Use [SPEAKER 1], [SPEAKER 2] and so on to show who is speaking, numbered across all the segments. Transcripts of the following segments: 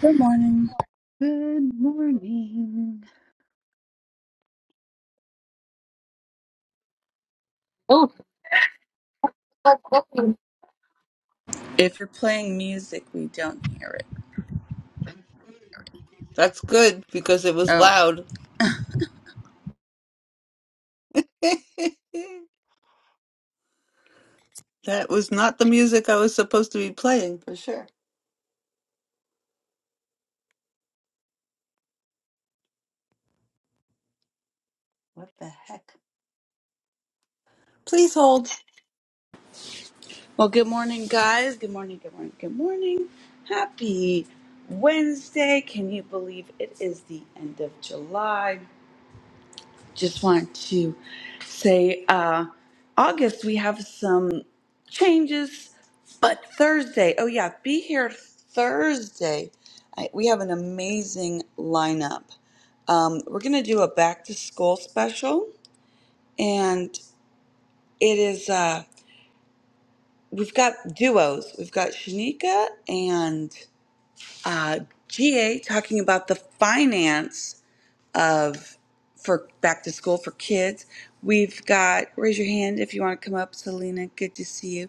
[SPEAKER 1] Good morning.
[SPEAKER 2] Good morning. Oh,
[SPEAKER 1] If you're playing music, we don't hear it.
[SPEAKER 2] that's good because it was
[SPEAKER 1] Oh.
[SPEAKER 2] loud. that was not the music I was supposed to be playing for sure. What the heck? Please hold.
[SPEAKER 1] Well, good morning, guys. Good morning, good morning, good morning. Happy Wednesday. Can you believe it is the end of July? Just want to say, uh, August, we have some changes, but Thursday, oh, yeah, be here Thursday. I, we have an amazing lineup. Um, we're going to do a back to school special. It is, uh, we've got duos. We've got Shanika and uh, GA talking about the finance of for back to school for kids. We've got, raise your hand if you want to come up, Selena. Good to see you.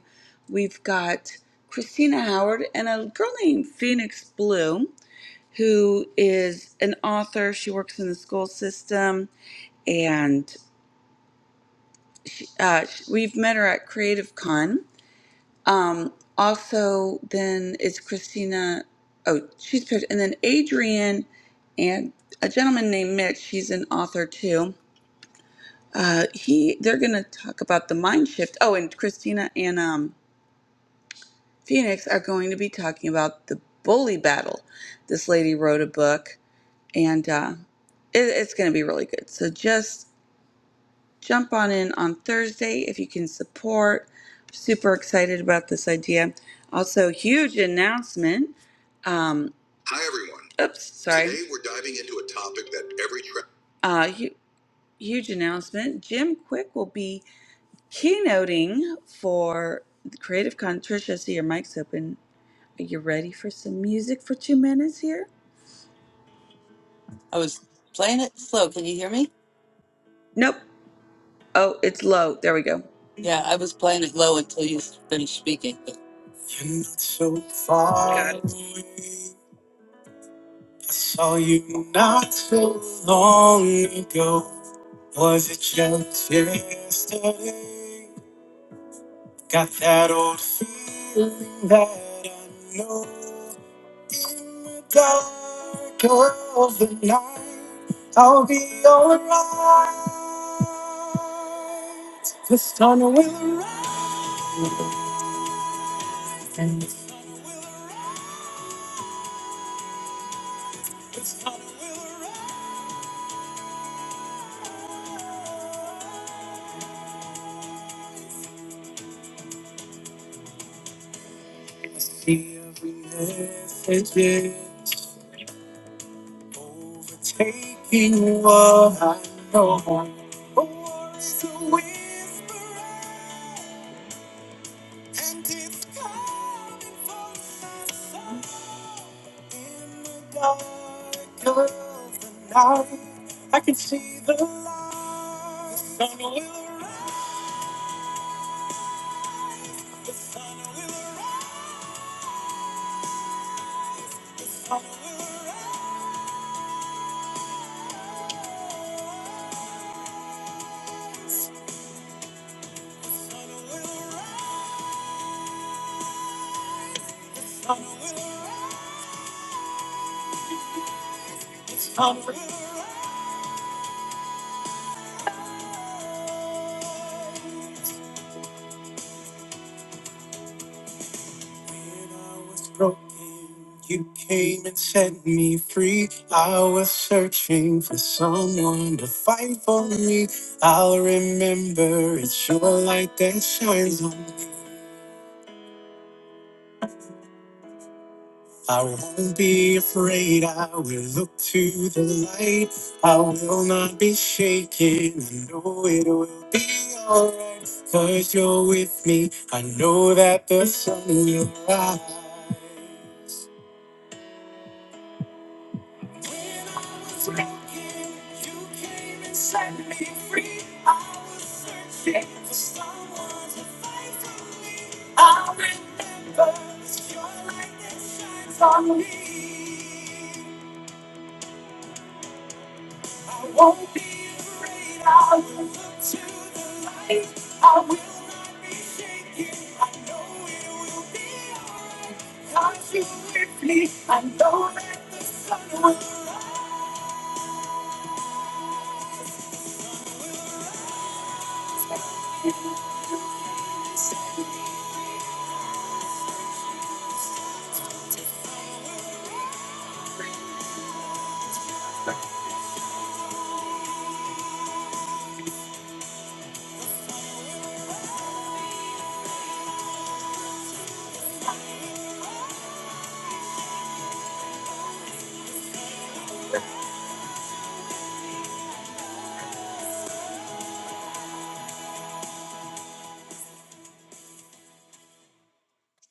[SPEAKER 1] We've got Christina Howard and a girl named Phoenix Bloom, who is an author. She works in the school system and uh, we've met her at Creative Con Um, also, then it's Christina. Oh, she's paired. And then Adrian and a gentleman named Mitch. He's an author too. Uh, he they're gonna talk about the mind shift. Oh, and Christina and um, Phoenix are going to be talking about the bully battle. This lady wrote a book, and uh, it, it's gonna be really good. So just jump on in on Thursday if you can support. Super excited about this idea. Also, huge announcement. Um, Hi, everyone. Oops, sorry. Today we're diving into a topic that every tra- uh, hu- huge announcement. Jim Quick will be keynoting for the Creative Con. Tricia, I see your mic's open. Are you ready for some music for two minutes here?
[SPEAKER 2] I was playing it slow. Can you hear me?
[SPEAKER 1] Nope. Oh, it's low. There we go.
[SPEAKER 2] Yeah, I was playing it low until you finished speaking.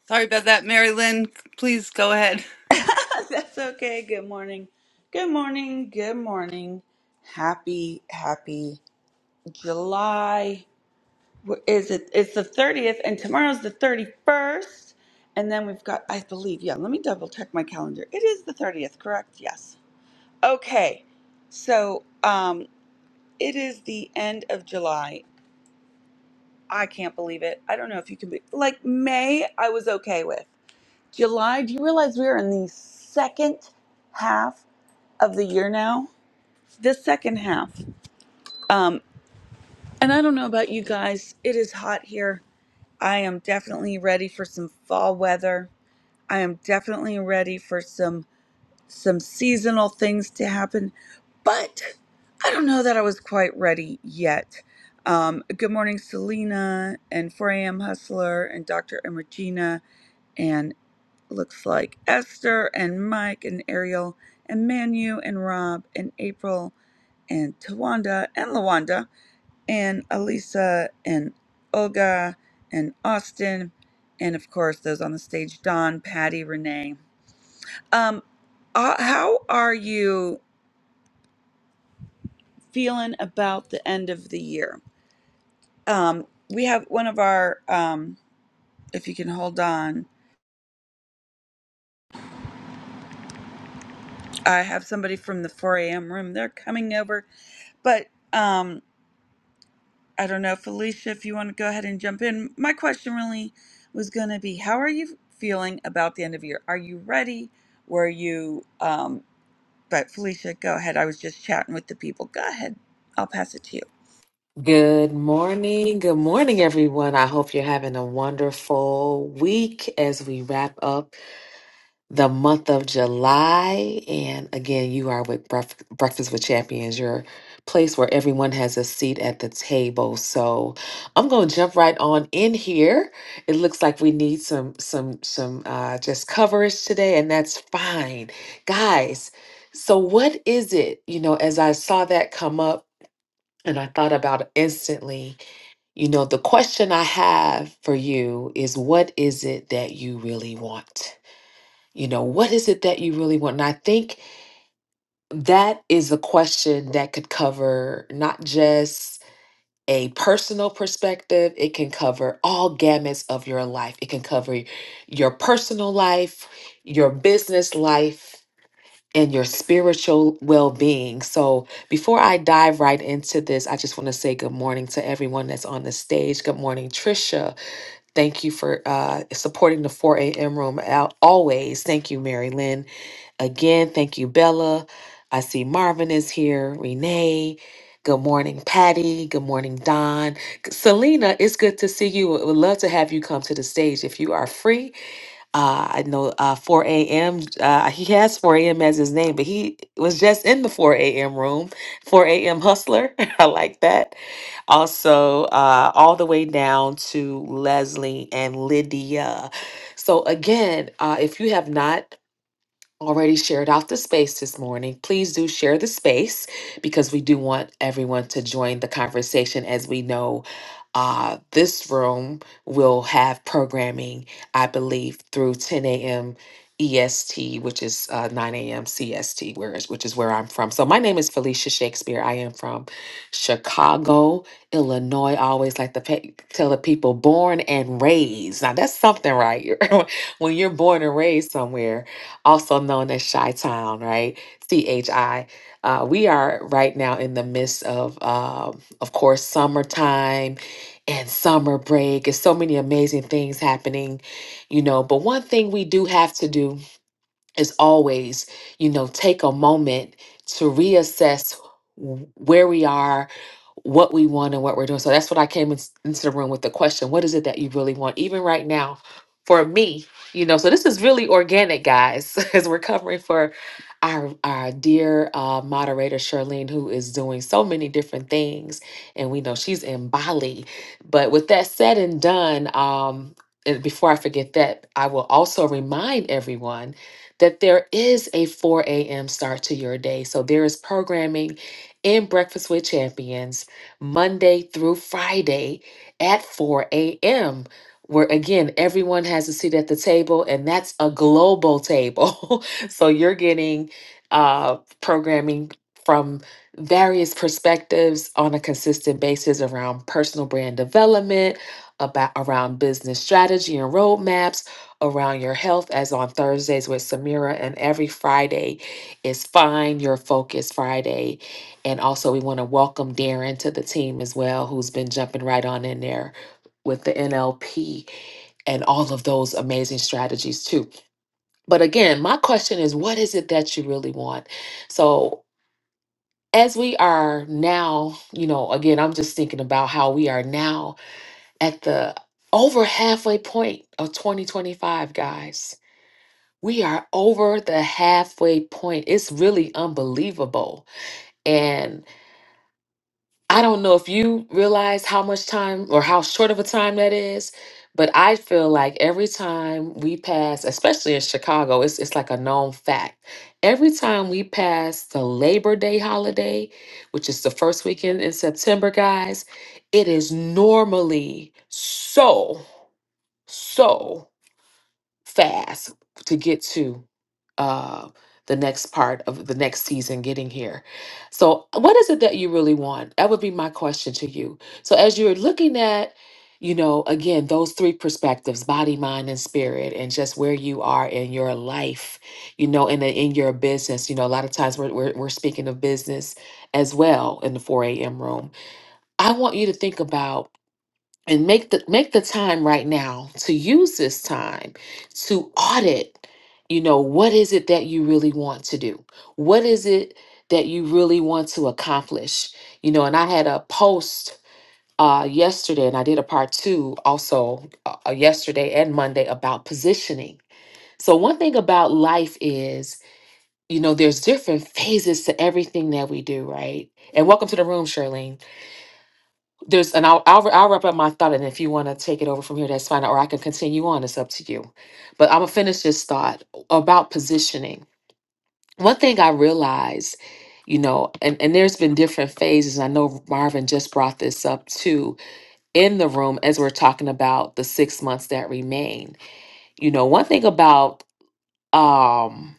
[SPEAKER 2] Sorry about that, Mary Lynn. Please go ahead.
[SPEAKER 1] That's okay. Good morning. Good morning. Good morning. Happy, happy July. What Is it? It's the 30th, and tomorrow's the 31st. And then we've got, I believe, yeah, let me double check my calendar. It is the 30th, correct? Yes. Okay. So um, it is the end of July. I can't believe it. I don't know if you can be, like, May, I was okay with. July, do you realize we are in the second half of the year now? this second half. Um, and I don't know about you guys, it is hot here. I am definitely ready for some fall weather. I am definitely ready for some some seasonal things to happen, but I don't know that I was quite ready yet. Um, good morning, Selena and 4am Hustler and Dr. and Regina and looks like Esther and Mike and Ariel and Manu and Rob and April and Tawanda and Lawanda and Alisa and Olga and Austin, and of course those on the stage, Don, Patty, Renee. Um, uh, how are you feeling about the end of the year? Um, we have one of our, um, if you can hold on, I have somebody from the 4 a.m. room. They're coming over, but. um. I don't know, Felicia, if you want to go ahead and jump in. My question really was going to be how are you feeling about the end of year? Are you ready? Were you, um, but Felicia, go ahead. I was just chatting with the people. Go ahead. I'll pass it to you.
[SPEAKER 3] Good morning. Good morning, everyone. I hope you're having a wonderful week as we wrap up the month of July. And again, you are with Bref- Breakfast with Champions, your place where everyone has a seat at the table. So I'm going to jump right on in here. It looks like we need some, some, some, uh, just coverage today, and that's fine. Guys, so what is it, you know, as I saw that come up and I thought about it instantly you know, the question I have for you is what is it that you really want? You know, what is it that you really want? And I think that is a question that could cover not just a personal perspective, it can cover all gamuts of your life. It can cover your personal life, your business life, and your spiritual well being. So, before I dive right into this, I just want to say good morning to everyone that's on the stage. Good morning, Trisha. Thank you for uh, supporting the 4 a.m. room out always. Thank you, Mary Lynn. Again, thank you, Bella. I see Marvin is here, Renee. Good morning, Patty. Good morning, Don. Selena, it's good to see you. Would would love to have you come to the stage if you are free. Uh, I know uh, 4 a.m. Uh, he has 4 a.m. as his name, but he was just in the 4 a.m. room. 4 a.m. hustler. I like that also uh, all the way down to Leslie and Lydia. So, again, uh, if you have not already shared out the space this morning. Please do share the space because we do want everyone to join the conversation as we know uh, this room will have programming, I believe, through 10 a.m. EST, which is uh, 9 a.m. CST, where is, which is where I'm from. So my name is Felicia Shakespeare. I am from Chicago, Illinois. I always like to pay, tell the people born and raised. Now that's something, right? when you're born and raised somewhere also known as Chi Town, right? C H I. Uh, we are right now in the midst of, um, of course, summertime and summer break. It's so many amazing things happening, you know. But one thing we do have to do as always, you know, take a moment to reassess w- where we are, what we want, and what we're doing. So that's what I came in- into the room with the question what is it that you really want, even right now? For me, you know, so this is really organic, guys, as we're covering for our our dear uh, moderator Charlene, who is doing so many different things, and we know she's in Bali. But with that said and done, um, and before I forget that, I will also remind everyone that there is a 4 a.m. start to your day. So there is programming in Breakfast with Champions Monday through Friday at 4 a.m. Where again, everyone has a seat at the table, and that's a global table. so you're getting uh, programming from various perspectives on a consistent basis around personal brand development, about around business strategy and roadmaps around your health as on Thursdays with Samira and every Friday is Find Your Focus Friday. And also we want to welcome Darren to the team as well who's been jumping right on in there with the NLP and all of those amazing strategies too. But again, my question is what is it that you really want? So as we are now, you know, again, I'm just thinking about how we are now at the over halfway point of 2025, guys we are over the halfway point. It's really unbelievable. And I don't know if you realize how much time or how short of a time that is, but I feel like every time we pass, especially in Chicago, it's, it's like a known fact. Every time we pass the Labor Day holiday, which is the first weekend in September, guys, it is normally so, so fast to get to uh, the next part of the next season getting here. So, what is it that you really want? That would be my question to you. So, as you're looking at, you know, again, those three perspectives body, mind, and spirit, and just where you are in your life, you know, and in, in your business. You know, a lot of times we're, we're, we're speaking of business as well in the 4 a.m. room. I want you to think about and make the make the time right now to use this time to audit you know what is it that you really want to do what is it that you really want to accomplish you know and i had a post uh yesterday and i did a part two also uh, uh, yesterday and monday about positioning so one thing about life is you know there's different phases to everything that we do right and welcome to the room charlene there's, and I'll, I'll I'll wrap up my thought, and if you want to take it over from here, that's fine, or I can continue on. It's up to you. But I'm gonna finish this thought about positioning. One thing I realized, you know, and and there's been different phases. and I know Marvin just brought this up too in the room as we're talking about the six months that remain. You know, one thing about um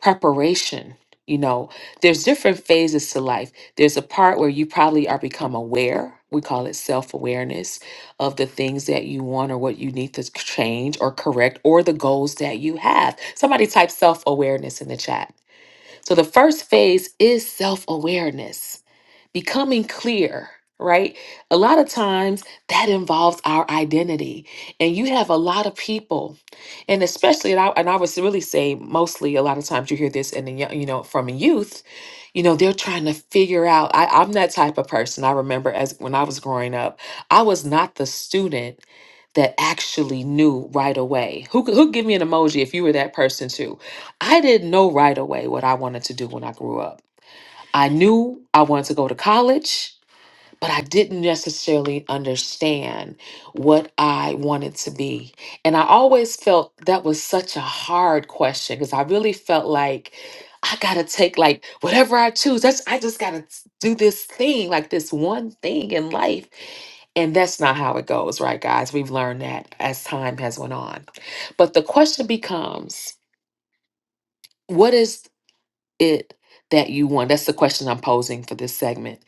[SPEAKER 3] preparation you know there's different phases to life there's a part where you probably are become aware we call it self-awareness of the things that you want or what you need to change or correct or the goals that you have somebody type self-awareness in the chat so the first phase is self-awareness becoming clear, right? A lot of times that involves our identity. And you have a lot of people, and especially, and I, and I would really say mostly a lot of times you hear this in the, yo- you know, from youth, you know, they're trying to figure out. I, I'm that type of person. I remember as when I was growing up, I was not the student that actually knew right away. Who could- who give me an emoji if you were that person too? I didn't know right away what I wanted to do when I grew up. I knew I wanted to go to college, but I didn't necessarily understand what I wanted to be. And I always felt that was such a hard question because I really felt like I got to take like whatever I choose. That's I just got to do this thing, like this one thing in life. And that's not how it goes, right guys? We've learned that as time has went on. But the question becomes, what is it that you want? That's the question I'm posing for this segment.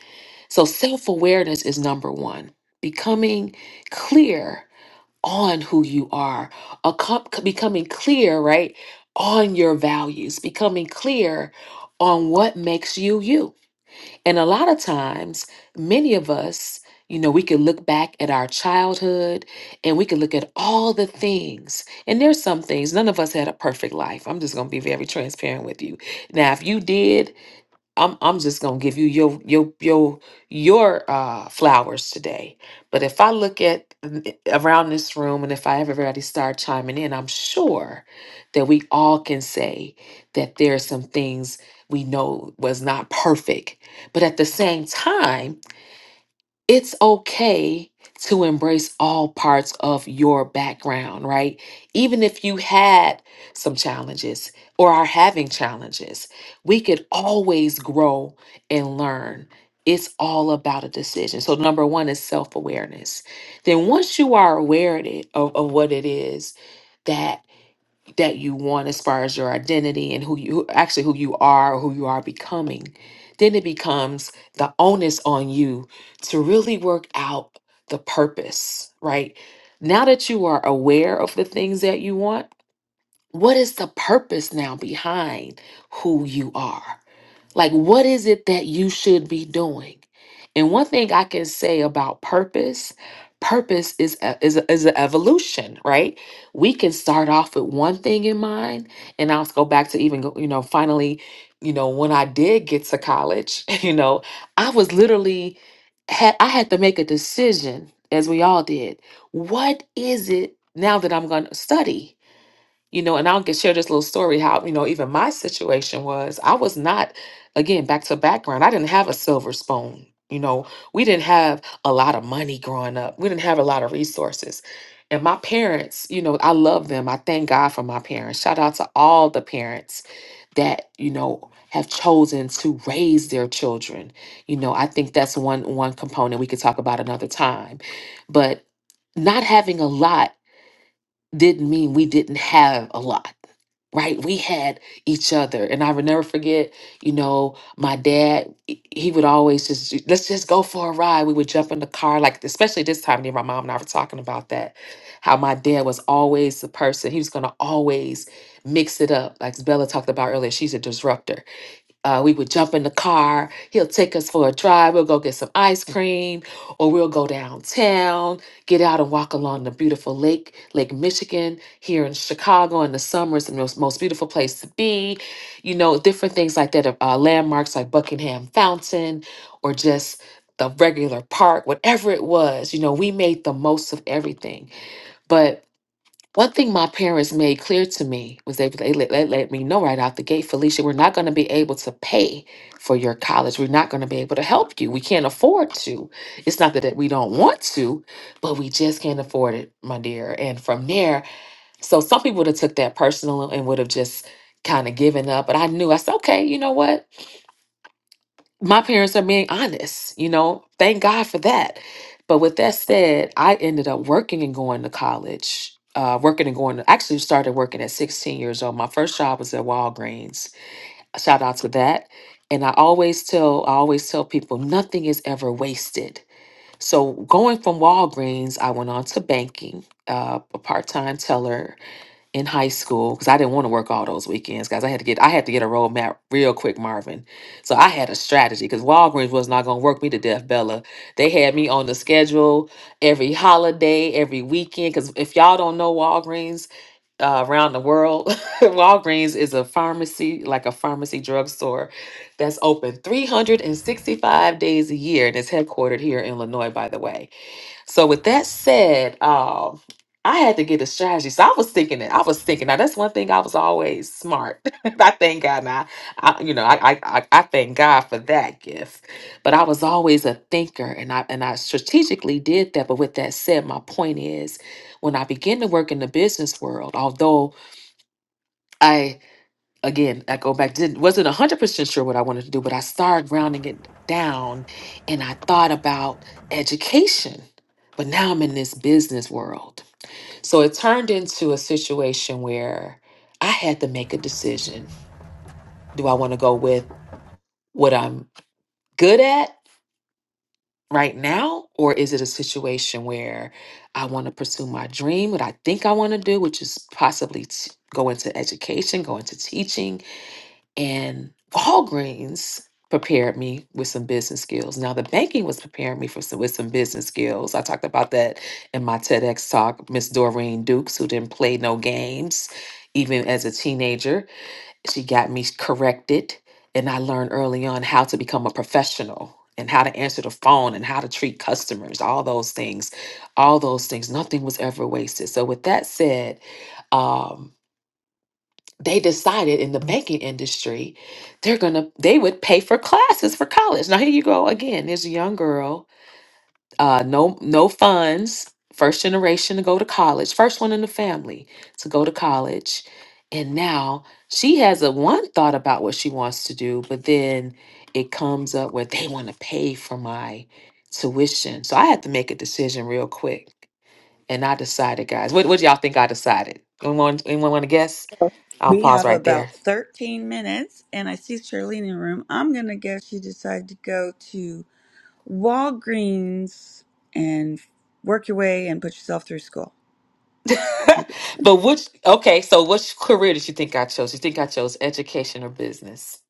[SPEAKER 3] So, self awareness is number one, becoming clear on who you are, a com- becoming clear, right, on your values, becoming clear on what makes you you. And a lot of times, many of us, you know, we can look back at our childhood and we can look at all the things. And there's some things, none of us had a perfect life. I'm just going to be very transparent with you. Now, if you did, I'm I'm just gonna give you your your your your uh, flowers today. But if I look at th- around this room, and if I everybody start chiming in, I'm sure that we all can say that there are some things we know was not perfect. But at the same time, it's okay to embrace all parts of your background, right? Even if you had some challenges or are having challenges, we could always grow and learn. It's all about a decision. So, number one is self awareness. Then, once you are aware of, it, of of what it is, that that you want as far as your identity and who you who- actually who you are or who you are becoming then it becomes the onus on you to really work out the purpose right now that you are aware of the things that you want what is the purpose now behind who you are like, what is it that you should be doing? And one thing I can say about purpose, purpose is a, is a, is an evolution, right? We can start off with one thing in mind, and I'll go back to even go- you know finally, you know when I did get to college, you know I was literally had I had to make a decision as we all did. What is it now that I'm going to study? you know, and I'll get share this little story how, you know, even my situation was I was not, again, back to background, I didn't have a silver spoon. You know, we didn't have a lot of money growing up. We didn't have a lot of resources. And my parents, you know, I love them. I thank God for my parents. Shout out to all the parents that, you know, have chosen to raise their children. You know, I think that's one one component we could talk about another time. But not having a lot didn't mean we didn't have a lot right? We had each other. And I will never forget, you know, my dad, he he would always just, let's just go for a ride. We would jump in the car, like, especially this time, me and my mom and I were talking about that. How my dad was always the person, he was going to always mix it up. Like Bella talked about earlier, she's a disruptor uh, we would jump in the car. He'll take us for a drive. We'll go get some ice cream, or we'll go downtown, get out and walk along the beautiful lake, Lake Michigan, here in Chicago in the summer. It's the most, most beautiful place to be. You know, different things like that, uh, landmarks like Buckingham Fountain, or just the regular park, whatever it was. You know, we made the most of everything. But one thing my parents made clear to me was they, they let, they let me know right out the gate, Felicia, we're not going to be able to pay for your college. We're not going to be able to help you. We can't afford to. It's not that that we don't want to, but we just can't afford it, my dear. And from there, so some people would have took that personal and would have just kind of given up. But I knew, I said, okay, you know what? my parents are being honest, you know, thank God for that. But with that said, I ended up working and going to college, uh, working and going to actually started working at 16 years old. My first job was at Walgreens. Shout out to that. And I always tell, I always tell people nothing is ever wasted. So going from Walgreens, I went on to banking, uh, a part-time teller in high school because I didn't want to work all those weekends, guys. I had to get I had to get a roadmap real quick, Marvin. So I had a strategy because Walgreens was not gonna work me to death, Bella. They had me on the schedule every holiday, every weekend. Because if y'all don't know Walgreens uh, around the world, Walgreens is a pharmacy, like a pharmacy drugstore, that's open 365 days a year and is headquartered here in Illinois, by the way. So with that said, um, I had to get a strategy. So I was thinking it. I was thinking. Now that's one thing I was always smart. I thank God. Now, I, I- you know, I, I I I thank God for that gift. But I was always a thinker, and I and I strategically did that. But with that said, my point is, when I began to work in the business world, although I again, I go back, didn't wasn't one hundred percent sure what I wanted to do, but I started grounding it down and I thought about education. But now I'm in this business world. So it turned into a situation where I had to make a decision. Do I want to go with what I'm good at right now? Or is it a situation where I want to pursue my dream, what I think I want to do, which is possibly t- go into education, go into teaching, and Walgreens prepared me with some business skills. Now the banking was preparing me for some, with some business skills. I talked about that in my TEDx talk. Miss Doreen Dukes, who didn't play no games, even as a teenager, she got me corrected, and I learned early on how to become a professional and how to answer the phone and how to treat customers. All those things, all those things. Nothing was ever wasted. So with that said. Um, they decided in the banking industry they're gonna they would pay for classes for college now here you go again there's a young girl uh no no funds first generation to go to college first one in the family to go to college and now she has a one thought about what she wants to do but then it comes up where they want to pay for my tuition so i had to make a decision real quick and i decided guys what, what do y'all think i decided anyone anyone want to guess i'll
[SPEAKER 1] We
[SPEAKER 3] pause
[SPEAKER 1] have
[SPEAKER 3] right there
[SPEAKER 1] about 13 minutes, and I see Shirley in the room. I'm going to guess you decided to go to Walgreens and work your way and put yourself through school.
[SPEAKER 3] but which okay, so which career did you think I chose? You think I chose education or business?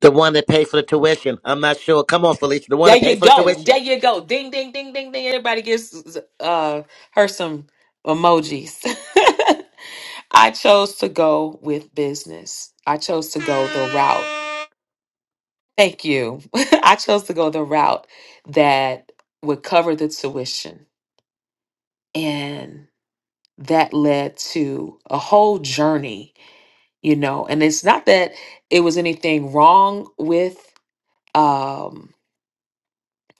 [SPEAKER 4] The one that paid for the tuition. I'm not sure. Come on, Felicia. The one
[SPEAKER 3] There
[SPEAKER 4] that
[SPEAKER 3] you
[SPEAKER 4] paid for the
[SPEAKER 3] go. There
[SPEAKER 4] tuition.
[SPEAKER 3] you go. Ding ding ding ding ding. Everybody gives uh her some emojis. I chose to go with business. I chose to go the route. Thank you. I chose to go the route that would cover the tuition. And that led to a whole journey you know and it's not that it was anything wrong with um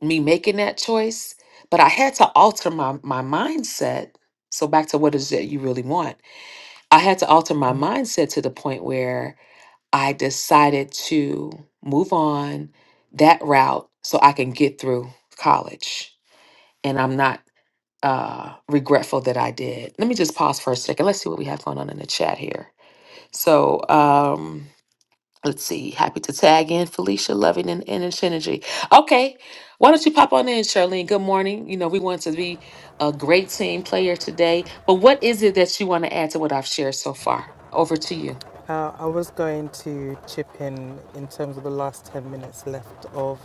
[SPEAKER 3] me making that choice but i had to alter my my mindset so back to what is it you really want i had to alter my mindset to the point where i decided to move on that route so i can get through college and i'm not uh regretful that i did let me just pause for a second let's see what we have going on in the chat here so um Let's see. Happy to tag in Felicia, loving and, and in synergy. Okay, why don't you pop on in, Charlene? Good morning. You know we want to be a great team player today, but what is it that you want to add to what I've shared so far? Over to you.
[SPEAKER 5] Uh, I was going to chip in in terms of the last 10 minutes left of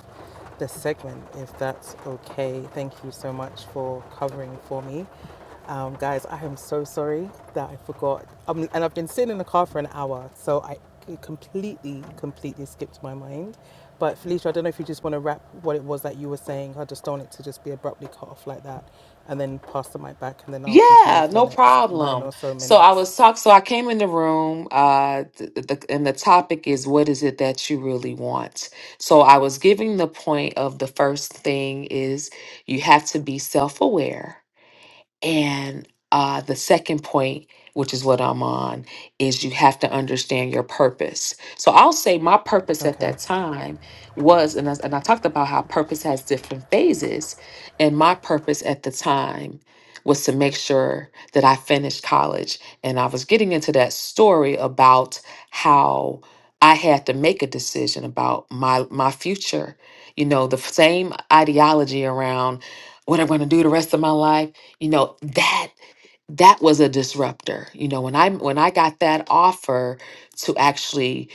[SPEAKER 5] the segment, if that's okay. Thank you so much for covering for me. Um, guys, I am so sorry that I forgot. Um, and I've been sitting in the car for an hour, so I it completely, completely skipped my mind. But Felicia, I don't know if you just want to wrap what it was that you were saying. I just don't want it to just be abruptly cut off like that and then pass the mic back, and then I'll continue
[SPEAKER 3] Yeah,
[SPEAKER 5] for the
[SPEAKER 3] no
[SPEAKER 5] next nine
[SPEAKER 3] problem.
[SPEAKER 5] or so
[SPEAKER 3] So I
[SPEAKER 5] minutes.
[SPEAKER 3] was talk. So I came in the room. Uh, th- th- the, and the topic is what is it that you really want. So I was giving the point of the first thing is you have to be self aware And uh, the second point, which is what I'm on, is you have to understand your purpose. So I'll say my purpose at
[SPEAKER 5] Okay,
[SPEAKER 3] that time was, and I, and I talked about how purpose has different phases. And my purpose at the time was to make sure that I finished college. And I was getting into that story about how I had to make a decision about my my future. You know, the same ideology around what I'm going to do the rest of my life you know that that was a disruptor you know when i when i got that offer to actually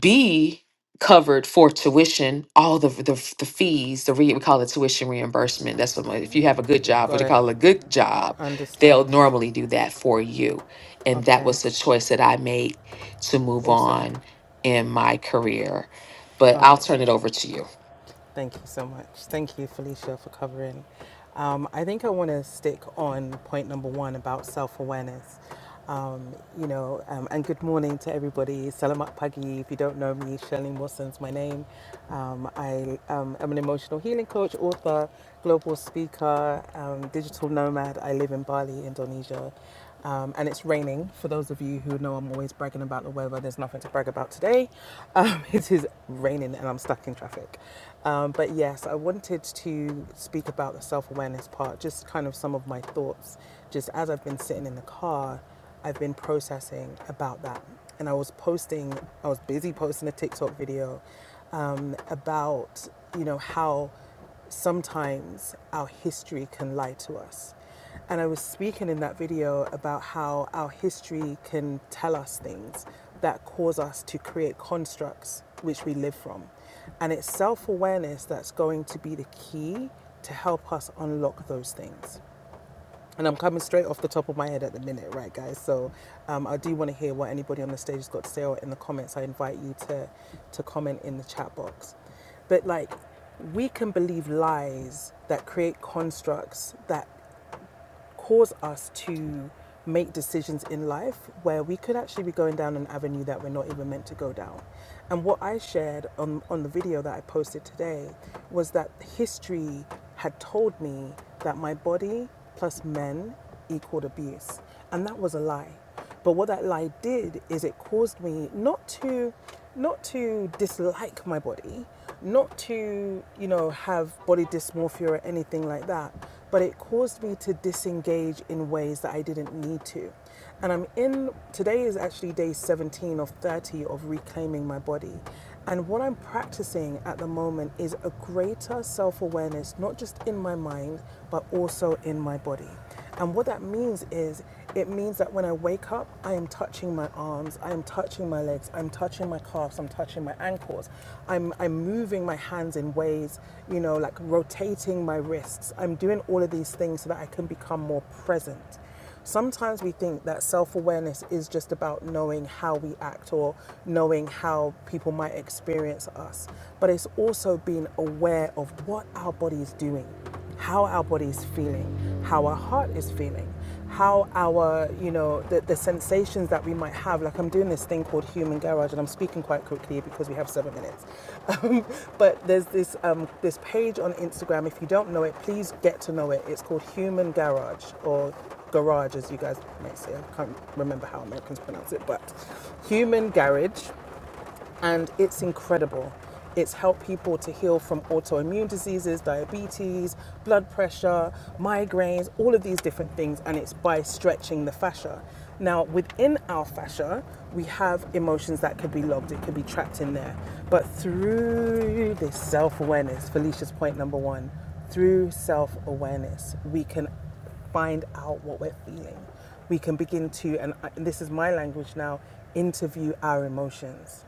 [SPEAKER 3] be covered for tuition all the the, the fees the re, we call it tuition reimbursement that's what my, if you have a good job what
[SPEAKER 5] got
[SPEAKER 3] you
[SPEAKER 5] it.
[SPEAKER 3] call a good job they'll
[SPEAKER 5] Understand.
[SPEAKER 3] normally do that for you and that
[SPEAKER 5] Okay.
[SPEAKER 3] was the choice that i made to move
[SPEAKER 5] Awesome.
[SPEAKER 3] on in my career but
[SPEAKER 5] All
[SPEAKER 3] i'll
[SPEAKER 5] right.
[SPEAKER 3] turn it over to you
[SPEAKER 5] Thank you so much. Thank you, Felicia, for covering. Um, I think I want to stick on point number one about self awareness. Um, you know, um, and good morning to everybody. Salamat Pagi. If you don't know me, Shirley Wilson's my name. Um, I um, am an emotional healing coach, author, global speaker, um, digital nomad. I live in Bali, Indonesia. Um, and it's raining. For those of you who know I'm always bragging about the weather, there's nothing to brag about today. Um, it is raining and I'm stuck in traffic. Um, but yes, I wanted to speak about the self awareness part, just kind of some of my thoughts, just as I've been sitting in the car I've been processing about that. And I was posting, I was busy posting a TikTok video um, about, you know, how sometimes our history can lie to us. And I was speaking in that video about how our history can tell us things that cause us to create constructs which we live from. And it's self awareness that's going to be the key to help us unlock those things. And I'm coming straight off the top of my head at the minute, right, guys? So um, I do want to hear what anybody on the stage has got to say or in the comments. I invite you to, to comment in the chat box. But like, we can believe lies that create constructs that cause us to make decisions in life where we could actually be going down an avenue that we're not even meant to go down. And what I shared on, on the video that I posted today was that history had told me that my body plus men equaled abuse. And that was a lie. But what that lie did is it caused me not to not to dislike my body, not to, you know, have body dysmorphia or anything like that, but it caused me to disengage in ways that I didn't need to. And I'm in today is actually day 17 of 30 of reclaiming my body. And what I'm practicing at the moment is a greater self awareness, not just in my mind, but also in my body. And what that means is it means that when I wake up, I am touching my arms, I am touching my legs, I'm touching my calves, I'm touching my ankles. I'm I'm moving my hands in ways, you know, like rotating my wrists. I'm doing all of these things so that I can become more present. Sometimes we think that self awareness is just about knowing how we act or knowing how people might experience us, but it's also being aware of what our body is doing, how our body is feeling, how our heart is feeling, how our, you know, the, the sensations that we might have. Like I'm doing this thing called Human Garage, and I'm speaking quite quickly because we have seven minutes. Um, but there's this um, this page on Instagram. If you don't know it, please get to know it. It's called Human Garage or garage, as you guys may say. I can't remember how Americans pronounce it, but human garage and it's incredible. It's helped people to heal from autoimmune diseases, diabetes, blood pressure, migraines, all of these different things, and it's by stretching the fascia. Now, within our fascia, we have emotions that could be logged, it could be trapped in there. But through this self awareness, Felicia's point number one, through self awareness, we can find out what we're feeling. We can begin to, and this is my language now, interview our emotions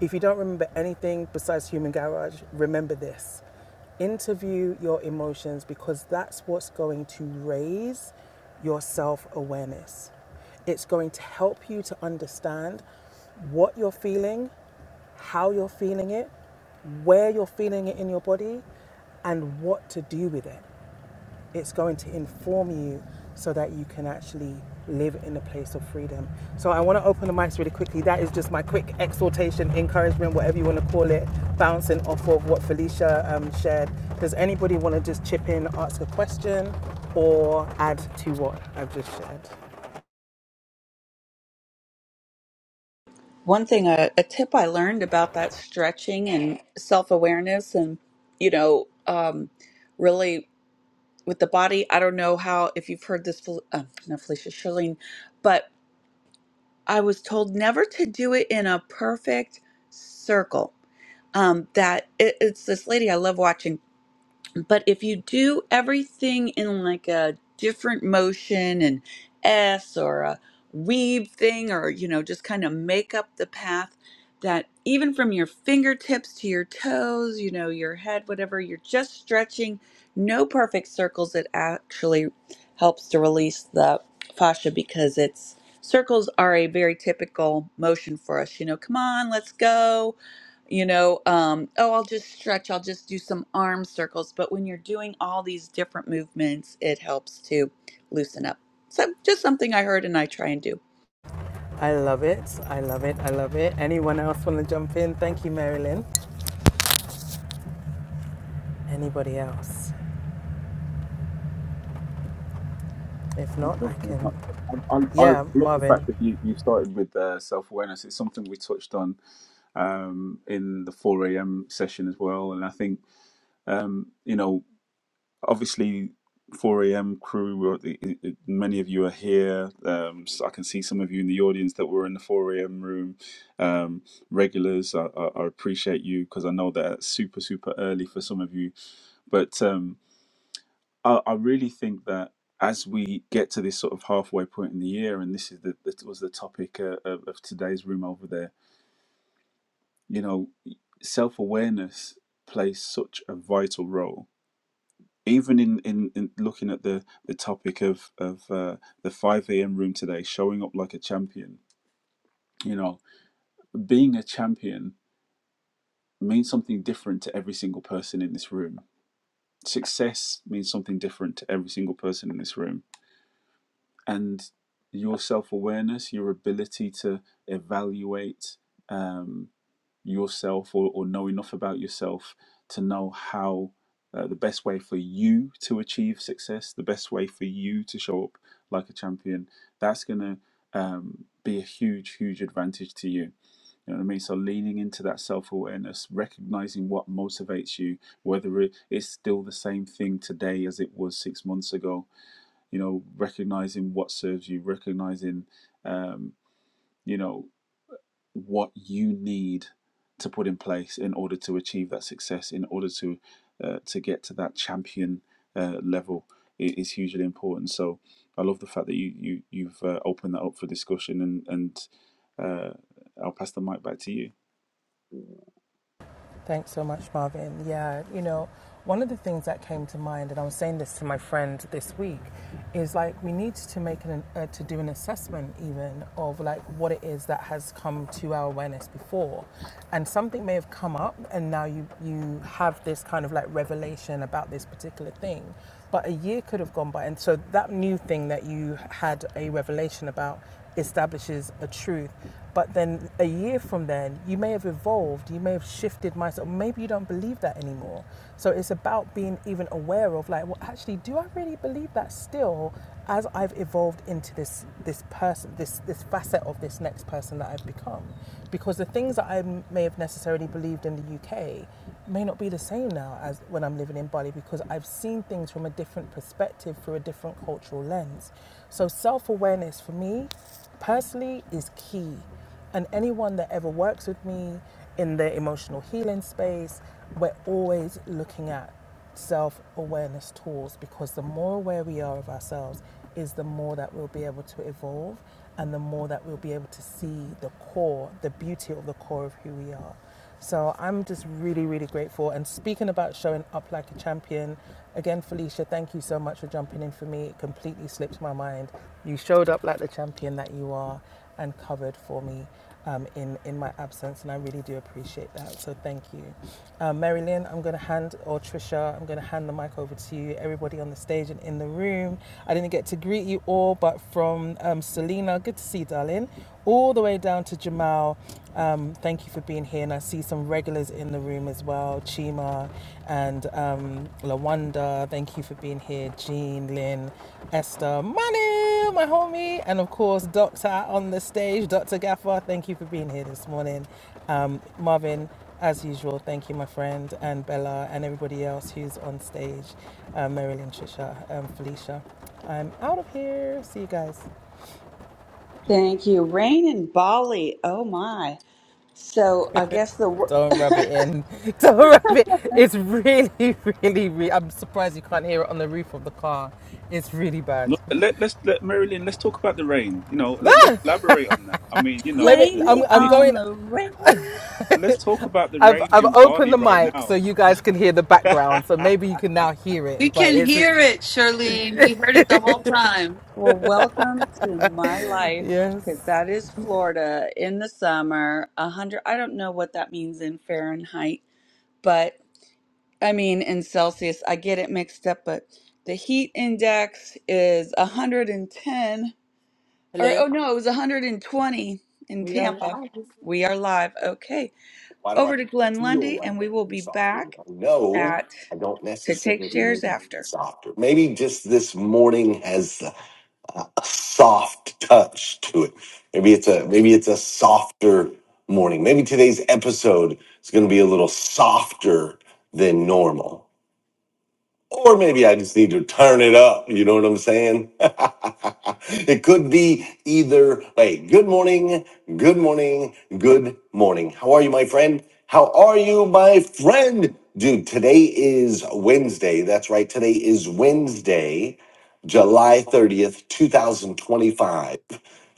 [SPEAKER 5] if you don't remember anything besides Human Garage, remember this. Interview your emotions because that's what's going to raise your self awareness. It's going to help you to understand what you're feeling, how you're feeling it, where you're feeling it in your body, and what to do with it. It's going to inform you so that you can actually live in a place of freedom. So I want to open the mics really quickly. That is just my quick exhortation, encouragement, whatever you want to call it, bouncing off of what Felicia um, shared. Does anybody want to just chip in, ask a question, or add to what I've just shared?
[SPEAKER 1] One thing, a, a tip I learned about that stretching and self awareness, and you know, um, really with the body. I don't know how if you've heard this, Fel- uh, not Felicia Shirlene, but I was told never to do it in a perfect circle. Um, that it, it's this lady I love watching but if you do everything in like a different motion and S or a weave thing or you know just kind of make up the path that even from your fingertips to your toes, you know, your head, whatever, you're just stretching no perfect circles. It actually helps to release the fascia because it's circles are a very typical motion for us. You know, come on, let's go you know um oh i'll just stretch i'll just do some arm circles but when you're doing all these different movements it helps to loosen up so just something i heard and i try and do
[SPEAKER 5] I love it. I love it. I love it. Anyone else want to jump in? Thank you, Marilyn. Anybody else? If
[SPEAKER 6] Most
[SPEAKER 5] not, I
[SPEAKER 6] definitely.
[SPEAKER 5] can.
[SPEAKER 6] I, I, I I
[SPEAKER 5] Yeah,
[SPEAKER 6] love the
[SPEAKER 5] Marvin.
[SPEAKER 6] fact that you, you started with uh, self awareness. It's something we touched on um, in the 4 a.m. session as well. And I think, um, you know, obviously, 4 a.m. crew, we're, the- it- it- many of you are here. Um, so I can see some of you in the audience that were in the 4 a.m. room. Um, regulars, I, I, I appreciate you because I know that it's super, super early for some of you. But, um, I, I really think that as we get to this sort of halfway point in the year, and this is the that was the topic uh, of, of today's room over there. You know, self awareness plays such a vital role. Even in, in, in looking at the, the topic of of uh, the five a.m. room today, showing up like a champion. You know, being a champion means something different to every single person in this room. Success means something different to every single person in this room and your self awareness, your ability to evaluate um, yourself or, or know enough about yourself to know how uh, the best way for you to achieve success, the best way for you to show up like a champion, that's going to um, be a huge, huge advantage to you. You know what I mean? So leaning into that self awareness, recognizing what motivates you, whether it, it's still the same thing today as it was six months ago, you know recognizing what serves you recognizing um, you know what you need to put in place in order to achieve that success in order to uh, to get to that champion uh, level is hugely important so I love the fact that you, you you've uh, opened that up for discussion and and uh, I'll pass the mic back to you
[SPEAKER 5] Thanks so much, Marvin. Yeah, you know, one of the things that came to mind, and I was saying this to my friend this week, is like we need to make an uh, to do an assessment even of like what it is that has come to our awareness before, and something may have come up, and now you you have this kind of like revelation about this particular thing, but a year could have gone by, and so that new thing that you had a revelation about establishes a truth. But then a year from then, you may have evolved, you may have shifted mindset, maybe you don't believe that anymore. So it's about being even aware of like, well, actually, do I really believe that still as I've evolved into this this person, this this facet of this next person that I've become? Because the things that I may have necessarily believed in the UK may not be the same now as when I'm living in Bali because I've seen things from a different perspective through a different cultural lens. So self awareness for me personally is key. And anyone that ever works with me in the emotional healing space, we're always looking at self awareness tools because the more aware we are of ourselves is the more that we'll be able to evolve and the more that we'll be able to see the core, the beauty of the core of who we are. So I'm just really, really grateful. And speaking about showing up like a champion, again, Felicia, thank you so much for jumping in for me. It completely slipped my mind. You showed up like the champion that you are and covered for me um, in, in my absence. And I really do appreciate that. So thank you. Uh, Marilyn, I'm going to hand, or Trisha, I'm going to hand the mic over to you, everybody on the stage and in the room. I didn't get to greet you all, but from um, Selena, good to see you, darling, all the way down to Jamal. Um, thank you for being here, and I see some regulars in the room as well. Chima and um, Lawanda, thank you for being here. Jean, Lynn, Esther, Manu, my homie, and of course, Doctor on the stage, Dr. Gaffer, thank you for being here this morning. Um, Marvin, as usual, thank you, my friend, and Bella, and everybody else who's on stage, uh, Marilyn, Trisha, um, Felicia. I'm out of here. See you guys.
[SPEAKER 1] Thank you. Rain in Bali. Oh my. So I guess the wor-
[SPEAKER 5] Don't rub it in. Don't rub it. It's really, really, really. I'm surprised you can't hear it on the roof of the car. It's really bad.
[SPEAKER 6] no
[SPEAKER 5] Let me.
[SPEAKER 1] blame
[SPEAKER 5] I'm.
[SPEAKER 1] it
[SPEAKER 5] I'm
[SPEAKER 6] it,
[SPEAKER 1] on
[SPEAKER 5] going.
[SPEAKER 1] the rain
[SPEAKER 6] let's
[SPEAKER 5] I've. I've opened the mic so you guys can hear the background. So maybe you can now hear it.
[SPEAKER 2] We
[SPEAKER 5] But
[SPEAKER 2] can
[SPEAKER 5] it's.
[SPEAKER 2] hear it, Charlene. We heard it the whole time.
[SPEAKER 1] well, welcome to my life
[SPEAKER 5] Yes.
[SPEAKER 1] because that is Florida in the summer. A hundred. I don't know what that means in Fahrenheit, but. I mean, in Celsius, I get it mixed up, but the heat index is 110, or oh no, it was 120 in Tampa. We are live. Okay.
[SPEAKER 2] Why do I
[SPEAKER 1] Over to Glenn
[SPEAKER 2] feel
[SPEAKER 1] Lundy,
[SPEAKER 2] like I
[SPEAKER 1] and we will
[SPEAKER 2] can be
[SPEAKER 1] be
[SPEAKER 2] softer? You
[SPEAKER 1] back
[SPEAKER 2] know, No,
[SPEAKER 1] at
[SPEAKER 2] I don't
[SPEAKER 1] to take
[SPEAKER 2] necessarily need
[SPEAKER 1] shares
[SPEAKER 2] to be
[SPEAKER 1] after.
[SPEAKER 2] softer. Maybe just this morning has a, a soft touch to it. Maybe it's a maybe it's a softer morning. Maybe today's episode is going to be a little softer than normal. Or maybe I just need to turn it up. You know what I'm saying? it could be either way. Good morning. Good morning. Good morning. How are you, my friend? How are you, my friend? Dude, today is Wednesday. That's right. Today is Wednesday, July 30th, 2025.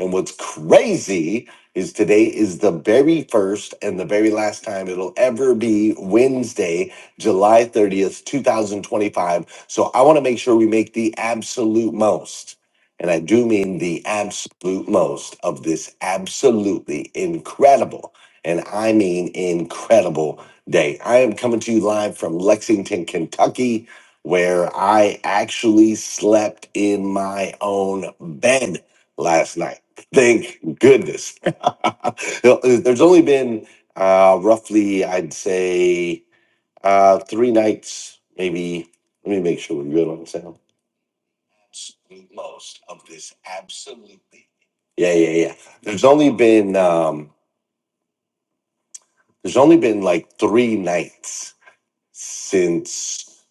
[SPEAKER 2] And what's crazy is today is the very first and the very last time it'll ever be Wednesday July 30th, 2025. So I want to make sure we make the absolute most, and I do mean the absolute most of this absolutely incredible, and I mean incredible day. I am coming to you live from Lexington, Kentucky, where I actually slept in my own bed last night. Thank goodness. There's only been uh, roughly, I'd say, uh, three nights, maybe. Let me make sure we're good on sound. Yeah, yeah, yeah. There's only been um, there's only been like three nights since.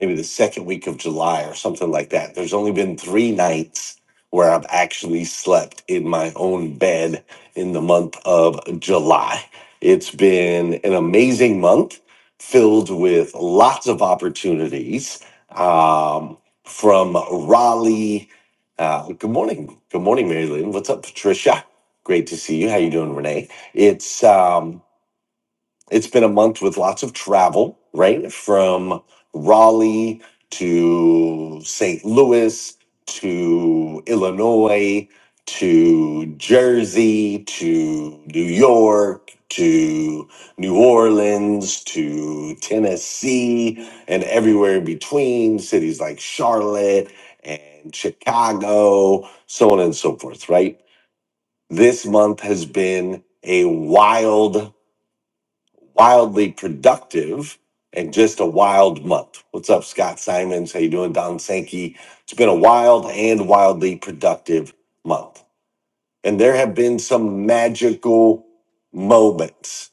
[SPEAKER 2] maybe the second week of July or something like that. There's only been three nights where I've actually slept in my own bed in the month of July. It's been an amazing month filled with lots of opportunities um, from Raleigh. Uh, good morning. Good morning, Mary Lynn. What's up, Patricia? Great to see you. How you doing, Renee? It's um, it's been a month with lots of travel, right? From Raleigh to St. Louis to Illinois to Jersey to New York to New Orleans to Tennessee and everywhere in between, cities like Charlotte and Chicago, so on and so forth, right? This month has been a wild wildly productive and just a wild month. What's up, Scott Simons? How you doing, Don Sankey? It's been a wild and wildly productive month. And there have been some magical moments,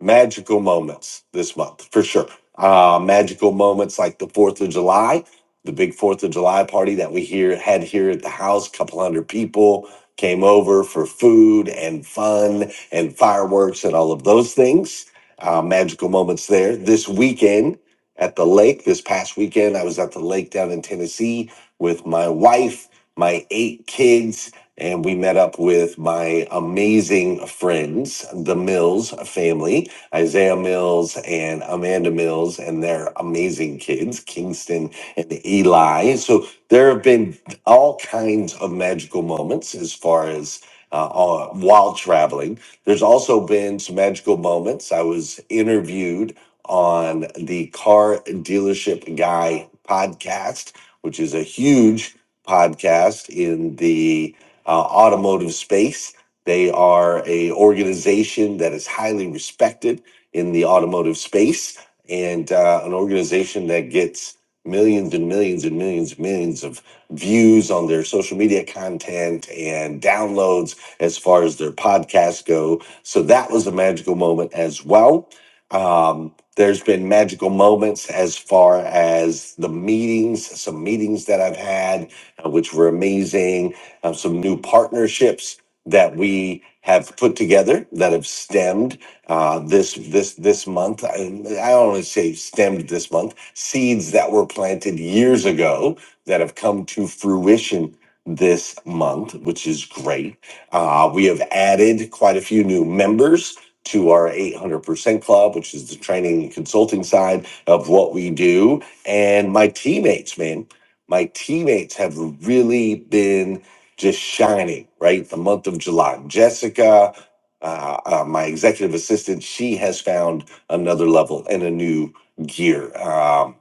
[SPEAKER 2] magical moments this month for sure. Uh, magical moments like the 4th of July, the big 4th of July party that we here had here at the house, couple hundred people came over for food and fun and fireworks and all of those things. Uh, magical moments there. This weekend at the lake, this past weekend, I was at the lake down in Tennessee with my wife, my eight kids, and we met up with my amazing friends, the Mills family, Isaiah Mills and Amanda Mills, and their amazing kids, Kingston and Eli. So there have been all kinds of magical moments as far as uh, uh, while traveling. There's also been some magical moments. I was interviewed on the Car Dealership Guy podcast, which is a huge podcast in the uh, automotive space. They are a organization that is highly respected in the automotive space and uh, an organization that gets millions and millions and millions and millions of views on their social media content and downloads as far as their podcasts go. So that was a magical moment as well. Um, there's been magical moments as far as the meetings, some meetings that I've had, uh, which were amazing um, some new partnerships that we have put together that have stemmed uh, this this this month. I, I don't want to say stemmed this month. Seeds that were planted years ago that have come to fruition this month, which is great. Uh, we have added quite a few new members to our 800% club, which is the training and consulting side of what we do. And my teammates, man, my teammates have really been just shining, right? The month of July. Jessica, uh, uh, my executive assistant, she has found another level and a new gear. Um,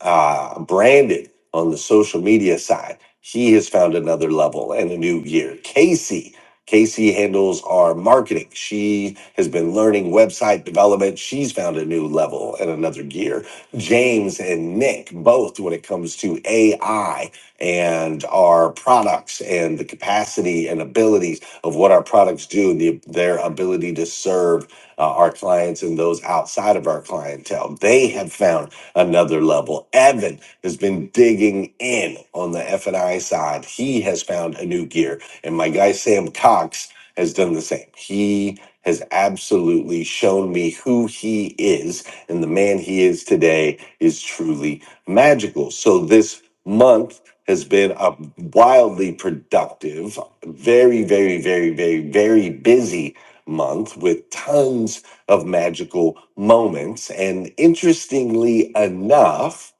[SPEAKER 2] uh, Brandon on the social media side, he has found another level and a new gear. Casey, Casey handles our marketing. She has been learning website development. She's found a new level and another gear. James and Nick, both when it comes to AI and our products and the capacity and abilities of what our products do and the, their ability to serve uh, our clients and those outside of our clientele. They have found another level. Evan has been digging in on the F&I side. He has found a new gear. And my guy, Sam Cox, has done the same. He has absolutely shown me who he is. And the man he is today is truly magical. So this month has been a wildly productive, very, very, very, very, very busy month with tons of magical moments. And interestingly enough,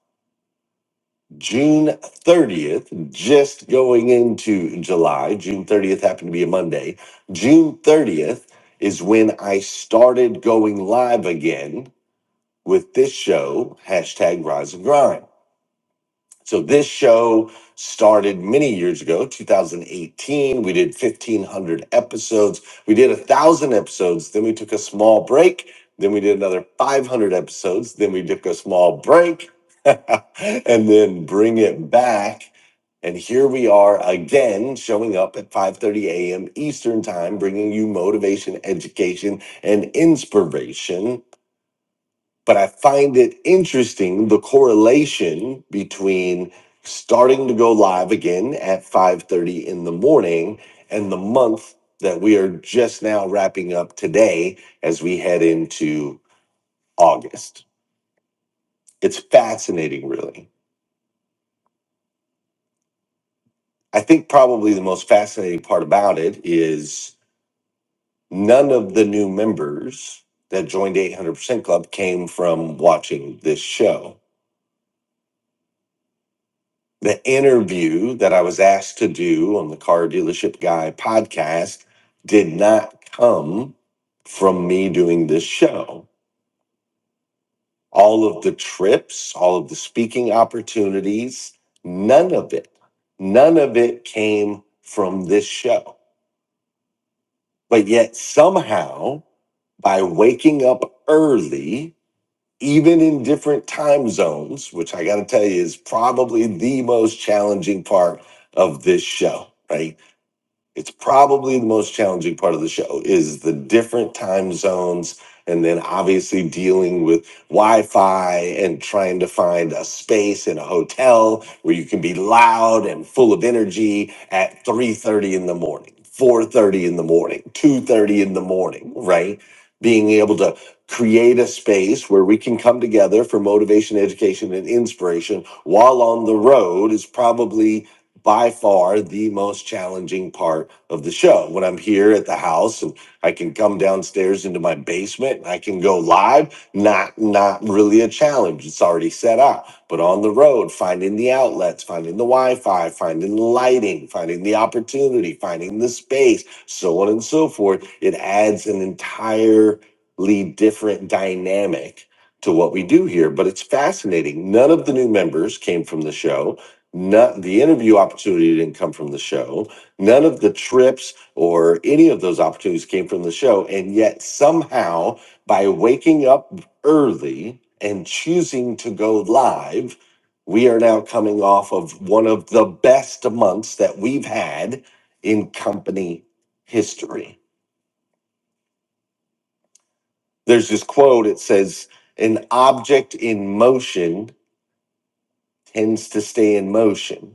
[SPEAKER 2] June 30th, just going into July, June 30th happened to be a Monday. June 30th is when I started going live again with this show, hashtag Rise and Grind. So this show started many years ago, 2018. We did 1,500 episodes. We did a thousand episodes. Then we took a small break. Then we did another 500 episodes. Then we took a small break, and then bring it back. And here we are again, showing up at 5:30 a.m. Eastern Time, bringing you motivation, education, and inspiration but I find it interesting the correlation between starting to go live again at 5:30 in the morning and the month that we are just now wrapping up today as we head into August. It's fascinating really. I think probably the most fascinating part about it is none of the new members that joined 800% club came from watching this show the interview that I was asked to do on the Car Dealership Guy podcast did not come from me doing this show. All of the trips, all of the speaking opportunities, none of it, none of it came from this show. But yet, somehow, by waking up early, even in different time zones, which I got to tell you is probably the most challenging part of this show, right? it's probably the most challenging part of the show is the different time zones and then obviously dealing with wi-fi and trying to find a space in a hotel where you can be loud and full of energy at 3.30 in the morning 4.30 in the morning 2.30 in the morning right being able to create a space where we can come together for motivation education and inspiration while on the road is probably by far the most challenging part of the show. When I'm here at the house and I can come downstairs into my basement and I can go live, not not really a challenge. It's already set up. But on the road, finding the outlets, finding the Wi-Fi, finding the lighting, finding the opportunity, finding the space, so on and so forth, it adds an entirely different dynamic to what we do here, but it's fascinating. None of the new members came from the show not the interview opportunity didn't come from the show. None of the trips or any of those opportunities came from the show. And yet, somehow, by waking up early and choosing to go live, we are now coming off of one of the best months that we've had in company history. There's this quote it says, An object in motion tends to stay in motion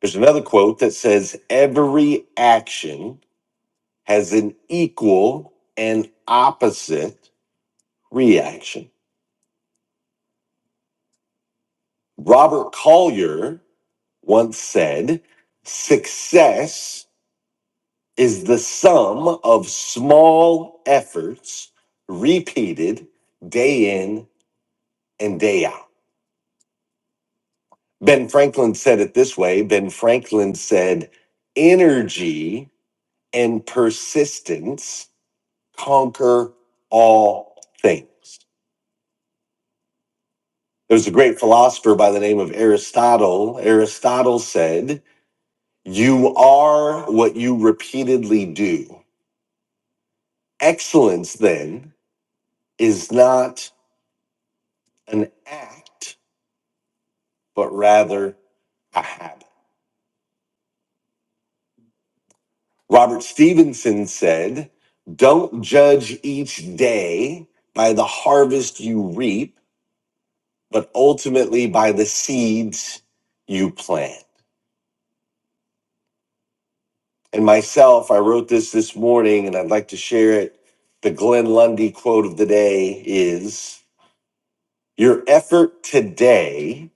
[SPEAKER 2] There's another quote that says, Every action has an equal and opposite reaction. Robert Collier once said, Success is the sum of small efforts repeated day in and day out. Ben Franklin said it this way Ben Franklin said, Energy and persistence conquer all things. There was a great philosopher by the name of Aristotle. Aristotle said, You are what you repeatedly do. Excellence, then, is not an act, but rather a habit. Robert Stevenson said, Don't judge each day by the harvest you reap, but ultimately by the seeds you plant. And myself, I wrote this this morning and I'd like to share it. The Glenn Lundy quote of the day is Your effort today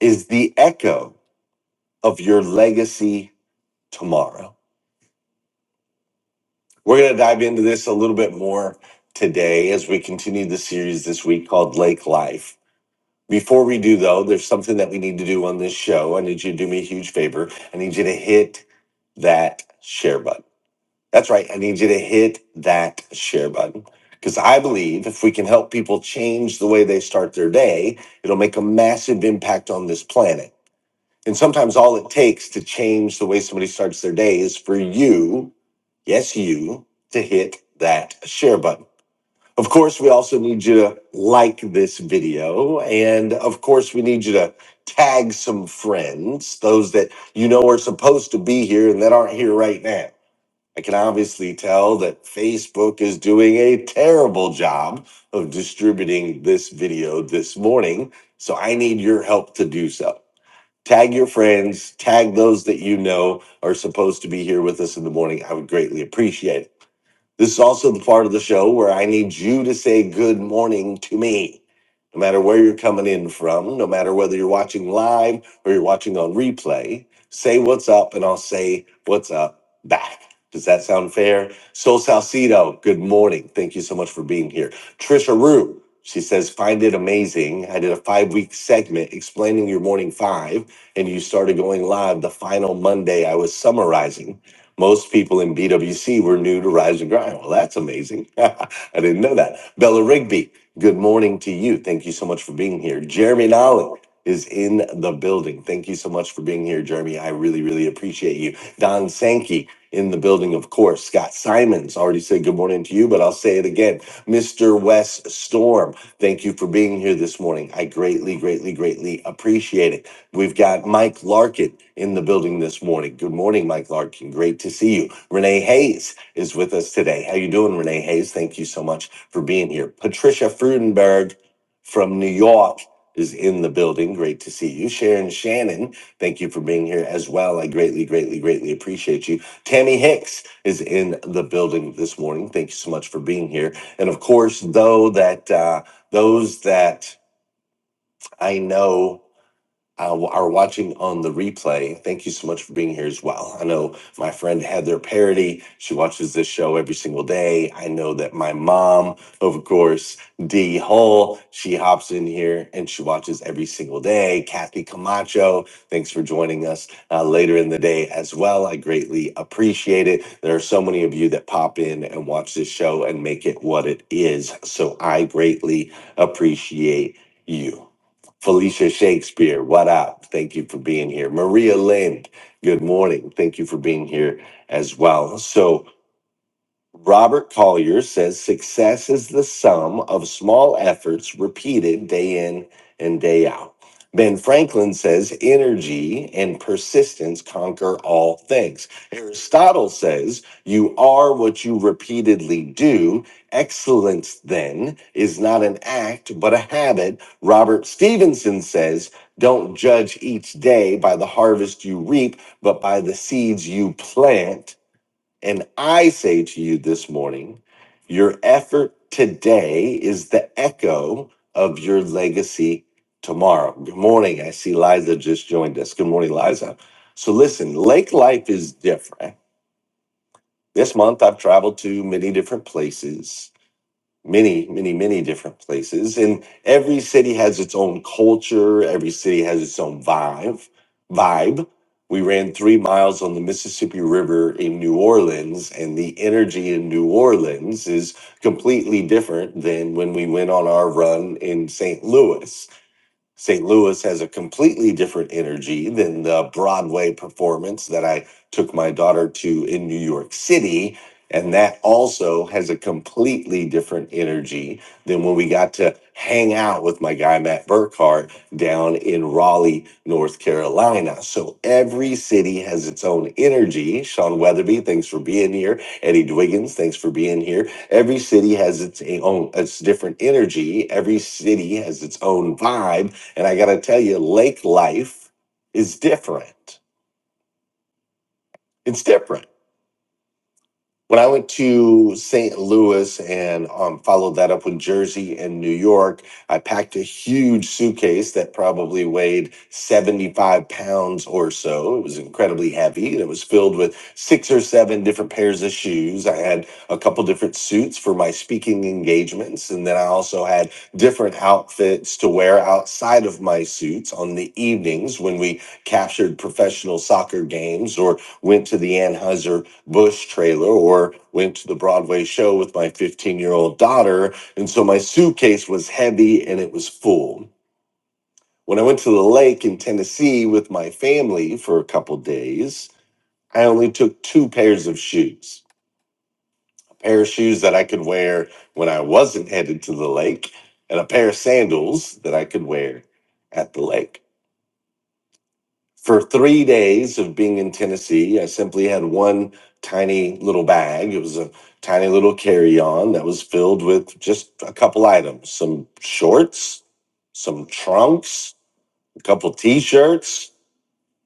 [SPEAKER 2] is the echo of your legacy tomorrow. We're going to dive into this a little bit more today as we continue the series this week called Lake Life. Before we do, though, there's something that we need to do on this show. I need you to do me a huge favor. I need you to hit that share button That's right. I need you to hit that share button because I believe if we can help people change the way they start their day, it'll make a massive impact on this planet. And sometimes all it takes to change the way somebody starts their day is for you, yes, you, to hit that share button. Of course, we also need you to like this video. And of course, we need you to tag some friends, those that you know are supposed to be here and that aren't here right now I can obviously tell that Facebook is doing a terrible job of distributing this video this morning. So I need your help to do so. Tag your friends, tag those that you know are supposed to be here with us in the morning. I would greatly appreciate it. This is also the part of the show where I need you to say good morning to me. No matter where you're coming in from, no matter whether you're watching live or you're watching on replay, say what's up and I'll say what's up back. Does that sound fair? Sol Salcido, good morning. Thank you so much for being here. Trisha Rue, she says, find it amazing. I did a five week segment explaining your morning five, and you started going live the final Monday I was summarizing. Most people in BWC were new to Rise and Grind. Well, that's amazing. I didn't know that. Bella Rigby, good morning to you. Thank you so much for being here. Jeremy Nolling is in the building. Thank you so much for being here, Jeremy. I really, really appreciate you. Don Sankey in the building, of course. Scott Simons already said good morning to you, but I'll say it again. Mr. Wes Storm, thank you for being here this morning. I greatly, greatly, greatly appreciate it. We've got Mike Larkin in the building this morning. Good morning, Mike Larkin. Great to see you. Renee Hayes is with us today. How you doing, Renee Hayes? Thank you so much for being here. Patricia Frudenberg from New York is in the building. Great to see you. Sharon Shannon, thank you for being here as well. I greatly, greatly, greatly appreciate you. Tammy Hicks is in the building this morning. Thank you so much for being here. And of course, though that uh, those that I know uh, are watching on the replay, thank you so much for being here as well. I know my friend Heather Parody, she watches this show every single day. I know that my mom, of course, Dee Hull, she hops in here and she watches every single day. Kathy Camacho, thanks for joining us uh, later in the day as well. I greatly appreciate it. There are so many of you that pop in and watch this show and make it what it is. So I greatly appreciate you. Felicia Shakespeare, what up? Thank you for being here. Maria Lind, good morning. Thank you for being here as well. So. Robert Collier says success is the sum of small efforts repeated day in and day out. Ben Franklin says energy and persistence conquer all things. Aristotle says you are what you repeatedly do. Excellence then is not an act, but a habit. Robert Stevenson says don't judge each day by the harvest you reap, but by the seeds you plant and I say to you this morning, your effort today is the echo of your legacy tomorrow. Good morning. I see Liza just joined us. Good morning, Liza. So, listen, lake life is different. This month, I've traveled to many different places many, many, many different places. And every city has its own culture. Every city has its own vibe. Vibe. We ran three miles on the Mississippi River in New Orleans, and the energy in New Orleans is completely different than when we went on our run in St. Louis. St. Louis has a completely different energy than the Broadway performance that I took my daughter to in New York City. And that also has a completely different energy than when we got to hang out with my guy, Matt Burkhart, down in Raleigh, North Carolina. So every city has its own energy. Sean Weatherby, thanks for being here. Eddie Dwiggins, thanks for being here. Every city has its own, its different energy. Every city has its own vibe and I got to tell you, lake life is different. It's different. when I went to St. Louis and um, followed that up with Jersey and New York, I packed a huge suitcase that probably weighed 75 pounds or so. It was incredibly heavy and it was filled with six or seven different pairs of shoes. I had a couple different suits for my speaking engagements. And then I also had different outfits to wear outside of my suits on the evenings when we captured professional soccer games or went to the Anheuser Busch trailer or went to the Broadway show with my 15 year old daughter. And so my suitcase was heavy and it was full. When I went to the lake in Tennessee with my family for a couple days, I only took two pairs of shoes a pair of shoes that I could wear when I wasn't headed to the lake, and a pair of sandals that I could wear at the lake. for three days of being in Tennessee, I simply had one tiny little bag. It was a tiny little carry on that was filled with just a couple items some shorts, some trunks, a couple t shirts,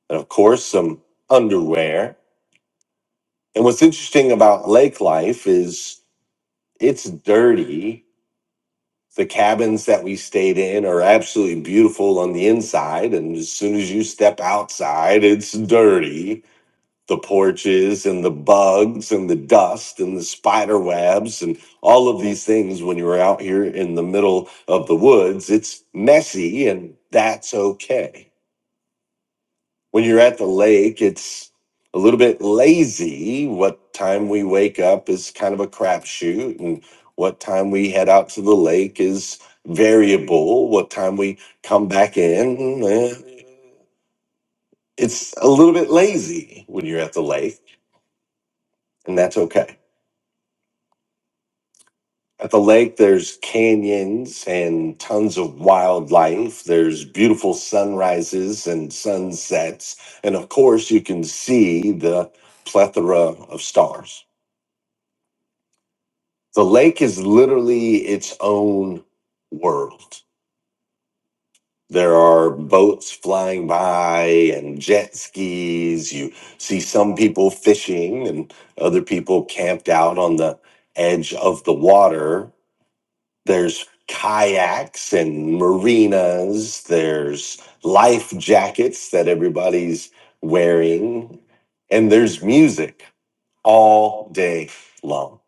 [SPEAKER 2] and of course, some underwear. And what's interesting about lake life is it's dirty. The cabins that we stayed in are absolutely beautiful on the inside. And as soon as you step outside, it's dirty the porches and the bugs and the dust and the spider webs and all of these things when you're out here in the middle of the woods it's messy and that's okay when you're at the lake it's a little bit lazy what time we wake up is kind of a crapshoot and what time we head out to the lake is variable what time we come back in eh, it's a little bit lazy when you're at the lake and that's okay At the lake, there's canyons and tons of wildlife. There's beautiful sunrises and sunsets. And of course, you can see the plethora of stars. The lake is literally its own world. There are boats flying by and jet skis. You see some people fishing and other people camped out on the edge of the water there's kayaks and marinas there's life jackets that everybody's wearing and there's music all day long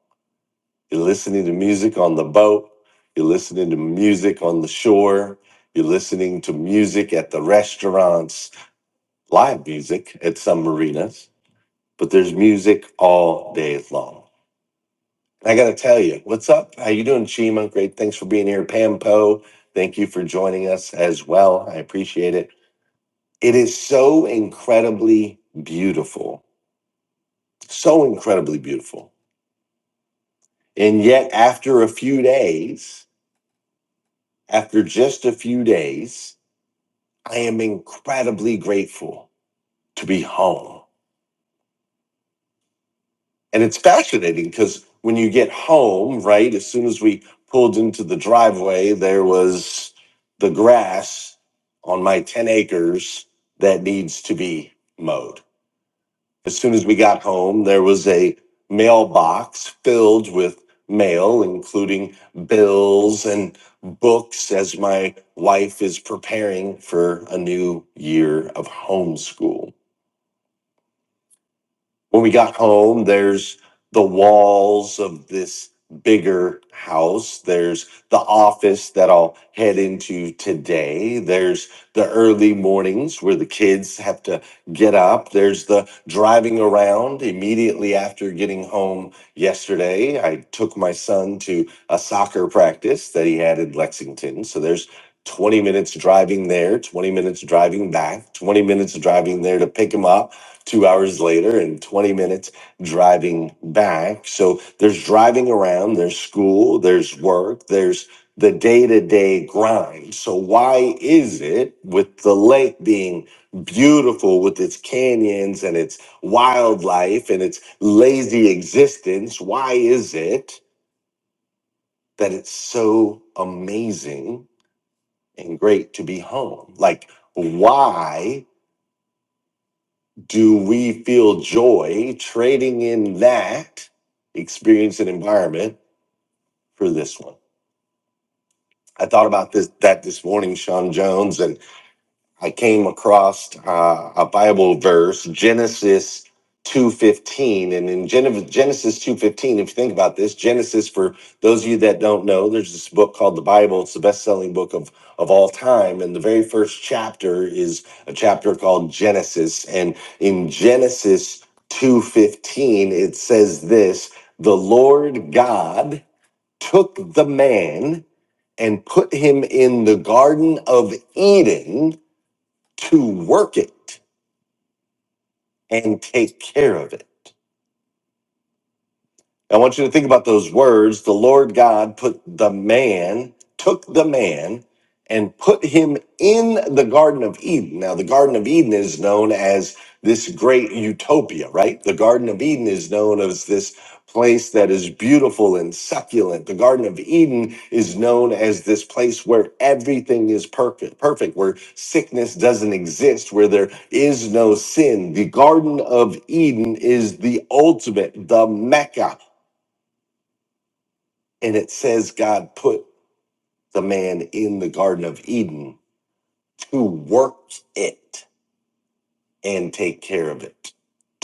[SPEAKER 2] you're listening to music on the boat you're listening to music on the shore you're listening to music at the restaurants live music at some marinas but there's music all day long I got to tell you, what's up? How you doing, Chima? Great, thanks for being here, Pam Poe. Thank you for joining us as well. I appreciate it. It is so incredibly beautiful, so incredibly beautiful, and yet after a few days, after just a few days, I am incredibly grateful to be home. And it's fascinating because when you get home, right, as soon as we pulled into the driveway, there was the grass on my 10 acres that needs to be mowed. As soon as we got home, there was a mailbox filled with mail, including bills and books, as my wife is preparing for a new year of homeschool When we got home, there's the walls of this bigger house. There's the office that I'll head into today. There's the early mornings where the kids have to get up. There's the driving around immediately after getting home yesterday. I took my son to a soccer practice that he had in Lexington. So there's 20 minutes driving there, 20 minutes driving back, 20 minutes driving there to pick him up two hours later and 20 minutes driving back. So there's driving around, there's school, there's work, there's the day to day grind. So, why is it with the lake being beautiful with its canyons and its wildlife and its lazy existence? Why is it that it's so amazing and great to be home? Like, why? Do we feel joy trading in that experience and environment for this one? I thought about this that this morning, Sean Jones, and. I came across uh, a Bible verse, Genesis 2:15, and in Gen- Genesis 2:15, if you think about this, Genesis for those of you that don't know, there's this book called the Bible. It's the best-selling book of of all time, and the very first chapter is a chapter called Genesis, and in Genesis 2:15, it says this: "The Lord God took the man and put him in the Garden of Eden." to work it and take care of it. I want you to think about those words. The Lord God put the man, took the man, and put him in the Garden of Eden. Now, the Garden of Eden is known as this great utopia, right? The Garden of Eden is known as this place that is beautiful and succulent. The Garden of Eden is known as this place where everything is perfect, perfect, where sickness doesn't exist, where there is no sin. The Garden of Eden is the ultimate, the Mecca and it says God put the man in the Garden of Eden to work it and take care of it.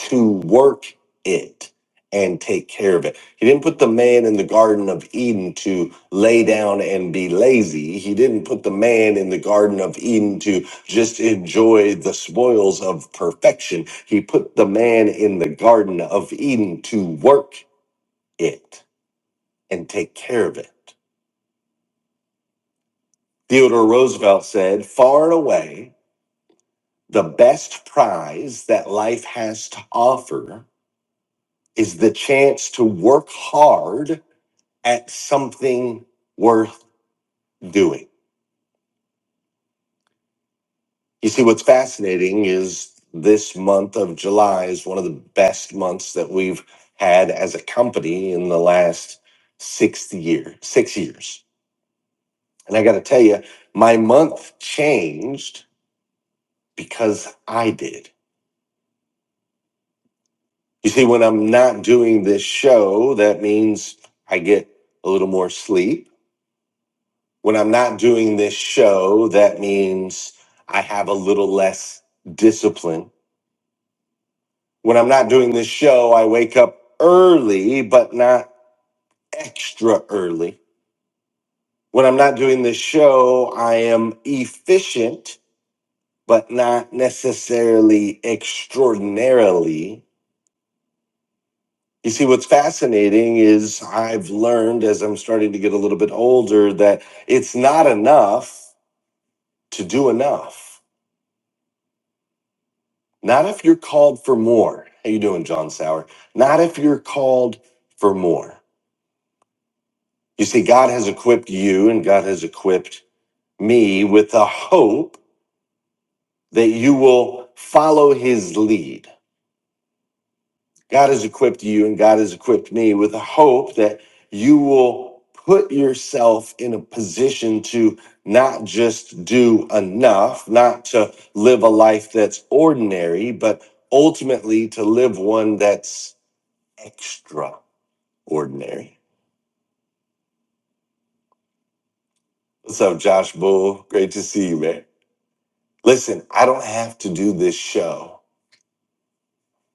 [SPEAKER 2] To work it and take care of it. He didn't put the man in the Garden of Eden to lay down and be lazy. He didn't put the man in the Garden of Eden to just enjoy the spoils of perfection. He put the man in the Garden of Eden to work it and take care of it. Theodore Roosevelt said, far and away, the best prize that life has to offer is the chance to work hard at something worth doing. You see, what's fascinating is this month of July is one of the best months that we've had as a company in the last sixth year, six years. And I got to tell you, my month changed because I did. You see, when I'm not doing this show, that means I get a little more sleep. When I'm not doing this show, that means I have a little less discipline. When I'm not doing this show, I wake up early, but not extra early. When I'm not doing this show, I am efficient, but not necessarily extraordinarily You see, what's fascinating is I've learned as I'm starting to get a little bit older that it's not enough to do enough. Not if you're called for more. How you doing, John Sauer? Not if you're called for more. You see, God has equipped you and God has equipped me with the hope that you will follow his lead. God has equipped you and God has equipped me with a hope that you will put yourself in a position to not just do enough, not to live a life that's ordinary, but ultimately to live one that's extraordinary. What's up, Josh Bull? Great to see you, man. Listen, I don't have to do this show.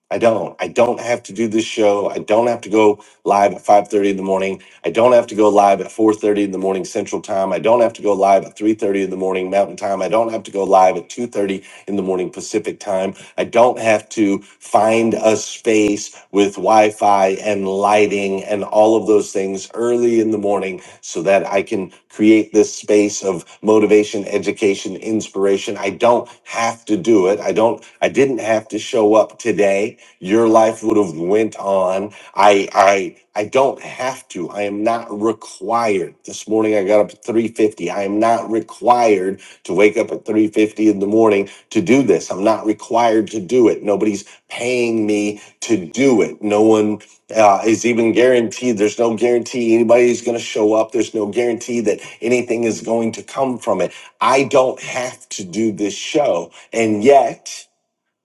[SPEAKER 2] I don't. I don't have to do this show. I don't have to go live at 5:30 in the morning. I don't have to go live at 4:30 in the morning Central Time. I don't have to go live at 3:30 in the morning Mountain Time. I don't have to go live at 2:30 in the morning Pacific Time. I don't have to find a space with Wi-Fi and lighting and all of those things early in the morning so that I can create this space of motivation, education, inspiration. I don't have to do it. I don't I didn't have to show up today. Your life would have went on. I I I don't have to. I am not required. This morning I got up at 3:50. I am not required to wake up at 3:50 in the morning to do this. I'm not required to do it. Nobody's paying me to do it. No one uh, is even guaranteed. There's no guarantee anybody's going to show up. There's no guarantee that anything is going to come from it. I don't have to do this show. And yet,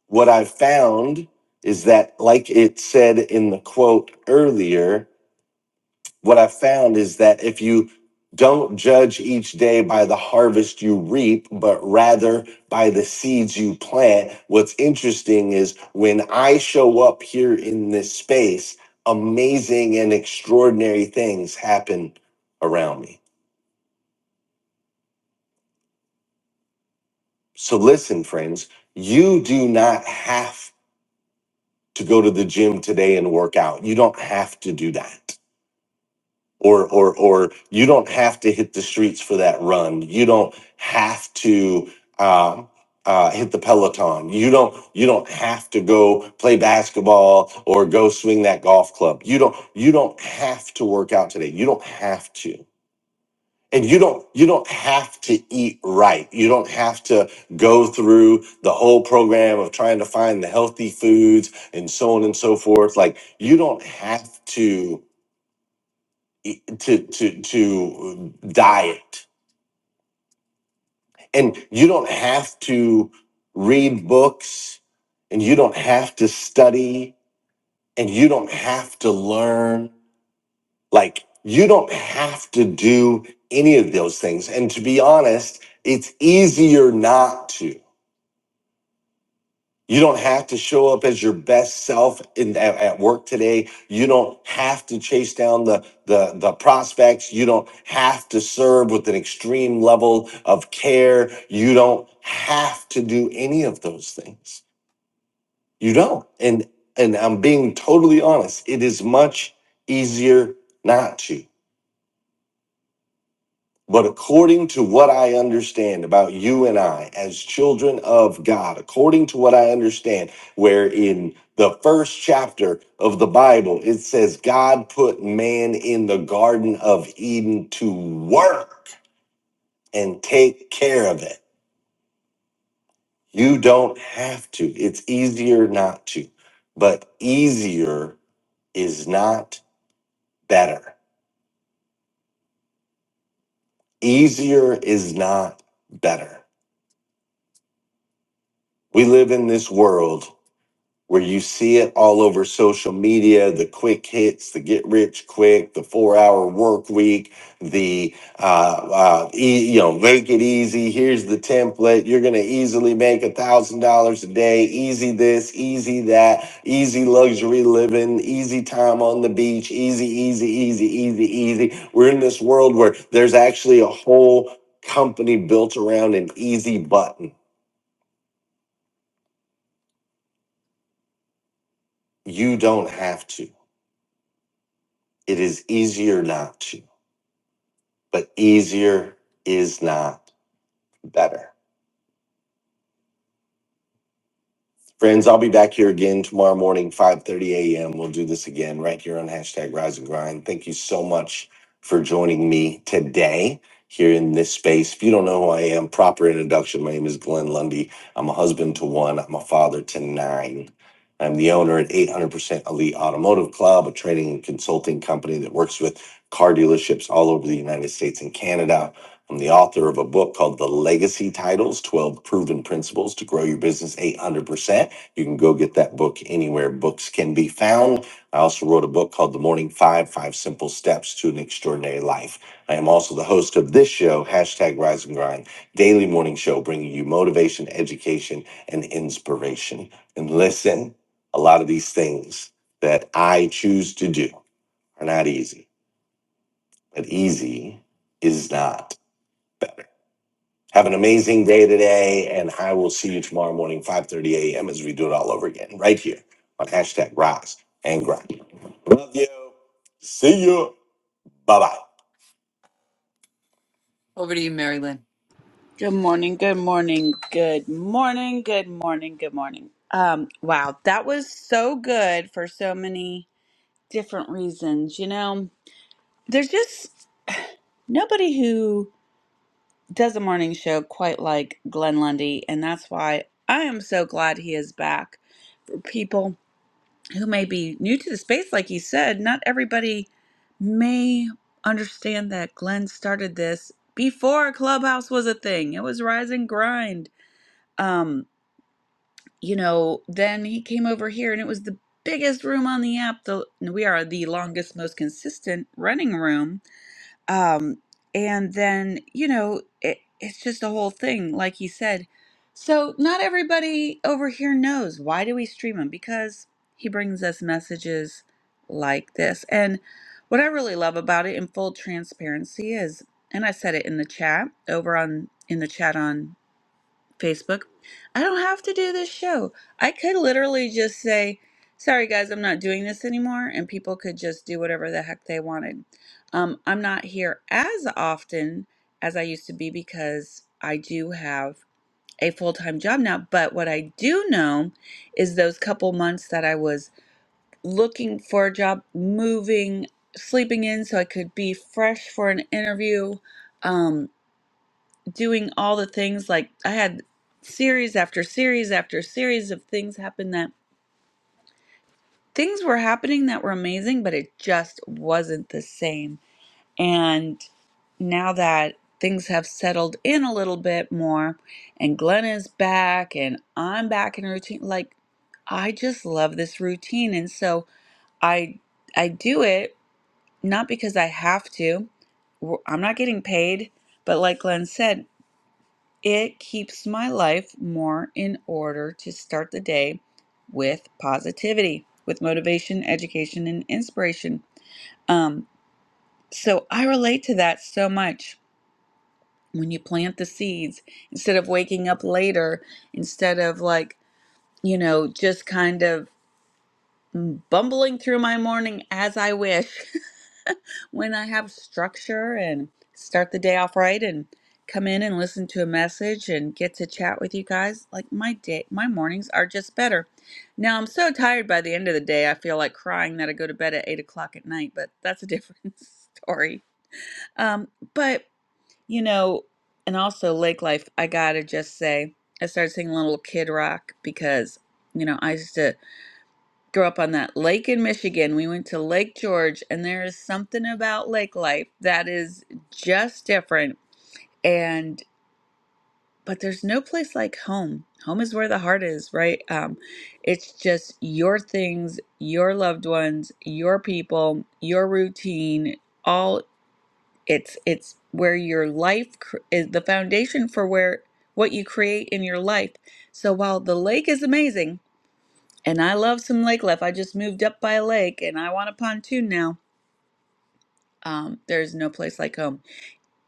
[SPEAKER 2] what I've found is that, like it said in the quote earlier, what I found is that if you don't judge each day by the harvest you reap, but rather by the seeds you plant. What's interesting is when I show up here in this space, amazing and extraordinary things happen around me. So, listen, friends, you do not have to go to the gym today and work out. You don't have to do that. or or or you don't have to hit the streets for that run. You don't have to um, uh, hit the peloton. You don't you don't have to go play basketball or go swing that golf club. You don't you don't have to work out today. You don't have to. And you don't you don't have to eat right. You don't have to go through the whole program of trying to find the healthy foods and so on and so forth. Like you don't have to to to to uh, diet and you don't have to read books and you don't have to study and you don't have to learn like you don't have to do any of those things and to be honest it's easier not to You don't have to show up as your best self in at, at work today. You don't have to chase down the, the the prospects. You don't have to serve with an extreme level of care. You don't have to do any of those things. You don't. And and I'm being totally honest. It is much easier not to. But according to what I understand about you and I as children of God, according to what I understand, where in the first chapter of the Bible, it says God put man in the Garden of Eden to work and take care of it. You don't have to. It's easier not to, but easier is not better. Easier is not better. We live in this world where you see it all over social media the quick hits the get rich quick the four hour work week the uh, uh e- you know make it easy here's the template you're gonna easily make a thousand dollars a day easy this easy that easy luxury living easy time on the beach easy easy easy easy easy we're in this world where there's actually a whole company built around an easy button you don't have to it is easier not to but easier is not better. Friends, I'll be back here again tomorrow morning, 5.30 a.m. We'll do this again right here on hashtag Rise and Grind. Thank you so much for joining me today here in this space. If you don't know who I am, proper introduction. My name is Glenn Lundy. I'm a husband to one. I'm a father to nine. I'm the owner at 800% Elite Automotive Club, a training and consulting company that works with car dealerships all over the United States and Canada. I'm the author of a book called The Legacy Titles 12 Proven Principles to Grow Your Business 800% you can go get that book anywhere books can be found. I also wrote a book called The Morning Five Five Simple Steps to an Extraordinary Life. I am also the host of this show, hashtag Rise and Grind, daily morning show, bringing you motivation, education, and inspiration. And listen, a lot of these things that I choose to do are not easy, but easy is not. Have an amazing day today, and I will see you tomorrow morning, 5.30 a.m. as we do it all over again, right here on hashtag Rise and Grind. Love you. See you. Bye-bye. Over to you, Mary Lynn.
[SPEAKER 1] Good morning, good morning, good morning, good morning, good morning. Um, wow, that was so good for so many different reasons. You know, there's just nobody who does a morning show quite like Glenn Lundy, and that's why I am so glad he is back. For people who may be new to the space, like he said, not everybody may understand that Glenn started this before Clubhouse was a thing. It was Rise and Grind. Um, you know, then he came over here, and it was the biggest room on the app. The we are the longest, most consistent running room um, and then, you know, it, it's just a whole thing, like he said. So, not everybody over here knows why do we stream him? Because he brings us messages like this. And what I really love about it in full transparency is, and I said it in the chat over on in the chat on Facebook. I don't have to do this show. I could literally just say, sorry guys, I'm not doing this anymore, and people could just do whatever the heck they wanted. Um, I'm not here as often as I used to be because I do have a full time job now. But what I do know is those couple months that I was looking for a job, moving, sleeping in so I could be fresh for an interview. Um, doing all the things like I had series after series after series of things happen that things were happening that were amazing, but it just wasn't the same. And now that things have settled in a little bit more and Glenn is back and I'm back in routine, like I just love this routine. And so I I do it not because I have to. We're- I'm not getting paid, but like Glenn said, It keeps my life more in order to start the day with positivity, with motivation, education, and inspiration. Um, so I relate to that so much. When you plant the seeds, instead of waking up later, instead of like, you know, just kind of mm, bumbling through my morning as I wish, when I have structure and start the day off right and come in and listen to a message and get to chat with you guys, like my day, my mornings are just better. Now I'm so tired by the end of the day, I feel like crying that I go to bed at eight o'clock at night, but that's a different story. Um, but you know, and also lake life, I gotta just say, I started singing Little Kid Rock because you know I used to grew up on that lake in Michigan. We went to Lake George, and there is something about lake life that is just different. And but there's no place like home. Home is where the heart is, right? Um, it's just your things, your loved ones, your people, your routine. All it's it's where your life cr- is the foundation for where what you create in your life. So while the lake is amazing, and I love some lake life. I just moved up by a lake and I want a pontoon now. Um, there's no place like home.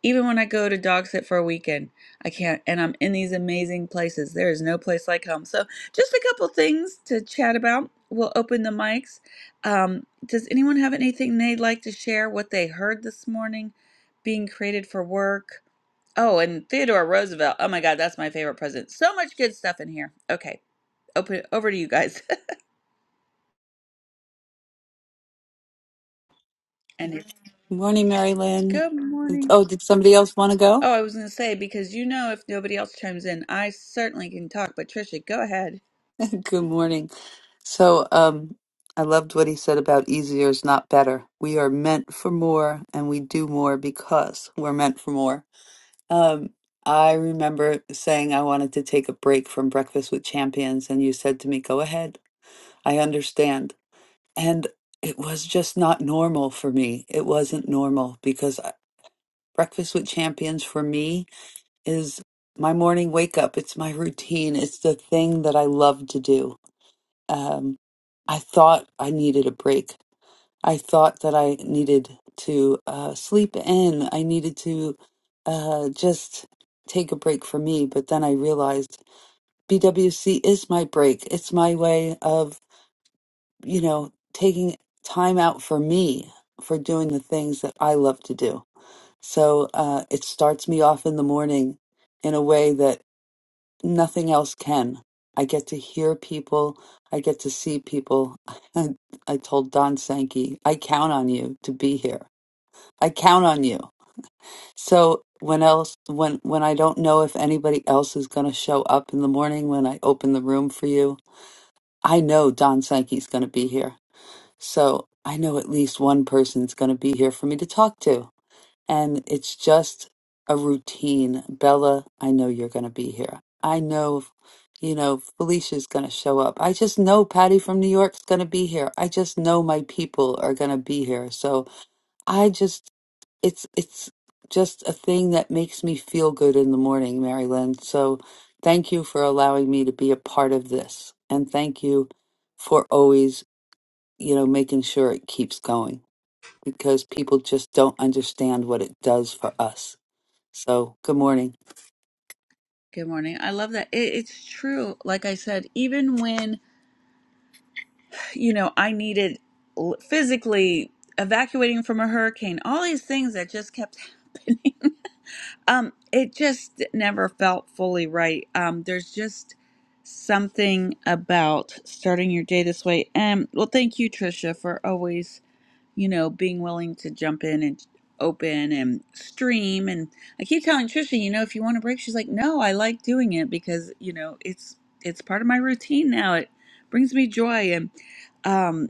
[SPEAKER 1] Even when I go to dog sit for a weekend, I can't, and I'm in these amazing places. There is no place like home. So, just a couple things to chat about. We'll open the mics. Um, does anyone have anything they'd like to share? What they heard this morning being created for work? Oh, and Theodore Roosevelt. Oh my God, that's my favorite president. So much good stuff in here. Okay, open over to you guys. And
[SPEAKER 2] Good Morning, Mary Lynn.
[SPEAKER 1] Good morning.
[SPEAKER 2] Oh, did somebody else want to go?
[SPEAKER 1] Oh, I was going to say, because you know, if nobody else chimes in, I certainly can talk. But Trisha, go ahead.
[SPEAKER 2] Good morning. So, um, I loved what he said about easier is not better. We are meant for more and we do more because we're meant for more. Um, I remember saying I wanted to take a break from Breakfast with Champions, and you said to me, Go ahead, I understand. And it was just not normal for me. It wasn't normal because I- Breakfast with Champions for me is my morning wake up. It's my routine. It's the thing that I love to do. Um, I thought I needed a break. I thought that I needed to uh, sleep in. I needed to uh, just take a break for me. But then I realized BWC is my break. It's my way of, you know, taking time out for me for doing the things that I love to do. So uh, it starts me off in the morning in a way that nothing else can. I get to hear people. I get to see people. I told Don Sankey, I count on you to be here I count on you. So when else when when I don't know if anybody else is going to show up in the morning when I open the room for you, I know Don Sankey's going to be here. So I know at least one person's going to be here for me to talk to. And it's just a routine. Bella, I know you're going to be here. I know you know Felicia's going to show up. I just know Patty from New York's going to be here. I just know my people are going to be here. So I just it's it's just a thing that makes me feel good in the morning, Mary Lynn. So thank you for allowing me to be a part of this. And thank you for always, you know, making sure it keeps going because people just don't understand what it does for us. So good morning.
[SPEAKER 1] Good morning. I love that. It, it's true. Like I said, even when, you know, I needed l- physically evacuating from a hurricane, all these things that just kept happening, um, it just never felt fully right. Um, there's just something about starting your day this way. And well, thank you, Trisha, for always you know, being willing to jump in and open and stream. And I keep telling Trisha, you know, if you want a break, she's like, no, I like doing it because, you know, it's, it's part of my routine now. It brings me joy. And, um,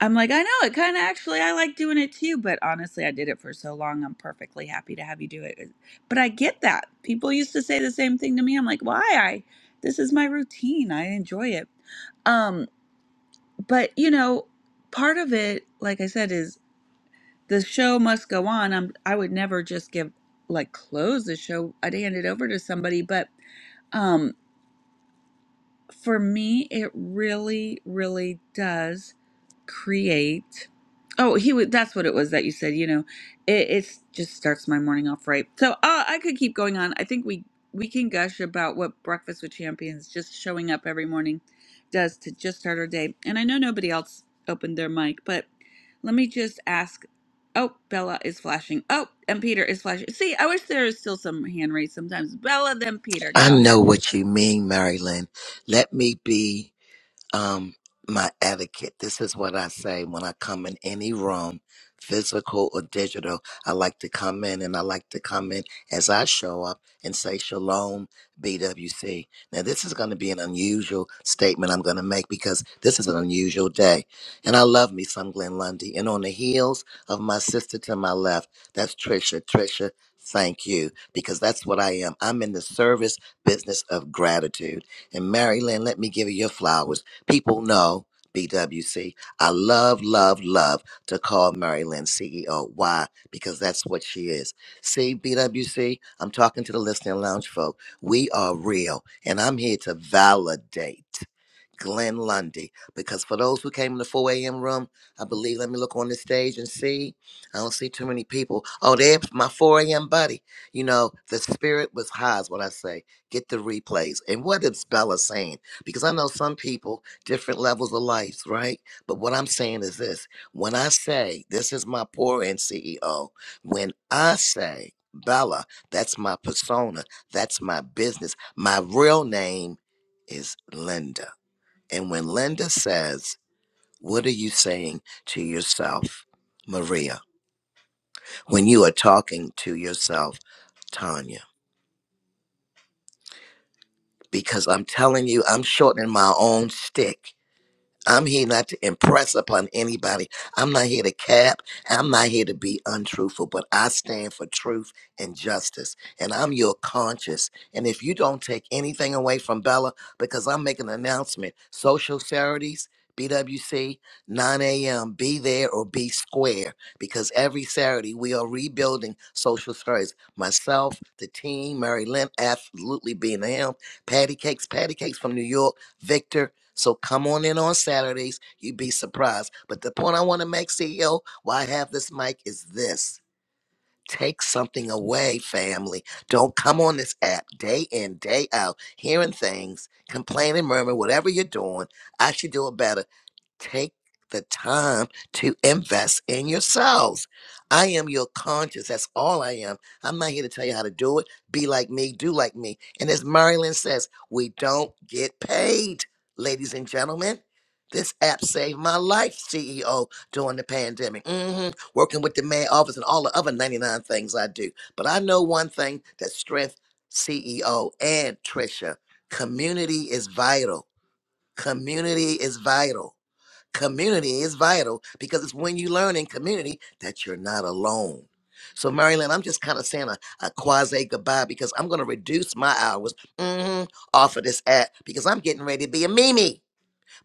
[SPEAKER 1] I'm like, I know it kind of actually, I like doing it too, but honestly, I did it for so long. I'm perfectly happy to have you do it. But I get that. People used to say the same thing to me. I'm like, why? I, this is my routine. I enjoy it. Um, but you know, part of it, like I said, is the show must go on. I'm, I would never just give like close the show. I'd hand it over to somebody. But um, for me, it really, really does create oh he would that's what it was that you said you know it it's just starts my morning off right so uh, i could keep going on i think we we can gush about what breakfast with champions just showing up every morning does to just start our day and i know nobody else opened their mic but let me just ask oh bella is flashing oh and peter is flashing see i wish there is still some hand raised sometimes bella then peter
[SPEAKER 4] I
[SPEAKER 1] go
[SPEAKER 4] know
[SPEAKER 1] ahead
[SPEAKER 4] what you mean, Marilyn. Let me be. um my etiquette. This is what I say when I come in any room, physical or digital. I like to come in and I like to come in as I show up and say shalom BWC. Now this is going to be an unusual statement I'm going to make because this is an unusual day. And I love me some Glenn Lundy. And on the heels of my sister to my left, that's Trisha. Trisha, thank you because that's what I am. I'm in the service business of gratitude. And Marilyn, let me give you your flowers People know BWC. I love, love, love to call Mary Lynn CEO. Why? Because that's what she is. See, BWC, I'm talking to the listening lounge folk. We are real, and I'm here to validate. Glenn Lundy. Because for those who came in the 4 a.m. room, I believe, let me look on the stage and see. I don't see too many people. Oh, there's my 4 a.m. buddy. You know, the spirit was high, is what I say. Get the replays. And what is Bella saying? Because I know some people, different levels of life, right? But what I'm saying is this when I say, this is my poor end CEO, when I say, Bella, that's my persona, that's my business, my real name is Linda. And when Linda says, What are you saying to yourself, Maria, when you are talking to yourself, Tanya? Because I'm telling you, I'm shortening my own stick I'm here not to impress upon anybody. I'm not here to cap. I'm not here to be untruthful, but I stand for truth and justice. And I'm your conscience. And if you don't take anything away from Bella, because I'm making an announcement, social Saturdays, BWC, 9 a.m., be there or be square. Because every Saturday we are rebuilding social Saturdays. Myself, the team, Mary Lynn, absolutely being him, Patty Cakes, Patty Cakes from New York, Victor. So come on in on Saturdays. You'd be surprised. But the point I want to make, CEO, why I have this mic is this. Take something away, family. Don't come on this app day in, day out, hearing things, complaining, murmuring, whatever you're doing. I should do it better. Take the time to invest in yourselves. I am your conscience. That's all I am. I'm not here to tell you how to do it. Be like me, do like me. And as Marilyn says, we don't get paid, ladies and gentlemen. This app saved my life, CEO, during the pandemic. hmm Working with the mayor office and all the other 99 things I do. But I know one thing that strength, CEO, and Trisha, community is vital. Community is vital. Community is vital because it's when you learn in community that you're not alone. So, Marilyn, I'm just kind of saying a, a quasi goodbye because I'm going to reduce my hours mhm, off of this app because I'm getting ready to be a Mimi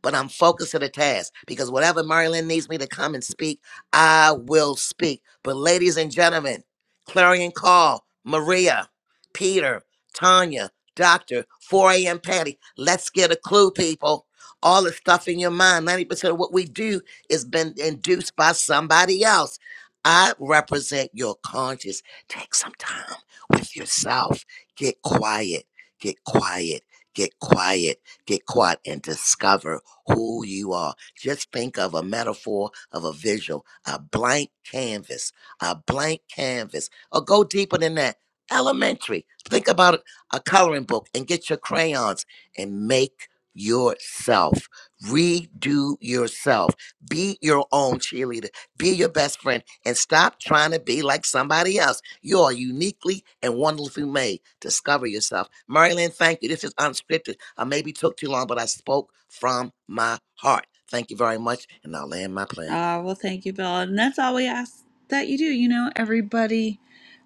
[SPEAKER 4] but I'm focused to the task because whatever Marilyn needs me to come and speak, I will speak. But ladies and gentlemen, Clarion Call, Maria, Peter, Tanya, Doctor, 4 a.m. Patty, let's get a clue, people. All the stuff in your mind, 90% of what we do is been induced by somebody else. I represent your conscience. Take some time with yourself. Get quiet, get quiet, get quiet, get quiet, and discover who you are. Just think of a metaphor of a visual, a blank canvas, a blank canvas, or go deeper than that. Elementary. Think about a coloring book and get your crayons and make yourself. Redo yourself. Be your own cheerleader. Be your best friend and stop trying to be like somebody else. You are uniquely and wonderfully made. Discover yourself. Marilyn, thank you. This is unscripted. I maybe took too long, but I spoke from my heart. Thank you very much, and I'll land my plane.
[SPEAKER 1] Ah, well thank you bella and that's all we ask that you do you know everybody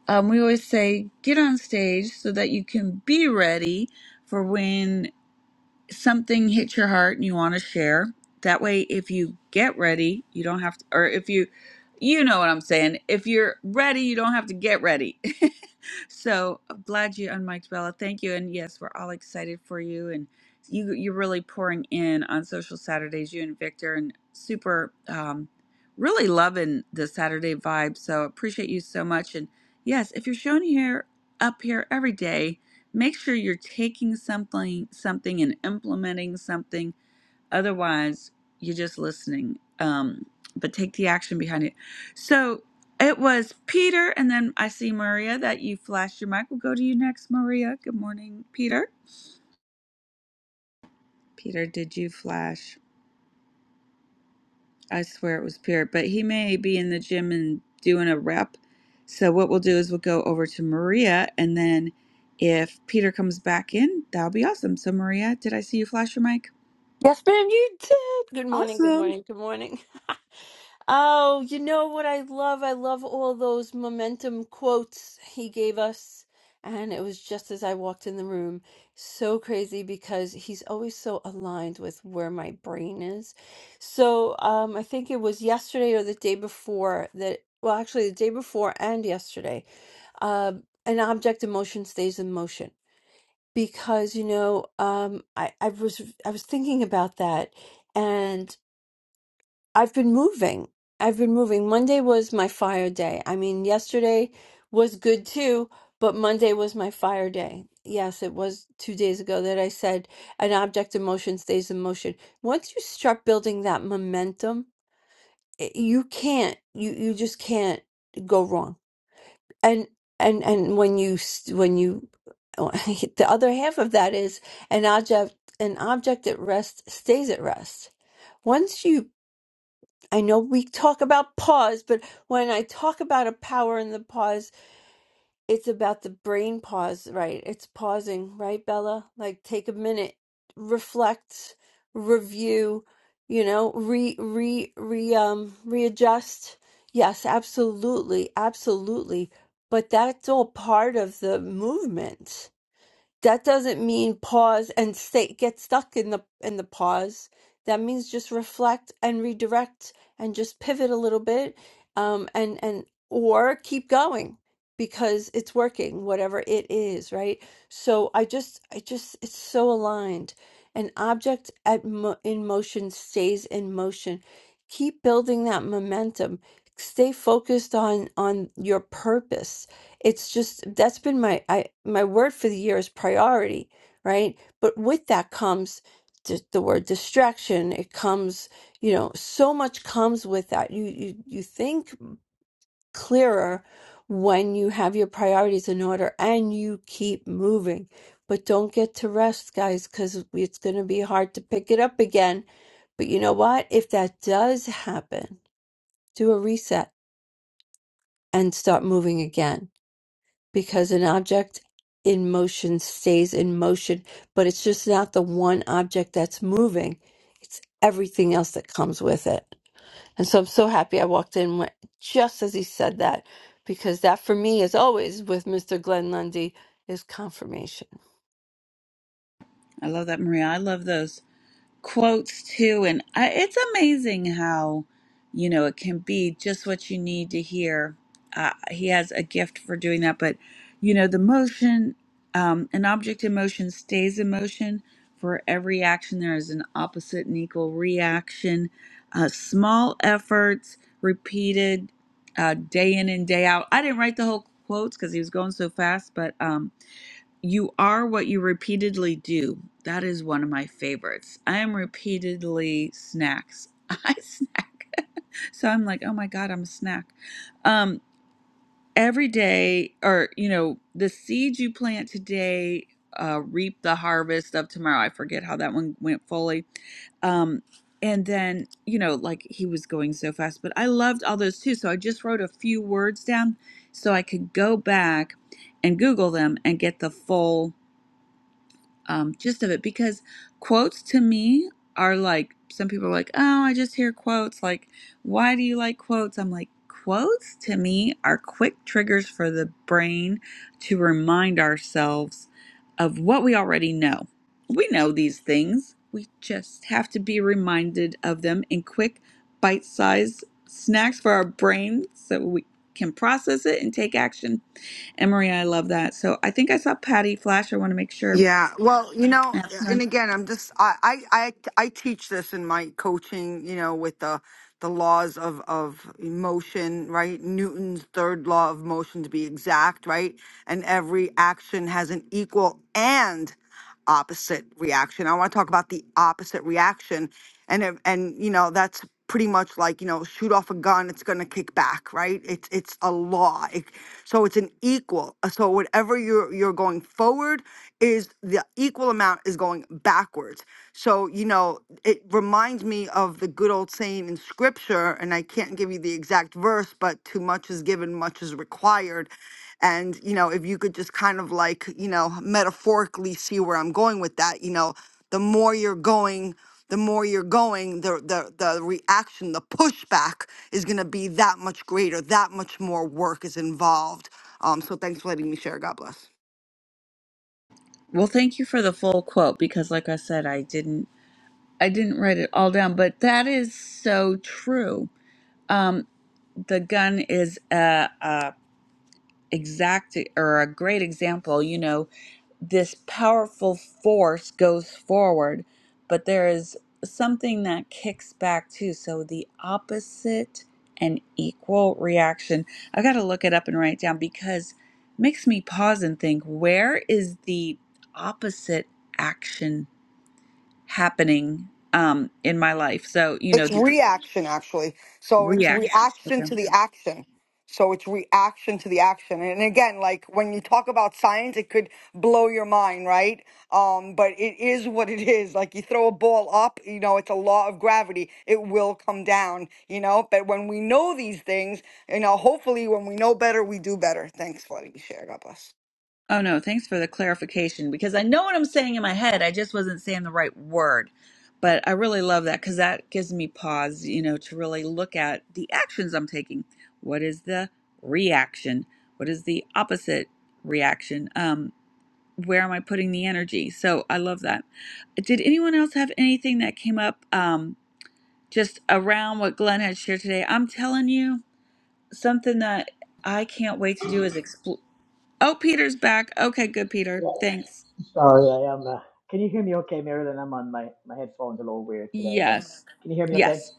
[SPEAKER 1] Um, we always say get on stage so that you can be ready for when something hits your heart and you want to share. That way, if you get ready, you don't have to, or if you, you know what I'm saying. If you're ready, you don't have to get ready. so I'm glad you unmiked, Bella. Thank you. And yes, we're all excited for you. And you, you're really pouring in on social Saturdays, you and Victor, and super, um, really loving the Saturday vibe. So appreciate you so much. And yes, if you're showing here, up here every day, make sure you're taking something something and implementing something otherwise you're just listening um but take the action behind it so it was peter and then i see maria that you flashed your mic we'll go to you next maria good morning peter peter did you flash i swear it was peter but he may be in the gym and doing a rep so what we'll do is we'll go over to maria and then if peter comes back in that'll be awesome so maria did i see you flash your mic
[SPEAKER 7] Yes, ma'am, you did. Good morning, good
[SPEAKER 1] Awesome.
[SPEAKER 7] morning, good morning. Oh, you know what I love? I love all those momentum quotes he gave us. And it was just as I walked in the room. So crazy because he's always so aligned with where my brain is. So um, I think it was yesterday or the day before that, well, actually, the day before and yesterday, uh, an object in motion stays in motion because you know um I I was I was thinking about that and I've been moving. I've been moving. Monday was my fire day. I mean, yesterday was good too, but Monday was my fire day. Yes, it was two days ago that I said an object in motion stays in motion. Once you start building that momentum, i- you can't you you just can't go wrong and and and when you s- when you the other half of that is an object an object at rest stays at rest once you i know we talk about pause but when i talk about a power in the pause it's about the brain pause, right? It's pausing, right, Bella? Like take a minute, reflect, review, you know, re re re um readjust. Yes, absolutely, absolutely. But that's all part of the movement that doesn't mean pause and stay get stuck in the in the pause that means just reflect and redirect and just pivot a little bit um and and or keep going because it's working whatever it is right so i just i just it's so aligned an object at mo- in motion stays in motion keep building that momentum stay focused on on your purpose it's just that's been my I my word for the year is priority, right? But with that comes the, the word distraction. It comes, you know, so much comes with that. You you you think clearer when you have your priorities in order and you keep moving. But don't get to rest, guys, because it's going to be hard to pick it up again. But you know what? If that does happen, do a reset and start moving again because an object in motion stays in motion, but it's just not the one object that's moving, it's everything else that comes with it. And so I'm so happy I walked in when- just as he said that, because that for me, as always, with Mr. Glenn Lundy, is confirmation.
[SPEAKER 1] I love that, Maria. I love those quotes too. And I, it's amazing how, you know, it can be just what you need to hear. Uh, he has a gift for doing that. But, you know, the motion, um, an object in motion stays in motion. For every action, there is an opposite and equal reaction. Uh, small efforts repeated uh, day in and day out. I didn't write the whole quotes because he was going so fast, but. Um, You are what you repeatedly do. That is one of my favorites. I am repeatedly snacks. I snack. so I'm like, oh my God, I'm a snack. Um, every day, or, you know, the seeds you plant today uh, reap the harvest of tomorrow. I forget how that one went fully. Um, and then, you know, like he was going so fast, but I loved all those too. So I just wrote a few words down so I could go back and Google them and get the full um, gist of it because quotes to me are like some people are like, oh, I just hear quotes. Like, why do you like quotes? I'm like, quotes to me are quick triggers for the brain to remind ourselves of what we already know. We know these things, we just have to be reminded of them in quick, bite sized snacks for our brain so we can process it and take action. And Maria, I love that. So I think I saw Patty Flash. I want to make sure.
[SPEAKER 8] Yeah, well, you know, and again, I'm just I I I, I teach this in my coaching, you know, with the the laws of of motion, right? Newton's third law of motion to be exact, right? And every action has an equal and opposite reaction. I want to talk about the opposite reaction, and if- and you know that's pretty much like you know shoot off a gun, it's going to kick back, right? It's it's a law, it, so it's an equal. uh, So whatever you're you're going forward is the equal amount is going backwards. So you know it reminds me of the good old saying in scripture, and I can't give you the exact verse, but too much is given, much is required and, you know, if you could just kind of like, you know, metaphorically see where I'm going with that, you know, the more you're going, the more you're going, the the the reaction, the pushback is gonna be that much greater, that much more work is involved. Um, so thanks for letting me share. God bless.
[SPEAKER 1] Well, thank you for the full quote because like I said, I didn't I didn't write it all down, but that is so true. Um the gun is a, a exact or a great example, you know, this powerful force goes forward, but there is something that kicks back too. So the opposite and equal reaction. I got to look it up and write it down because it makes me pause and think where is the opposite action happening um, in my life. So, you know,
[SPEAKER 8] It's
[SPEAKER 1] the
[SPEAKER 8] reaction, actually. So it's
[SPEAKER 1] reaction.
[SPEAKER 8] reaction
[SPEAKER 1] Okay.
[SPEAKER 8] to the action. So it's reaction to the action. And again, like when you talk about science, it could blow your mind, right? Um, but it is what it is. Like you throw a ball up, you know, it's a law of gravity. It will come down, you know? But when we know these things, you know, hopefully when we know better, we do better. Thanks for letting me share. God bless.
[SPEAKER 1] Oh, no. Thanks for the clarification because I know what I'm saying in my head. I just wasn't saying the right word. But I really love that because that gives me pause, you know, to really look at the actions I'm taking. What is the reaction? What is the opposite reaction? Um, where am I putting the energy? So I love that. Did anyone else have anything that came up um, just around what Glenn had shared today? I'm telling you something that I can't wait to do is explore. Oh, Peter's back. Okay, good, Peter.
[SPEAKER 9] Yeah,
[SPEAKER 1] Thanks.
[SPEAKER 9] sorry, I am. Uh, can you hear me okay, Marilyn? I'm on my, my headphones a little weird today, but
[SPEAKER 1] Yes.
[SPEAKER 9] can you hear me okay?
[SPEAKER 1] Yes,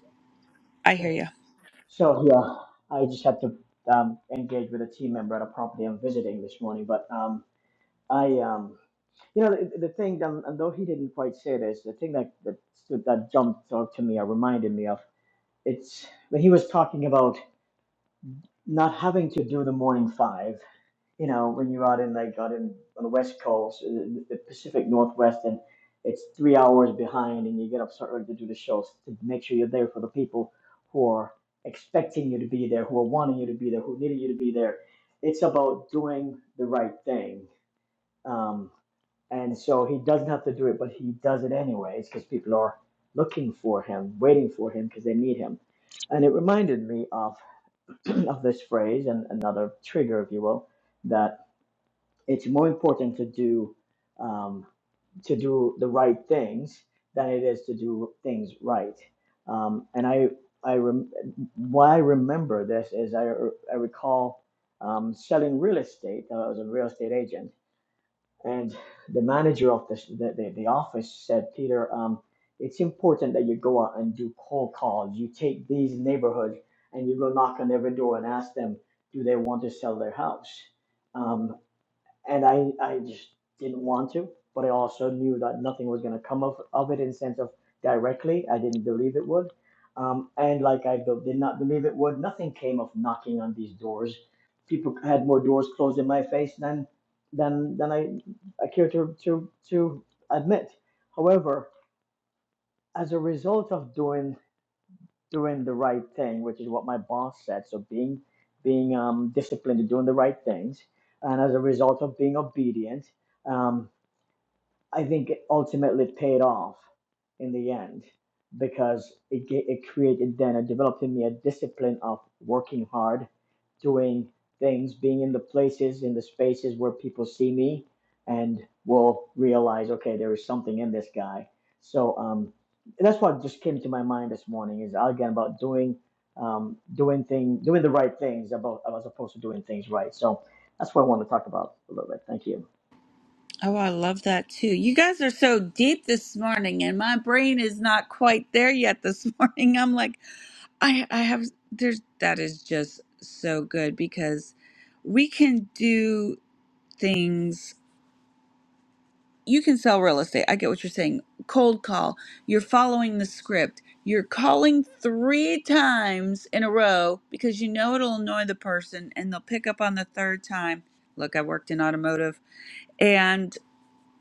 [SPEAKER 1] I
[SPEAKER 9] Good.
[SPEAKER 1] hear you.
[SPEAKER 9] So, yeah, I just had to um, engage with a team member at a property I'm visiting this morning, but um, I, um, you know, the, the thing, um, and though he didn't quite say this, the thing that, that stood, that jumped out to me or reminded me of, it's when he was talking about not having to do the morning five you know, when you're out in like out in on the West Coast, uh, the the Pacific Northwest, and it's three hours behind, and you get up so early to do the shows to make sure you're there for the people who are expecting you to be there, who are wanting you to be there, who needed you to be there. It's about doing the right thing, um, and so he doesn't have to do it, but he does it anyways because people are looking for him, waiting for him because they need him. And it reminded me of of this phrase and another trigger, if you will, that it's more important to do um, to do the right things than it is to do things right. Um, and I I rem- why I remember this is I, I recall um, selling real estate. I was a real estate agent, and the manager of the the, the, the office said, Peter, um, it's important that you go out and do cold calls. You take these neighborhoods and you go knock on every door and ask them, do they want to sell their house? Um, and I I just didn't want to, but I also knew that nothing was going to come of, of it in sense of directly. I didn't believe it would, um, and like I be- did not believe it would, nothing came of knocking on these doors. People had more doors closed in my face than than than I I care to to to admit. However, as a result of doing doing the right thing, which is what my boss said. So being being um, disciplined and doing the right things, and as a result of being obedient, um, I think it ultimately paid off in the end because it it created then and developed in me a discipline of working hard, doing things, being in the places, in the spaces where people see me and will realize, okay, there is something in this guy. So um, that's what just came to my mind this morning is again about doing um, doing thing doing the right things about as opposed to doing things right. So that's what I want to talk about a little bit. Thank you.
[SPEAKER 1] Oh, I love that too. You guys are so deep this morning, and my brain is not quite there yet this morning. I'm like, I, I have, there's, that is just so good because we can do things you can sell real estate. I get what you're saying. Cold call. You're following the script. You're calling three times in a row because you know it'll annoy the person and they'll pick up on the third time. Look, I worked in automotive and,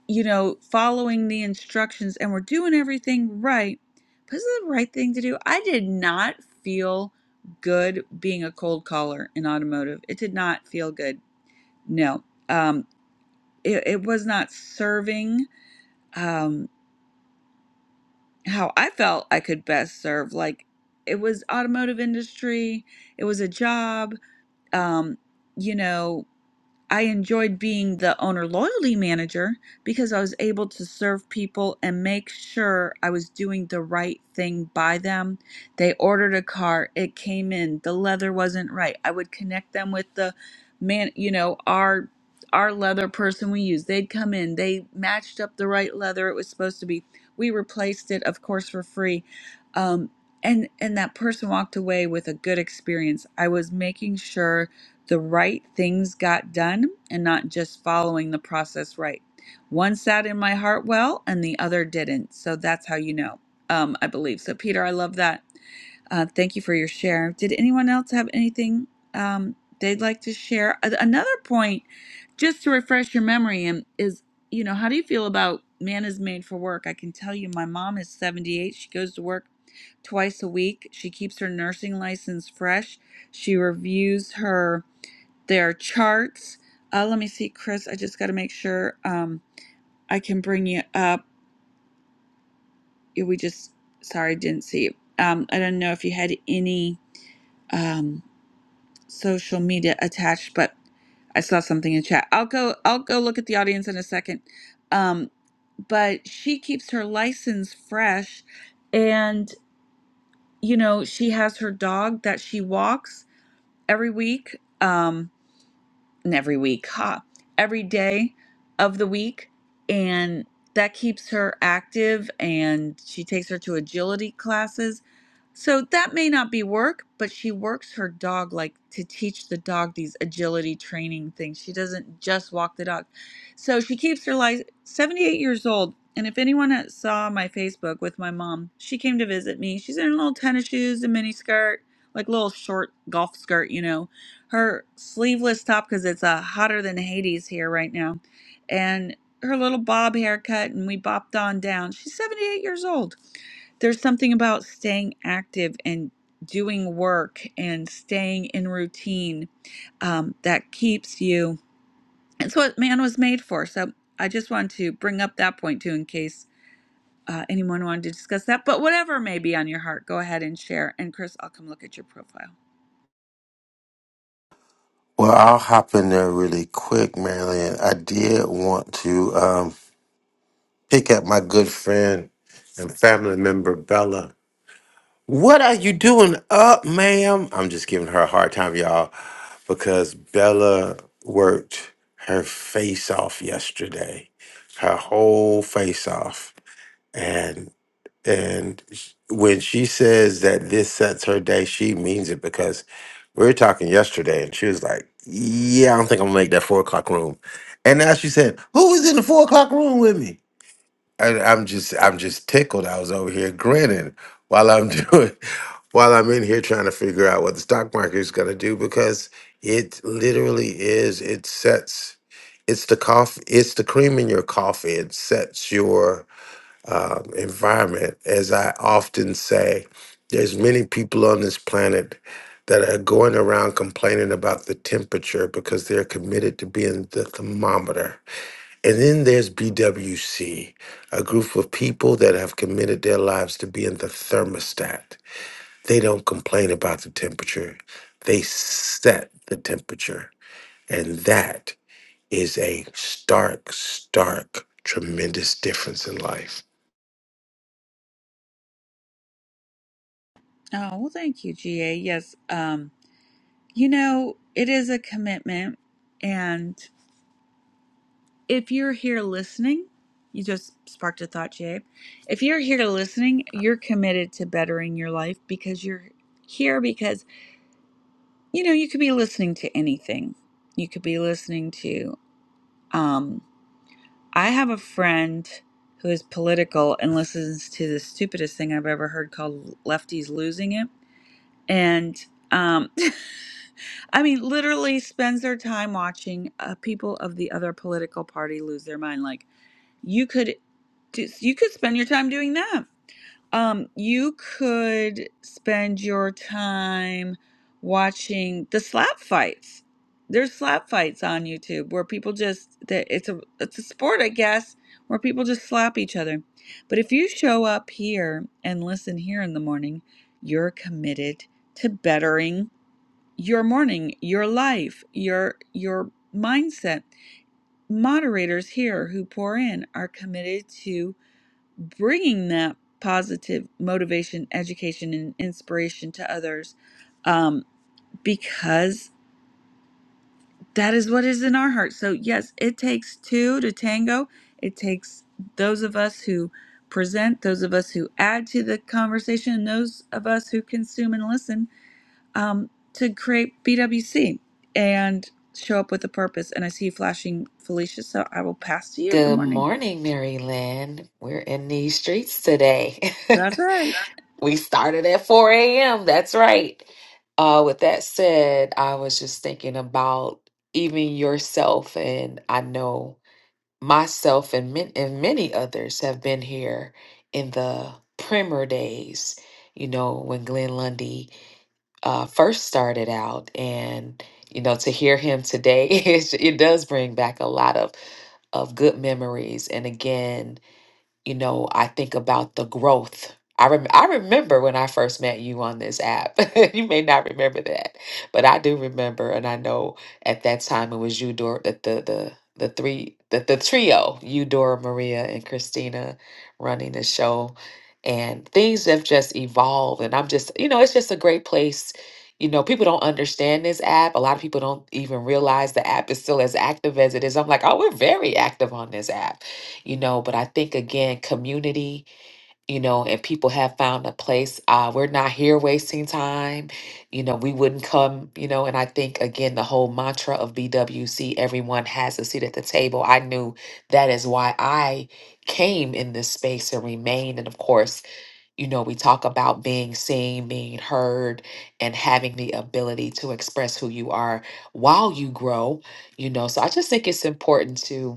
[SPEAKER 1] you know, following the instructions and we're doing everything right. But this is the right thing to do? I did not feel good being a cold caller in automotive. It did not feel good. No. Um, it, it was not serving. Um, how I felt I could best serve. Like it was automotive industry, it was a job. Um, you know, I enjoyed being the owner loyalty manager because I was able to serve people and make sure I was doing the right thing by them. They ordered a car, it came in, the leather wasn't right. I would connect them with the man, you know, our our leather person we use. They'd come in, they matched up the right leather it was supposed to be. We replaced it, of course, for free. Um, and and that person walked away with a good experience. I was making sure the right things got done and not just following the process right. One sat in my heart well and the other didn't. So that's how you know, um, I believe. So, Peter, I love that. Uh, thank you for your share. Did anyone else have anything um, they'd like to share? A- Another point, just to refresh your memory, and is you know, how do you feel about man is made for work? I can tell you, my mom is 78. She goes to work twice a week. She keeps her nursing license fresh. She reviews her there are charts. Uh, let me see, Chris. I just got to make sure um, I can bring you up. Yeah, We just, sorry, didn't see you. Um, I don't know if you had any um, social media attached, but I saw something in chat. I'll go. I'll go look at the audience in a second. Um, but she keeps her license fresh, and you know she has her dog that she walks every week. Um, and every week, ha, every day of the week. And that keeps her active and she takes her to agility classes so that may not be work, but she works her dog like to teach the dog these agility training things. She doesn't just walk the dog. So she keeps her life 78 years old. And if anyone that saw my Facebook with my mom, she came to visit me. She's in little tennis shoes, a mini skirt, like little short golf skirt, you know, her sleeveless top because it's uh, hotter than Hades here right now, and her little bob haircut. And we bopped on down. She's 78 years old there's something about staying active and doing work and staying in routine um, that keeps you. It's what man was made for. So I just wanted to bring up that point too, in case uh, anyone wanted to discuss that. But whatever may be on your heart, go ahead and share. And Chris, I'll come look at your profile.
[SPEAKER 10] Well, I'll hop in there really quick, Marilyn. I did want to um, pick up my good friend and family member, Bella. What are you doing up, ma'am? I'm just giving her a hard time, y'all, because Bella worked her face off yesterday, her whole face off. and. And sh- when she says that this sets her day, she means it because we were talking yesterday and she was like, Yeah, I don't think I'm gonna make that four o'clock room. And now she said, Who was in the four o'clock room with me? And I'm just I'm just tickled. I was over here grinning while I'm doing while I'm in here trying to figure out what the stock market is gonna do because it literally is, it sets it's the coffee it's the cream in your coffee. It sets your um, environment. As I often say, there's many people on this planet that are going around complaining about the temperature because they're committed to being the thermometer. And then there's BWC, a group of people that have committed their lives to being the thermostat. They don't complain about the temperature, they set the temperature. And that is a stark, stark, tremendous difference in life.
[SPEAKER 1] Oh well, thank you, GA. Yes, um, you know it is a commitment, and if you're here listening, you just sparked a thought, Jay. If you're here listening, you're committed to bettering your life because you're here because you know you could be listening to anything. You could be listening to. Um, I have a friend who is political and listens to the stupidest thing I've ever heard called "Lefties Losing It," and um, I mean, literally spends their time watching uh, people of the other political party lose their mind. Like you could do, you could spend your time doing that. Um, you could spend your time watching the slap fights. There's slap fights on YouTube where people just that it's a it's a sport, I guess, where people just slap each other. But if you show up here and listen here in the morning, you're committed to bettering your morning, your life, your your mindset. Moderators here who pour in are committed to bringing that positive motivation, education, and inspiration to others um, because that is what is in our hearts. So, yes, it takes two to tango. It takes those of us who present, those of us who add to the conversation, and those of us who consume and listen um, to create BWC and show up with a purpose. And I see you flashing, Felicia, so I will pass to you. Good
[SPEAKER 3] good
[SPEAKER 1] morning.
[SPEAKER 3] morning mary lynn we're in these streets today
[SPEAKER 1] That's right.
[SPEAKER 3] We started at 4 a.m. That's right. Uh, with that said, I was just thinking about even yourself, and I know myself and, min- and many others have been here in the primer days, you know, when Glenn Lundy uh, first started out. And, you know, to hear him today, it, it does bring back a lot of, of good memories. And again, you know, I think about the growth. I, rem- I remember when I first met you on this app. you may not remember that, but I do remember, and I know at that time it was you, Dora, the the the, the three, the, the trio, you, Dora, Maria, and Christina, running the show, and things have just evolved. And I'm just, you know, it's just a great place. You know, people don't understand this app. A lot of people don't even realize the app is still as active as it is. I'm like, oh, we're very active on this app you know but i think again community you know and people have found a place uh we're not here wasting time you know we wouldn't come you know and i think again the whole mantra of bwc everyone has a seat at the table i knew that is why i came in this space and remained and of course you know we talk about being seen being heard and having the ability to express who you are while you grow you know so i just think it's important to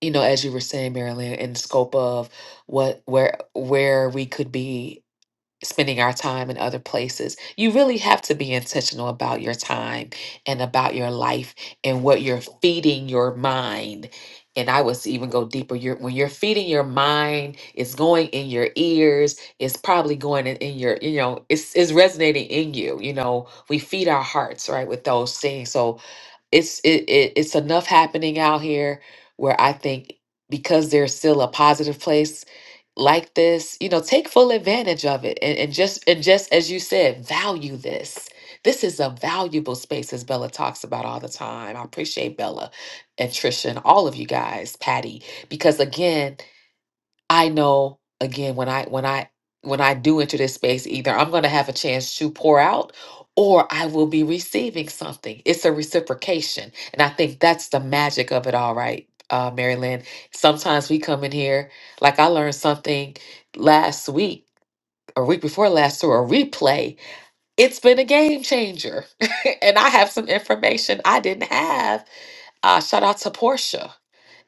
[SPEAKER 3] you know, as you were saying, Marilyn, in the scope of what where where we could be spending our time in other places, you really have to be intentional about your time and about your life and what you're feeding your mind. And I was even go deeper. You're, when you're feeding your mind, it's going in your ears. It's probably going in, in your, you know, it's it's resonating in you. You know, we feed our hearts, right, with those things. So it's it, it it's enough happening out here where I think because there's still a positive place like this, you know, take full advantage of it and, and just and just as you said, value this. This is a valuable space as Bella talks about all the time. I appreciate Bella and Trisha and all of you guys, Patty, because again, I know again when I when I when I do enter this space either I'm going to have a chance to pour out or I will be receiving something. It's a reciprocation. And I think that's the magic of it all right. Uh Mary Lynn, sometimes we come in here like I learned something last week or week before last through a replay. It's been a game changer. and I have some information I didn't have. Uh shout out to Portia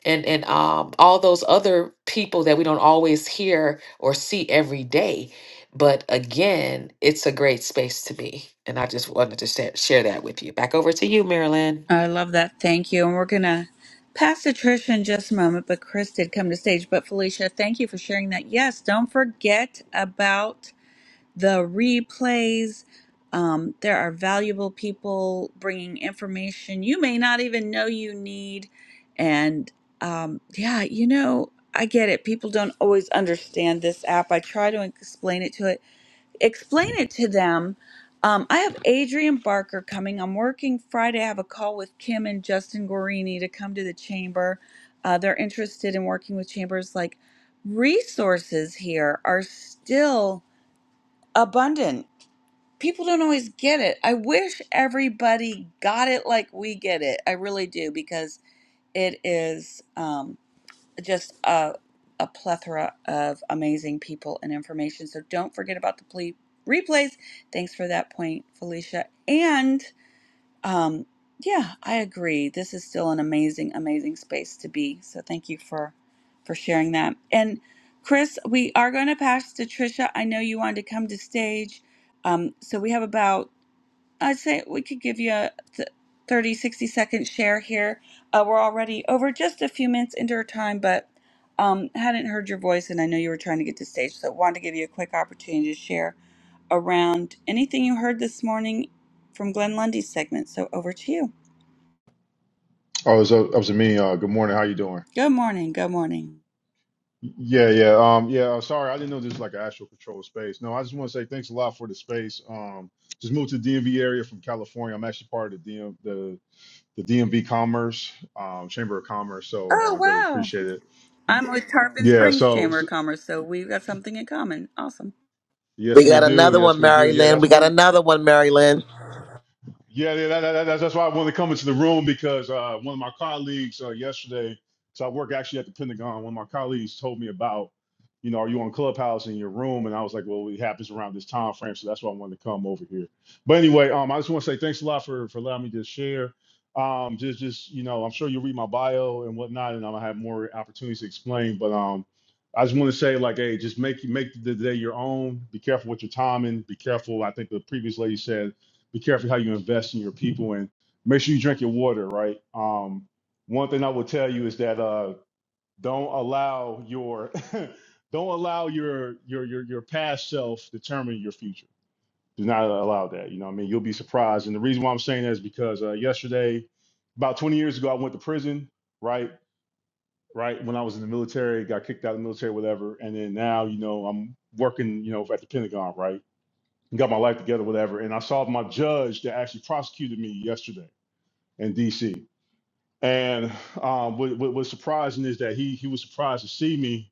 [SPEAKER 3] and and um, all those other people that we don't always hear or see every day. But again, it's a great space to be, and I just wanted to sa- share that with you. Back over to you, Marilyn.
[SPEAKER 1] I love that. Thank you. And we're going to pass to Trish in just a moment, but Chris did come to stage. But Felicia, thank you for sharing that. Yes, don't forget about the replays. Um, there are valuable people bringing information you may not even know you need. And um, yeah, you know, I get it. People don't always understand this app. I try to explain it to it explain it to them. Um, I have Adrian Barker coming. I'm working Friday. I have a call with Kim and Justin Guarini to come to the chamber. Uh, they're interested in working with chambers. Like resources here are still abundant. People don't always get it. I wish everybody got it like we get it. I really do because it is. Um, just a, a plethora of amazing people and information. So don't forget about the ple- replays. Thanks for that point, Felicia. And um, yeah, I agree. This is still an amazing, amazing space to be. So thank you for for sharing that. And Chris, we are going to pass to Trisha. I know you wanted to come to stage. Um, so we have about I'd say we could give you a th- 30, sixty second share here. Uh, we're already over just a few minutes into our time, but um, hadn't heard your voice, and I know you were trying to get to stage, so wanted to give you a quick opportunity to share around anything you heard this morning from Glenn Lundy's segment. So over to you.
[SPEAKER 11] Oh, it was up, up to me. Uh, good morning. How you doing?
[SPEAKER 1] Good morning. Good morning.
[SPEAKER 11] Yeah, yeah. Um, yeah. uh, Sorry, I didn't know this was like an actual controlled space. No, I just want to say thanks a lot for the space. Um, just moved to the DMV area from California. I'm actually part of the DM, the the DMV Commerce um, Chamber of Commerce, so
[SPEAKER 1] Oh,
[SPEAKER 11] uh, greatly
[SPEAKER 1] wow.
[SPEAKER 11] appreciate it.
[SPEAKER 1] I'm with Tarpon
[SPEAKER 11] Yeah.
[SPEAKER 1] Springs
[SPEAKER 11] So,
[SPEAKER 1] Chamber of
[SPEAKER 11] so
[SPEAKER 1] Commerce, so we've got something in common. Awesome.
[SPEAKER 11] yes,
[SPEAKER 4] We
[SPEAKER 11] we
[SPEAKER 4] got
[SPEAKER 11] do.
[SPEAKER 4] another
[SPEAKER 11] Yes,
[SPEAKER 4] one,
[SPEAKER 11] we do. Yeah,
[SPEAKER 4] Marilyn.
[SPEAKER 11] that's
[SPEAKER 4] We got
[SPEAKER 11] what.
[SPEAKER 4] another one, Marilyn.
[SPEAKER 11] Yeah, yeah, that, that, that- that's why I wanted to come into the room because uh, one of my colleagues uh, yesterday, so I work actually at the Pentagon. One of my colleagues told me about, you know, are you on Clubhouse in your room? And I was like, well, it happens around this time frame, so that's why I wanted to come over here. But anyway, um, I just want to say thanks a lot for for allowing me to share. Um, just just you know, I'm sure you'll read my bio and whatnot, and I'm gonna have more opportunities to explain. But um, I just want to say like, hey, just make make the day your own. Be careful with your timing. Be careful. I think the previous lady said be careful how you invest in your people and make sure you drink your water, right? Um, one thing I will tell you is that uh, don't allow your don't allow your your your your past self determine your future. Do not allow that. You know, what I mean, you'll be surprised. And the reason why I'm saying that is because uh, yesterday, about 20 years ago, I went to prison, right? Right when I was in the military, got kicked out of the military, whatever. And then now, you know, I'm working, you know, at the Pentagon, right? and got my life together, whatever. And I saw my judge that actually prosecuted me yesterday in D.C. And um, what, what was surprising is that he he was surprised to see me.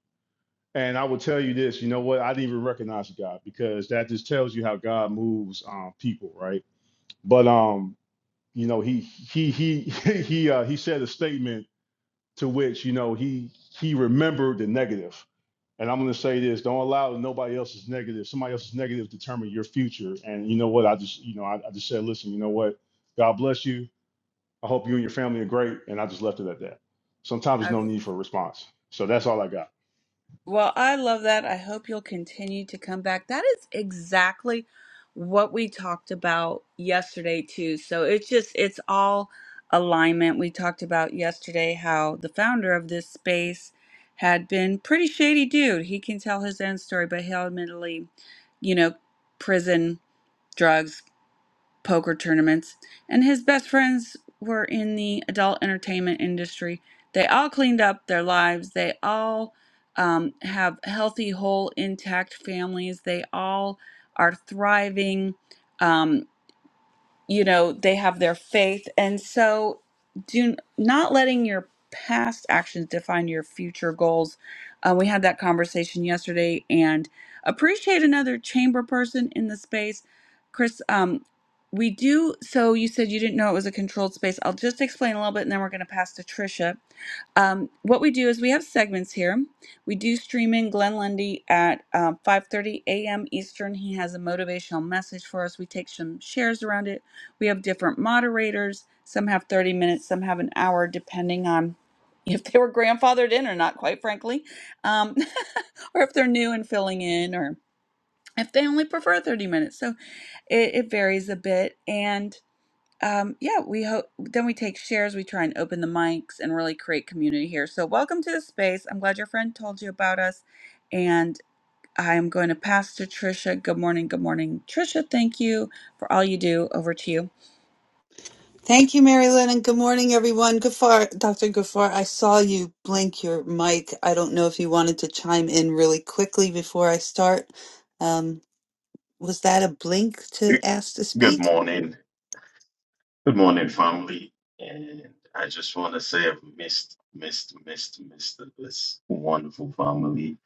[SPEAKER 11] And I will tell you this, you know what? I didn't even recognize God because that just tells you how God moves um, people, right? But um, you know, he he he he uh, he said a statement to which you know he he remembered the negative and I'm going to say this: don't allow nobody else's negative, somebody else's negative, determine your future. And you know what? I just, you know, I, I just said, listen, you know what? God bless you. I hope you and your family are great. And I just left it at that. Sometimes there's no need for a response. So that's all I got.
[SPEAKER 1] Well, I love that. I hope you'll continue to come back. That is exactly what we talked about yesterday too. So it's just it's all alignment. We talked about yesterday how the founder of this space had been pretty shady dude. He can tell his own story, but he ultimately, you know, prison drugs poker tournaments, and his best friends were in the adult entertainment industry. They all cleaned up their lives. They all um, have healthy, whole, intact families. They all are thriving. Um, you know they have their faith and so do not letting your past actions define your future goals uh, we had that conversation yesterday and appreciate another chamber person in the space chris um, we do so you said you didn't know it was a controlled space i'll just explain a little bit and then we're going to pass to trisha um, what we do is we have segments here we do stream in glenn lundy at um, 5.30 a.m eastern he has a motivational message for us we take some shares around it we have different moderators. Some have 30 minutes, some have an hour, depending on if they were grandfathered in or not, quite frankly, um, or if they're new and filling in, or if they only prefer 30 minutes. So it, it varies a bit. And um, yeah, we hope then we take shares, we try and open the mics and really create community here. So, welcome to the space. I'm glad your friend told you about us. And I'm going to pass to Trisha. Good morning. Good morning, Trisha. Thank you for all you do. Over to you.
[SPEAKER 2] Thank you, Mary Lynn, and good morning, everyone. Gafar, Dr. Gafar, I saw you blink your mic. I don't know if you wanted to chime in really quickly before I start. Um, was that a blink to ask to
[SPEAKER 12] Good
[SPEAKER 2] speak?
[SPEAKER 12] morning. Good morning, family. And I just want to say I've missed, missed, missed, missed this wonderful family.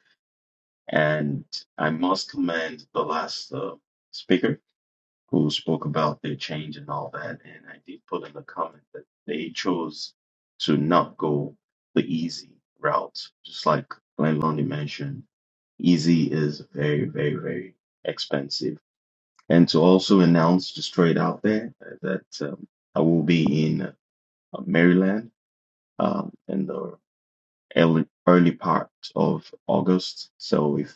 [SPEAKER 12] And I must commend the last uh, speaker who spoke about the change and all that. And I did put in the comment that they chose to not go the easy route, just like Glenn Lundy mentioned. Easy is very, very, very expensive and to also announce just straight out there that um, I will be in uh, Maryland um, in the early early part of August. So if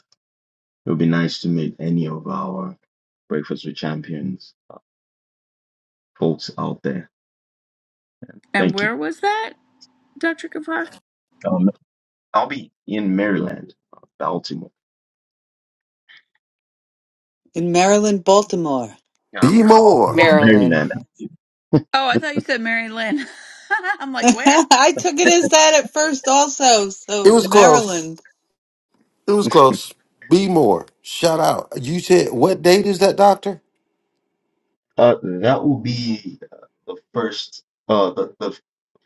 [SPEAKER 12] it would be nice to meet any of our Breakfast with Champions folks out there.
[SPEAKER 1] And
[SPEAKER 12] Thank you.
[SPEAKER 1] where was that? Dr. Kapoor?
[SPEAKER 12] Um, I'll be in Maryland, Baltimore,
[SPEAKER 2] in Maryland, Baltimore.
[SPEAKER 12] uh,
[SPEAKER 10] Be
[SPEAKER 12] Baltimore,
[SPEAKER 10] more.
[SPEAKER 3] Marilyn,
[SPEAKER 12] Maryland.
[SPEAKER 1] Oh, I thought you said Mary Lynn. I'm like, where?
[SPEAKER 2] I took it as that at first also.
[SPEAKER 10] It
[SPEAKER 2] So
[SPEAKER 10] was close.
[SPEAKER 2] Maryland.
[SPEAKER 10] It was close. Be more. Shout out. You said what date is that, Doctor?
[SPEAKER 12] Uh, that will be uh, the first, uh, the, the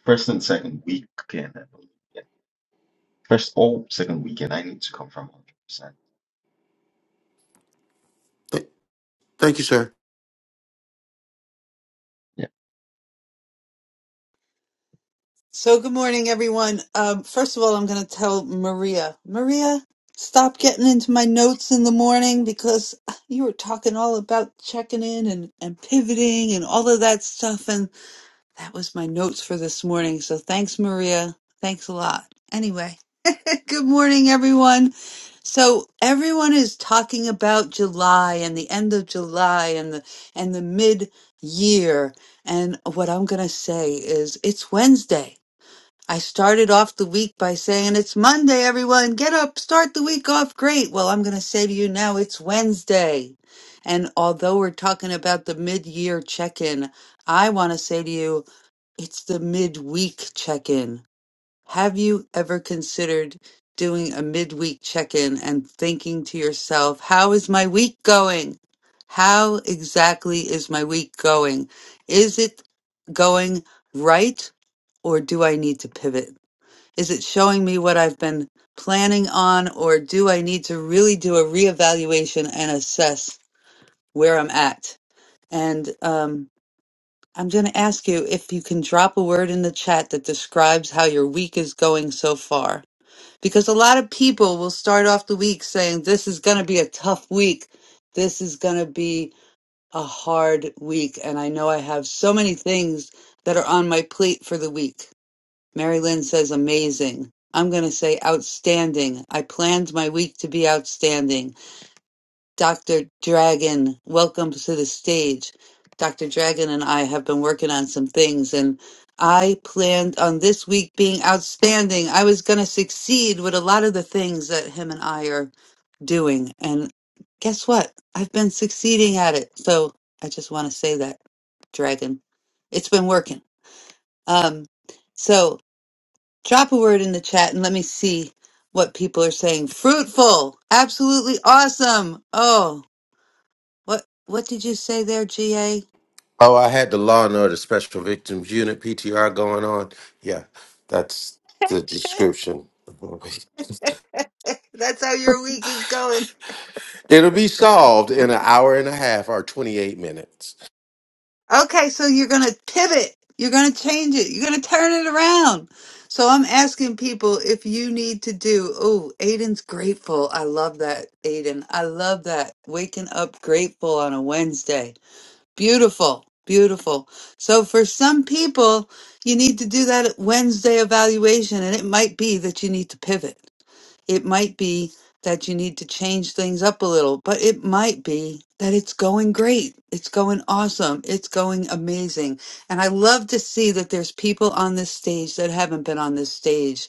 [SPEAKER 12] first and second weekend, I believe. First or second weekend, I need to confirm 100%.
[SPEAKER 10] Th- thank you, sir.
[SPEAKER 12] Yeah.
[SPEAKER 2] So good morning, everyone. Um, first of all, I'm going to tell Maria, Maria, stop getting into my notes in the morning because you were talking all about checking in and, and pivoting and all of that stuff. And that was my notes for this morning. So thanks, Maria. Thanks a lot. Anyway, good morning, everyone. So everyone is talking about July and the end of July and the and the mid year. And what I'm going to say is it's Wednesday. I started off the week by saying it's Monday, everyone. Get up, start the week off great. Well, I'm going to say to you now it's Wednesday. And although we're talking about the mid year check in, I want to say to you it's the mid week check in have you ever considered doing a midweek check in and thinking to yourself, how is my week going? How exactly is my week going? Is it going right or do I need to pivot? Is it showing me what I've been planning on or do I need to really do a reevaluation and assess where I'm at? And um, I'm going to ask you if you can drop a word in the chat that describes how your week is going so far because a lot of people will start off the week saying this is going to be a tough week this is going to be a hard week and i know i have so many things that are on my plate for the week mary lynn says amazing i'm going to say outstanding i planned my week to be outstanding Dr. Dragon, welcome to the stage. Dr. Dragon and I have been working on some things, and I planned on this week being outstanding. I was going to succeed with a lot of the things that him and I are doing. And guess what? I've been succeeding at it. So I just want to say that, Dragon. It's been working. Um, so drop a word in the chat and let me see what people are saying. Fruitful! Absolutely awesome! Oh, what what did you say there, GA?
[SPEAKER 10] Oh, I had the Law and Order Special Victims Unit PTR going on. Yeah, that's the description.
[SPEAKER 2] That's how your week is going.
[SPEAKER 10] It'll be solved in an hour and a half or twenty-eight minutes.
[SPEAKER 2] Okay, so you're going to pivot. You're going to change it. You're going to turn it around. So I'm asking people if you need to do. Oh, Aiden's grateful. I love that, Aiden. I love that. Waking up grateful on a Wednesday. Beautiful. Beautiful. So for some people, you need to do that Wednesday evaluation, and it might be that you need to pivot. It might be that you need to change things up a little, but it might be that it's going great. It's going awesome. It's going amazing. And I love to see that there's people on this stage that haven't been on this stage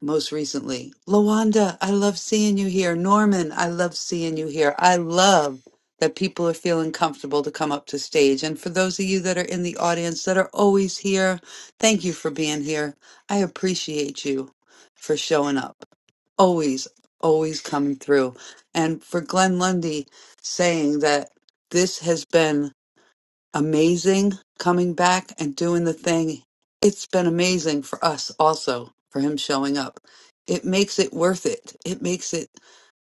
[SPEAKER 2] most recently. Lawanda, I love seeing you here. Norman, I love seeing you here. I love that people are feeling comfortable to come up to stage. And for those of you that are in the audience that are always here, thank you for being here. I appreciate you for showing up. Always, always coming through. And for Glenn Lundy saying that this has been amazing coming back and doing the thing. It's been amazing for us also for him showing up. It makes it worth it. It makes it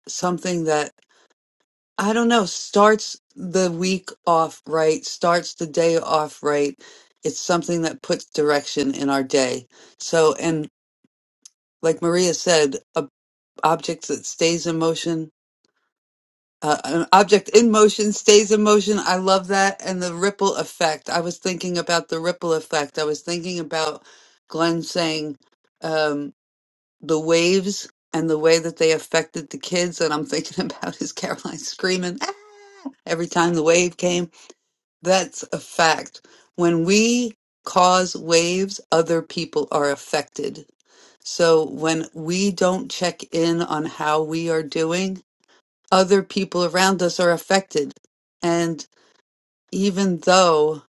[SPEAKER 2] something that I don't know starts the week off right, starts the day off right. It's something that puts direction in our day. So, and like Maria said, a object that stays in motion Uh, an object in motion stays in motion. I love that. And the ripple effect. I was thinking about the ripple effect. I was thinking about Glenn saying um, the waves and the way that they affected the kids. And I'm thinking about his Caroline screaming "Ah!" every time the wave came. That's a fact. When we cause waves, other people are affected. So when we don't check in on how we are doing, other people around us are affected. And even though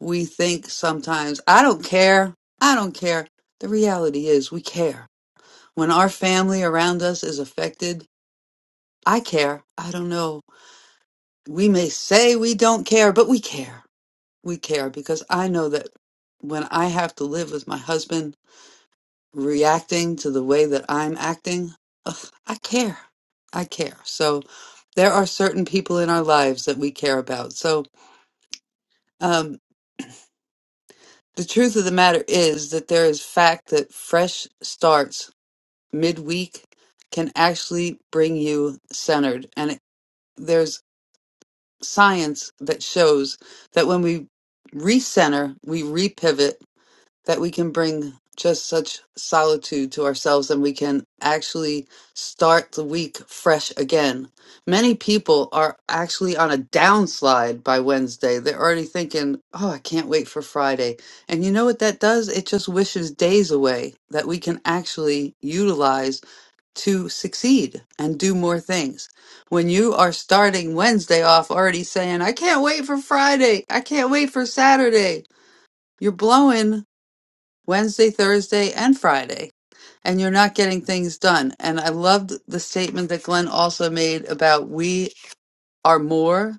[SPEAKER 2] we think sometimes, I don't care, I don't care, the reality is we care. When our family around us is affected, I care. I don't know. We may say we don't care, but we care. We care because I know that when I have to live with my husband reacting to the way that I'm acting, ugh, I care. I care. So there are certain people in our lives that we care about. So Um, the truth of the matter is that there is fact that fresh starts midweek can actually bring you centered. And it, there's science that shows that when we recenter, we repivot that we can bring just such solitude to ourselves and we can actually start the week fresh again. Many people are actually on a downslide by Wednesday. They're already thinking, oh, I can't wait for Friday. And you know what that does? It just wishes days away that we can actually utilize to succeed and do more things. When you are starting Wednesday off already saying, I can't wait for Friday, I can't wait for Saturday, you're blowing Wednesday, Thursday, and Friday, and you're not getting things done. And I loved the statement that Glenn also made about we are more,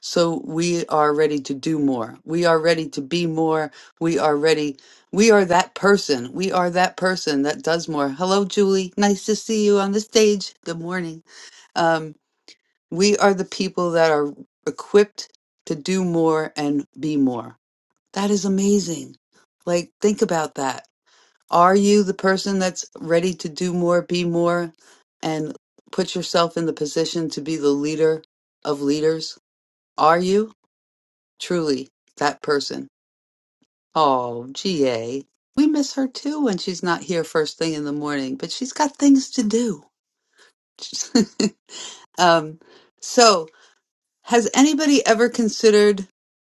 [SPEAKER 2] so we are ready to do more. We are ready to be more. We are ready. We are that person. We are that person that does more. Hello, Julie. Nice to see you on the stage. Good morning. Um, we are the people that are equipped to do more and be more. That is amazing. Like, think about that are you the person that's ready to do more, be more, and put yourself in the position to be the leader of leaders? Are you truly that person? Oh, GA. We miss her too when she's not here first thing in the morning, but she's got things to do. um, so, Has anybody ever considered,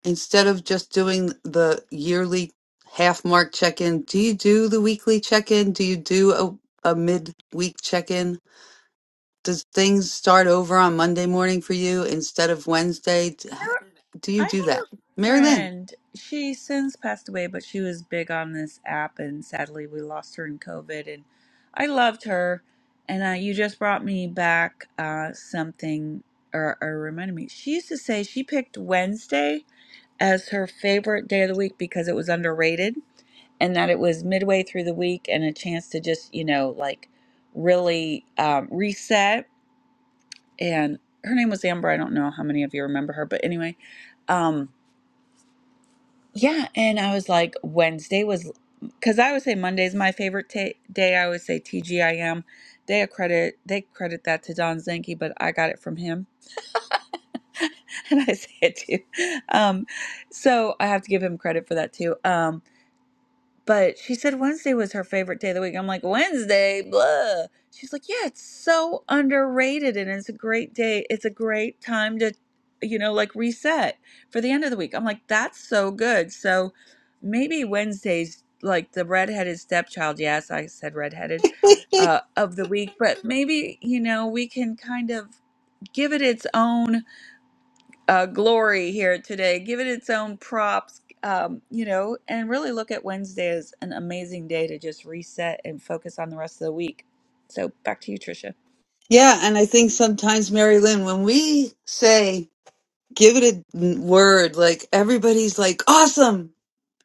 [SPEAKER 2] instead of just doing the yearly half mark check in, do you do the weekly check in? Do you do a, a mid-week check in? Does things start over on Monday morning for you instead of Wednesday? D- Do you
[SPEAKER 1] I have
[SPEAKER 2] do that?
[SPEAKER 1] a
[SPEAKER 2] Mary Lynn.
[SPEAKER 1] friend. She since passed away, but she was big on this app, and sadly, we lost her in COVID. And I loved her. And uh, you just brought me back uh, something, or, or reminded me. She used to say she picked Wednesday as her favorite day of the week because it was underrated, and that it was midway through the week and a chance to just, you know, like really um, reset and her name was Amber. I don't know how many of you remember her, but anyway, um, yeah. And I was like, Wednesday was because I always say Monday's my favorite ta day. I always say TGIM. They credit they credit that to Don Zinke, but I got it from him, and I say it too. Um, so I have to give him credit for that too. Um, But she said Wednesday was her favorite day of the week. I'm like, Wednesday, blah. She's like, yeah, it's so underrated and it's a great day. It's a great time to, you know, like reset for the end of the week. I'm like, that's so good. So maybe Wednesday's like the redheaded stepchild. Yes, I said redheaded uh, of the week, but maybe, you know, we can kind of give it its own uh, glory here today. Give it its own props, um, you know, and really look at Wednesday as an amazing day to just reset and focus on the rest of the week. So back to you, Tricia.
[SPEAKER 2] Yeah, and I think sometimes, Mary Lynn, when we say, give it a n- word, like everybody's like, awesome,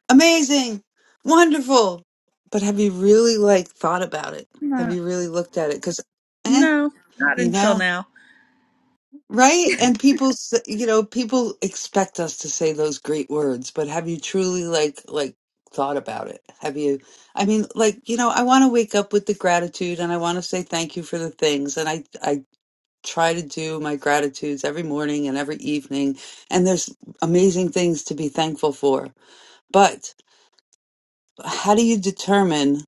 [SPEAKER 2] amazing, wonderful. But have you really like thought about it? Have
[SPEAKER 1] No,
[SPEAKER 2] you really looked at it? Because, eh,
[SPEAKER 1] no, not
[SPEAKER 2] you
[SPEAKER 1] until
[SPEAKER 2] know,
[SPEAKER 1] now.
[SPEAKER 2] right? And people, s- you know, people expect us to say those great words, but have you truly like like thought about it? Have you? I mean, like you know, I want to wake up with the gratitude, and I want to say thank you for the things, and I I try to do my gratitudes every morning and every evening, and there's amazing things to be thankful for, but how do you determine?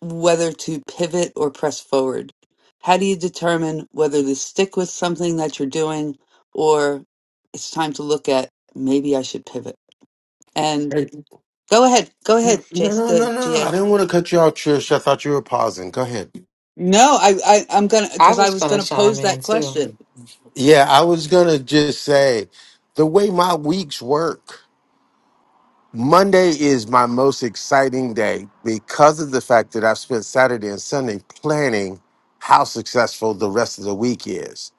[SPEAKER 2] whether to pivot or press forward? How do you determine whether to stick with something that you're doing or it's time to look at maybe I should pivot? And
[SPEAKER 10] Hey,
[SPEAKER 2] go ahead, go ahead,
[SPEAKER 10] no,
[SPEAKER 2] Jace,
[SPEAKER 10] no,
[SPEAKER 2] uh,
[SPEAKER 10] no, no. I
[SPEAKER 2] GA.
[SPEAKER 10] didn't want to cut you off, Trish. I thought you were pausing. Go ahead.
[SPEAKER 2] No, I, I I'm gonna
[SPEAKER 3] I
[SPEAKER 2] because I
[SPEAKER 3] was
[SPEAKER 2] was
[SPEAKER 3] gonna
[SPEAKER 2] gonna
[SPEAKER 3] chime
[SPEAKER 2] pose
[SPEAKER 3] in
[SPEAKER 2] that
[SPEAKER 3] too.
[SPEAKER 2] question.
[SPEAKER 10] Yeah, I was gonna just say the way my weeks work. Monday is my most exciting day because of the fact that I've spent Saturday and Sunday planning how successful the rest of the week is.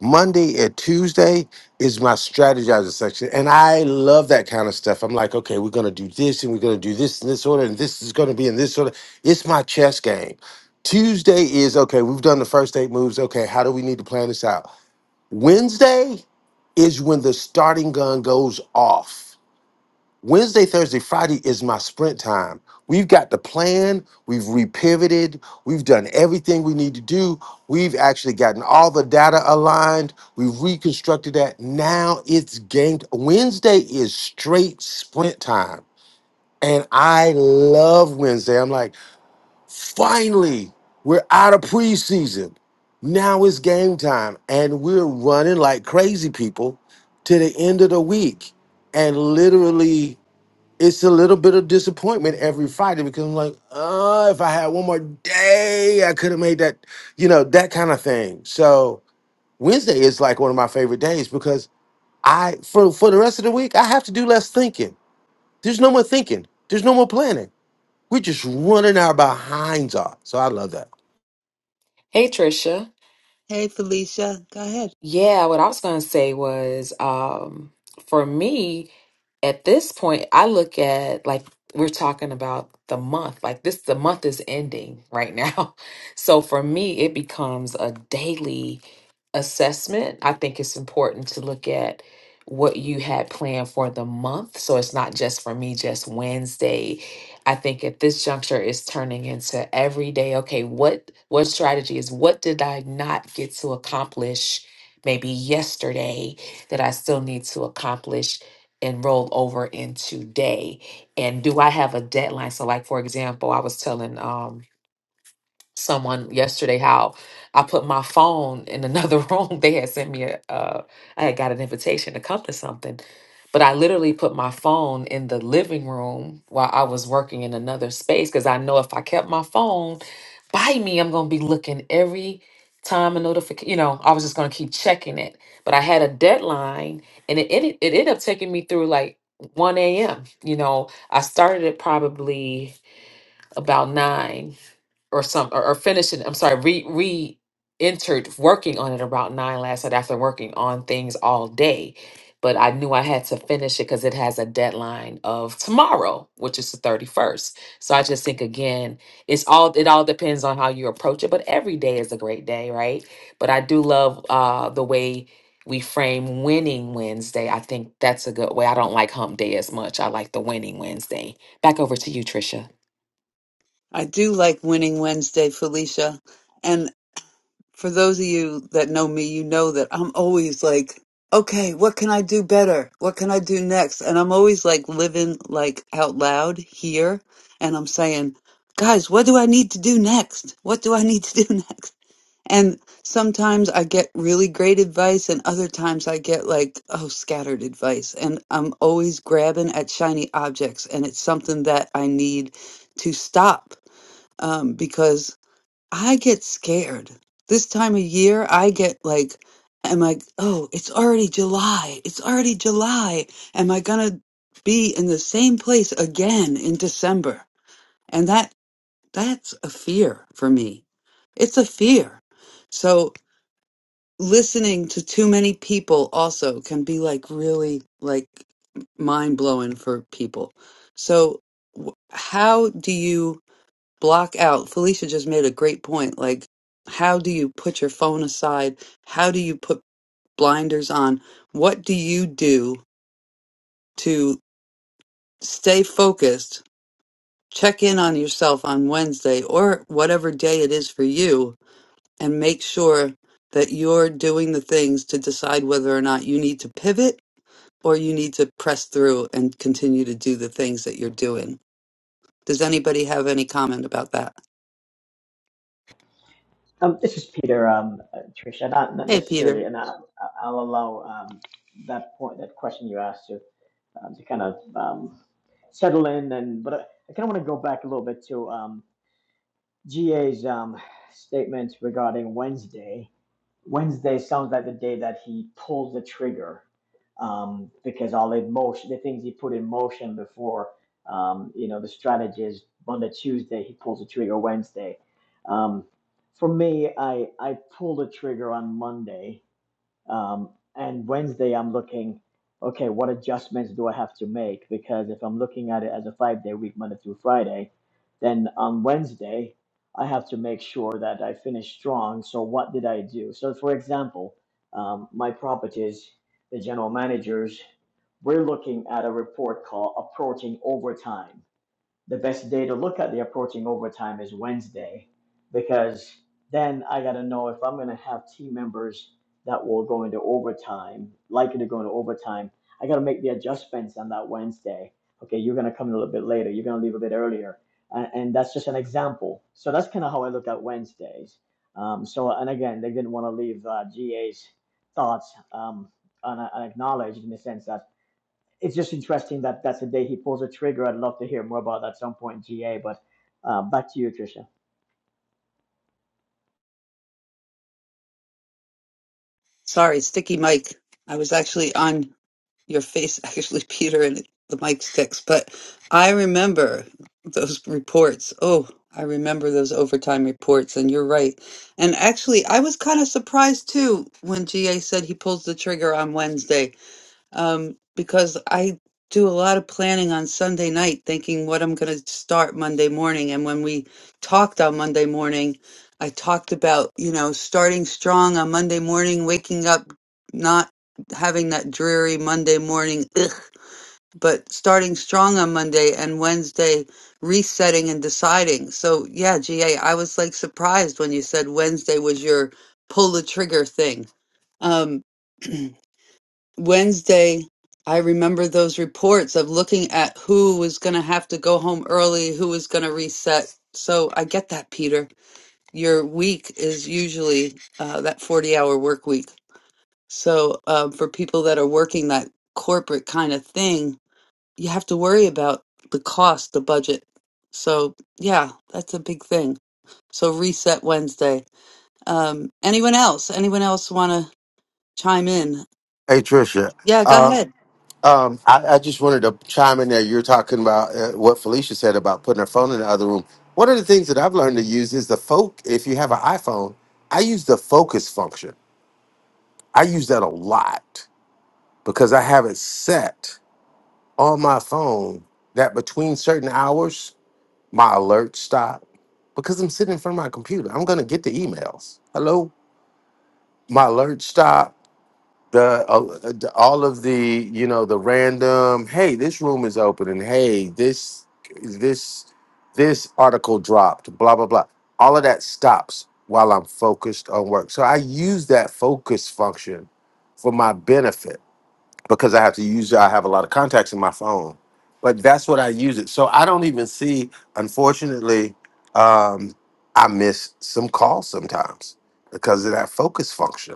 [SPEAKER 10] Monday and Tuesday is my strategizing section. And I love that kind of stuff. I'm like, okay, we're going to do this and we're going to do this in this order and this is going to be in this order. It's my chess game. Tuesday is, okay, we've done the first eight moves. Okay, how do we need to plan this out? Wednesday is when the starting gun goes off Wednesday, Thursday, Friday is my sprint time. We've got the plan, we've repivoted, we've done everything we need to do. We've actually gotten all the data aligned, we've reconstructed that. Now it's game. Wednesday is straight sprint time. And I love Wednesday. I'm like, finally, we're out of preseason. Now it's game time. And we're running like crazy people to the end of the week. And literally, it's a little bit of disappointment every Friday because I'm like, oh, if I had one more day, I could have made that, you know, that kind of thing. So Wednesday is like one of my favorite days because I for for the rest of the week I have to do less thinking. There's no more thinking. There's no more planning. We're just running our behinds off. So I love that.
[SPEAKER 3] Hey, Trisha.
[SPEAKER 2] Hey, Felicia, go ahead.
[SPEAKER 3] Yeah, what I was gonna say was, um, for me at this point, I look at like we're talking about the month. Like this, the month is ending right now, so for me, it becomes a daily assessment, I think it's important to look at what you had planned for the month. So it's not just for me, just Wednesday. I think at this juncture it's turning into every day, okay, what what strategy is what did I not get to accomplish maybe yesterday that I still need to accomplish and roll over in today? And do I have a deadline? So like for example, I was telling um someone yesterday how I put my phone in another room. They had sent me a, uh, I had got an invitation to come to something, but I literally put my phone in the living room while I was working in another space because I know if I kept my phone by me, I'm going to be looking every time a notification, you know, I was just going to keep checking it. But I had a deadline and it, ended. it ended up taking me through like 1 a.m. You know, I started it probably about 9 or some or, or finishing i'm sorry re re entered working on it about nine last night after working on things all day but i knew i had to finish it because it has a deadline of tomorrow which is the 31st so i just think again it's all it all depends on how you approach it but every day is a great day right but i do love uh the way we frame winning wednesday i think that's a good way i don't like hump day as much i like the winning wednesday back over to you trisha
[SPEAKER 2] I do like winning Wednesday, Felicia. and. for those of you that know me, you know that I'm always like, okay, what can I do better? What can I do next? And I'm always like living like out loud here. And I'm saying, guys, what do I need to do next? What do I need to do next? And sometimes I get really great advice, and other times I get like, oh, scattered advice. And I'm always grabbing at shiny objects. And it's something that I need to stop um, because I get scared. This time of year, I get like, am I, oh, it's already July. It's already July. Am I gonna be in the same place again in December? And that, that's a fear for me. It's a fear. So listening to too many people also can be like really like mind blowing for people. So wh- how do you block out. Felicia just made a great point. Like, how do you put your phone aside? How do you put blinders on? What do you do to stay focused? Check in on yourself on Wednesday or whatever day it is for you and make sure that you're doing the things to decide whether or not you need to pivot or you need to press through and continue to do the things that you're doing. Does anybody have any comment about that?
[SPEAKER 9] Um, this is Peter, um, uh, Tricia. Not, not
[SPEAKER 2] Hey, Peter.
[SPEAKER 9] necessarily, and I, I- will allow um, that point, that question you asked to, um, to kind of um, settle in. And but I, I kind of want to go back a little bit to. Um, GA's um, statement regarding Wednesday. Wednesday sounds like the day that he pulled the trigger um, because all the motion, the things he put in motion before, um, you know, the strategies. on the Tuesday, he pulls the trigger. Wednesday, um, for me, I I pulled the trigger on Monday um, and Wednesday, I'm looking, okay, what adjustments do I have to make? Because if I'm looking at it as a five day week, Monday through Friday, then on Wednesday, I have to make sure that I finish strong. So, what did I do? So, for example, um, my properties, the general managers, we're looking at a report called Approaching Overtime the best day to look at the approaching overtime is Wednesday because then I got to know if I'm going to have team members that will go into overtime, likely to go into overtime. I got to make the adjustments on that Wednesday. Okay, you're going to come a little bit later. You're going to leave a bit earlier. And, and that's just an example. So that's kind of how I look at Wednesdays. Um, so, and again, they didn't want to leave uh, GA's thoughts um, un- unacknowledged in the sense that it's just interesting that that's the day he pulls a trigger. I'd love to hear more about that at some point, GA. But uh, back to you, Tricia.
[SPEAKER 2] Sorry, sticky mic. I was actually on your face, actually, Peter, and the mic sticks. But I remember those reports. Oh, I remember those overtime reports, and you're right. And actually, I was kind of surprised too when GA said he pulls the trigger on Wednesday um, because I do a lot of planning on Sunday night, thinking what I'm going to start Monday morning. And when we talked on Monday morning, I talked about, you know, starting strong on Monday morning, waking up, not having that dreary Monday morning, ugh, but starting strong on Monday and Wednesday, resetting and deciding. So, yeah, GA, I was like surprised when you said Wednesday was your pull the trigger thing. Um, Wednesday, I remember those reports of looking at who was going to have to go home early, who was going to reset. So I get that, Peter. Your week is usually uh, that 40 hour work week. So uh, for people that are working that corporate kind of thing, you have to worry about the cost, the budget. So yeah, that's a big thing. So reset Wednesday. Um, anyone else? Anyone else want to chime in?
[SPEAKER 10] Hey Trisha,
[SPEAKER 2] Yeah, go
[SPEAKER 10] uh,
[SPEAKER 2] ahead.
[SPEAKER 10] Um, I, I just wanted to chime in there. You're talking about uh, what Felicia said about putting her phone in the other room. One of the things that I've learned to use is the folk. If you have an iPhone, I use the focus function. I use that a lot because I have it set on my phone that between certain hours, my alerts stop because I'm sitting in front of my computer. I'm going to get the emails. Hello, my alerts stop the uh, the- all of the you know the random hey this room is open and hey this this this article dropped blah blah blah all of that stops while i'm focused on work so i use that focus function for my benefit because i have to use i have a lot of contacts in my phone but that's what i use it so i don't even see unfortunately um i miss some calls sometimes because of that focus function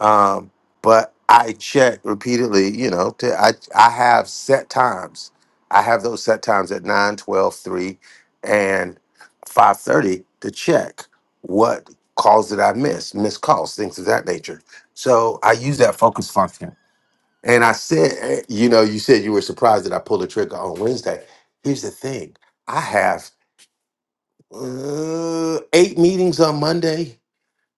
[SPEAKER 10] um, but I check repeatedly, you know, to, I, I have set times. I have those set times at 9, 12, 3, and 5.30 to check what calls did I miss, missed calls, things of that nature. So I use that focus function. And I said, eh, you know, you said you were surprised that I pulled a trigger on Wednesday. Here's the thing. I have uh, eight meetings on Monday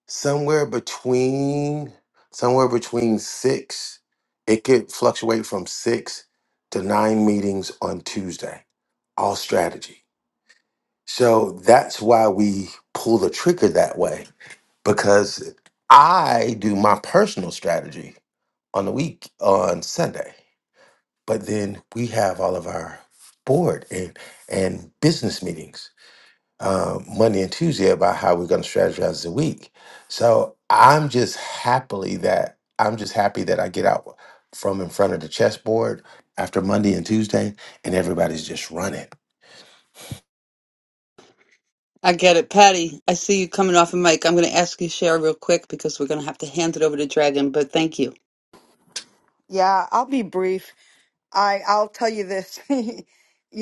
[SPEAKER 10] somewhere between somewhere between six it could fluctuate from six to nine meetings on tuesday all strategy so that's why we pull the trigger that way because i do my personal strategy on the week on sunday but then we have all of our board and and business meetings uh, Monday and Tuesday about how we're going to strategize the week. So I'm just happily that I'm just happy that I get out from in front of the chessboard after Monday and Tuesday, and everybody's just running.
[SPEAKER 2] I get it. Patty, I see you coming off a mic. I'm going to ask you to share real quick because we're going to have to hand it over to Dragon. But thank you.
[SPEAKER 8] Yeah, I'll be brief. I, I'll tell you this. you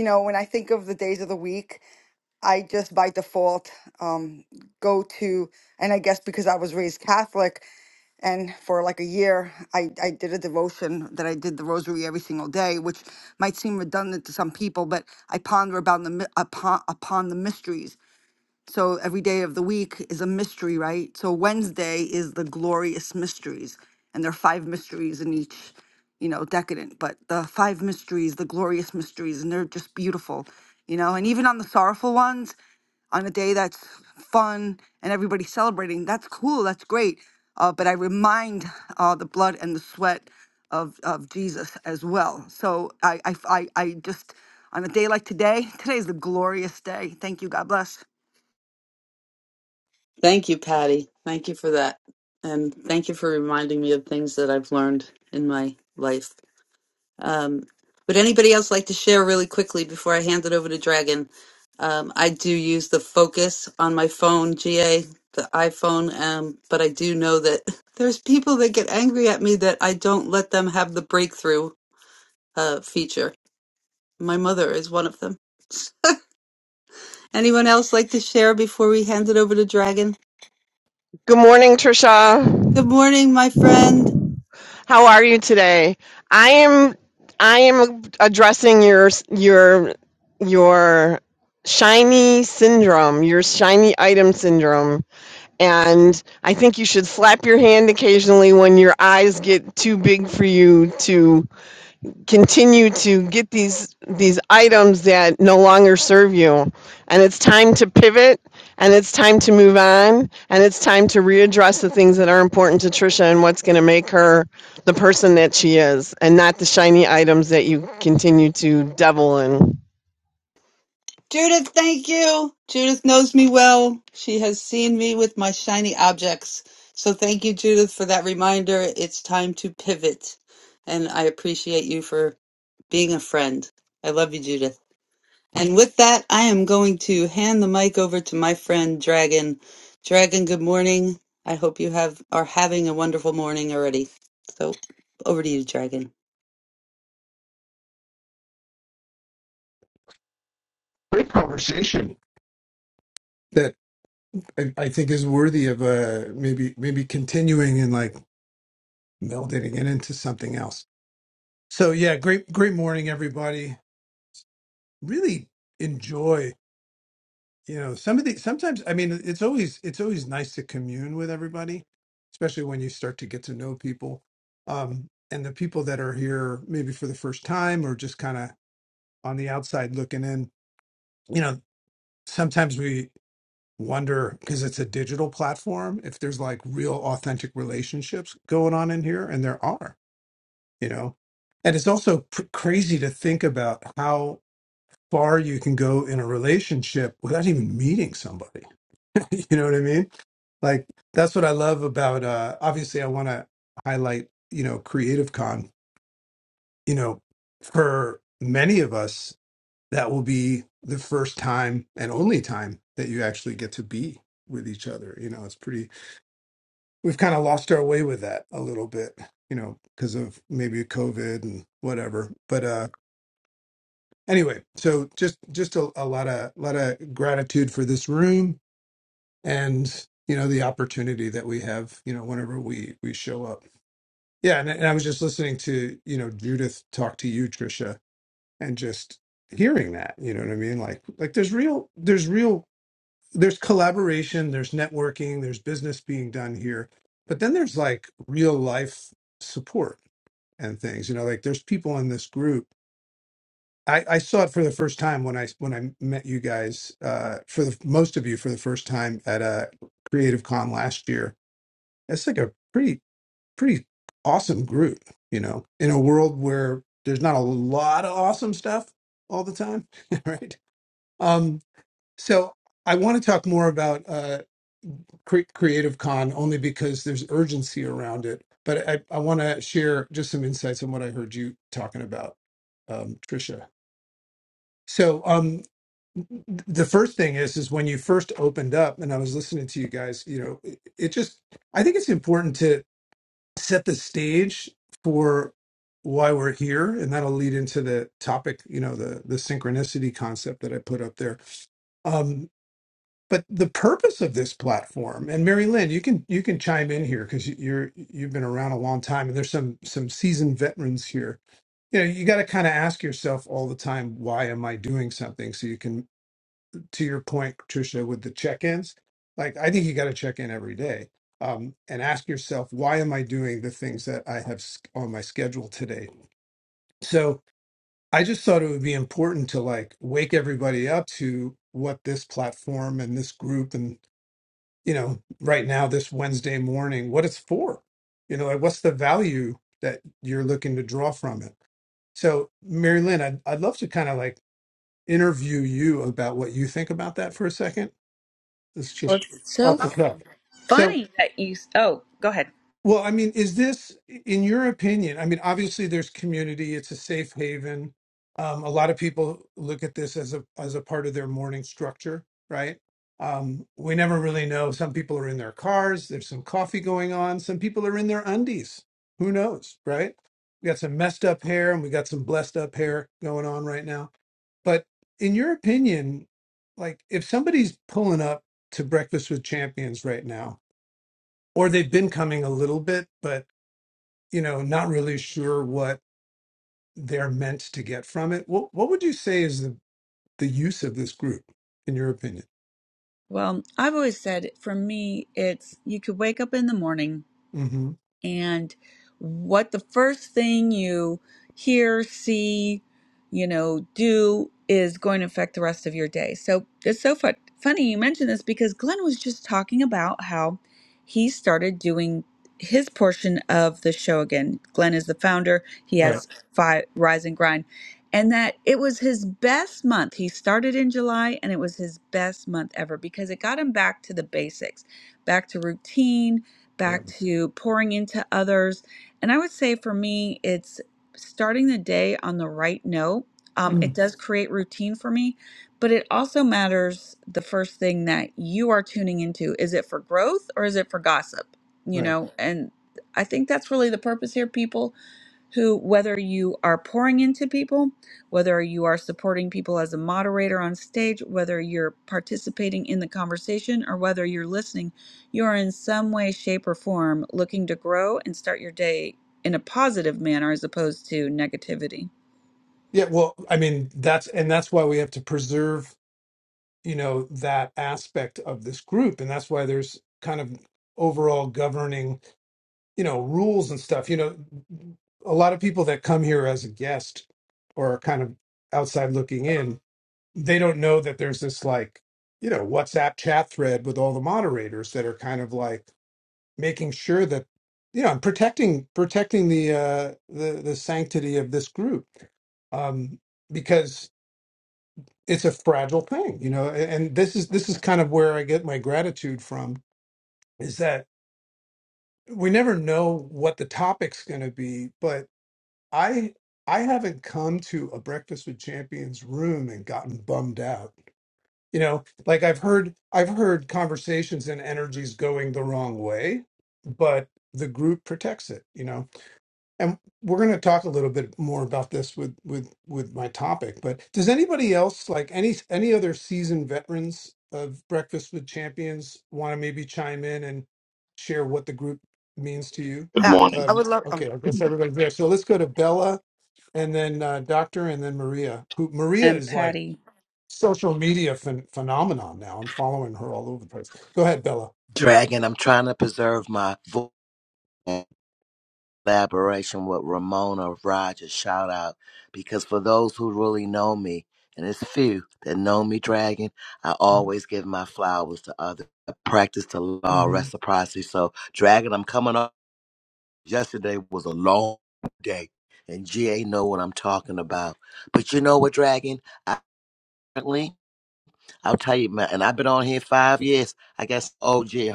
[SPEAKER 8] know, when I think of the days of the week, I just by default um, go to, and I guess because I was raised Catholic, and for like a year, I, I did a devotion that I did the rosary every single day, which might seem redundant to some people, but I ponder about the mi- upon, upon the mysteries so every day of the week is a mystery, right? So Wednesday is the glorious mysteries, and there are five mysteries in each, you know, decadent, but the five mysteries, the glorious mysteries, and they're just beautiful, you know, and even on the sorrowful ones, on a day that's fun and everybody's celebrating, that's cool, that's great. Uh, but I remind uh, the blood and the sweat of, of Jesus as well. So I, I, I, I just, on a day like today, today is the glorious day. Thank you. God bless.
[SPEAKER 2] Thank you, Patty. Thank you for that. And thank you for reminding me of things that I've learned in my life. Um, would anybody else like to share really quickly before I hand it over to Dragon? Um, I do use the Focus on my phone, GA, the iPhone, um, but I do know that there's people that get angry at me that I don't let them have the breakthrough uh, feature. My mother is one of them Anyone else like to share before we hand it over to Dragon?
[SPEAKER 13] Good morning,
[SPEAKER 2] Good
[SPEAKER 13] Trisha.
[SPEAKER 2] morning, my friend.
[SPEAKER 13] How are you today? I am I am addressing your your your shiny syndrome, your shiny item syndrome, and I think you should slap your hand occasionally when your eyes get too big for you to continue to get these these items that no longer serve you and it's time to pivot and it's time to move on and it's time to readdress the things that are important to Trisha and what's going to make her the person that she is and not the shiny items that you continue to devil in
[SPEAKER 2] Judith, thank you. Judith knows me well. She has seen me with my shiny objects. So thank you, Judith, for that reminder. It's time to pivot. And I appreciate you for being a friend. I love you, Judith. And with that, I am going to hand the mic over to my friend Dragon. Dragon, good morning. I hope you have are having a wonderful morning already. So over to you, Dragon.
[SPEAKER 14] Great conversation. that I, I for the uh, maybe maybe can like meld it again into something else. So yeah, great great morning everybody. Really enjoy you know it's, it's always nice to honey, especially when you start to um and the people that are here maybe for the first time or just kind of on the outside looking in. You know, sometimes we wonder because it's a digital platform if there's like real authentic relationships going on in here and there are you know and it's also pr- crazy to think about how far you can go in a relationship without even meeting somebody you know what i mean like that's what i love about uh obviously i want to highlight you know creative con you know for many of us that will be the first time and only time that you actually get to be with each other you know it's pretty we've kind of lost our way with that a little bit you know because of maybe covid and whatever but uh anyway so just just a, a lot of lot of gratitude for this room and you know the opportunity that we have you know whenever we we show up yeah and, and i was just listening to you know judith talk to you trisha and just hearing that you know what i mean like like there's real there's real there's collaboration there's networking there's business being done here but then there's like real life support and things you know like there's people in this group I, I saw it for the first time when I when I met you guys uh, for the most of you for the first time at a Creative Con last year. It's like a pretty pretty awesome group, you know, in a world where there's not a lot of awesome stuff all the time, right? Um, so I want to talk more about uh, cre- Creative Con only because there's urgency around it, but I, I want to share just some insights on what I heard you talking about, um, Trisha. So, um, the first thing is, is when you first opened up, and I was listening to you guys, you know, it, it just, I think it's important to set the stage for why we're here, and that'll lead into the topic, you know, the the synchronicity concept that I put up there. Um, but the purpose of this platform, and Mary Lynn, you can you can chime in here because you're you've been around a long time, and there's some some seasoned veterans here you know you got to kind of ask yourself all the time why am i doing something so you can to your point, Patricia, with the check-ins, like I think you got to check in every day um, and ask yourself, why am I doing the things that I have s- on my schedule today? So I just thought it would be important to like wake everybody up to what this platform and this group and you know right now this Wednesday morning, what it's for. You know, like what's the value that you're looking to draw from it? So, Mary Lynn, I'd, I'd love to kind of like interview you about what you think about that for a second It's
[SPEAKER 1] Well,
[SPEAKER 14] just
[SPEAKER 1] it's
[SPEAKER 14] off
[SPEAKER 1] so
[SPEAKER 14] the cuff. So
[SPEAKER 1] funny that you. Oh, go ahead.
[SPEAKER 14] well, I mean, is this, in your opinion? I mean, obviously, there's community; it's a safe haven. Um, a lot of people look at this as a as a part of their morning structure, right? Um, we never really know. Some people are in their cars. There's some coffee going on. Some people are in their undies. Who knows, right? We got some messed up hair, and we got some blessed up hair going on right now. But in your opinion, like if somebody's pulling up to Breakfast with Champions right now or they've been coming a little bit, but you know, not really sure what they're meant to get from it. What what would you say is the the use of this group, in your opinion?
[SPEAKER 1] Well, I've always said for me, it's you could wake up in the morning
[SPEAKER 14] hmm
[SPEAKER 1] and what the first thing you hear, see, you know, do is going to affect the rest of your day. So it's so fun- funny you mentioned this because Glenn was just talking about how he started doing his portion of the show again. Glenn is the founder. He
[SPEAKER 14] Right.
[SPEAKER 1] has five Rise and Grind. And that it was his best month. He started in July and it was his best month ever because it got him back to the basics, back to routine,
[SPEAKER 14] Yeah.
[SPEAKER 1] back to pouring into others. And I would say for me, it's starting the day on the right note. Um, it
[SPEAKER 14] Mm.
[SPEAKER 1] does create routine for me, but it also matters the first thing that you are tuning into. Is it for growth or is it for gossip? You
[SPEAKER 14] Right.
[SPEAKER 1] know, and I think that's really the purpose here, people who, whether you are pouring into people, whether you are supporting people as a moderator on stage, whether you're participating in the conversation, or whether you're listening, you are in some way, shape, or form looking to grow and start your day in a positive manner as opposed to negativity.
[SPEAKER 14] Yeah. Well, I mean, that's and that's why we have to preserve, you know, that aspect of this group, and that's why there's kind of overall governing, you know, rules and stuff. You know, a lot of people that come here as a guest or are kind of outside looking in they don't know that there's this like you know whatsapp chat thread with all the moderators that are kind of like making sure that you know and protecting protecting the uh the the sanctity of this group um because it's a fragile thing you know and, and this is this is kind of where i get my gratitude from is that we never know what the topic's going to be but i i haven't come to a breakfast with champions room and gotten bummed out you know like i've heard i've heard conversations and energies going the wrong way but the group protects it you know and we're going to talk a little bit more about this with with with my topic but does anybody else like any any other seasoned veterans of breakfast with champions want to maybe chime in and share what the group means to you
[SPEAKER 12] Good
[SPEAKER 8] Yeah,
[SPEAKER 12] morning.
[SPEAKER 8] I
[SPEAKER 14] um
[SPEAKER 8] would love. Um,
[SPEAKER 14] okay i guess everybody's there so let's go to bella and then uh, doctor and then maria who maria
[SPEAKER 1] And
[SPEAKER 14] is like
[SPEAKER 1] Patty,
[SPEAKER 14] social media phen- phenomenon now. I'm following her all over the place. Go ahead, Bella.
[SPEAKER 4] Dragon, I'm trying to preserve my voice. collaboration with Ramona Rogers. Shout out. Because for those who really know me, and it's few that know me, Dragon, I always give my flowers to others. I practice the law of
[SPEAKER 14] Mm-hmm.
[SPEAKER 4] reciprocity. So, Dragon, I'm coming up. Yesterday was a long day, and GA know what I'm talking about. But you know what, Dragon? I, I'll tell you, man, and I've been on here five years. I guess OG,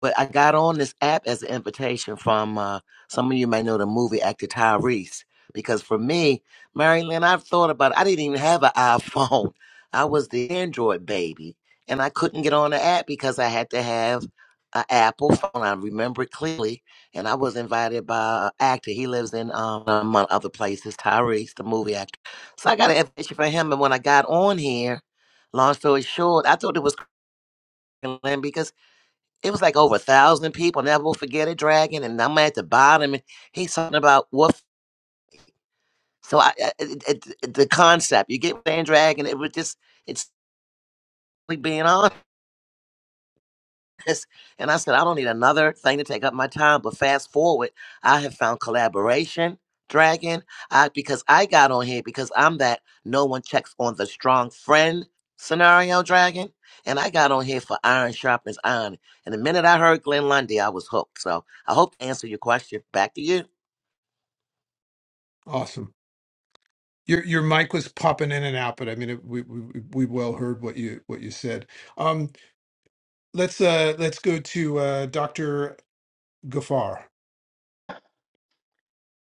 [SPEAKER 4] But I got on this app as an invitation from uh, some of you may know the movie actor Tyrese. Because for me, Mary Lynn, I've thought about it. I didn't even have an iPhone. I was the Android baby. And I couldn't get on the app because I had to have an Apple phone. I remember it clearly. And I was invited by an actor. He lives in, um, among other places, Tyrese, the movie actor. So I got an invitation for him. And when I got on here, long story short, I thought it was Mary Lynn because it was like over a thousand people. Never will forget it, Dragon. And I'm at the bottom, and he's talking about what. So I, I- it, it, the concept, you get what I'm saying, Dragon. It was just it's like being honest. this. And I said, I don't need another thing to take up my time. But fast forward, I have found collaboration, Dragon. I because I got on here because I'm that no one checks on the strong friend scenario, Dragon. And I got on here for iron sharpens iron. And the minute I heard Glenn Lundy, I was hooked. So I hope to answer your question. Back to you.
[SPEAKER 14] Awesome. Your your mic was popping in and out, but I mean, it, we, we we well heard what you what you said. Um, let's uh let's go to uh Dr. Gafar.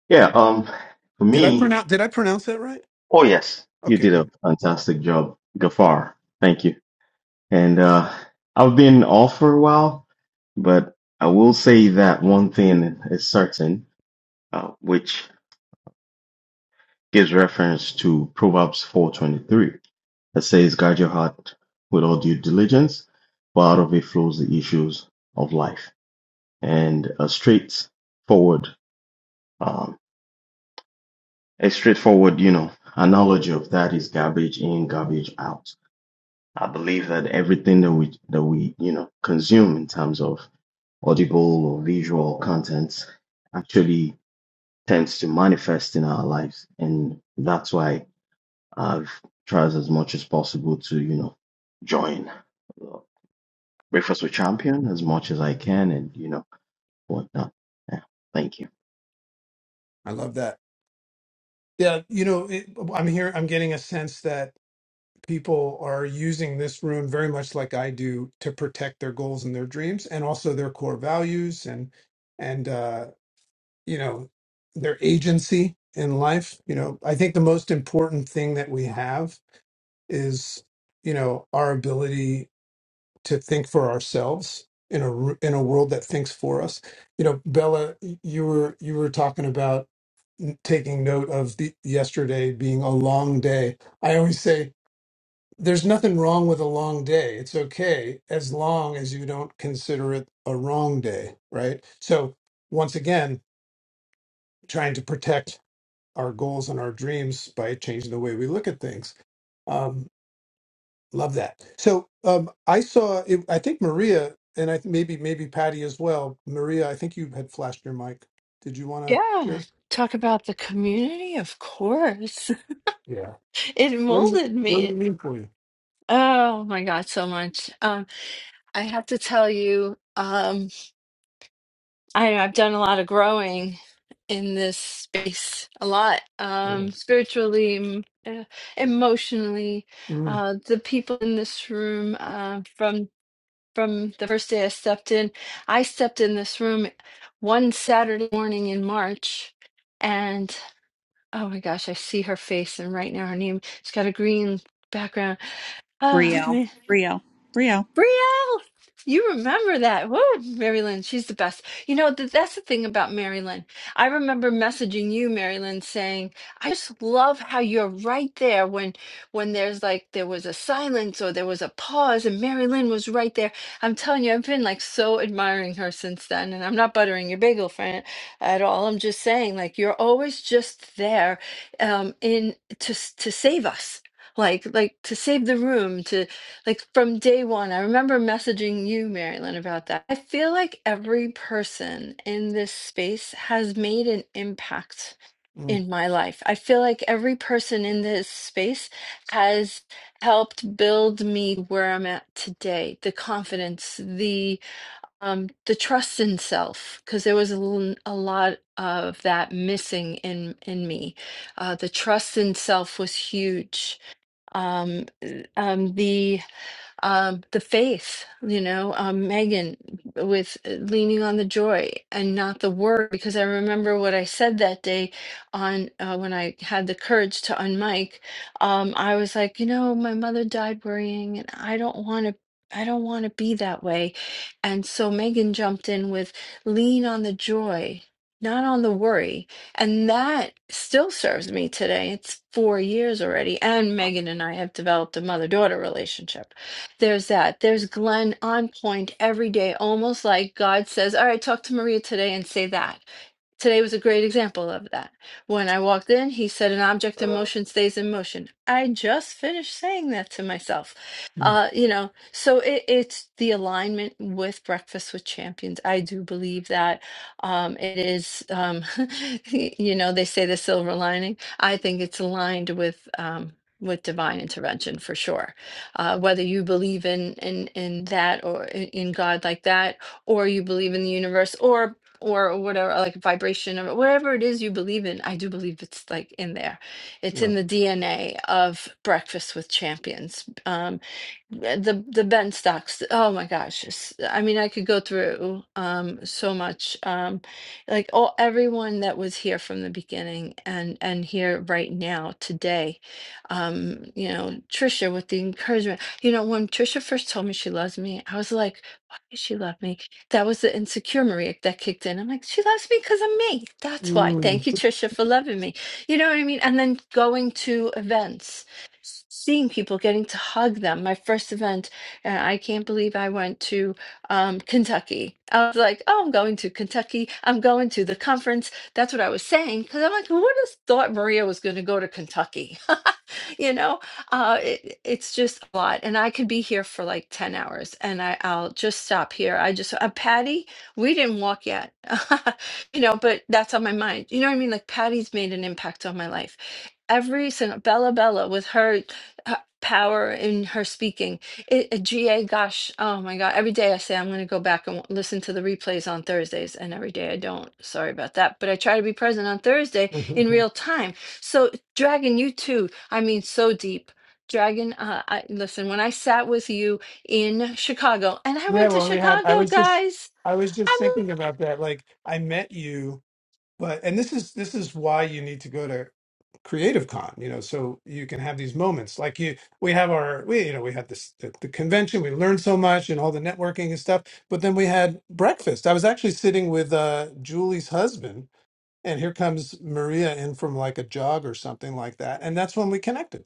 [SPEAKER 12] Yeah. Um, for
[SPEAKER 14] Did I
[SPEAKER 12] me,
[SPEAKER 14] pronounce did I pronounce that right?
[SPEAKER 12] oh yes, you
[SPEAKER 14] Okay,
[SPEAKER 12] did a
[SPEAKER 14] good.
[SPEAKER 12] fantastic job, Gafar. Thank you. And uh, I've been off for a while, but I will say that one thing is certain, uh, which gives reference to Proverbs 4:23 that says, "Guard your heart with all due diligence, for out of it flows the issues of life." And a straightforward um, a straightforward, you know, analogy of that is garbage in, garbage out. I believe that everything that we that we you know consume in terms of audible or visual content actually tends to manifest in our lives, and that's why I've tried as much as possible to you know join uh, Breakfast with Champion as much as I can, and you know whatnot. Yeah, thank you.
[SPEAKER 14] I love that. Yeah, you know, it, I'm here. I'm getting a sense that people are using this room very much like I do to protect their goals and their dreams, and also their core values and and uh, you know their agency in life you know i think the most important thing that we have is you know our ability to think for ourselves in a r- in a world that thinks for us you know bella you were you were talking about taking note of the yesterday being a long day i always say there's nothing wrong with a long day it's okay as long as you don't consider it a wrong day right so once again trying to protect our goals and our dreams by changing the way we look at things. Um, love that. So um, I saw, it, I think Maria and I th- maybe maybe Patty as well. Maria, I think you had flashed your mic. Did you want to
[SPEAKER 7] Yeah,
[SPEAKER 14] share?
[SPEAKER 7] talk about the community, of course.
[SPEAKER 14] Yeah.
[SPEAKER 7] It
[SPEAKER 14] What does it?
[SPEAKER 7] molded
[SPEAKER 14] What does
[SPEAKER 7] me.
[SPEAKER 14] it mean for you?
[SPEAKER 7] Oh my God, so much. Um, I have to tell you. Um, I I've done a lot of growing in this space, a lot
[SPEAKER 14] Yeah.
[SPEAKER 7] um, spiritually, em- uh, emotionally.
[SPEAKER 14] Mm,
[SPEAKER 7] Uh, the people in this room uh, from from the first day I stepped in, I stepped in this room one Saturday morning in March, and oh my gosh, I see her face, and right now her name, she's got a green background. Oh
[SPEAKER 1] Brielle,
[SPEAKER 7] man.
[SPEAKER 1] Brielle, Brielle.
[SPEAKER 7] Brielle, you remember that. Whoa, Mary Lynn, she's the best. You know, th- that's the thing about Mary Lynn. I remember messaging you, Mary Lynn, saying, I just love how you're right there when when there's like there was a silence or there was a pause and Mary Lynn was right there. I'm telling you, I've been like so admiring her since then. And I'm not buttering your bagel friend at all. I'm just saying, like, you're always just there um in to s- to save us. Like, like to save the room, to like from day one, I remember messaging you, Marilyn, about that. I feel like every person in this space has made an impact
[SPEAKER 14] mm,
[SPEAKER 7] in my life. I feel like every person in this space has helped build me where I'm at today. The confidence, the um, the trust in self, because there was a, l- a lot of that missing in in me. Uh, the trust in self was huge. Um, eh, um, the um, the faith, you know, um, Megan with uh, leaning on the joy and not the word, because I remember what I said that day on uh, when I had the courage to unmic. Um, I was like, you know, my mother died worrying, and I don't want to. I don't want to be that way. And so Megan jumped in with lean on the joy, not on the worry. And that still serves me today. It's four years already. And Megan and I have developed a mother daughter relationship there's that. There's Glenn on point every day, almost like God says, All right, talk to Maria today and say that. Today was a great example of that. When I walked in, he said, An object in motion stays in motion. I just finished saying that to myself.
[SPEAKER 14] mm,
[SPEAKER 7] Uh, you know, so it, it's the alignment with Breakfast with Champions. I do believe that um, it is, um, you know, they say the silver lining. I think it's aligned with. Um, with divine intervention for sure uh, whether you believe in in in that or in in god like that or you believe in the universe or or whatever, like vibration or whatever it is you believe in. I do believe it's like in there. It's
[SPEAKER 14] yeah.
[SPEAKER 7] in the DNA of Breakfast with Champions. Um, eh, the the Ben stocks. Oh my gosh! it's- I mean, I could go through um, so much. Um, like all everyone that was here from the beginning and and here right now today. Um, you know, Trisha with the encouragement. You know, when Trisha first told me she loves me, I was like, why does she love me? That was the insecure Maria that kicked in. I'm like, she loves me because I'm me. That's why.
[SPEAKER 14] Mm.
[SPEAKER 7] Thank you, Trisha, for loving me. You know what I mean? And then going to events, seeing people, getting to hug them. My first event, and I can't believe I went to um, Kentucky. I was like, oh, I'm going to Kentucky. I'm going to the conference. That's what I was saying because I'm like, who would have thought Maria was going to go to Kentucky? you know? Uh, it, it's just a lot, and I could be here for like ten hours, and I, I'll just stop here. I just, uh, Patty, we didn't walk yet, you know, but that's on my mind. You know what I mean? Like Patty's made an impact on my life. Every single Bella Bella with her, uh power in her speaking, it, uh, GA, gosh, oh my God! Every day I say I'm going to go back and w- listen to the replays on Thursdays, and every day I don't. Sorry about that, but I try to be present on Thursday in real time. So, Dragon, you too. I mean, so deep. Dragon, uh, I listen, when I sat with you in Chicago, and I
[SPEAKER 14] yeah.
[SPEAKER 7] went to
[SPEAKER 14] Well, we had. I
[SPEAKER 7] Chicago,
[SPEAKER 14] was just.
[SPEAKER 7] guys.
[SPEAKER 14] I was just
[SPEAKER 7] I
[SPEAKER 14] thinking about that. Like I met you. But and this is this is why you need to go to Creative Con, you know, so you can have these moments. Like you, we have our, we you know, we had this the, the convention. We learned so much and all the networking and stuff. But then we had breakfast. I was actually sitting with uh, Julie's husband, and here comes Maria in from like a jog or something like that, and that's when we connected.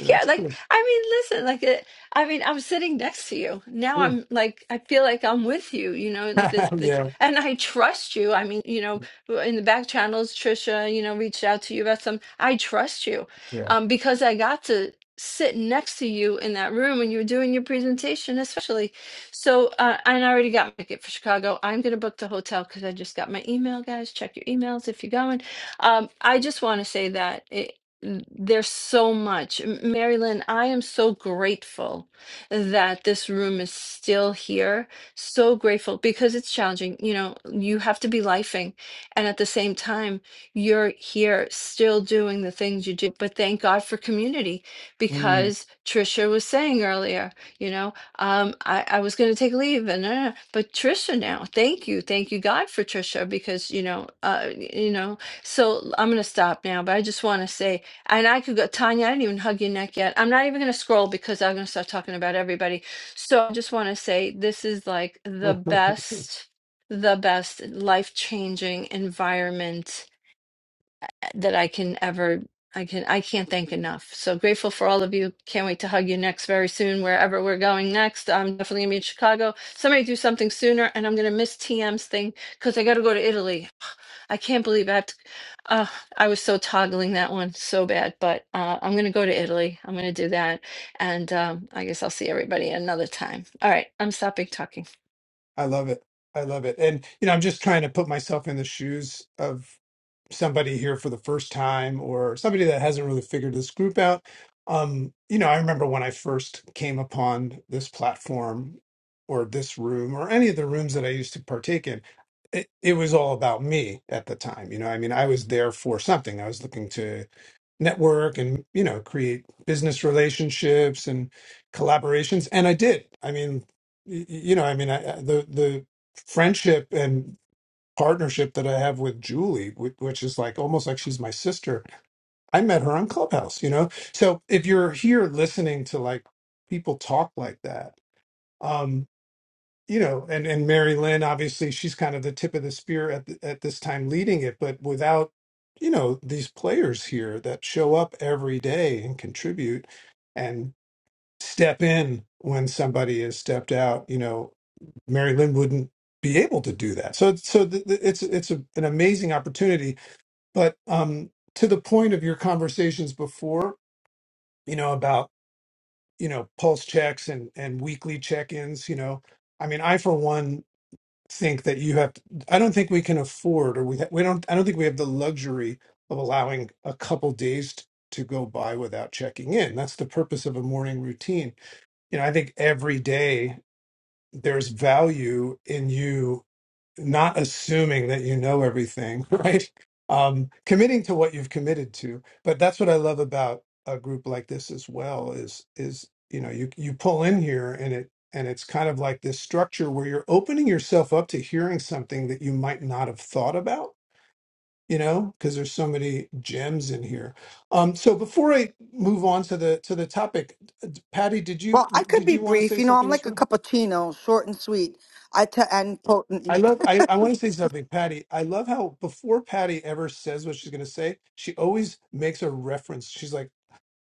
[SPEAKER 14] You
[SPEAKER 7] Yeah, like
[SPEAKER 14] know,
[SPEAKER 7] I mean, listen, like it, I mean, I'm sitting next to you now.
[SPEAKER 14] Mm,
[SPEAKER 7] I'm like, I feel like I'm with you, you know. and The
[SPEAKER 14] mm.
[SPEAKER 7] the
[SPEAKER 14] yeah,
[SPEAKER 7] and I trust you. I mean, you know, in the back channels, Trisha, you know, reached out to you about some. I trust you,
[SPEAKER 14] yeah.
[SPEAKER 7] um, because I got to sit next to you in that room when you were doing your presentation, especially. So, uh, and I already got my ticket for Chicago. I'm gonna book the hotel because I just got my email, guys. Check your emails if you're going. Um, I just want to say that n- There's so much. M- Mary Lynn, I am so grateful that this room is still here. So grateful because it's challenging. You know, you have to be lifing. And at the same time, you're here still doing the things you do. But thank God for community
[SPEAKER 14] Mm.
[SPEAKER 7] because Trisha was saying earlier, you know, um, I, I was going to take leave and uh, but Trisha now, thank you. Thank you God for Trisha because, you know, uh, you know, so I'm going to stop now, but I just want to say and I could go, Tanya, I didn't even hug your neck yet. I'm not even going to scroll because I'm going to start talking about everybody. So I just want to say this is like the best, the best life changing environment that I can ever. I can I can't thank enough. So grateful for all of you. Can't wait to hug you next very soon, wherever we're going next. I'm definitely gonna be in Chicago. Somebody do something sooner, and I'm gonna miss TM's thing because I got to go to Italy. I can't believe I have to. Uh, I was so toggling that one so bad, but uh, I'm going to go to Italy. I'm going to do that. And um, I guess I'll see everybody another time. All right. I'm stopping talking.
[SPEAKER 14] I love it. I love it. And you know, I'm just trying to put myself in the shoes of somebody here for the first time or somebody that hasn't really figured this group out. Um, you know, I remember when I first came upon this platform or this room or any of the rooms that I used to partake in, it, it was all about me at the time. You know, I mean, I was there for something. I was looking to network and, you know, create business relationships and collaborations. And I did. I mean, y- y- you know, I mean, I, I- the, the, friendship and partnership that I have with Julie, whi- which is like almost like she's my sister. I met her on Clubhouse, you know? So if you're here listening to like people talk like that, um, you know, and, and Mary Lynn, obviously she's kind of the tip of the spear at, th- at this time leading it, but without, you know, these players here that show up every day and contribute and step in when somebody has stepped out, you know, Mary Lynn wouldn't be able to do that. So, so th- th- it's it's a, an amazing opportunity. But um, to the point of your conversations before, you know, about you know pulse checks and and weekly check-ins. You know, I mean, I for one think that you have. To, I don't think we can afford, or we ha- we don't. I don't think we have the luxury of allowing a couple days. t- to go by without checking in. That's the purpose of a morning routine. You know, I think every day there's value in you not assuming that you know everything, right? Um, committing to what you've committed to. But that's what I love about a group like this as well is is you know you you pull in here and it and it's kind of like this structure where you're opening yourself up to hearing something that you might not have thought about you know because there's so many gems in here um so before i move on to the to the topic patty did you
[SPEAKER 8] well, I could
[SPEAKER 14] did
[SPEAKER 8] be
[SPEAKER 14] you want to say
[SPEAKER 8] brief. You know, I'm
[SPEAKER 14] something
[SPEAKER 8] like a cappuccino, short and sweet. I t- and potent.
[SPEAKER 14] I
[SPEAKER 8] And
[SPEAKER 14] love. I, I want to say something, Patty. I love how before Patty ever says what she's going to say, she always makes a reference. She's like,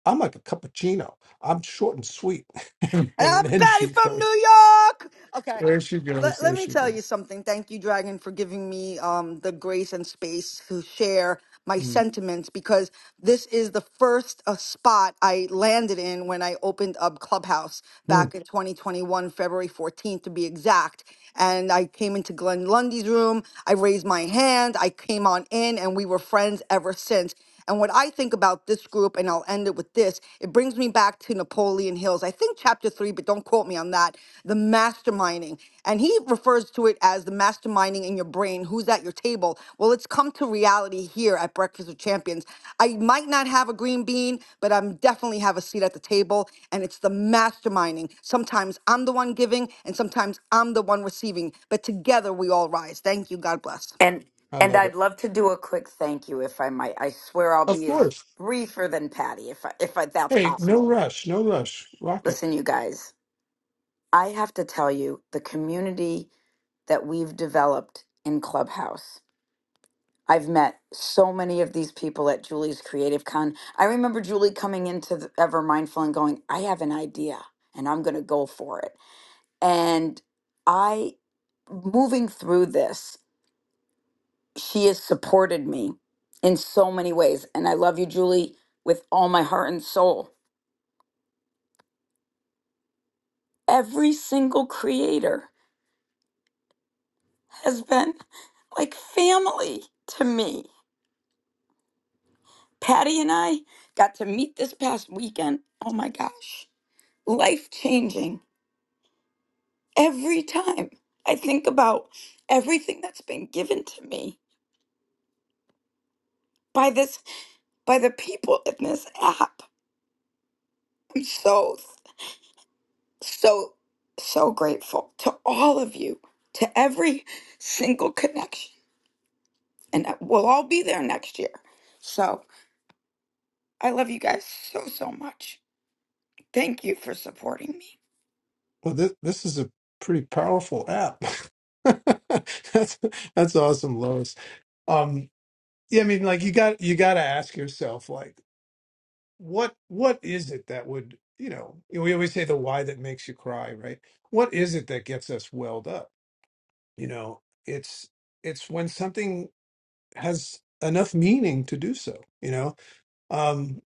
[SPEAKER 14] "I'm like a cappuccino. I'm short and sweet," and
[SPEAKER 8] I'm
[SPEAKER 14] then
[SPEAKER 8] Patty
[SPEAKER 14] she
[SPEAKER 8] from
[SPEAKER 14] goes,
[SPEAKER 8] New York. Okay,
[SPEAKER 14] "There she goes.
[SPEAKER 8] let
[SPEAKER 14] There
[SPEAKER 8] let me
[SPEAKER 14] she
[SPEAKER 8] tell
[SPEAKER 14] goes."
[SPEAKER 8] you something. Thank you, Dragon, for giving me um the grace and space to share my sentiments because This is the first uh, spot I landed in when I opened up Clubhouse
[SPEAKER 14] Mhm.
[SPEAKER 8] back in 2021, February 14th to be exact. And I came into Glenn Lundy's room. I raised my hand. I came on in, and we were friends ever since. And what I think about this group, and I'll end it with this, it brings me back to Napoleon Hills. I think chapter three, but don't quote quote me on that, the masterminding. And he refers to it as the masterminding in your brain, who's at your table. Well, it's come to reality here at Breakfast with Champions. I might not have a green bean, but I'm definitely have a seat at the table. And it's the masterminding. Sometimes I'm the one giving and sometimes I'm the one receiving. But together we all rise. Thank you. God bless.
[SPEAKER 15] And
[SPEAKER 14] I
[SPEAKER 15] and
[SPEAKER 14] love it.
[SPEAKER 15] I'd love to do a quick thank you if I might. I swear I'll
[SPEAKER 14] Of
[SPEAKER 15] be as
[SPEAKER 14] course.
[SPEAKER 15] briefer than Patty if I, if I, that's
[SPEAKER 14] Hey, no
[SPEAKER 15] possible.
[SPEAKER 14] rush. No rush. Rock it.
[SPEAKER 15] Listen, you guys, I have to tell you the community that we've developed in Clubhouse. I've met so many of these people at Julie's Creative Con. I remember Julie coming into the Ever Mindful and going, "I have an idea and I'm going to go for it." And I moving through this she has supported me in so many ways. And I love you, Julie, with all my heart and soul. Every single creator has been like family to me. Patty and I got to meet this past weekend. Oh my gosh, life changing every time. I think about everything that's been given to me by this by the people in this app. I'm so So, so grateful to all of you, to every single connection. And we'll all be there next year. So, I love you guys so, so much. Thank you for supporting me.
[SPEAKER 14] Well, this this is a pretty powerful app. that's that's awesome, Lois. Um, yeah, I mean, like you got you got to ask yourself, like. what what is it that would you know we always say the why that makes you cry right what is it that gets us welled up you know it's it's when something has enough meaning to do so you know um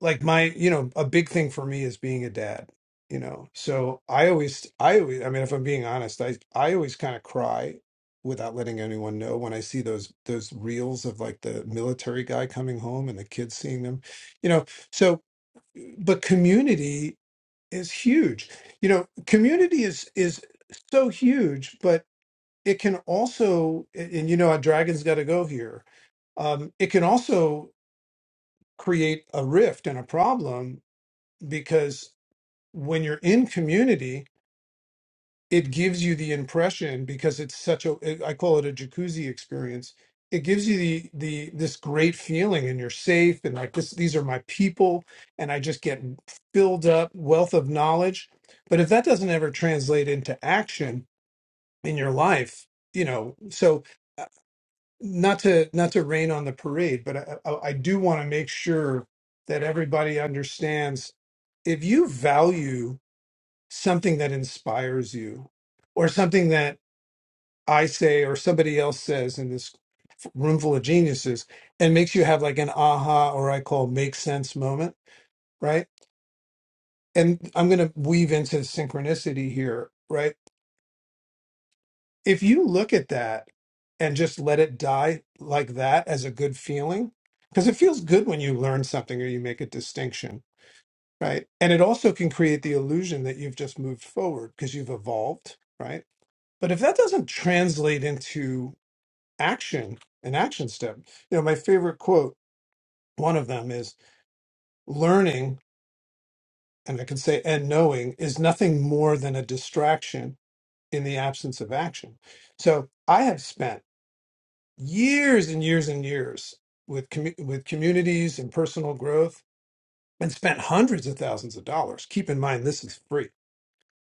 [SPEAKER 14] like my you know a big thing for me is being a dad you know so i always i always i mean if i'm being honest i i always kind of cry without letting anyone know when i see those those reels of like the military guy coming home and the kids seeing them you know so but community is huge you know community is is so huge but it can also and you know a dragon's got to go here um, it can also create a rift and a problem because when you're in community it gives you the impression because it's such a it- I call it a jacuzzi experience. It gives you the the this great feeling and you're safe and like this these are my people and I just get filled up wealth of knowledge. But if that doesn't ever translate into action in your life, you know, so uh, not to not to rain on the parade, but I, I, I do want to make sure that everybody understands if you value something that inspires you or something that I say or somebody else says in this room full of geniuses and makes you have like an aha or I call make sense moment, right? And I'm going to weave into synchronicity here, right? If you look at that and just let it die like that as a good feeling, because it feels good when you learn something or you make a distinction, right? And it also can create the illusion that you've just moved forward because you've evolved, right? But if that doesn't translate into action an action step you know my favorite quote one of them is learning and i could say and knowing is nothing more than a distraction in the absence of action so i have spent years and years and years with commu- with communities and personal growth and spent hundreds of thousands of dollars keep in mind this is free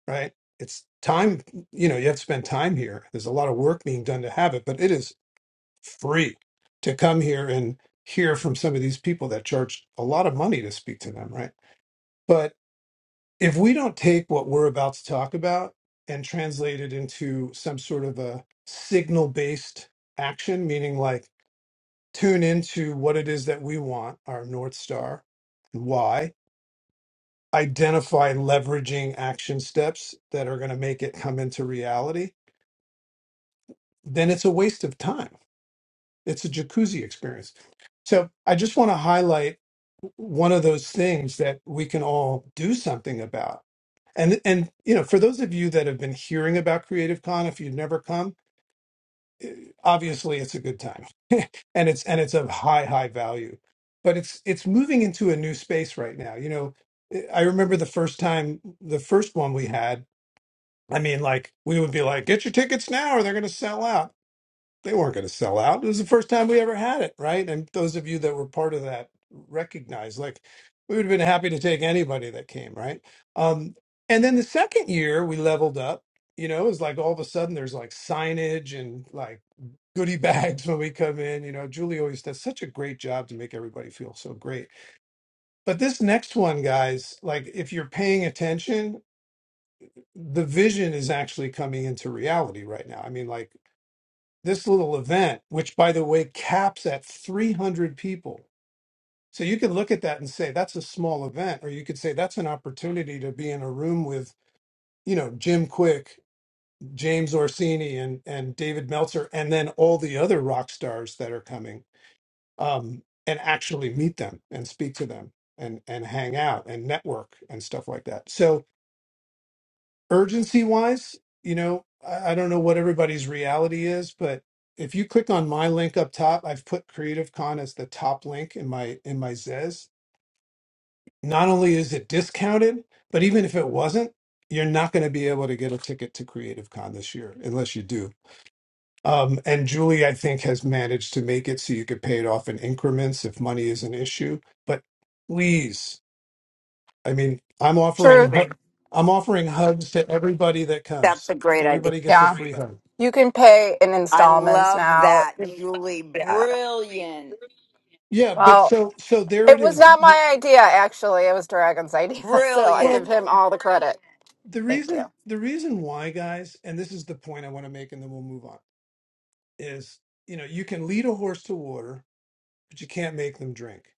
[SPEAKER 14] right it's time you know you have to spend time here there's a lot of work being done to have it but it is free to come here and hear from some of these people that charge a lot of money to speak to them, right? But if we don't take what we're about to talk about and translate it into some sort of a signal based action, meaning like tune into what it is that we want, our North Star, and why, identify leveraging action steps that are going to make it come into reality, then it's a waste of time. It's a jacuzzi experience So I just want to highlight one of those things that we can all do something about. And and you know, for those of you that have been hearing about Creative Con, if you've never come, eh, obviously it's a good time, and it's and it's of high high value. But it's it's moving into a new space right now. You know, eh, I remember the first time, the first one we had. I mean, like we would be like, get your tickets now, or they're going to sell out they weren't going to sell out. It was the first time we ever had it, right? And those of you that were part of that recognize, like, we would have been happy to take anybody that came, right? Um, and then the second year, we leveled up. You know, it was like all of a sudden there's like signage and like goodie bags when we come in. You know, Julie always does such a great job to make everybody feel so great. But this next one, guys, like if you're paying attention, the vision is actually coming into reality right now. I mean, like this little event, which by the way caps at 300 people. So you can look at that and say that's a small event, or you could say that's an opportunity to be in a room with, you know, Jim Quick, James Orsini, and and David Meltzer, and then all the other rock stars that are coming, um, and actually meet them and speak to them and and hang out and network and stuff like that. So urgency wise, you know, I, I don't know what everybody's reality is, but if you click on my link up top, I've put Creative Con as the top link in my in my Zez. Not only is it discounted, but even if it wasn't, you're not going to be able to get a ticket to Creative Con this year unless you do. Um, and Julie, I think, has managed to make it so you could pay it off in increments if money is an issue. But please I mean, I'm offering
[SPEAKER 16] True.
[SPEAKER 14] hu- I'm offering hugs to everybody that
[SPEAKER 15] That's
[SPEAKER 14] comes.
[SPEAKER 15] a great idea.
[SPEAKER 14] Everybody gets a
[SPEAKER 16] Yeah.
[SPEAKER 14] free hug.
[SPEAKER 16] You can pay in
[SPEAKER 15] I
[SPEAKER 16] installments
[SPEAKER 15] love
[SPEAKER 16] now.
[SPEAKER 15] that, Julie.
[SPEAKER 16] Yeah.
[SPEAKER 15] Brilliant.
[SPEAKER 14] Yeah, but
[SPEAKER 16] Well,
[SPEAKER 14] so so there
[SPEAKER 16] it
[SPEAKER 14] it
[SPEAKER 16] was
[SPEAKER 14] is. You-
[SPEAKER 16] not my idea, actually. It was Dragon's idea. So I give
[SPEAKER 14] well,
[SPEAKER 15] Brilliant.
[SPEAKER 16] him all the credit.
[SPEAKER 14] the
[SPEAKER 16] Thank you.
[SPEAKER 14] reason the reason why, guys, and this is the point I want to make, and then we'll move on, is you know you can lead a horse to water, but you can't make them drink.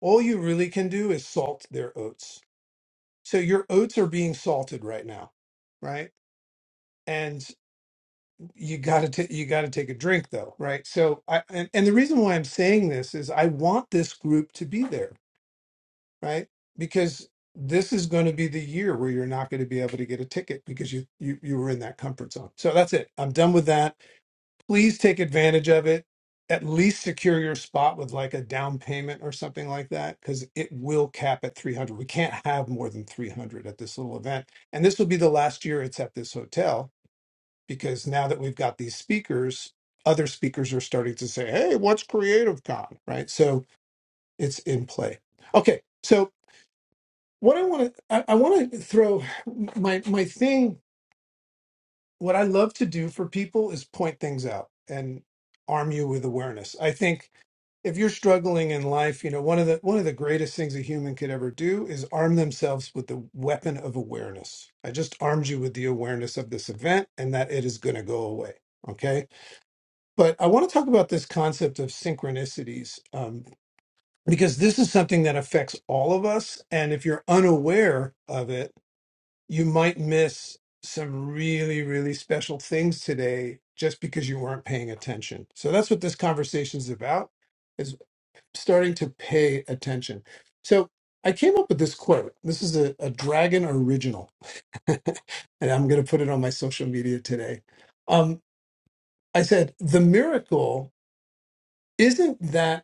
[SPEAKER 14] All you really can do is salt their oats. So your oats are being salted right now, right? you got to you got to take a drink though right so i and, and the reason why i'm saying this is i want this group to be there right because this is going to be the year where you're not going to be able to get a ticket because you you you were in that comfort zone so that's it i'm done with that please take advantage of it at least secure your spot with like a down payment or something like that because it will cap at 300 we can't have more than 300 at this little event and this will be the last year it's at this hotel because now that we've got these speakers, other speakers are starting to say, "Hey, what's Creative Con?" Right, so it's in play. Okay, so what I want to I, I want to throw my my thing. What I love to do for people is point things out and arm you with awareness. I think if you're struggling in life, you know one of the one of the greatest things a human could ever do is arm themselves with the weapon of awareness. I just armed you with the awareness of this event and that it is going to go away. Okay, But I want to talk about this concept of synchronicities um, because this is something that affects all of us. And if you're unaware of it, you might miss some really, really special things today just because you weren't paying attention. So that's what this conversation is about, is starting to pay attention. So I came up with this quote. This is a, a Dragon original, and I'm going to put it on my social media today. Um, I said, The miracle isn't that.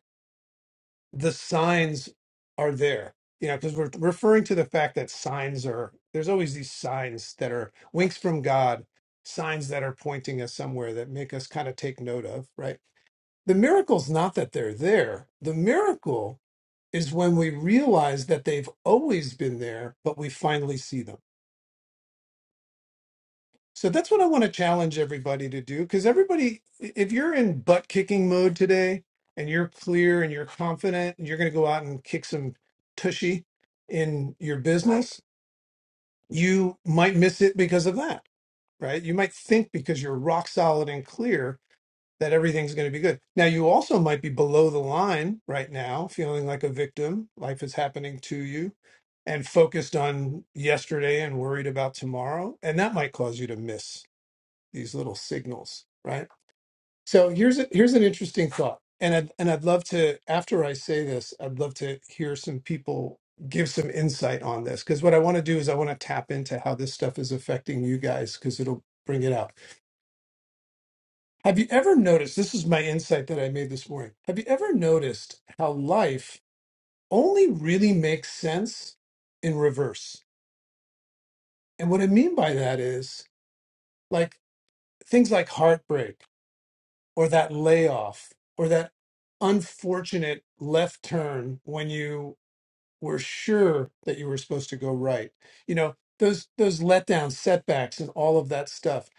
[SPEAKER 14] the signs are there you know because we're referring to the fact that signs are there's always these signs that are winks from god signs that are pointing us somewhere that make us kind of take note of right the miracle's not that they're there the miracle is when we realize that they've always been there but we finally see them So that's what I want to challenge everybody to do because everybody, if you're in butt kicking mode today and you're clear and you're confident and you're going to go out and kick some tushy in your business, you might miss it because of that, right? You might think because you're rock solid and clear that everything's going to be good. Now, you also might be below the line right now, feeling like a victim. Life is happening to you and focused on yesterday and worried about tomorrow. And that might cause you to miss these little signals, right? So here's a, here's an interesting thought, and I'd, and I'd love to after I say this, I'd love to hear some people give some insight on this because what I want to do is I want to tap into how this stuff is affecting you guys because it'll bring it out. Have you ever noticed? This is my insight that I made this morning. Have you ever noticed how life only really makes sense in reverse? And what I mean by that is like things like heartbreak or that layoff or that unfortunate left turn when you were sure that you were supposed to go right you know those those letdowns setbacks and all of that stuff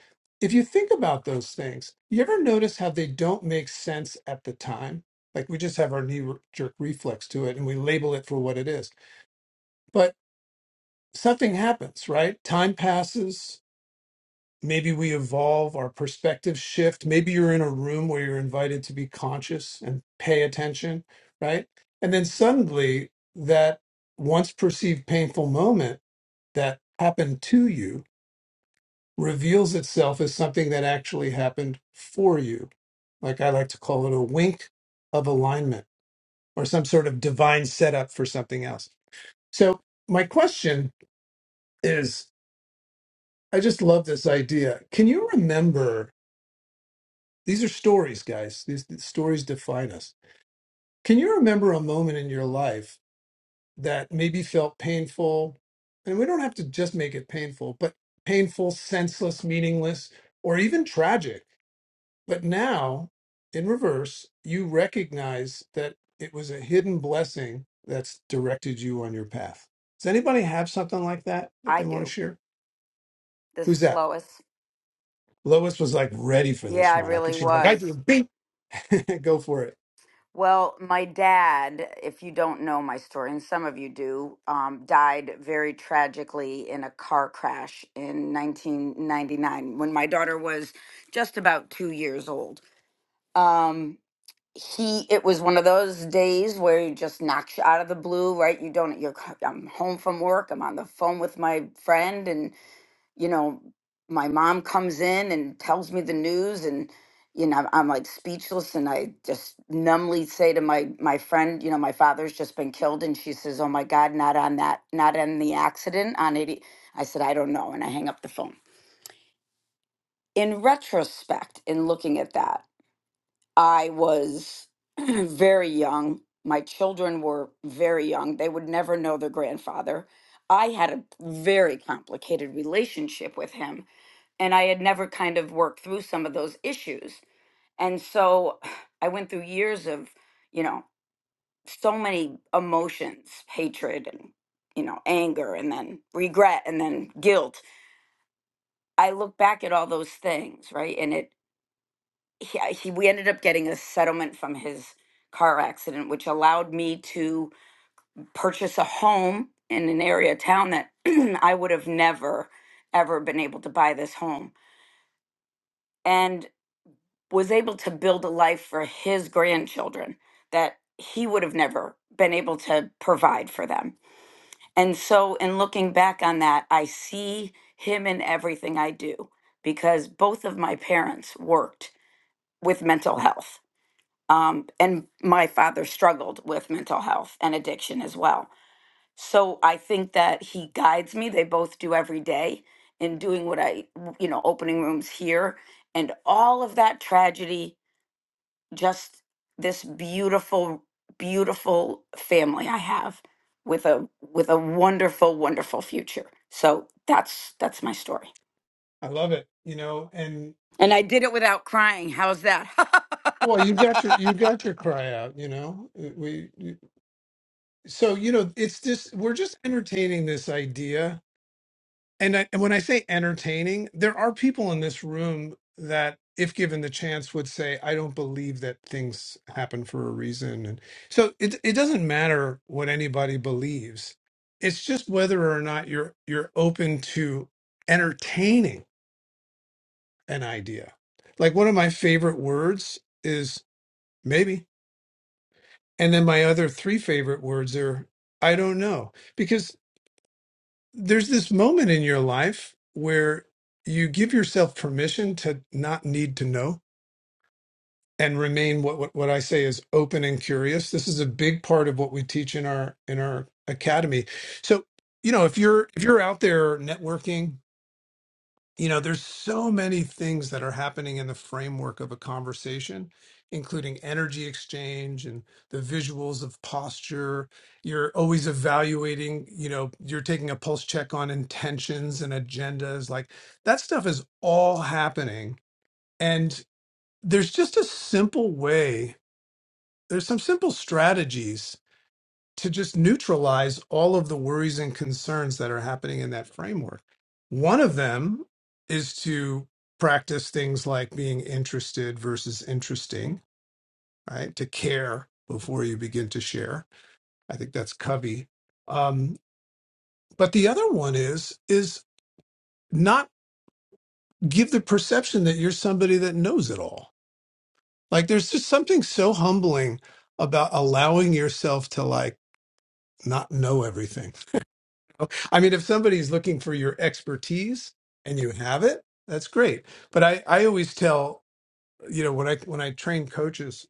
[SPEAKER 14] if you think about those things you ever notice how they don't make sense at the time like we just have our knee jerk reflex to it and we label it for what it is but something happens right time passes maybe we evolve our perspectives shift maybe you're in a room where you're invited to be conscious and pay attention right and then suddenly that once perceived painful moment that happened to you reveals itself as something that actually happened for you like i like to call it a wink of alignment or some sort of divine setup for something else so my question is i just love this idea can you remember These are stories, guys. These, these stories define us. Can you remember a moment in your life that maybe felt painful? And we don't have to just make it painful, but painful, senseless, meaningless, or even tragic. But now, in reverse, you recognize that it was a hidden blessing that's directed you on your path. Does anybody have something like that that
[SPEAKER 15] I
[SPEAKER 14] they want to
[SPEAKER 15] do.
[SPEAKER 14] share?
[SPEAKER 15] This
[SPEAKER 14] Who's
[SPEAKER 15] is
[SPEAKER 14] that?
[SPEAKER 15] Lois.
[SPEAKER 14] Lois was like ready for
[SPEAKER 15] Yeah,
[SPEAKER 14] this
[SPEAKER 15] I
[SPEAKER 14] one. I could.
[SPEAKER 15] really
[SPEAKER 14] She's like, I do.
[SPEAKER 15] was.
[SPEAKER 14] Beep. Go for it.
[SPEAKER 15] Well, my dad, if you don't know my story, and some of you do, um, died very tragically in a car crash in 1999 when my daughter was just about two years old. Um, he, it was one of those days where he just knocks you out of the blue, right? You don't, you're, I'm home from work, I'm on the phone with my friend, and you know, my mom comes in and tells me the news and you know, I'm I'm like speechless and I just numbly say to my my friend, you know, my father's just been killed and she says, "Oh my god, not on that, not on the accident on 80." I said, "I don't know." And I hang up the phone. In retrospect, in looking at that, I was very young. My children were very young. They would never know their grandfather. I had a very complicated relationship with him and I had never kind of worked through some of those issues. And so I went through years of, you know, so many emotions, hatred and, you know, anger and then regret and then guilt. I look back at all those things, right? And it, he, I- he, we ended up getting a settlement from his car accident, which allowed me to purchase a home in an area of town that I would have never, ever been able to buy this home. and. was able to build a life for his grandchildren that he would have never been able to provide for them. And so, in looking back on that, I see him in everything I do because both of my parents worked with mental health. Um, and my father struggled with mental health and addiction as well. So I think that he guides me. They both do every day in doing what I, you know, opening rooms here and all of that tragedy just this beautiful beautiful family i have with a with a wonderful wonderful future so that's that's my story
[SPEAKER 14] I love it. You know, and
[SPEAKER 15] and i did it without crying how's that
[SPEAKER 14] Well, you got your you got your cry out, you know. Uh, We so you know it's just we're just entertaining this idea, and I, and when I say entertaining, there are people in this room that, if given the chance, would say, "I don't believe that things happen for a reason." And so it it doesn't matter what anybody believes. It's just whether or not you're you're open to entertaining an idea. Like one of my favorite words is maybe And then my other three favorite words are I don't know. Because there's this moment in your life where you give yourself permission to not need to know and remain what, what what I say is open and curious. This is a big part of what we teach in our in our academy. So, you know, if you're if you're out there networking you know there's so many things that are happening in the framework of a conversation including energy exchange and the visuals of posture you're always evaluating you know you're taking a pulse check on intentions and agendas like that stuff is all happening and there's just a simple way there's some simple strategies to just neutralize all of the worries and concerns that are happening in that framework. One of them is to practice things like being interested versus interesting, right? To care before you begin to share. I think that's Covey. Um, but the other one is is not give the perception that you're somebody that knows it all. Like there's just something so humbling about allowing yourself to like not know everything. I mean, if somebody's looking for your expertise and you have it, that's great. But I, I always tell, you know, when I when I train coaches,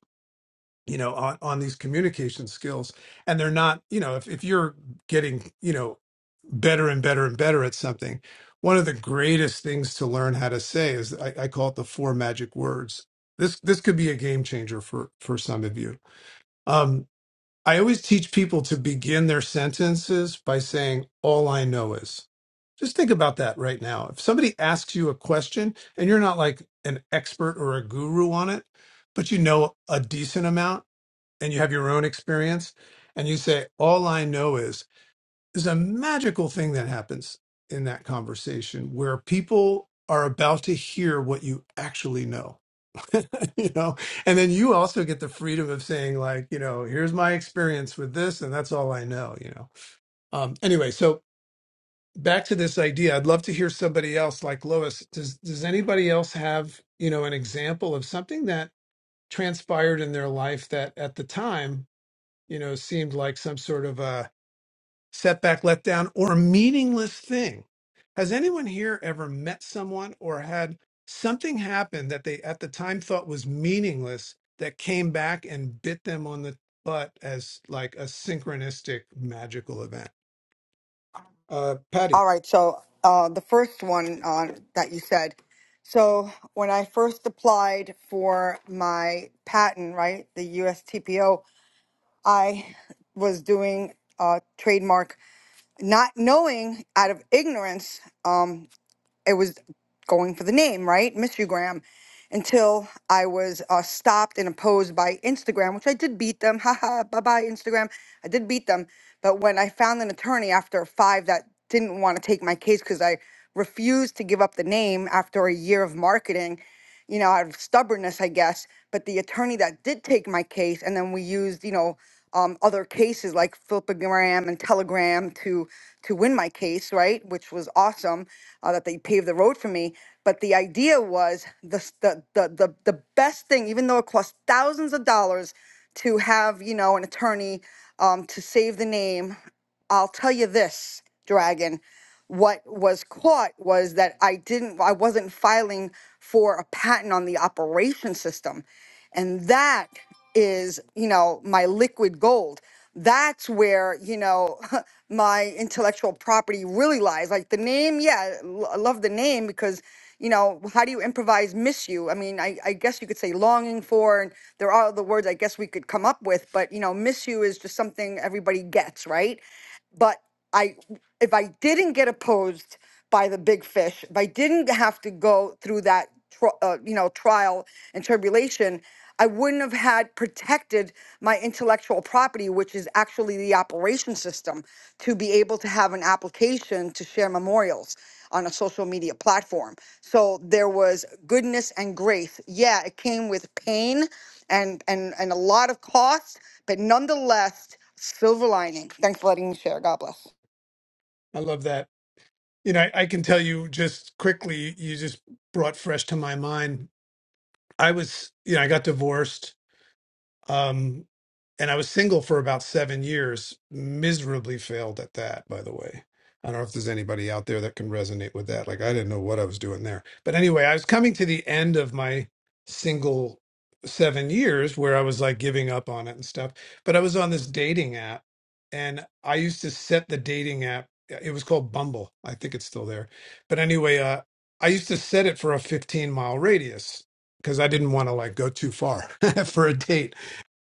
[SPEAKER 14] you know, on, on these communication skills, and they're not, you know, if, if you're getting, you know, better and better and better at something, one of the greatest things to learn how to say is I, I call it the four magic words. This this could be a game changer for for some of you. Um, I always teach people to begin their sentences by saying, All I know is. Just think about that right now. If somebody asks you a question and you're not like an expert or a guru on it, but you know a decent amount and you have your own experience, and you say, All I know is, there's a magical thing that happens in that conversation where people are about to hear what you actually know you know and then you also get the freedom of saying like you know here's my experience with this and that's all i know you know um anyway so back to this idea i'd love to hear somebody else like lois does does anybody else have you know an example of something that transpired in their life that at the time you know seemed like some sort of a setback, letdown, or meaningless thing. Has anyone here ever met someone or had something happen that they at the time thought was meaningless that came back and bit them on the butt as like a synchronistic magical event? Uh, Patty,
[SPEAKER 8] All right. So uh, the first one uh, that you said. So when I first applied for my patent, right, the USTPO, I was doing uh, trademark, not knowing out of ignorance, um, it was going for the name, right, Mystery Graham until I was uh, stopped and opposed by Instagram, which I did beat them. Haha, bye bye, Instagram. I did beat them. But when I found an attorney after five that didn't want to take my case because I refused to give up the name after a year of marketing, you know, out of stubbornness, I guess. But the attorney that did take my case, and then we used, you know, um, other cases like Flipagram and Telegram to to win my case, right? Which was awesome uh, that they paved the road for me. But the idea was the, s- the, the, the, the best thing, even though it costs thousands of dollars to have, you know, an attorney um, to save the name, I'll tell you this, Dragon what was caught was that I didn't I wasn't filing for a patent on the operation system. And that is, you know, my liquid gold. That's where, you know, my intellectual property really lies. Like the name, yeah, l- I love the name because, you know, how do you improvise miss you? I mean, I, I guess you could say longing for, and there are other words I guess we could come up with, but, you know, miss you is just something everybody gets, right? but I if I didn't get opposed by the big fish, if I didn't have to go through that tr- uh, you know trial and tribulation, I wouldn't have had protected my intellectual property, which is actually the operation system, to be able to have an application to share memorials on a social media platform. So there was goodness and grace. Yeah, it came with pain and and and a lot of costs but nonetheless, silver lining. Thanks for letting me share. God bless.
[SPEAKER 14] I love that. You know, I, I can tell you just quickly, you just brought fresh to my mind. I was, you know, I got divorced Um, and I was single for about seven years, miserably failed at that, by the way. I don't know if there's anybody out there that can resonate with that. Like, I didn't know what I was doing there. But anyway, I was coming to the end of my single seven years where I was like giving up on it and stuff. But I was on this dating app and I used to set the dating app. uh, It was called Bumble. I think it's still there. But anyway, uh, I used to set it for a 15 mile radius because I didn't want to like go too far for a date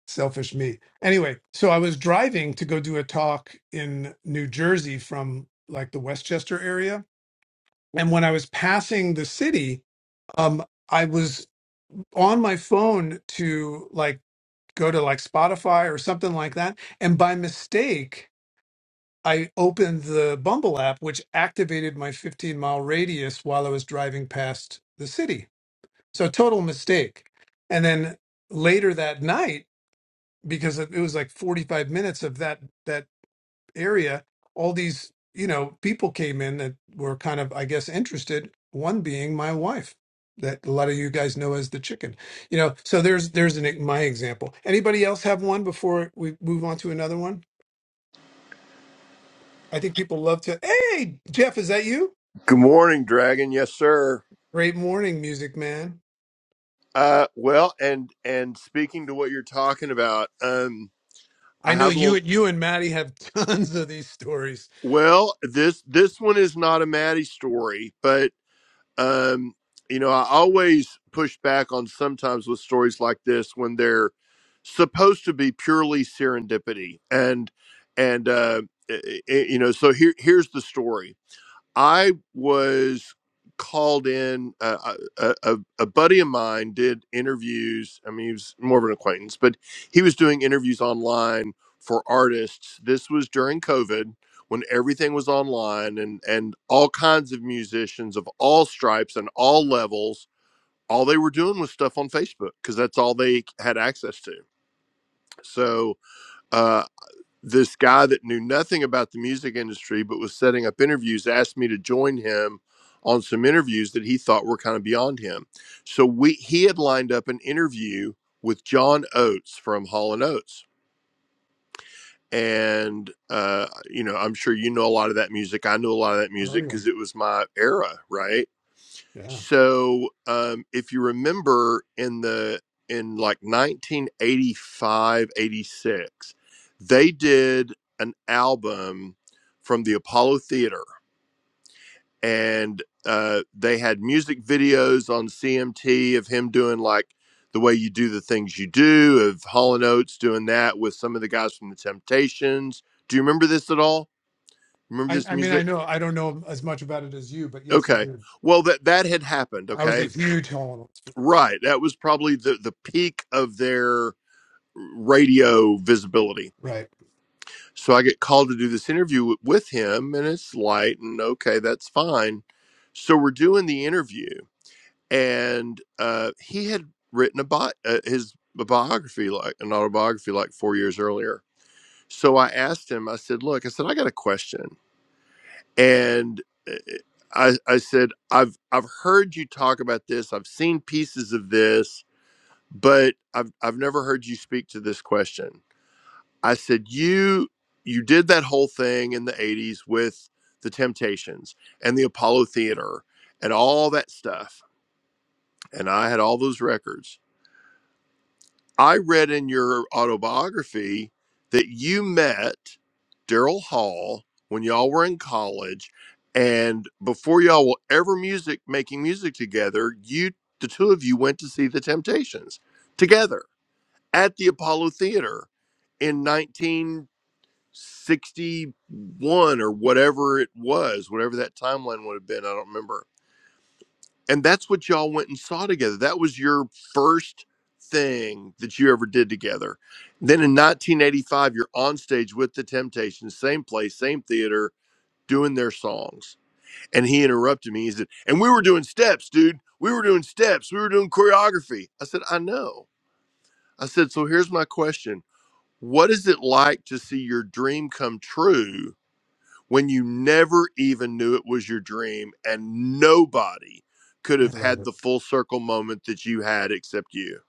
[SPEAKER 14] selfish me. Anyway, so I was driving to go do a talk in New Jersey from like the Westchester area, and when I was passing the city, um, I was on my phone to like go to like Spotify or something like that, and by mistake. I opened the Bumble app, which activated my 15 mile radius while I was driving past the city. So, total mistake. And then later that night, because it it was like 45 minutes of that that area, all these, you know, people came in that were kind of, I guess, interested, one being my wife that a lot of you guys know as the chicken. You know, so there's there's an e, my example. Anybody else have one before we move on to another one? I think people love to Hey, Jeff, is that you?
[SPEAKER 17] Good morning, Dragon. Yes, sir.
[SPEAKER 14] Great morning, music man.
[SPEAKER 17] Uh, well, and and speaking to what you're talking about, um,
[SPEAKER 14] I
[SPEAKER 17] I
[SPEAKER 14] know
[SPEAKER 17] have a
[SPEAKER 14] you
[SPEAKER 17] little.
[SPEAKER 14] you and Maddie have tons of these stories.
[SPEAKER 17] Well, this this one is not a Maddie story, but um, you know, I always push back on sometimes with stories like this when they're supposed to be purely serendipity, and and uh, i i- you know, so here here's the story I was called in. Uh, a, a, a buddy of mine did interviews. I mean, he was more of an acquaintance, but he was doing interviews online for artists. This was during COVID when everything was online and, and all kinds of musicians of all stripes and all levels. All they were doing was stuff on Facebook because that's all they had access to. So uh, this guy that knew nothing about the music industry but was setting up interviews asked me to join him on some interviews that he thought were kind of beyond him. So we he had lined up an interview with John Oates from Hall and Oates. And uh, you know, I'm sure you know a lot of that music. I knew a lot of that
[SPEAKER 14] Oh
[SPEAKER 17] music
[SPEAKER 14] yeah.
[SPEAKER 17] because it was my era, right?
[SPEAKER 14] Yeah.
[SPEAKER 17] So um, if you remember in the in like 1985, 86, they did an album from the Apollo Theater and uh, they had music videos on CMT of him doing like the way you do the things you do, of Hall and Oates doing that with some of the guys from the Temptations. Do you remember this at all? Remember
[SPEAKER 14] I,
[SPEAKER 17] this
[SPEAKER 14] I mean I
[SPEAKER 17] music?
[SPEAKER 14] know I don't know as much about it as you, but yes I
[SPEAKER 17] Okay.
[SPEAKER 14] did.
[SPEAKER 17] Well, that that had happened.
[SPEAKER 14] I was
[SPEAKER 17] Okay
[SPEAKER 14] a huge Hall and Oates fan.
[SPEAKER 17] Right. That was probably the, the peak of their radio visibility.
[SPEAKER 14] Right.
[SPEAKER 17] So I get called to do this interview w- with him, and it's light, and okay, that's fine. So we're doing the interview, and uh, he had written a bi- uh, his biography, like an autobiography, like four years earlier. So I asked him. I said, "Look," I said, "I got a question," and uh, I, I said, "I've I've heard you talk about this. I've seen pieces of this." but I've I've never heard you speak to this question. I said you you did that whole thing in the 80s with the Temptations and the Apollo Theater and all that stuff and I had all those records. I read in your autobiography that you met Daryl Hall when y'all were in college and before y'all were ever music making music together, you the two of you went to see the Temptations together at the Apollo Theater in 1961 or whatever it was, whatever that timeline would have been. I don't remember. And that's what y'all went and saw together. That was your first thing that you ever did together. Then in 1985, you're on stage with the Temptations, same place, same theater, doing their songs. And he interrupted me. He said, And we were doing steps, dude. We were doing steps. We were doing choreography. I said, I know. I said, So here's my question What is it like to see your dream come true when you never even knew it was your dream and nobody could
[SPEAKER 14] I
[SPEAKER 17] have
[SPEAKER 14] love
[SPEAKER 17] had
[SPEAKER 14] it.
[SPEAKER 17] the full circle moment that you had except you?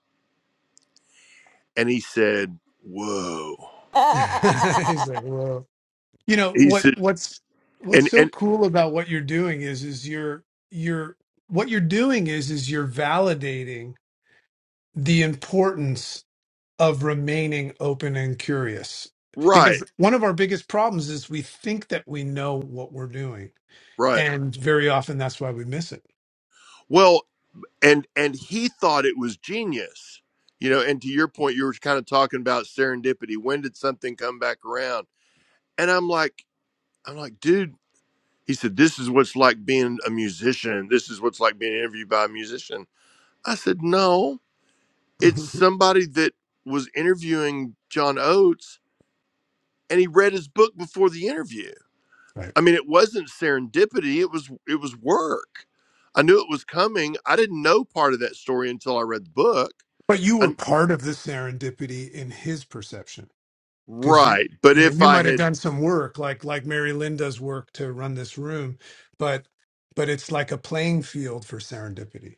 [SPEAKER 17] And he said, Whoa.
[SPEAKER 14] He's like, whoa. You know
[SPEAKER 17] He
[SPEAKER 14] what?
[SPEAKER 17] said,
[SPEAKER 14] What's what's
[SPEAKER 17] and,
[SPEAKER 14] so
[SPEAKER 17] and,
[SPEAKER 14] cool about what you're doing is is you're you're what you're doing is is you're validating the importance of remaining open and curious because
[SPEAKER 17] right,
[SPEAKER 14] one of our biggest problems is we think that we know what we're doing
[SPEAKER 17] right.
[SPEAKER 14] and very often that's why we miss it
[SPEAKER 17] Well, and, and he thought it was genius, you know, and to your point, you were kind of talking about serendipity. When did something come back around? And I'm like, I'm like, dude, He said, This is what's like being a musician. This is what's like being interviewed by a musician. I said, No, it's somebody that was interviewing John Oates and he read his book before the interview.
[SPEAKER 14] right
[SPEAKER 17] I mean, it wasn't serendipity, it was it was work. I knew it was coming. I didn't know part of that story until I read the book.
[SPEAKER 14] but you were
[SPEAKER 17] And
[SPEAKER 14] part of the serendipity in his perception because you
[SPEAKER 17] right. But
[SPEAKER 14] you know
[SPEAKER 17] if
[SPEAKER 14] you
[SPEAKER 17] I
[SPEAKER 14] might have
[SPEAKER 17] had
[SPEAKER 14] done some work like like Mary Linda's work to run this room, but but it's like a playing field for serendipity.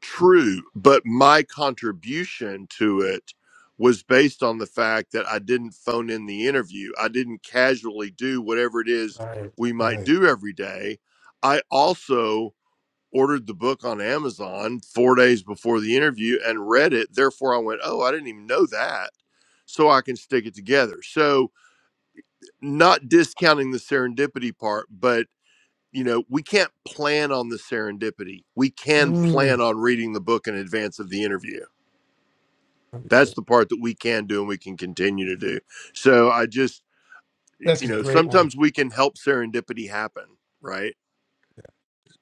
[SPEAKER 17] true, but my contribution to it was based on the fact that I didn't phone in the interview. I didn't casually do whatever it is
[SPEAKER 14] Right.
[SPEAKER 17] we might
[SPEAKER 14] Right.
[SPEAKER 17] do every day. I also ordered the book on Amazon 4 days before the interview and read it. Therefore I went, "Oh, I didn't even know that." So I can stick it together. So, not discounting the serendipity part, but you know, we can't plan on the serendipity. We can plan
[SPEAKER 14] Mm,
[SPEAKER 17] on reading the book in advance of the interview.
[SPEAKER 14] I love
[SPEAKER 17] That's
[SPEAKER 14] it.
[SPEAKER 17] the part that we can do and we can continue to do. So I just,
[SPEAKER 14] That's
[SPEAKER 17] you
[SPEAKER 14] a
[SPEAKER 17] know,
[SPEAKER 14] great one.
[SPEAKER 17] sometimes we can help serendipity happen, right?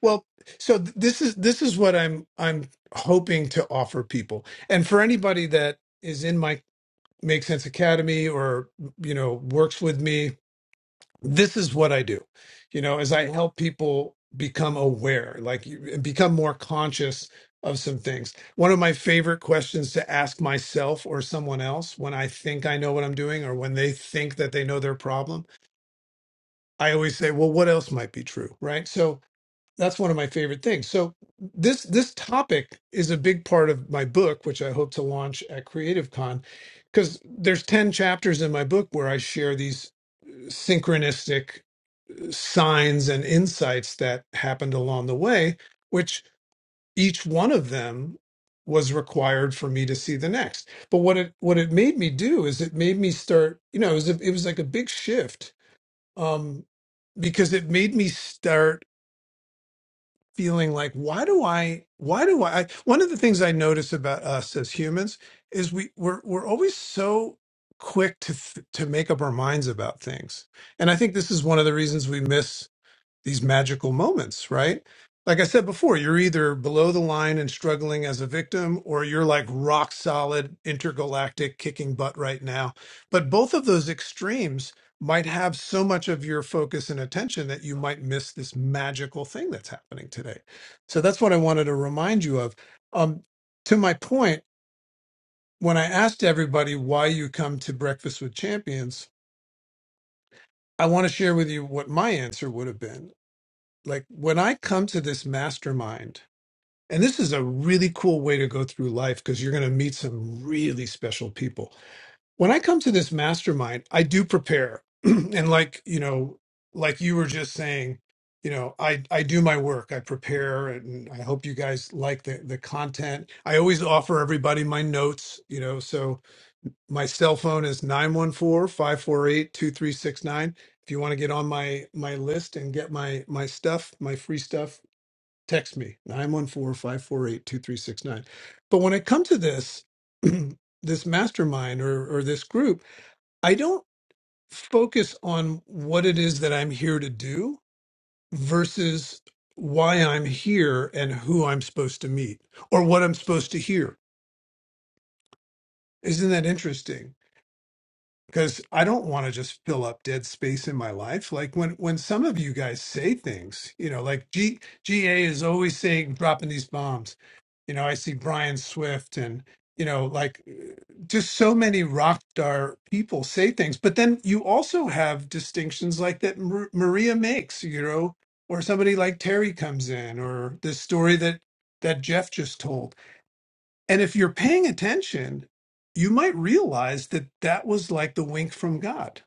[SPEAKER 14] Well, so th- this is this is what I'm I'm hoping to offer people, and for anybody that is in my Make Sense Academy or you know works with me this is what I do, you know, is I help people become aware, like you- become more conscious of some things. One of my favorite questions to ask myself or someone else when I think I know what I'm doing or when they think that they know their problem, I always say, well, what else might be true? Right. So that's one of my favorite things. So this this topic is a big part of my book, which I hope to launch at CreativeCon, because there's 10 chapters in my book where I share these synchronistic signs and insights that happened along the way, which each one of them was required for me to see the next. But what it what it made me do is it made me start, you know, it was, a, it was like a big shift um, because it made me start feeling like why do I why do I I one of the things I notice about us as humans is we we're we're always so quick to th- to make up our minds about things. And I think this is one of the reasons we miss these magical moments, right? Like I said before, you're either below the line and struggling as a victim, or you're like rock solid, intergalactic, kicking butt right now. But both of those extremes might have so much of your focus and attention that you might miss this magical thing that's happening today. So that's what I wanted to remind you of. Um, to my point, when I asked everybody why you come to Breakfast with Champions, I want to share with you what my answer would have been like when I come to this mastermind, and this is a really cool way to go through life because you're going to meet some really special people. When I come to this mastermind, I do prepare. and like, you know, like you were just saying, you know, I I do my work. I prepare and I hope you guys like the the content. I always offer everybody my notes, you know, so my cell phone is nine one four five four eight two three six nine. if you want to get on my my list and get my my stuff, my free stuff text me nine one four five four eight two three six nine. but when i come to this this mastermind or or this group i don't focus on what it is that i'm here to do versus why i'm here and who i'm supposed to meet or what i'm supposed to hear isn't that interesting because i don't want to just fill up dead space in my life like when when some of you guys say things you know like G, ga is always saying dropping these bombs You know, I see Brian Swift and, you know, like eh, just so many rock star people say things. But then you also have distinctions like that Mar- Maria makes, you know, or somebody like Terry comes in or this story that that Jeff just told. And if you're paying attention, you might realize that that was like the wink from God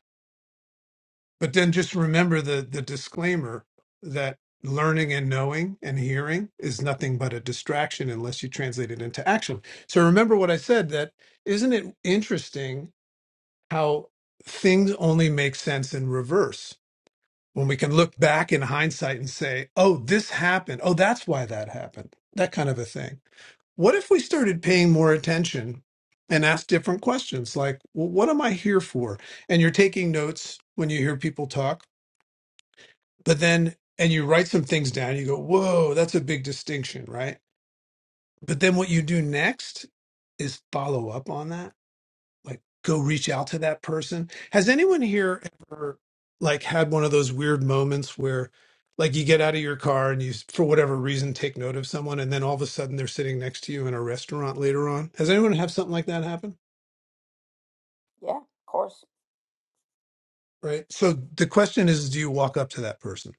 [SPEAKER 14] but then just remember the the disclaimer that learning and knowing and hearing is nothing but a distraction unless you translate it into action. So remember what I said that isn't it interesting how things only make sense in reverse when we can look back in hindsight and say, "Oh, this happened. Oh, that's why that happened." That kind of a thing. What if we started paying more attention and asked different questions like, "Well, what am I here for?" And you're taking notes when you hear people talk but then, and you write some things down, you go, whoa, that's a big distinction, right? But then what you do next is follow up on that. Like, go reach out to that person. Has anyone here ever, like, had one of those weird moments where, like, you get out of your car and you, s- for whatever reason, take note of someone, and then all of a sudden they're sitting next to you in a restaurant later on? Has anyone have something like that happen?
[SPEAKER 15] yeah of course
[SPEAKER 14] Right. So the question is, do you walk up to that person?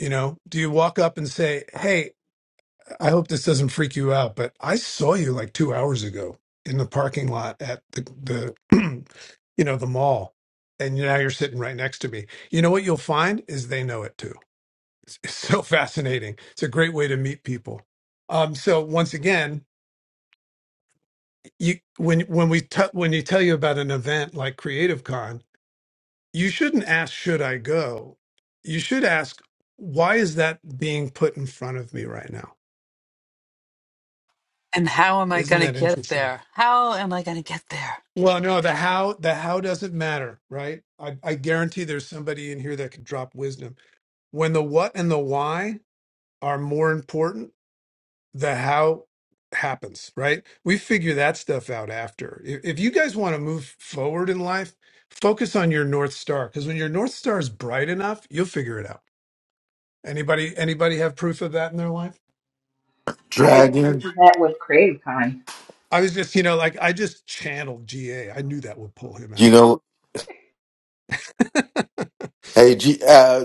[SPEAKER 14] You know, do you walk up and say, "Hey, I hope this doesn't freak you out, but I saw you like two hours ago in the parking lot at the, the you know, the mall. And now you're sitting right next to me. You know what you'll find is they know it too. It's, it's so fascinating. It's a great way to meet people. Um, so once again, you when when we t- when you tell you about an event like Creative Con, you shouldn't ask, "Should I go?" You should ask, "Why is that being put in front of me right now?"
[SPEAKER 2] And how am I
[SPEAKER 14] Isn't
[SPEAKER 2] going to
[SPEAKER 14] that
[SPEAKER 2] get
[SPEAKER 14] interesting?
[SPEAKER 2] there? How am I going to get there?
[SPEAKER 14] Well, no, the how the how doesn't matter, right? I, I guarantee there's somebody in here that can drop wisdom. When the what and the why are more important, the how happens, right? We figure that stuff out after. If, if you guys want to move forward in life, focus on your north star because when your north star is bright enough, you'll figure it out. Anybody anybody have proof of that in their life?
[SPEAKER 18] I agree
[SPEAKER 10] Dragon,
[SPEAKER 18] with that with Creative Con.
[SPEAKER 14] I was just, you know, like I just channeled GA. I knew that would pull him
[SPEAKER 10] you
[SPEAKER 14] out.
[SPEAKER 10] know, hey, G, uh,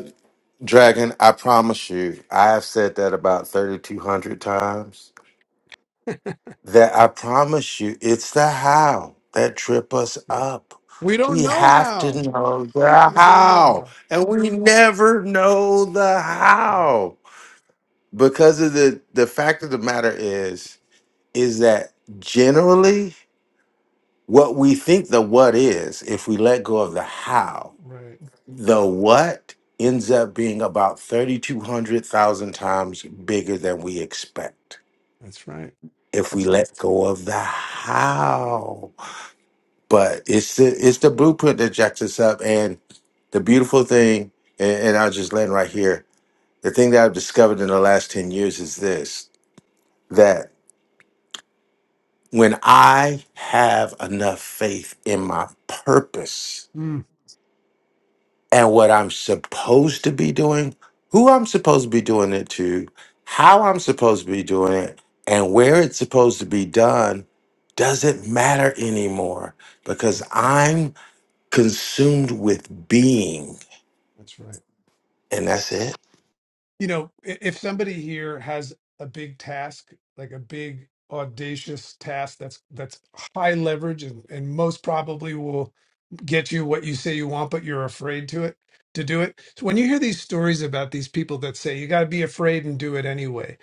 [SPEAKER 10] Dragon, I promise you, I have said that about 3,200 times. that I promise you, it's the how that trip us
[SPEAKER 14] Yeah.
[SPEAKER 10] up.
[SPEAKER 14] We don't
[SPEAKER 10] We
[SPEAKER 14] know
[SPEAKER 10] have to
[SPEAKER 14] how.
[SPEAKER 10] know the
[SPEAKER 14] We don't know
[SPEAKER 10] how,
[SPEAKER 14] how.
[SPEAKER 10] and we never know the
[SPEAKER 14] Yeah.
[SPEAKER 10] how because of the the fact of the matter is is that generally what we think the what is, if we let go of the how,
[SPEAKER 14] Right.
[SPEAKER 10] the what ends up being about thirty two hundred thousand times bigger than we expect
[SPEAKER 14] That's right.
[SPEAKER 10] if we
[SPEAKER 14] That's
[SPEAKER 10] let go of the how. but it's the it's the blueprint that jacks us up. And the beautiful thing, and, and I'll just land right here. The thing that I've discovered in the last ten years is this: that when I have enough faith in my purpose
[SPEAKER 14] mm,
[SPEAKER 10] and what I'm supposed to be doing, who I'm supposed to be doing it to, how I'm supposed to be doing it, and where it's supposed to be done. Doesn't matter anymore because I'm consumed with being
[SPEAKER 14] that's right.
[SPEAKER 10] and that's it.
[SPEAKER 14] You know, i- if somebody here has a big task, like a big audacious task that's that's high leverage and, and most probably will get you what you say you want, but you're afraid to it to do it. So when you hear these stories about these people that say you gotta be afraid and do it anyway,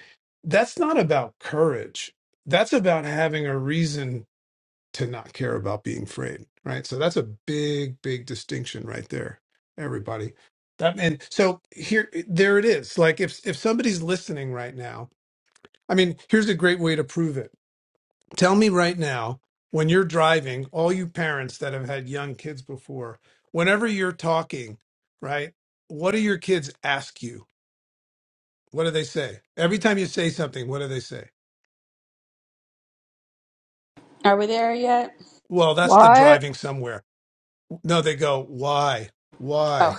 [SPEAKER 14] that's not about courage. That's about having a reason to not care about being afraid, right? So that's a big, big distinction right there, everybody. That, and so here, eh, there it is. Like if if somebody's listening right now, I mean, here's a great way to prove it. Tell me right now when you're driving, all you parents that have had young kids before, whenever you're talking, right? What do your kids ask you? What do they say? Every time you say something, what do they say?
[SPEAKER 1] Are we there yet?
[SPEAKER 14] Well, that's the
[SPEAKER 16] What?
[SPEAKER 14] driving somewhere. No, they go, why,
[SPEAKER 1] Oh,
[SPEAKER 14] why,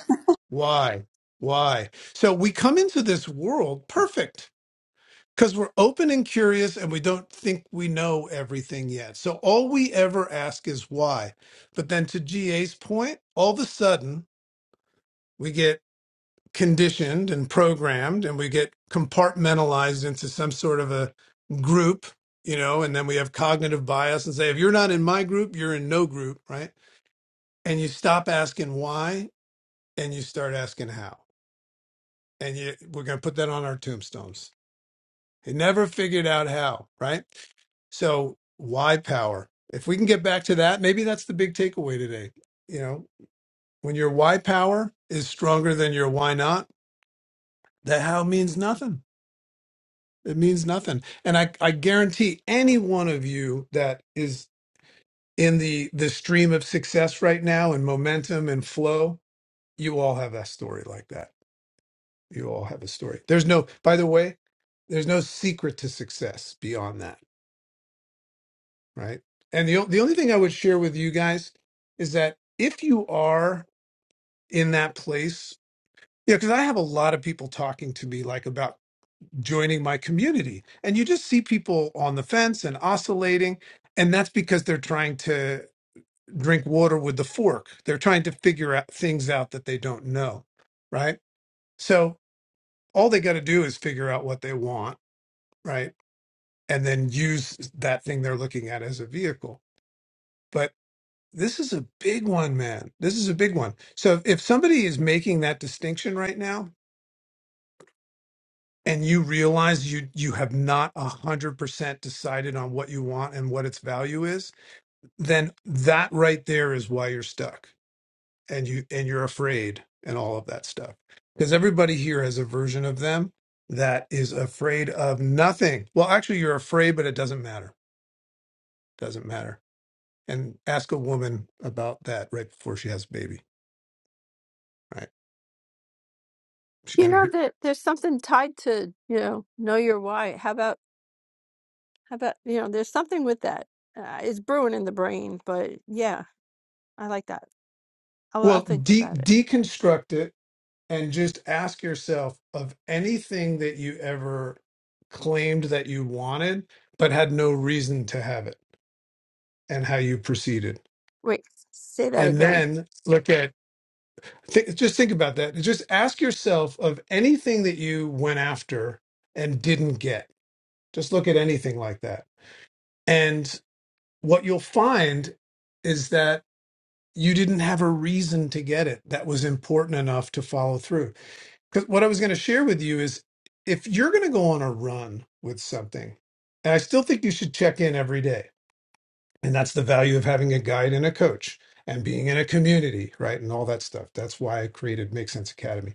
[SPEAKER 14] why, why? So we come into this world perfect because we're open and curious and we don't think we know everything yet. So all we ever ask is why. But then to GA's point, all of a sudden we get conditioned and programmed and we get compartmentalized into some sort of a group, you know, and then we have cognitive bias and say, if you're not in my group, you're in no group, right? and you stop asking why and you start asking how. And you, we're going to put that on our tombstones. He never figured out how, right? So, why power? If we can get back to that, maybe that's the big takeaway today. You know, when your why power is stronger than your why not, the how means nothing. It means nothing. And I, I guarantee any one of you that is in the the stream of success right now and momentum and flow, you all have that story like that You all have a story. There's no, by the way, there's no secret to success beyond that, right? And the o- the only thing I would share with you guys is that if you are in that place, you know, because I have a lot of people talking to me like about joining my community, and you just see people on the fence and oscillating, and that's because they're trying to drink water with the fork. They're trying to figure out things out that they don't know, right? So all they got to do is figure out what they want right? and then use that thing they're looking at as a vehicle. But this is a big one, man. This is a big one. So if somebody is making that distinction right now and you realize you you have not a hundred percent decided on what you want and what its value is, then that right there is why you're stuck and you and you're afraid and all of that stuff. Because everybody here has a version of them that is afraid of nothing. Well, actually you're afraid, but it doesn't matter. Doesn't matter and ask a woman about that right before she has a baby. Right? She's
[SPEAKER 7] You
[SPEAKER 14] gonna
[SPEAKER 7] know
[SPEAKER 14] be
[SPEAKER 7] that there's something tied to you know know your why. How about how about you know there's something with that. Uh, it's brewing in the brain, but yeah, I like that. I'll, I'll
[SPEAKER 14] well
[SPEAKER 7] think
[SPEAKER 14] de-
[SPEAKER 7] about it.
[SPEAKER 14] deconstruct it and just ask yourself of anything that you ever claimed that you wanted but had no reason to have it and how you proceeded.
[SPEAKER 7] Wait, say that
[SPEAKER 14] And
[SPEAKER 7] again.
[SPEAKER 14] then look at th- just think about that. Just ask yourself of anything that you went after and didn't get. Just look at anything like that. And what you'll find is that you didn't have a reason to get it that was important enough to follow through. Because what I was going to share with you is if you're going to go on a run with something, and I still think you should check in every day. And that's the value of having a guide and a coach and being in a community, right? And all that stuff. That's why I created Make Sense Academy.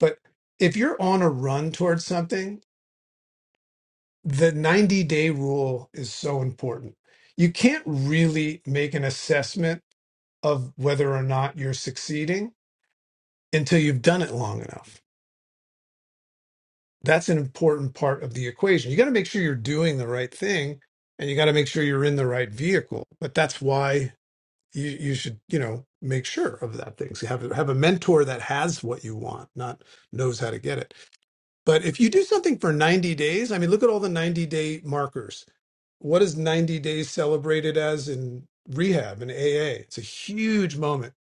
[SPEAKER 14] But if you're on a run towards something, the 90 day rule is so important. You can't really make an assessment of whether or not you're succeeding until you've done it long enough. That's an important part of the equation. You got to make sure you're doing the right thing and you got to make sure you're in the right vehicle. But that's why you, you should, you know, make sure of that thing. So have, a- have a mentor that has what you want, not knows how to get it. But if you do something for 90 days, I mean, look at all the 90 day markers what is 90 days celebrated as in rehab and AA? It's a huge moment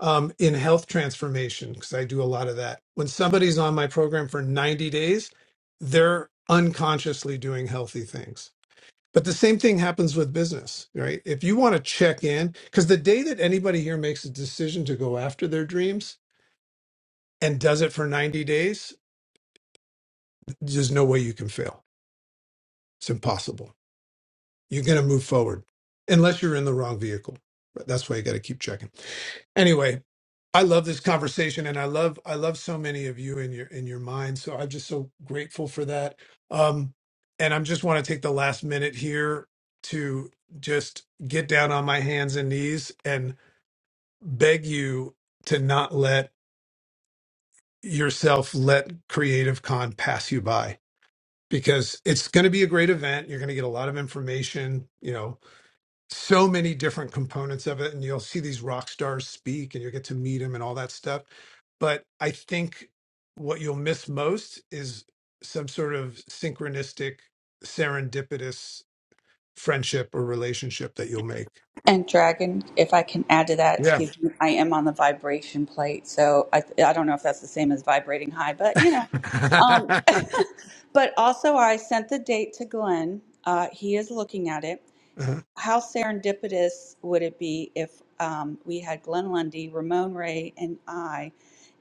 [SPEAKER 14] um, in health transformation because I do a lot of that. When somebody's on my program for 90 days, they're unconsciously doing healthy things. But the same thing happens with business, right? If you want to check in, because the day that anybody here makes a decision to go after their dreams and does it for 90 days, there's no way you can fail. It's impossible. you're going to move forward unless you're in the wrong vehicle. But that's why you got to keep checking. Anyway, I love this conversation and I love I love so many of you in your in your mind. So I'm just so grateful for that. Um and I'm just want to take the last minute here to just get down on my hands and knees and beg you to not let yourself let creative con pass you by because it's going to be a great event you're going to get a lot of information you know so many different components of it and you'll see these rock stars speak and you'll get to meet them and all that stuff but i think what you'll miss most is some sort of synchronistic serendipitous friendship or relationship that you'll make
[SPEAKER 1] And dragon, if I can add to that,
[SPEAKER 14] yeah
[SPEAKER 1] excuse me, I am on the vibration plate, so I I don't know if that's the same as vibrating high, but you know. Um, but also, I sent the date to Glenn. Uh, he is looking at it
[SPEAKER 14] Uh-huh.
[SPEAKER 1] how serendipitous would it be if um, we had Glenn Lundy, Ramon Ray, and I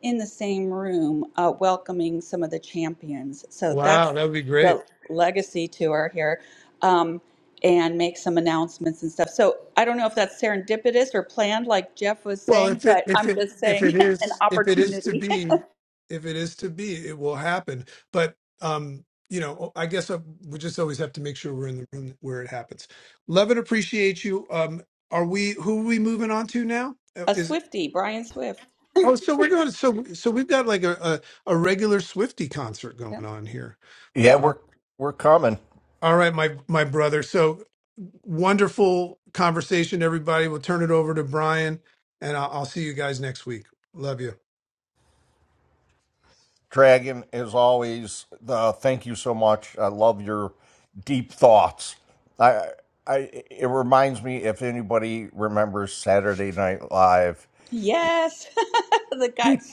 [SPEAKER 1] in the same room uh, welcoming some of the champions? So
[SPEAKER 14] wow
[SPEAKER 1] that's
[SPEAKER 14] that would be great
[SPEAKER 1] the legacy tour here. Um, and make some announcements and stuff. So I don't know if that's serendipitous or planned, like Jeff was
[SPEAKER 14] Well,
[SPEAKER 1] saying,
[SPEAKER 14] if it
[SPEAKER 1] but
[SPEAKER 14] if
[SPEAKER 1] I'm
[SPEAKER 14] it
[SPEAKER 1] just
[SPEAKER 14] if it
[SPEAKER 1] saying an
[SPEAKER 14] is if it is to
[SPEAKER 1] opportunity.
[SPEAKER 14] be, if it is to be, it will happen. But um, you know, I guess uh we just always have to make sure we're in the room where it happens. Love and appreciate you. Um, are we who are we moving on to now? Uh,
[SPEAKER 1] A
[SPEAKER 14] Is
[SPEAKER 1] Swifty, Brian Swift.
[SPEAKER 14] oh, so we're going. So so we've got like a a, a regular Swifty concert going
[SPEAKER 1] Yep.
[SPEAKER 14] on here.
[SPEAKER 19] Yeah,
[SPEAKER 14] Uh,
[SPEAKER 19] we're we're coming.
[SPEAKER 14] All right, my my brother. So wonderful conversation, everybody. We'll turn it over to Brian, and I'll, I'll see you guys next week. Love you.
[SPEAKER 19] Dragon, as always, uh, thank you so much. I love your deep thoughts. I, I, it reminds me if anybody remembers Saturday Night Live,
[SPEAKER 1] Yes, the guy,
[SPEAKER 19] deep,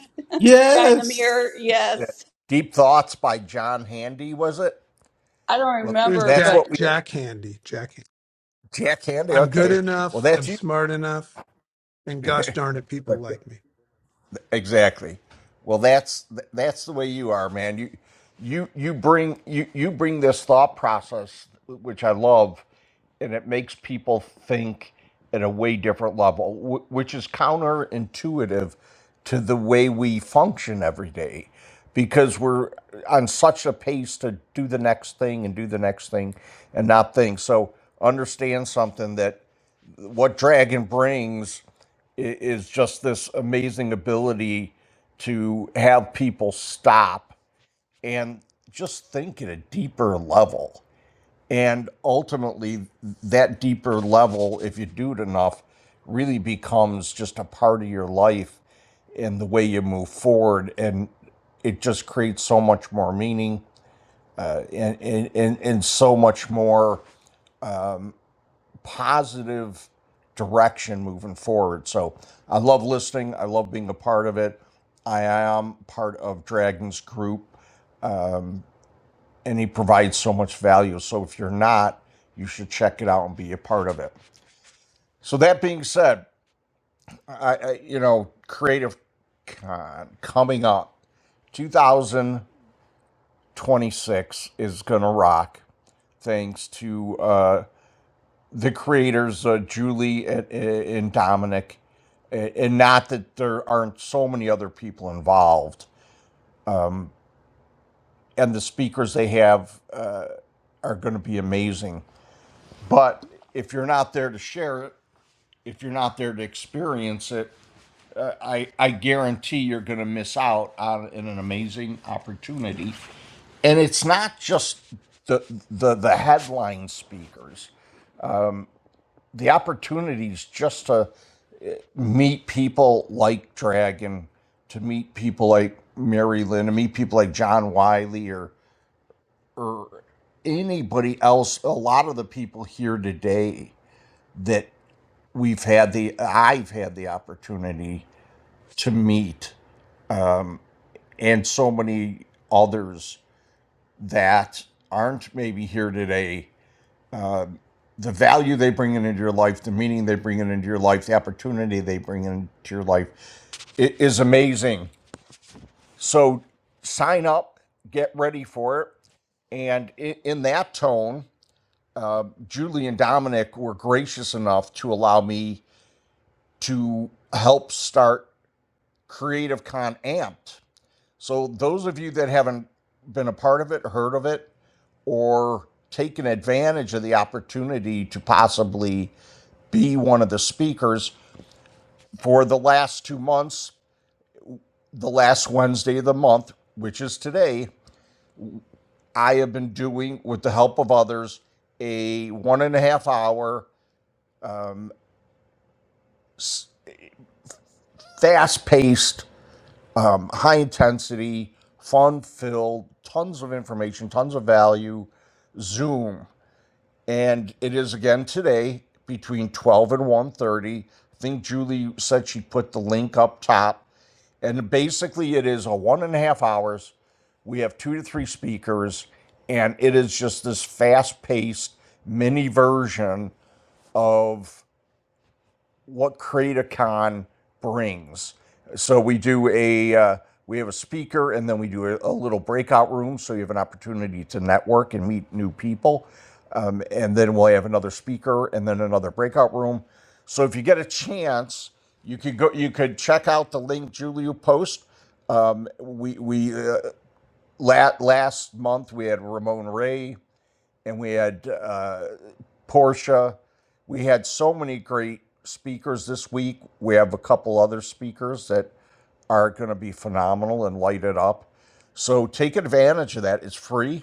[SPEAKER 1] the guy in the mirror.
[SPEAKER 10] Yes.
[SPEAKER 1] Yes,
[SPEAKER 19] deep thoughts by John Handy, was it?
[SPEAKER 1] I don't
[SPEAKER 19] Well,
[SPEAKER 14] It's
[SPEAKER 1] remember,
[SPEAKER 19] that's
[SPEAKER 14] Jack
[SPEAKER 19] what we
[SPEAKER 1] but
[SPEAKER 14] Jack Handy. Jack. Handy.
[SPEAKER 19] Jack Handy.
[SPEAKER 14] I'm good
[SPEAKER 19] Okay, well
[SPEAKER 14] enough. I'm
[SPEAKER 19] that's you.
[SPEAKER 14] smart enough. And gosh darn it, people
[SPEAKER 19] But
[SPEAKER 14] like me.
[SPEAKER 19] Exactly. Well, that's that's the way you are, man. You you you bring you you bring this thought process, which I love, and it makes people think at a way different level, wh- which is counterintuitive to the way we function every day, because we're on such a pace to do the next thing and do the next thing and not think. So understand something that what Dragon brings is just this amazing ability to have people stop and just think at a deeper level. And ultimately, that deeper level, if you do it enough, really becomes just a part of your life and the way you move forward. And it just creates so much more meaning uh, and, and, and, and so much more. positive direction moving forward. So I love listening. I love being a part of it. I am part of Dragon's group and he provides so much value. So if you're not, you should check it out and be a part of it. So that being said, I, I you know, creative con coming up 2026 is gonna rock thanks to uh the creators, uh, Julie and, and Dominic, and not that there aren't so many other people involved. And the speakers they have uh, are going to be amazing. But if you're not there to share it, if you're not there to experience it, I, I guarantee you're going to miss out on an amazing opportunity. And it's not just the, the, the headline speakers, the opportunities just to meet people like Dragon, to meet people like Mary Lynn, to meet people like John Wiley or or anybody else, a lot of the people here today that we've had the I've had the opportunity to meet and so many others that aren't maybe here today. The value they bring into your life, the meaning they bring into your life, the opportunity they bring into your life, it is amazing So sign up, get ready for it. And in, in that tone, uh, Julie and Dominic were gracious enough to allow me to help start Creative Con Amped. So, those of you that haven't been a part of it, heard of it, or taken advantage of the opportunity to possibly be one of the speakers for the last two months, the last Wednesday of the month, which is today, I have been doing, with the help of others, a one and a half hour, um, fast paced, um, high intensity, fun filled, tons of information, tons of value Zoom. And it is again today between 12 and one thirty. I think Julie said she put the link up top. And basically it is a one and a half hours. We have two to three speakers, and it is just this fast paced mini version of what CreatorCon brings. So we do a uh, we have a speaker, and then we do a, a little breakout room, so you have an opportunity to network and meet new people. Um, and then we'll have another speaker, and then another breakout room. So if you get a chance, you could go. You could check out the link Julia post. Um, we we uh, la- last month we had Ramon Ray and we had uh, Portia. We had so many great speakers this week. We have a couple other speakers that are going to be phenomenal and light it up. So take advantage of that. It's free.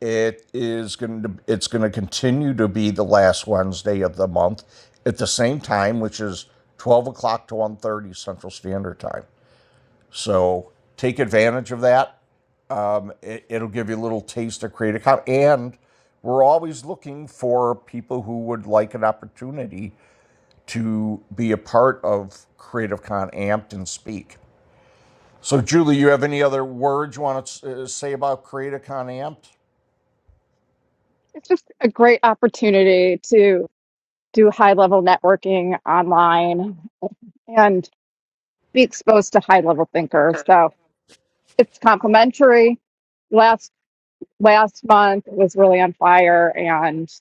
[SPEAKER 19] It is going to it's going to continue to be the last Wednesday of the month at the same time, which is 12 o'clock to one thirty Central Standard Time. So take advantage of that. Um, it, it'll give you a little taste of creative com, and we're always looking for people who would like an opportunity to be a part of Creative Con Amped and speak. So, Julie, you have any other words you want to uh, say about Creative Con Amped?
[SPEAKER 16] It's just a great opportunity to do high level networking online and be exposed to high level thinkers. So it's complimentary. Last last month was really on fire and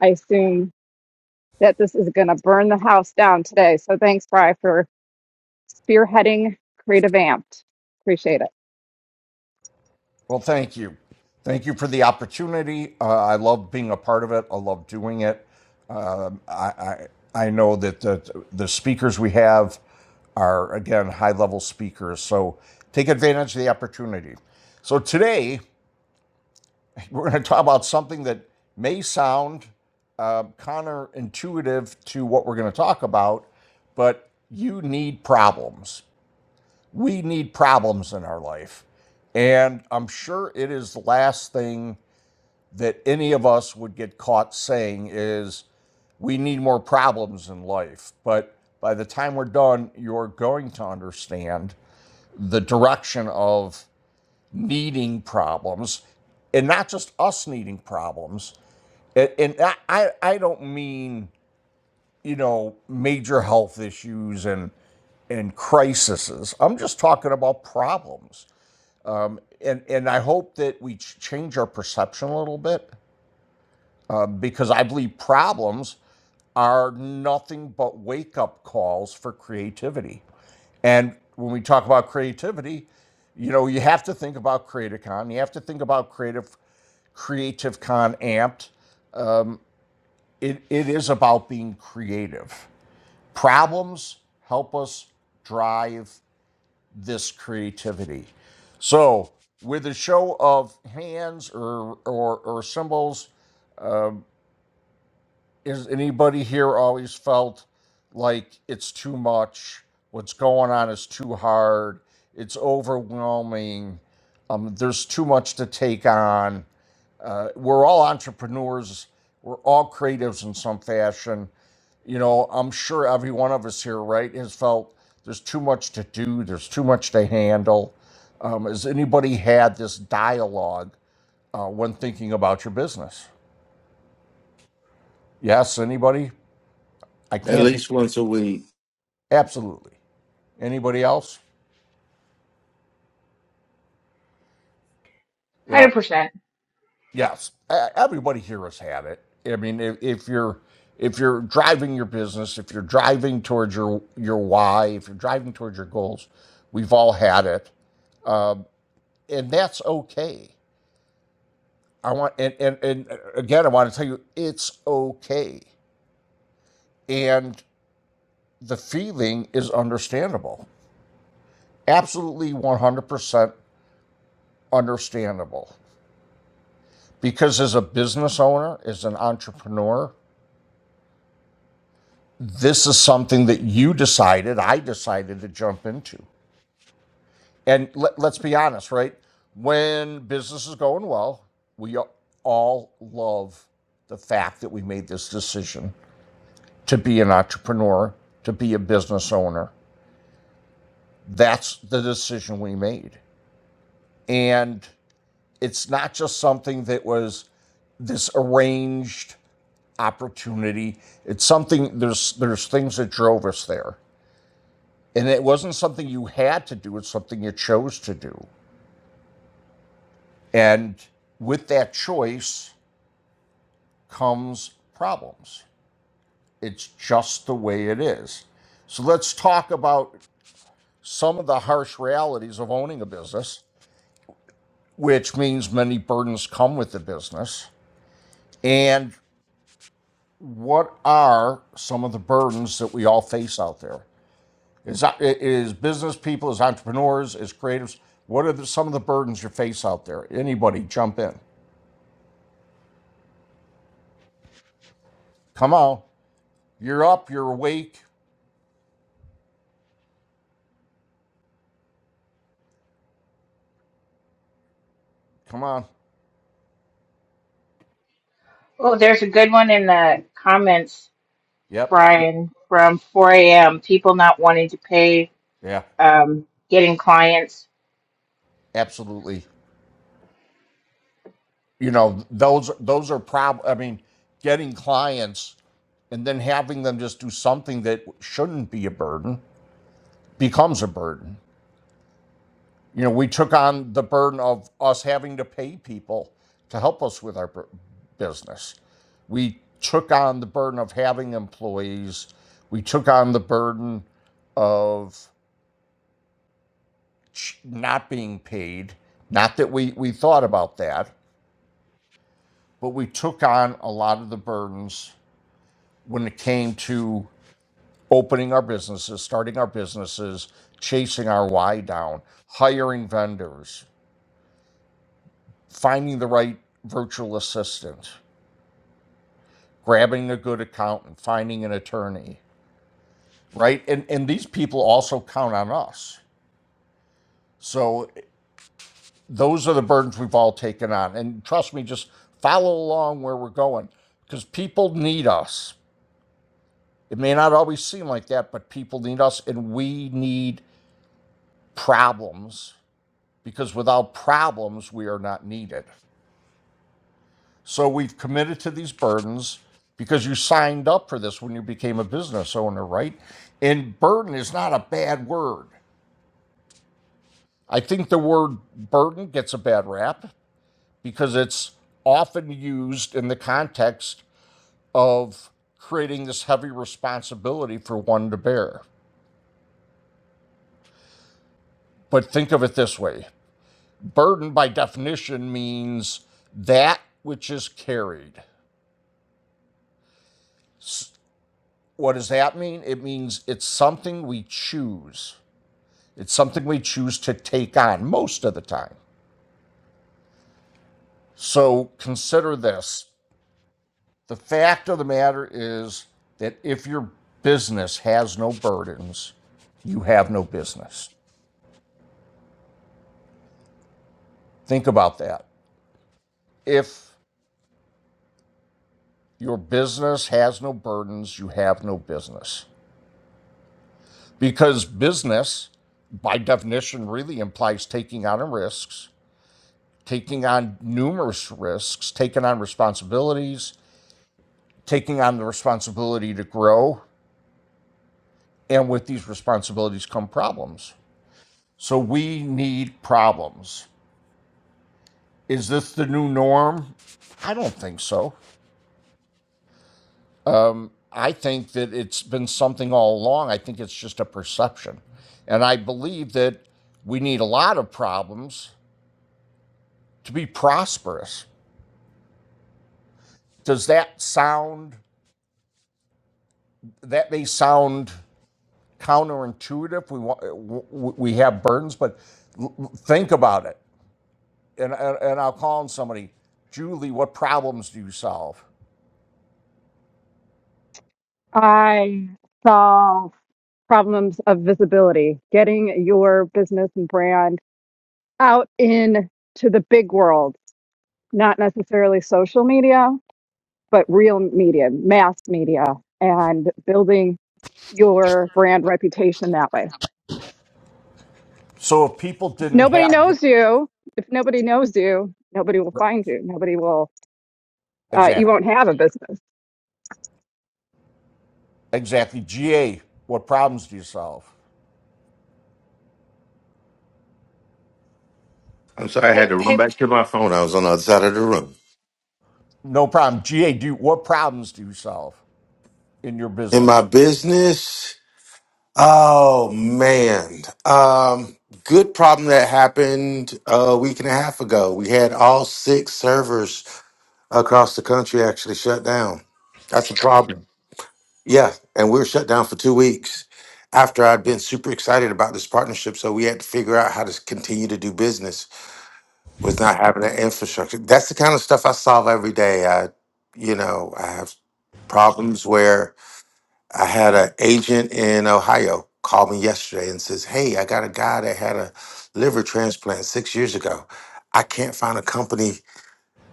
[SPEAKER 16] I assume that this is gonna burn the house down today. So thanks, Bri, for. spearheading Creative Amped. Appreciate it.
[SPEAKER 19] Well, thank you. Thank you for the opportunity. Uh, I love being a part of it. I love doing it. Um, I, I I know that the the speakers we have are again high level speakers. So take advantage of the opportunity. So today we're going to talk about something that may sound uh, counterintuitive to what we're going to talk about, but you need problems we need problems in our life. And I'm sure it is the last thing that any of us would get caught saying is we need more problems in life. But by the time we're done, you're going to understand the direction of needing problems and not just us needing problems. And, I I don't mean, you know, major health issues and and crises. I'm just talking about problems. and and I hope that we ch- change our perception a little bit uh, because I believe problems are nothing but wake up calls for creativity. And when we talk about creativity, you know, you have to think about CreativeCon. You have to think about creative CreativeCon Amped. Um, it, it is about being creative. Problems help us drive this creativity. So, with a show of hands or or, or symbols, is anybody here always felt like it's too much? What's going on is too hard. It's overwhelming. Um, there's too much to take on. Uh, we're all entrepreneurs. We're all creatives in some fashion you know, I'm sure every one of us here, right, has felt there's too much to do, there's too much to handle. Um, has anybody had this dialogue uh, when thinking about your business? Yes, anybody? I
[SPEAKER 10] At
[SPEAKER 19] can't be.
[SPEAKER 10] least once a week.
[SPEAKER 19] Absolutely. Anybody else? Well, yes. E- Everybody here has had it. I mean, if, if you're if you're driving your business, if you're driving towards your your why, if you're driving towards your goals, we've all had it, and that's okay I want and, and and uh, again I want to tell you it's okay. And the feeling is understandable. Absolutely 100% understandable. Because as a business owner, as an entrepreneur, this is something that you decided, I decided to jump into. And let, let's be honest, right? When business is going well, we all love the fact that we made this decision to be an entrepreneur, to be a business owner That's the decision we made. And it's not just something that was this arranged opportunity. It's something there's there's things that drove us there. And it wasn't something you had to do, it's something you chose to do. And with that choice comes problems. It's just the way it is. So let's talk about some of the harsh realities of owning a business, which means many burdens come with the business. And what are some of the burdens that we all face out there? Is that it is business people, as entrepreneurs, as creatives, what are the, some of the burdens you face out there? Anybody jump in. Come on. You're up, you're awake. Come on.
[SPEAKER 18] Oh, there's a good one in the comments,
[SPEAKER 19] Yep.
[SPEAKER 18] Brian, from 4 a.m. People not wanting to pay,
[SPEAKER 19] Yeah.
[SPEAKER 18] um, getting clients.
[SPEAKER 19] Absolutely. You know, those those are prob I mean, getting clients and then having them just do something that shouldn't be a burden becomes a burden. You know, we took on the burden of us having to pay people to help us with our business. We took on the burden of having employees. We took on the burden of not being paid. Not that we, we thought about that, but we took on a lot of the burdens when it came to opening our businesses, starting our businesses, chasing our why down, hiring vendors, finding the right virtual assistant grabbing a good accountant, finding an attorney, right? And and these people also count on us. So those are the burdens we've all taken on. And trust me, just follow along where we're going because people need us. It may not always seem like that, but people need us and we need problems because without problems, we are not needed. So we've committed to these burdens because you signed up for this when you became a business owner, right? And burden is not a bad word. I think the word burden gets a bad rap because it's often used in the context of creating this heavy responsibility for one to bear. But think of it this way burden, by definition, means that which is carried. What does that mean? It means it's something we choose, it's something we choose to take on most of the time. So consider this The fact of the matter is that if your business has no burdens, you have no business. Think about that. If your business has no burdens, you have no business. Because business, by definition, really implies taking on risks, taking on numerous risks, taking on responsibilities, taking on the responsibility to grow. And with these responsibilities come problems. So we need problems. Is this the new norm? I don't think so. I think that it's been something all along. I think it's just a perception. And I believe that we need a lot of problems to be prosperous. Does that sound, that may sound counterintuitive. We, want, we have burdens, but think about it. And, and, I'll call on somebody, Julie, what problems do you solve?
[SPEAKER 16] I solve problems of visibility, getting your business and brand out in to the big world, not necessarily social media, but real media, mass media, and building your brand reputation that way.
[SPEAKER 19] So if people didn't
[SPEAKER 16] Nobody
[SPEAKER 19] have,
[SPEAKER 16] knows you. If nobody knows you, nobody will find you. Nobody will, uh,
[SPEAKER 19] exactly.
[SPEAKER 16] you won't have a business.
[SPEAKER 19] Exactly. GA, what problems do you solve?
[SPEAKER 10] I'm sorry, I had to run back to my phone. I was on the other side of the room.
[SPEAKER 19] No problem. GA, do you, what problems do you solve in your
[SPEAKER 10] In my
[SPEAKER 19] business?
[SPEAKER 10] business, oh man, um, good problem that happened a week and a half ago. We had all six servers across the country actually shut down. That's a problem. Yeah, and we were shut down for two weeks after I'd been super excited about this partnership. So we had to figure out how to continue to do business. was not having that infrastructure. That's the kind of stuff I solve every day. I, you know, I have problems where I had an agent in Ohio call me yesterday and says, "Hey, I got a guy that had a liver transplant six years ago. I can't find a company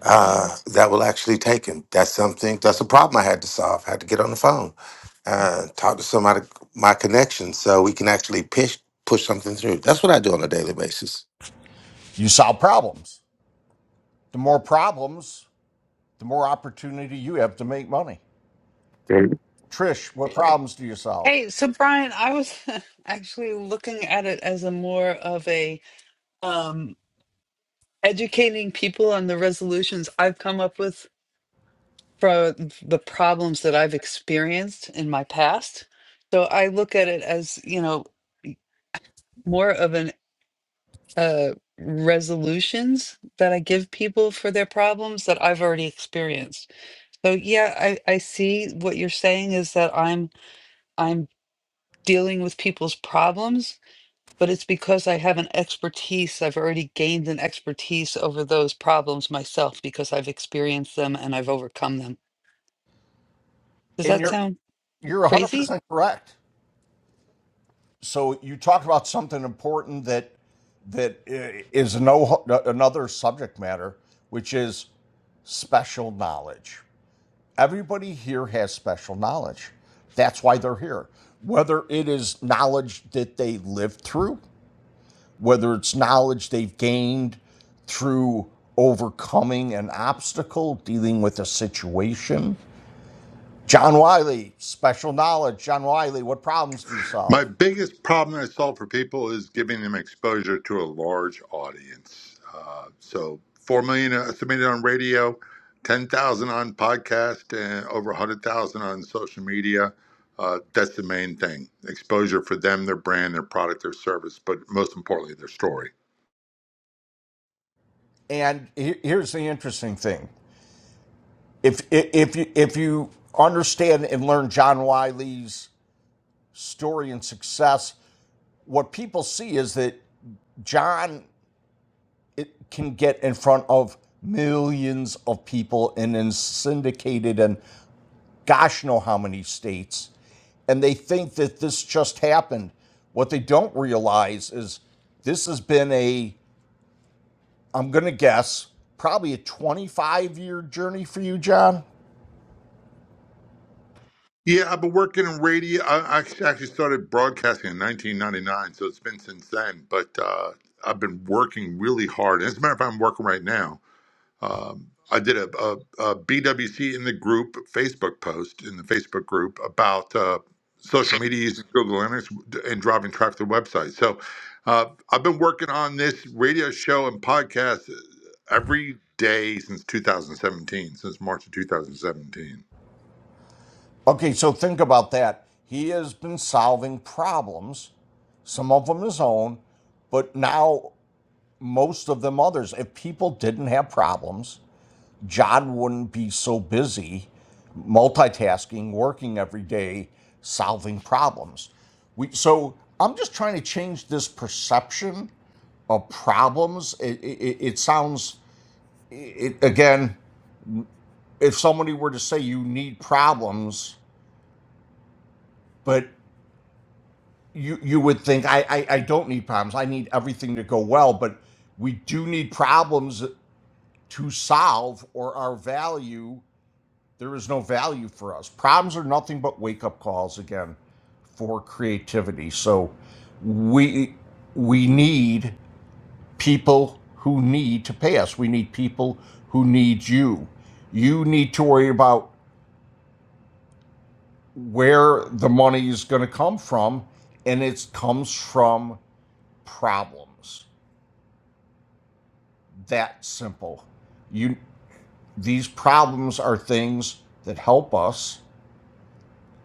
[SPEAKER 10] uh, that will actually take him." That's something. That's a problem I had to solve. I had to get on the phone, uh, talk to somebody, my connections, so we can actually push push something through. That's what I do on a daily basis.
[SPEAKER 19] You solve problems. The more problems, the more opportunity you have to make money.
[SPEAKER 10] Hey,
[SPEAKER 19] Trish, what problems do you solve?
[SPEAKER 2] Hey, so Brian, I was actually looking at it as a more of a um, educating people on the resolutions I've come up with for the problems that I've experienced in my past. So I look at it as, you know, more of an uh, resolutions that I give people for their problems that I've already experienced. So yeah, I, I see what you're saying is that I'm I'm dealing with people's problems, but it's because I have an expertise. I've already gained an expertise over those problems myself because I've experienced them and I've overcome them. Does
[SPEAKER 19] And
[SPEAKER 2] that
[SPEAKER 19] you're
[SPEAKER 2] sound
[SPEAKER 19] you're
[SPEAKER 2] crazy?
[SPEAKER 19] 100% correct. So you talked about something important that that i- is no another subject matter, which is special knowledge. Everybody here has special knowledge. That's why they're here. Whether it is knowledge that they lived through, whether it's knowledge they've gained through overcoming an obstacle, dealing with a situation. John Wiley, special knowledge. John Wiley, what problems do you
[SPEAKER 20] My
[SPEAKER 19] solve?
[SPEAKER 20] biggest problem I solve for people is giving them exposure to a large audience. Uh, so, 4 million estimated on radio, 10,000 on podcast, and over 100,000 on social media. Uh, that's the main thing exposure for them, their brand, their product, their service, but most importantly, their story.
[SPEAKER 19] And here's the interesting thing: if if you if you understand and learn John Wiley's story and success, what people see is that John it can get in front of millions of people and is syndicated in gosh know how many states. And they think that this just happened. What they don't realize is this has been a, I'm going to guess, probably a 25 year journey for you, John.
[SPEAKER 20] Yeah, I've been working in radio. I I actually started broadcasting in 1999, so it's been since then, but uh, I've been working really hard. As a matter of fact, I'm working right now Um, I did a, BWC in the group Facebook post in the Facebook group about uh, social media using Google Analytics and driving traffic to the website. So uh, I've been working on this radio show and podcast uh, every day since 2017, since March of 2017.
[SPEAKER 19] Okay, so think about that. He has been solving problems, some of them his own, but now most of them others. If people didn't have problems, John wouldn't be so busy multitasking, working every day, solving problems. We, so I'm just trying to change this perception of problems. It, it, it sounds, it, again, if somebody were to say you need problems, but you, you would think, I, I, I don't need problems. I need everything to go well, but we do need problems to solve or our value There is no value for us. Problems are nothing but wake up calls again for creativity. So we we need people who need to pay us. We need people who need you. You need to worry about where the money is going to come from and it comes from problems. That simple. You these problems are things that help us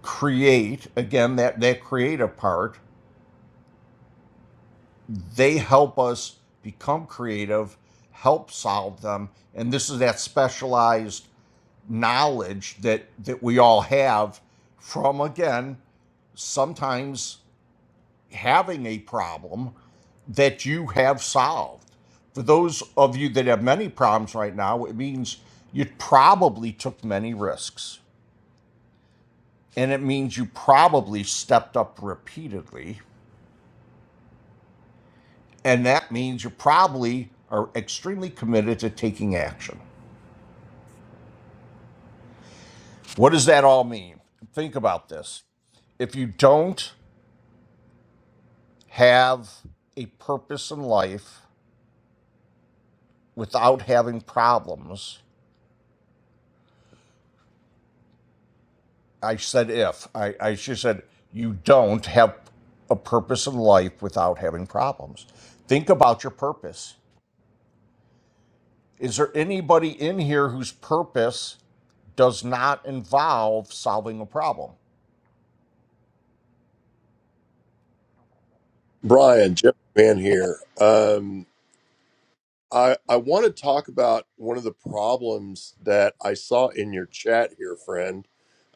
[SPEAKER 19] create again that that creative part they help us become creative, help solve them, and this is that specialized knowledge that that we all have from again sometimes having a problem that you have solved. For those of you that have many problems right now, it means you probably took many risks. And it means you probably stepped up repeatedly. And that means you probably are extremely committed to taking action. What does that all mean? Think about this. If you don't have a purpose in life without having problems, I said if, I, I should said you don't have a purpose in life without having problems. Think about your purpose. Is there anybody in here whose purpose does not involve solving a problem?
[SPEAKER 17] Brian, Jeff Van here. Um, I, I want to talk about one of the problems that I saw in your chat here, friend,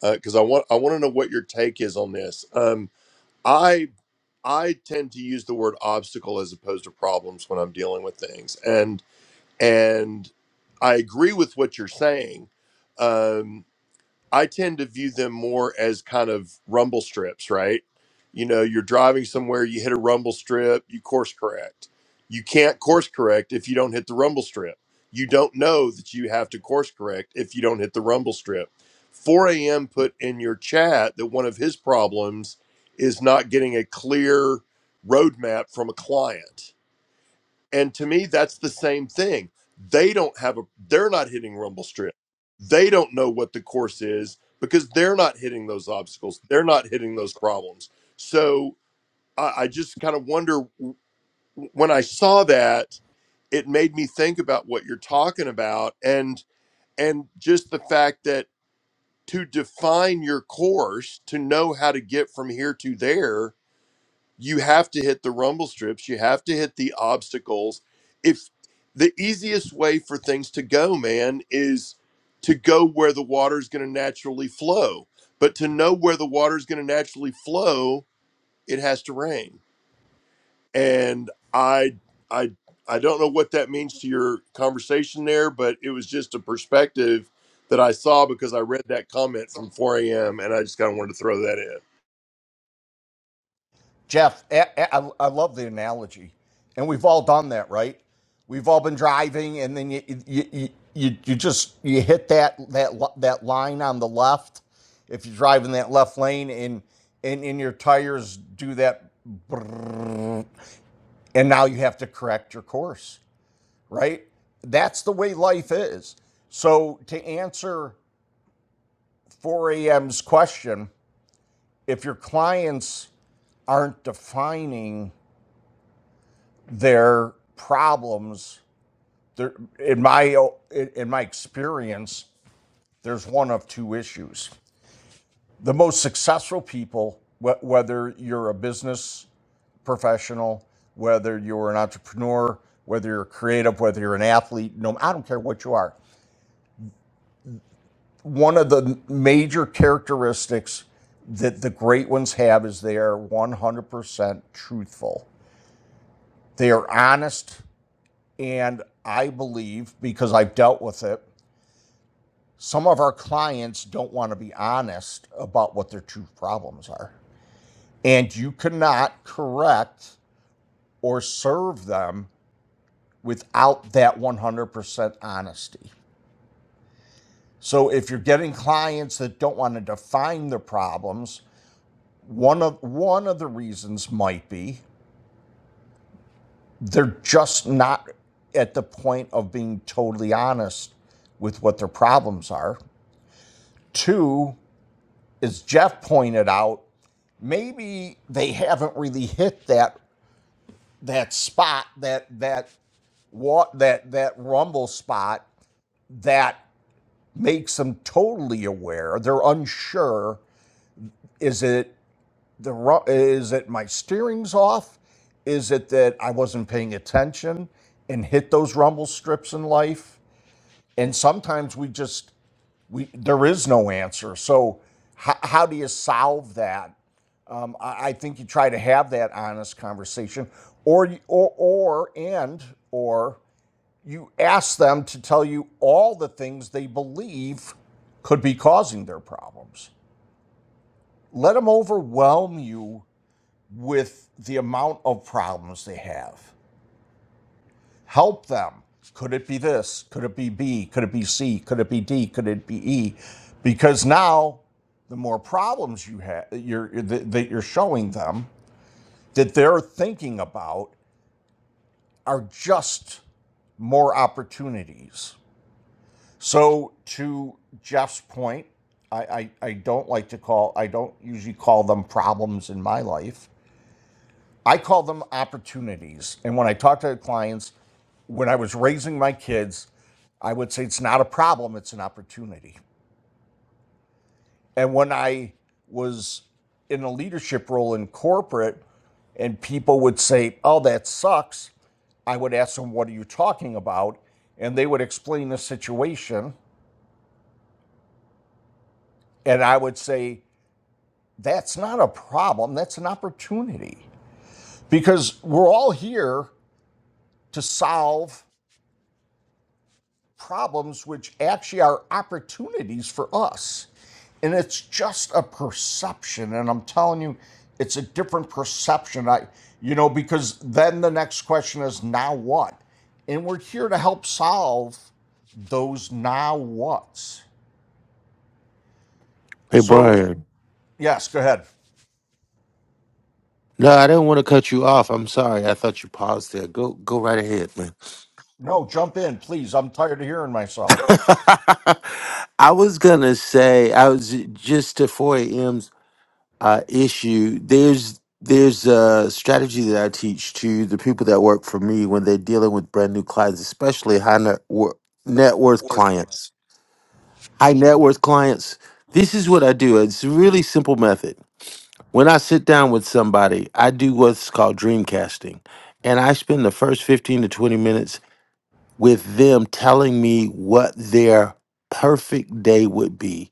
[SPEAKER 17] because I want I want to know what your take is on this. Um, I I tend to use the word obstacle as opposed to problems when I'm dealing with things, and and I agree with what you're saying. Um, I tend to view them more as kind of rumble strips, right? You know, you're driving somewhere, you hit a rumble strip, you course correct. You can't course correct if you don't hit the rumble strip. You don't know that you have to course correct if you don't hit the rumble strip. 4am put in your chat that one of his problems is not getting a clear roadmap from a client and to me, that's the same thing. They don't have a, they're not hitting rumble strip. They don't know what the course is because they're not hitting those obstacles. They're not hitting those problems. So I, I just kind of wonder w- when I saw that, it made me think about what you're talking about and, and just the fact that to define your course, to know how to get from here to there, you have to hit the rumble strips you have to hit the obstacles if the easiest way for things to go man is to go where the water is going to naturally flow but to know where the water is going to naturally flow it has to rain and i i i don't know what that means to your conversation there but it was just a perspective that i saw because i read that comment from 4am and i just kind of wanted to throw that in
[SPEAKER 19] Jeff, I I, I love the analogy, and we've all done that, right? We've all been driving, and then you you you, you you just you hit that that that line on the left if you drive in that left lane, and and and your tires do that, brrrr, and now you have to correct your course, right? That's the way life is. So to answer 4 a.m.'s question, if your clients aren't defining their problems there in my in in my experience there's one of two issues the most successful people wh- whether you're a business professional whether you're an entrepreneur whether you're creative whether you're an athlete no I don't care what you are one of the major characteristics that the great ones have is they are 100% truthful they are honest and I believe because I've dealt with it Some of our clients don't want to be honest about what their true problems are. And you cannot correct or serve them without that 100% honesty. So if you're getting clients that don't want to define their problems, one of one of the reasons might be they're just not at the point of being totally honest with what their problems are. Two, as Jeff pointed out, maybe they haven't really hit that that spot that that what that that rumble spot that makes them totally aware they're unsure is it the ru- is it my steering's off is it that i wasn't paying attention and hit those rumble strips in life and sometimes we just we there is no answer so how, how do you solve that Um, I, I think you try to have that honest conversation, or or or and or you ask them to tell you all the things they believe could be causing their problems. Let them overwhelm you with the amount of problems they have. Help them. Could it be this? Could it be B? Could it be C? Could it be D? Could it be E? Because now the more problems you have you're, that you're showing them that they're thinking about are just more opportunities. So, to Jeff's point, I, I, I don't like to call, I don't usually call them problems in my life. I call them opportunities. And when I talk to clients, when I was raising my kids, I would say it's not a problem, it's an opportunity. And when I was in a leadership role in corporate, and people would say, oh, that sucks, I would ask them, What are you talking about? And they would explain the situation. And I would say, That's not a problem. That's an opportunity. Because we're all here to solve problems which actually are opportunities for us. And it's just a perception. And I'm telling you, it's a different perception. I, you know, because then the next question is, Now what? And we're here to help solve those now what's. So
[SPEAKER 10] Brian.
[SPEAKER 19] Yes, go ahead.
[SPEAKER 10] No, I didn't want to cut you off. I'm sorry. I thought you paused there. Go go right ahead, man.
[SPEAKER 19] No, jump in, please. I'm tired of hearing myself.
[SPEAKER 10] I was gonna say I was just to 4AM's uh, issue. There's there's a strategy that I teach to the people that work for me when they're dealing with brand new clients, especially high net, wor- net worth clients. High net worth clients. This is what I do. It's a really simple method. When I sit down with somebody, I do what's called dream casting. And I spend the first 15 to 20 minutes with them telling me what their perfect day would be.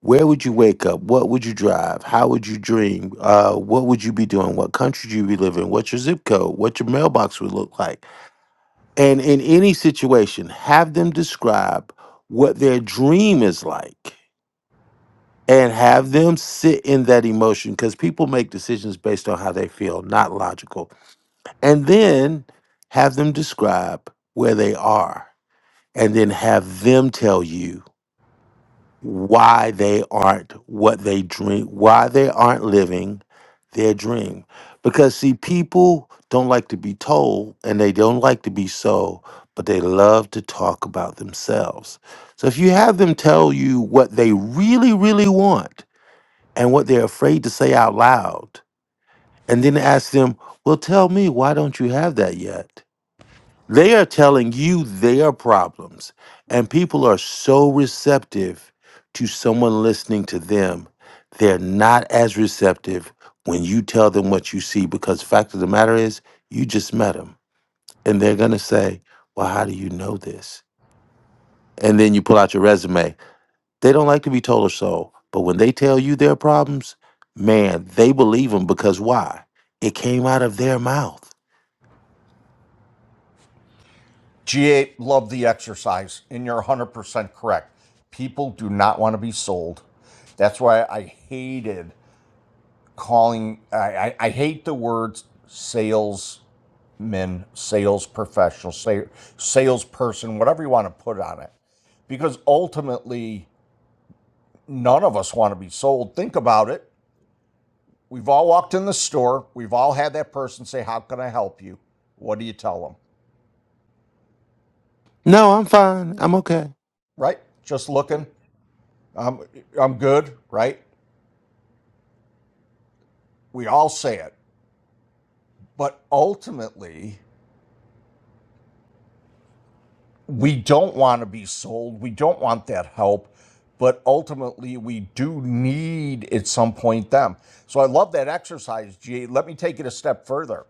[SPEAKER 10] Where would you wake up? What would you drive? How would you dream? Uh, what would you be doing? What country do you be living? What's your zip code? What your mailbox would look like? And in any situation, have them describe what their dream is like and have them sit in that emotion because people make decisions based on how they feel, not logical. And then have them describe where they are and then have them tell you why they aren't what they dream, why they aren't living their dream. Because, see, people don't like to be told and they don't like to be so, but they love to talk about themselves. So if you have them tell you what they really, really want, and what they're afraid to say out loud. And then ask them, well, tell me, why don't you have that yet? They are telling you their problems. And people are so receptive to someone listening to them. They're not as receptive when you tell them what you see because the fact of the matter is, you just met them. And they're going to say, well, how do you know this? And then you pull out your resume. They don't like to be told so. But when they tell you their problems, man, they believe them because why? It came out of their mouth.
[SPEAKER 19] G8, love the exercise, and you're 100% correct. People do not want to be sold. That's why I hated calling, I, I, I hate the words salesman, sales professional, sa- salesperson, whatever you want to put on it, because ultimately, none of us want to be sold. Think about it. We've all walked in the store. We've all had that person say, How can I help you? What do you tell them?
[SPEAKER 10] No, I'm fine. I'm okay.
[SPEAKER 19] Right? Just looking. I'm, I'm good, right? We all say it. But ultimately, we don't want to be sold. We don't want that help. But ultimately, we do need at some point them. So I love that exercise, G. Let me take it a step further.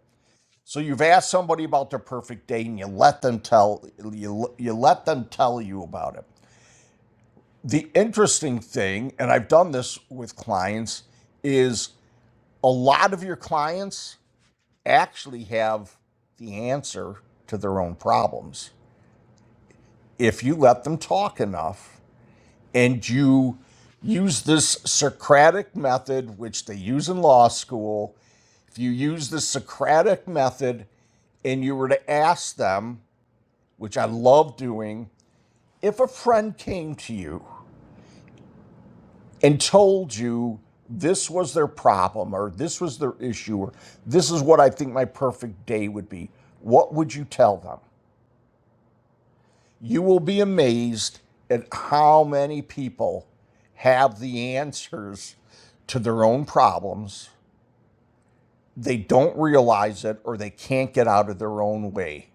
[SPEAKER 19] So you've asked somebody about their perfect day, and you let them tell you, you let them tell you about it. the interesting thing, and I've done this with clients, is a lot of your clients actually have the answer to their own problems. If you let them talk enough and you use this Socratic method, which they use in law school, if you use the Socratic method and you were to ask them, which I love doing, if a friend came to you and told you this was their problem or this was their issue or this is what I think my perfect day would be, what would you tell them? You will be amazed at how many people have the answers to their own problems. They don't realize it or they can't get out of their own way.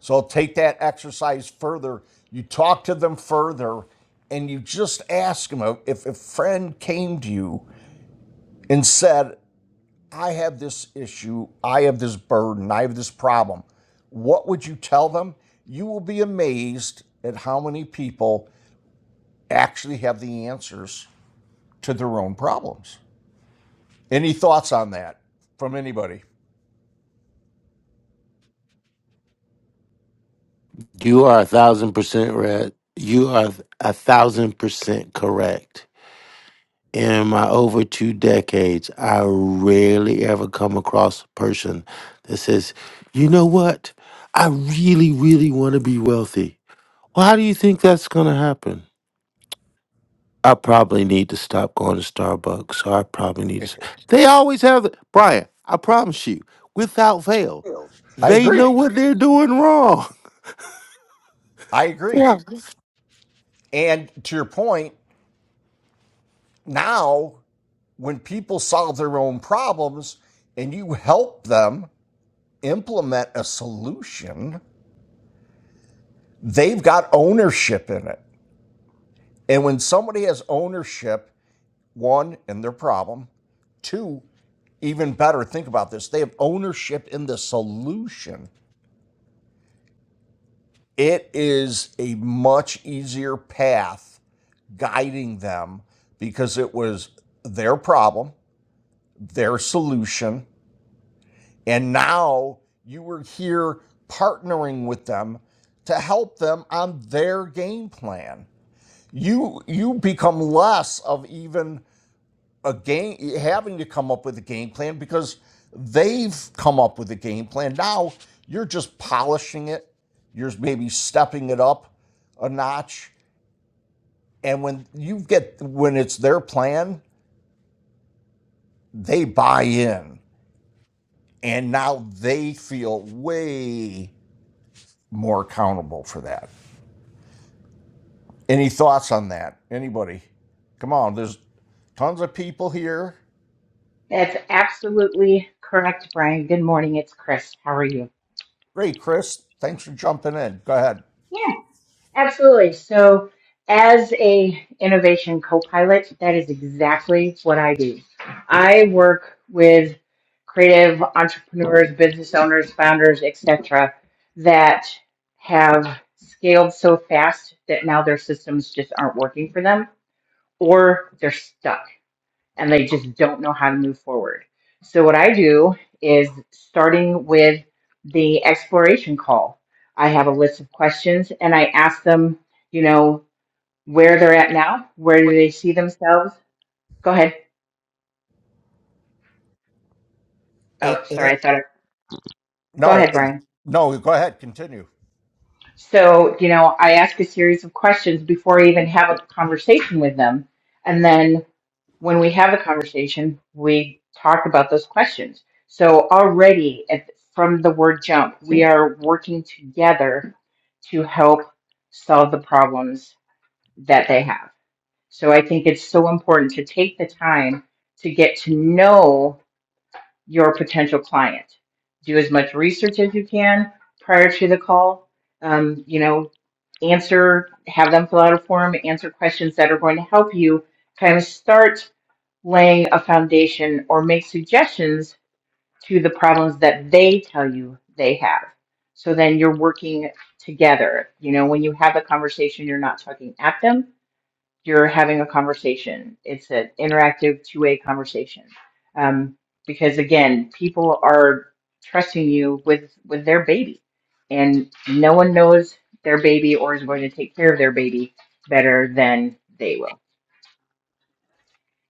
[SPEAKER 19] So take that exercise further. You talk to them further and you just ask them if a friend came to you and said, I have this issue, I have this burden, I have this problem. What would you tell them? You will be amazed at how many people actually have the answers to their own problems. Any thoughts on that from anybody?
[SPEAKER 10] You are a thousand percent red. You are a thousand percent correct. In my over two decades, I rarely ever come across a person that says, you know what? I really, really want to be wealthy. Well, how do you think that's going to happen? I probably need to stop going to Starbucks. So I probably need to. They always have it. Brian, I promise you, without fail,
[SPEAKER 19] I
[SPEAKER 10] they
[SPEAKER 19] agree.
[SPEAKER 10] know what they're doing wrong.
[SPEAKER 19] I agree.
[SPEAKER 10] Yeah.
[SPEAKER 19] And to your point, now when people solve their own problems and you help them implement a solution, they've got ownership in it. And when somebody has ownership one, in their problem. Two, even better, think about this they have ownership in the solution. It is a much easier path guiding them because it was their problem, their solution, and now you were here partnering with them to help them on their game plan. You you become less of even a game having to come up with a game plan because they've come up with a game plan now you're just polishing it you're maybe stepping it up a notch and when you get when it's their plan they buy in and now they feel way more accountable for that any thoughts on that anybody come on there's tons of people here
[SPEAKER 18] That's absolutely correct, Brian. Good morning. It's Chris. How are you?
[SPEAKER 19] great chris thanks for jumping in go ahead
[SPEAKER 18] Absolutely. So, as a innovation co-pilot, that is exactly what I do. I work with creative entrepreneurs, business owners, founders, etc., that have scaled so fast that now their systems just aren't working for them, or they're stuck and they just don't know how to move forward. So, what I do is starting with the exploration call, I have a list of questions and I ask them, you know, where they're at now, where do they see themselves? Go ahead.
[SPEAKER 19] And,
[SPEAKER 18] Oh,
[SPEAKER 19] and,
[SPEAKER 18] sorry, I thought. I, go
[SPEAKER 19] No,
[SPEAKER 18] ahead,
[SPEAKER 19] it-
[SPEAKER 18] Brian.
[SPEAKER 19] no, go ahead, continue.
[SPEAKER 18] So, you know, I ask a series of questions before I even have a conversation with them. And then when we have a conversation, we talk about those questions. So already at, from the word jump, we are working together to help solve the problems that they have. So I think it's so important to take the time to get to know your potential client. Do as much research as you can prior to the call. Um, you know, answer, have them fill out a form, answer questions that are going to help you kind of start laying a foundation or make suggestions to the problems that they tell you they have. So then you're working together. You know, when you have a conversation, you're not talking at them, you're having a conversation. It's an interactive two way conversation. Um, because again, people are trusting you with, with their baby, and no one knows their baby or is going to take care of their baby better than they will.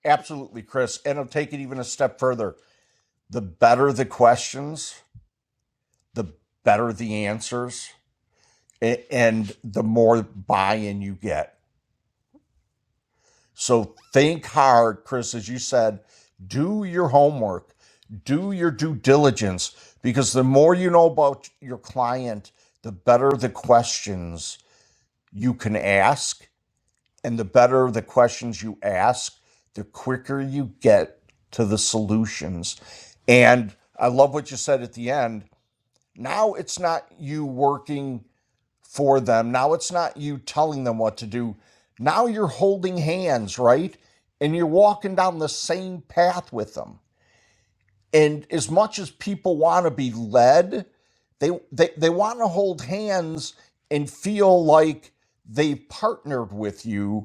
[SPEAKER 19] Absolutely, Chris. And I'll take it even a step further. The better the questions, the better the answers, a- and the more buy in you get. So think hard, Chris, as you said, do your homework, do your due diligence, because the more you know about your client, the better the questions you can ask And the better the questions you ask, the quicker you get to the solutions. And I love what you said at the end. Now it's not you working for them. Now it's not you telling them what to do. Now you're holding hands, right? And you're walking down the same path with them. And as much as people want to be led, they they, they want to hold hands and feel like they've partnered with you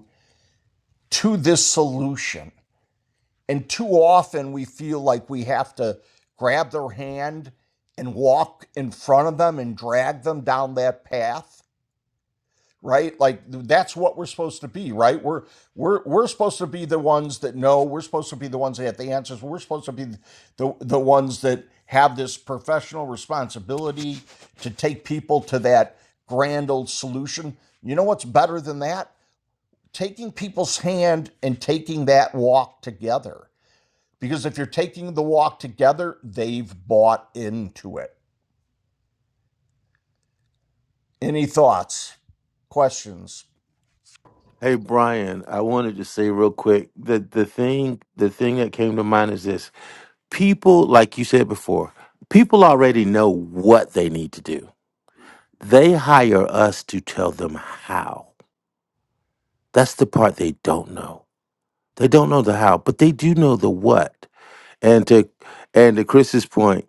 [SPEAKER 19] to this solution. And too often we feel like we have to grab their hand and walk in front of them and drag them down that path, right? Like that's what we're supposed to be, right? We're we're we're supposed to be the ones that know, we're supposed to be the ones that have the answers. We're supposed to be the the ones that have this professional responsibility to take people to that grand old solution. You know what's better than that? taking people's hand and taking that walk together. Because if you're taking the walk together, they've bought into it. Any thoughts, questions?
[SPEAKER 10] Hey Brian, I wanted to say real quick that the thing the thing that came to mind is this. People, like you said before, people already know what they need to do. They hire us to tell them how. That's the part they don't know. They don't know the how, but they do know the what. And to and to Chris's point,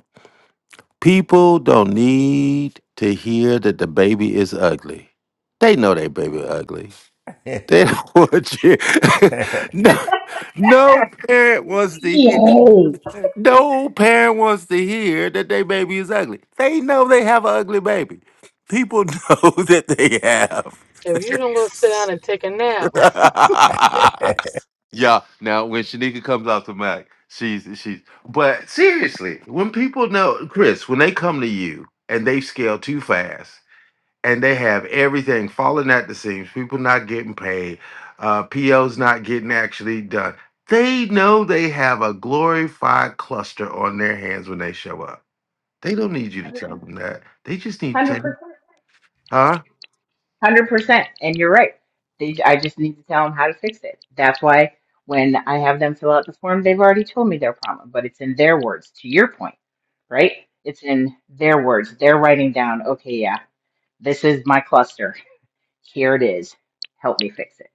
[SPEAKER 10] people don't need to hear that the baby is ugly. They know they baby ugly. They don't want you. no, no parent wants to hear.
[SPEAKER 18] Yay!
[SPEAKER 10] No parent wants to hear that their baby is ugly. They know they have an ugly baby. People know that they have.
[SPEAKER 21] If you don't go sit down and take a nap,
[SPEAKER 10] Yeah. Now when Shanika comes out the Mac, she's she's but seriously, when people know Chris, when they come to you and they scale too fast and they have everything falling at the seams, people not getting paid, uh POs not getting actually done. They know they have a glorified cluster on their hands when they show up. They don't need you to tell them that. They just need to tell you,
[SPEAKER 18] 100%.
[SPEAKER 10] huh?
[SPEAKER 18] Hundred percent, and you're right. They, I just need to tell them how to fix it. That's why when I have them fill out the form, they've already told me their problem, but it's in their words. To your point, right? It's in their words. They're writing down, okay, yeah, this is my cluster. Here it is. Help me fix it.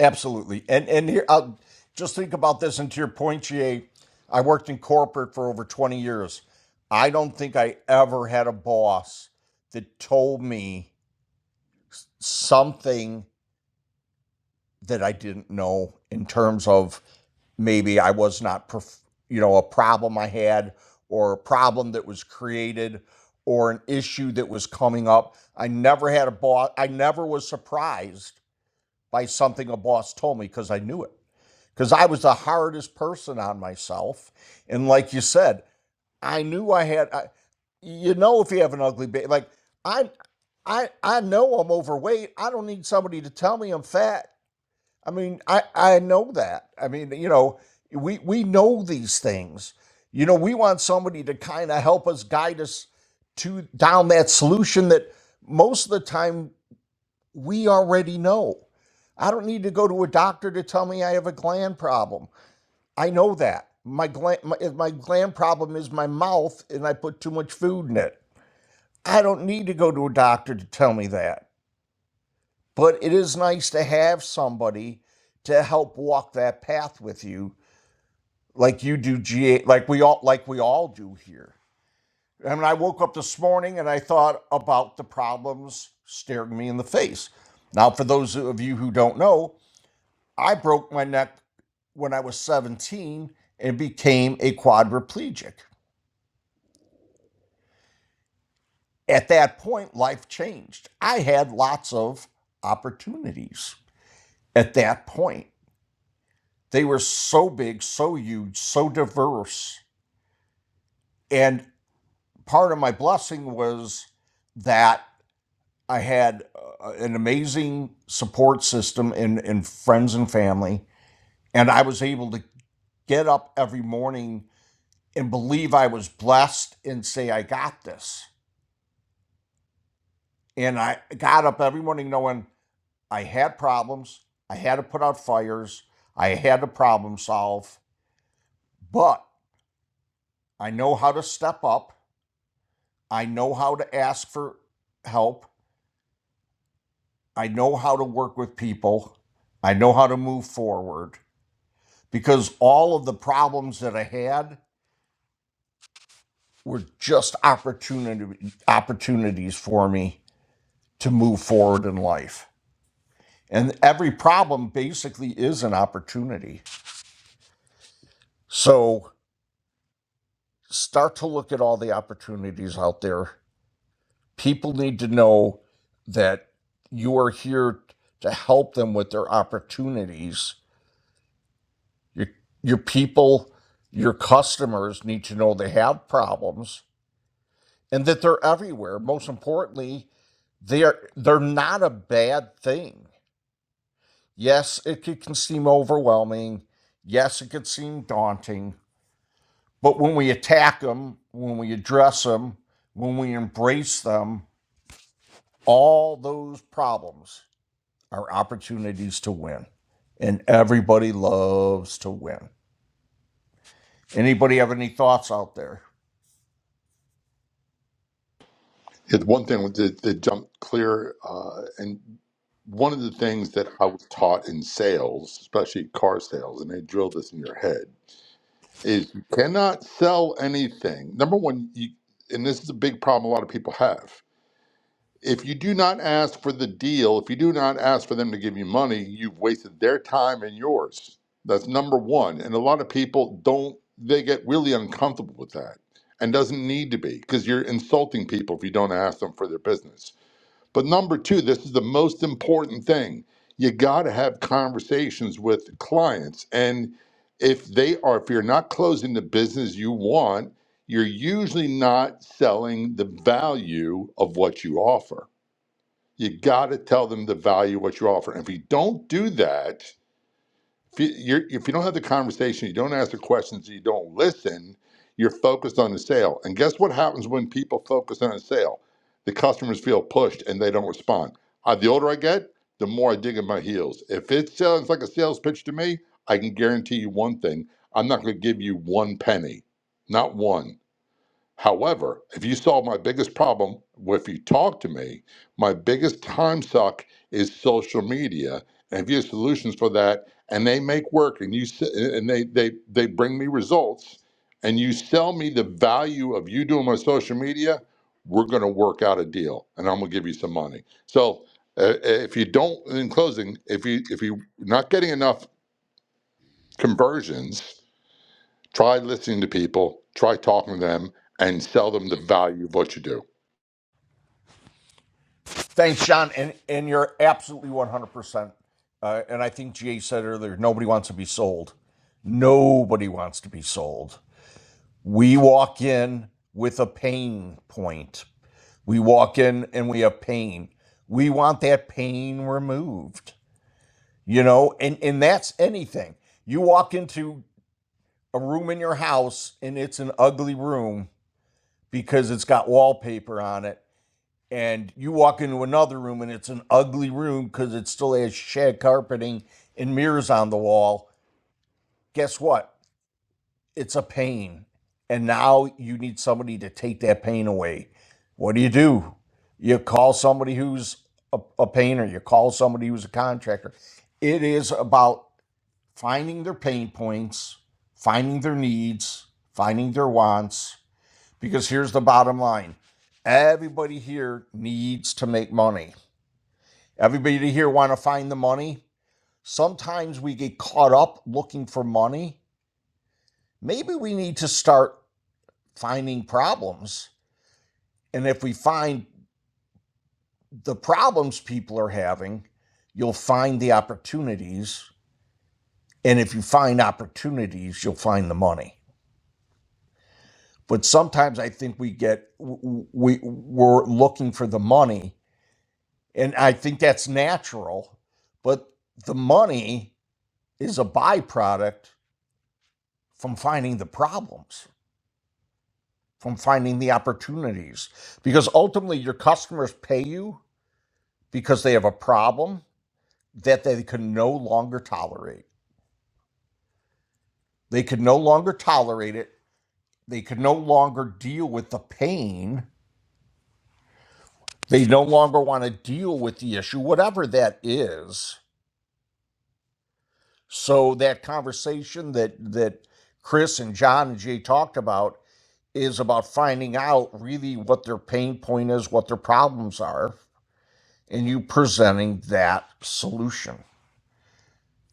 [SPEAKER 19] Absolutely. And and here, I'll just think about this. And to your point, GA, I worked in corporate for over 20 years. I don't think I ever had a boss that told me something that I didn't know in terms of maybe I was not, perf- you know, a problem I had or a problem that was created or an issue that was coming up. I never had a boss, I never was surprised by something a boss told me because I knew it. Because I was the hardest person on myself. And like you said, I knew I had, I, you know, if you have an ugly baby, like I, I, I know I'm overweight. I don't need somebody to tell me I'm fat. I mean, I I know that. I mean, you know, we we know these things. You know, we want somebody to kind of help us guide us to down that solution that most of the time we already know. I don't need to go to a doctor to tell me I have a gland problem. I know that. My gland my, if my gland problem is my mouth and I put too much food in it. I don't need to go to a doctor to tell me that. But it is nice to have somebody to help walk that path with you like you do GA like we all like we all do here. I mean, I woke up this morning and I thought about the problems staring me in the face. Now, for those of you who don't know, I broke my neck when I was 17 and became a quadriplegic. At that point, life changed. I had lots of opportunities at that point. They were so big, so huge, so diverse. And part of my blessing was that I had uh, an amazing support system in, in friends and family. And I was able to get up every morning and believe I was blessed and say, I got this. And I got up every morning knowing I had problems, I had to put out fires, I had to problem solve, but I know how to step up, I know how to ask for help, I know how to work with people, I know how to move forward. because all of the problems that I had were just opportunity opportunities for me to move forward in life. And every problem basically is an opportunity. So start to look at all the opportunities out there. People need to know that you are here to help them with their opportunities. Your, your people, your customers need to know they have problems and that they're everywhere. Most importantly, they're they're not a bad thing. Yes, it can seem overwhelming. Yes, it could seem daunting. But when we attack them, when we address them, when we embrace them, all those problems are opportunities to win. And everybody loves to win. Anybody have any thoughts out there?
[SPEAKER 20] It's one thing that, that jumped clear, uh, and one of the things that I was taught in sales, especially car sales, and they drill this in your head is you cannot sell anything. Number one, you, and this is a big problem a lot of people have. If you do not ask for the deal, if you do not ask for them to give you money, you've wasted their time and yours. That's number one. And a lot of people don't, they get really uncomfortable with that and doesn't need to be because you're insulting people if you don't ask them for their business. But number two, this is the most important thing. You got to have conversations with clients. And if they are, if you're not closing the business you want, you're usually not selling the value of what you offer. You got to tell them the value of what you offer. And if you don't do that, if you, you're, if you don't have the conversation, you don't ask the questions, you don't listen, you're focused on the sale. And guess what happens when people focus on a sale? The customers feel pushed and they don't respond. Uh, the older I get, the more I dig in my heels. If it sounds like a sales pitch to me, I can guarantee you one thing I'm not going to give you one penny, not one. However, if you solve my biggest problem, well, if you talk to me, my biggest time suck is social media. And if you have solutions for that, and they make work, and you s- and they they they bring me results, and you sell me the value of you doing my social media, we're going to work out a deal, and I'm going to give you some money. So uh, if you don't, in closing, if you if you're not getting enough conversions, Try listening to people, try talking to them, and sell them the value of what you do.
[SPEAKER 19] Thanks, John. And and you're absolutely 100%. Uh, and I think GA said earlier, nobody wants to be sold. Nobody wants to be sold. We walk in with a pain point. We walk in and we have pain. We want that pain removed, you know, and, and that's anything. You walk into a room in your house and it's an ugly room because it's got wallpaper on it. And you walk into another room and it's an ugly room because it still has shag carpeting and mirrors on the wall. Guess what? it's a pain and now you need somebody to take that pain away what do you do you call somebody who's a, a painter you call somebody who's a contractor it is about finding their pain points finding their needs finding their wants because here's the bottom line everybody here needs to make money everybody here want to find the money sometimes we get caught up looking for money maybe we need to start finding problems. And if we find the problems people are having, you'll find the opportunities. And if you find opportunities, you'll find the money. But sometimes I think we get, we, we're looking for the money. And I think that's natural. But the money is a byproduct from finding the problems, from finding the opportunities. Because ultimately, your customers pay you because they have a problem that they could no longer tolerate. They could no longer tolerate it. They could no longer deal with the pain. They no longer want to deal with the issue, whatever that is. So that conversation that that Chris and John and Jay talked about is about finding out really what their pain point is, what their problems are, and you presenting that solution.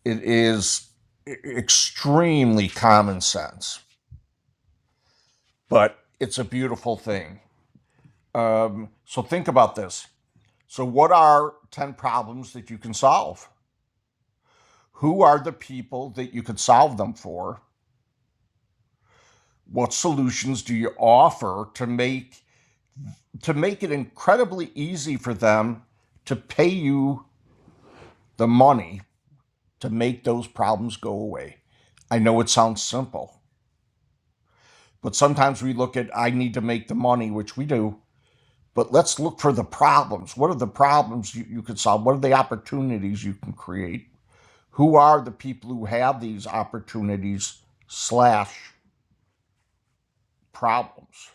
[SPEAKER 19] It is e- extremely common sense, but it's a beautiful thing Um, so think about this. So, what are 10 problems that you can solve? Who are the people that you could solve them for? What solutions do you offer to make to make it incredibly easy for them to pay you the money to make those problems go away? I know it sounds simple, but sometimes we look at I need to make the money, which we do, but let's look for the problems. What are the problems you, you could solve? What are the opportunities you can create? Who are the people who have these opportunities slash problems?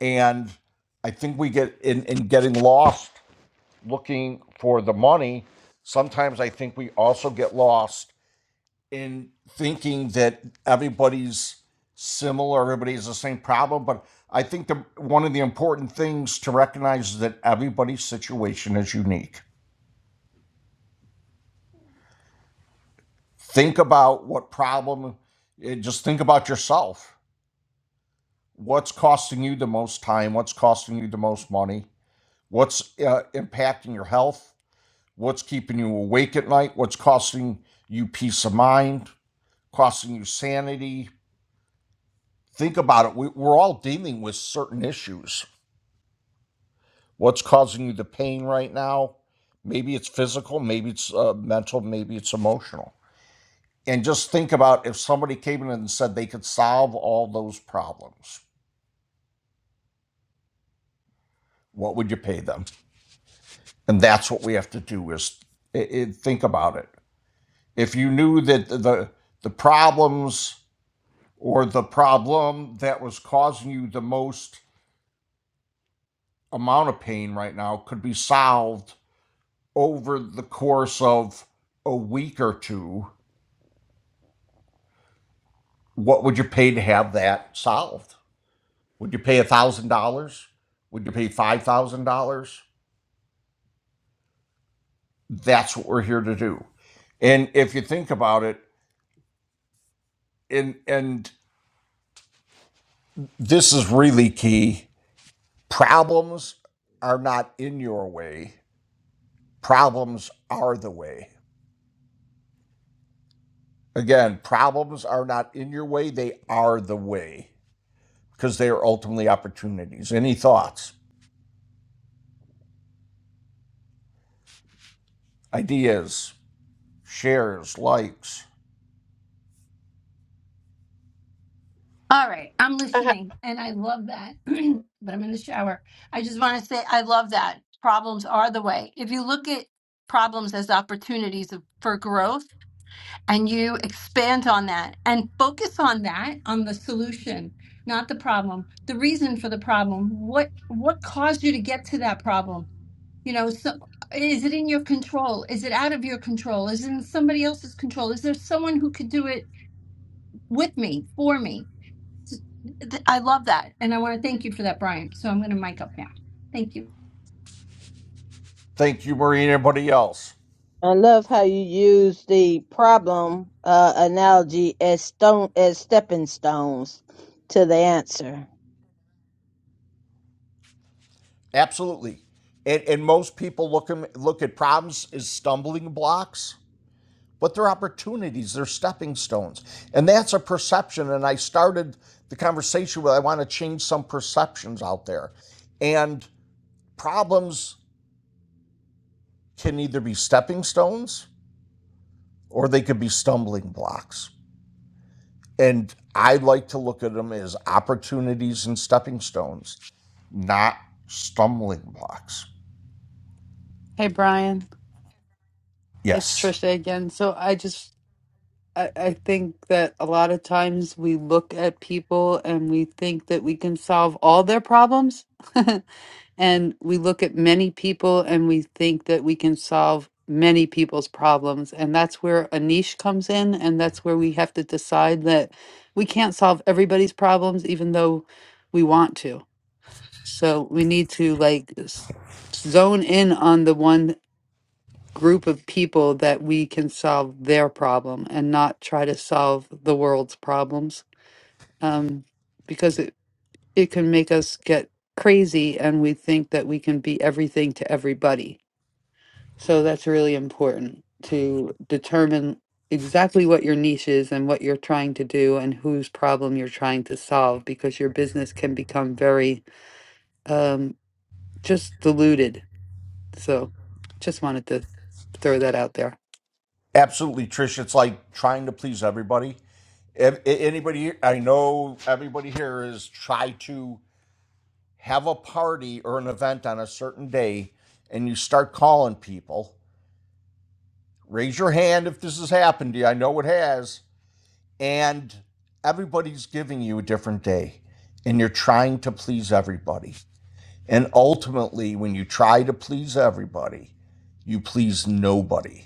[SPEAKER 19] And I think we get in, in getting lost looking for the money. Sometimes I think we also get lost in thinking that everybody's similar, everybody has the same problem. But I think the, one of the important things to recognize is that everybody's situation is unique. Think about what problem, eh, just think about yourself what's costing you the most time what's costing you the most money what's uh, impacting your health what's keeping you awake at night what's costing you peace of mind costing you sanity think about it we, we're all dealing with certain issues what's causing you the pain right now maybe it's physical maybe it's uh, mental maybe it's emotional and just think about if somebody came in and said they could solve all those problems what would you pay them And that's what we have to do is i i think about it. If you knew that the the problems or the problem that was causing you the most amount of pain right now could be solved over the course of a week or two, what would you pay to have that solved? Would you pay $1,000? Would you pay $5,000? That's what we're here to do. And if you think about it, and and this is really key Problems are not in your way, problems are the way. Again, problems are not in your way, they are the way because they are ultimately opportunities. Any thoughts, ideas, shares, likes?
[SPEAKER 7] All right, I'm
[SPEAKER 21] I,
[SPEAKER 7] listening and I love that. but I'm in the shower. I just want to say I love that. Problems are the way. If you look at problems as opportunities of, for growth and you expand and focus on that, on the- not the problem, the reason for the problem, what what caused you to get to that problem? You know, so is it in your control? Is it out of your control? Is it in somebody else's control? Is there someone who could do it with me, for me? Th- I love that. And I want to thank you for that, Brian. So I'm going to mic up now. Thank you.
[SPEAKER 19] Thank you, Marie, and everybody else.
[SPEAKER 22] I love how you use the problem uh, analogy as stone as stepping stones to the answer.
[SPEAKER 19] Absolutely. And, and most people look, 'em- look at problems as stumbling blocks but they're opportunities, they're stepping stones. And that's a perception. And I started the conversation with I want to change some perceptions out there. And problems can either be stepping stones or they could be stumbling blocks. And I like to look at them as opportunities and stepping stones, not stumbling blocks.
[SPEAKER 2] Hey Brian, it's
[SPEAKER 19] Yes,
[SPEAKER 2] Trisha again. So I just I, I think that a lot of times we look at people and we think that we can solve all their problems And we look at many people and we think that we can solve many people's problems. And that's where a niche comes in. And that's where we have to decide that we can't solve everybody's problems, even though we want to. So we need to like s- zone in on the one group of people that we can solve their problem and not try to solve the world's problems. Um, because it can make us get crazy and we think that we can be everything to everybody. So that's really important to determine exactly what your niche is and what you're trying to do and whose problem you're trying to solve because your business can become very um, just diluted so just wanted to throw that out there.
[SPEAKER 19] absolutely, Trish. It's like trying to please everybody. Ev- Anybody, I know everybody here is try to have a party or an event on a certain day and you start calling people, raise your hand if this has happened to you. I know it has. And everybody's giving you a different day and you're trying to please everybody. And ultimately, when you try to please everybody, you please nobody.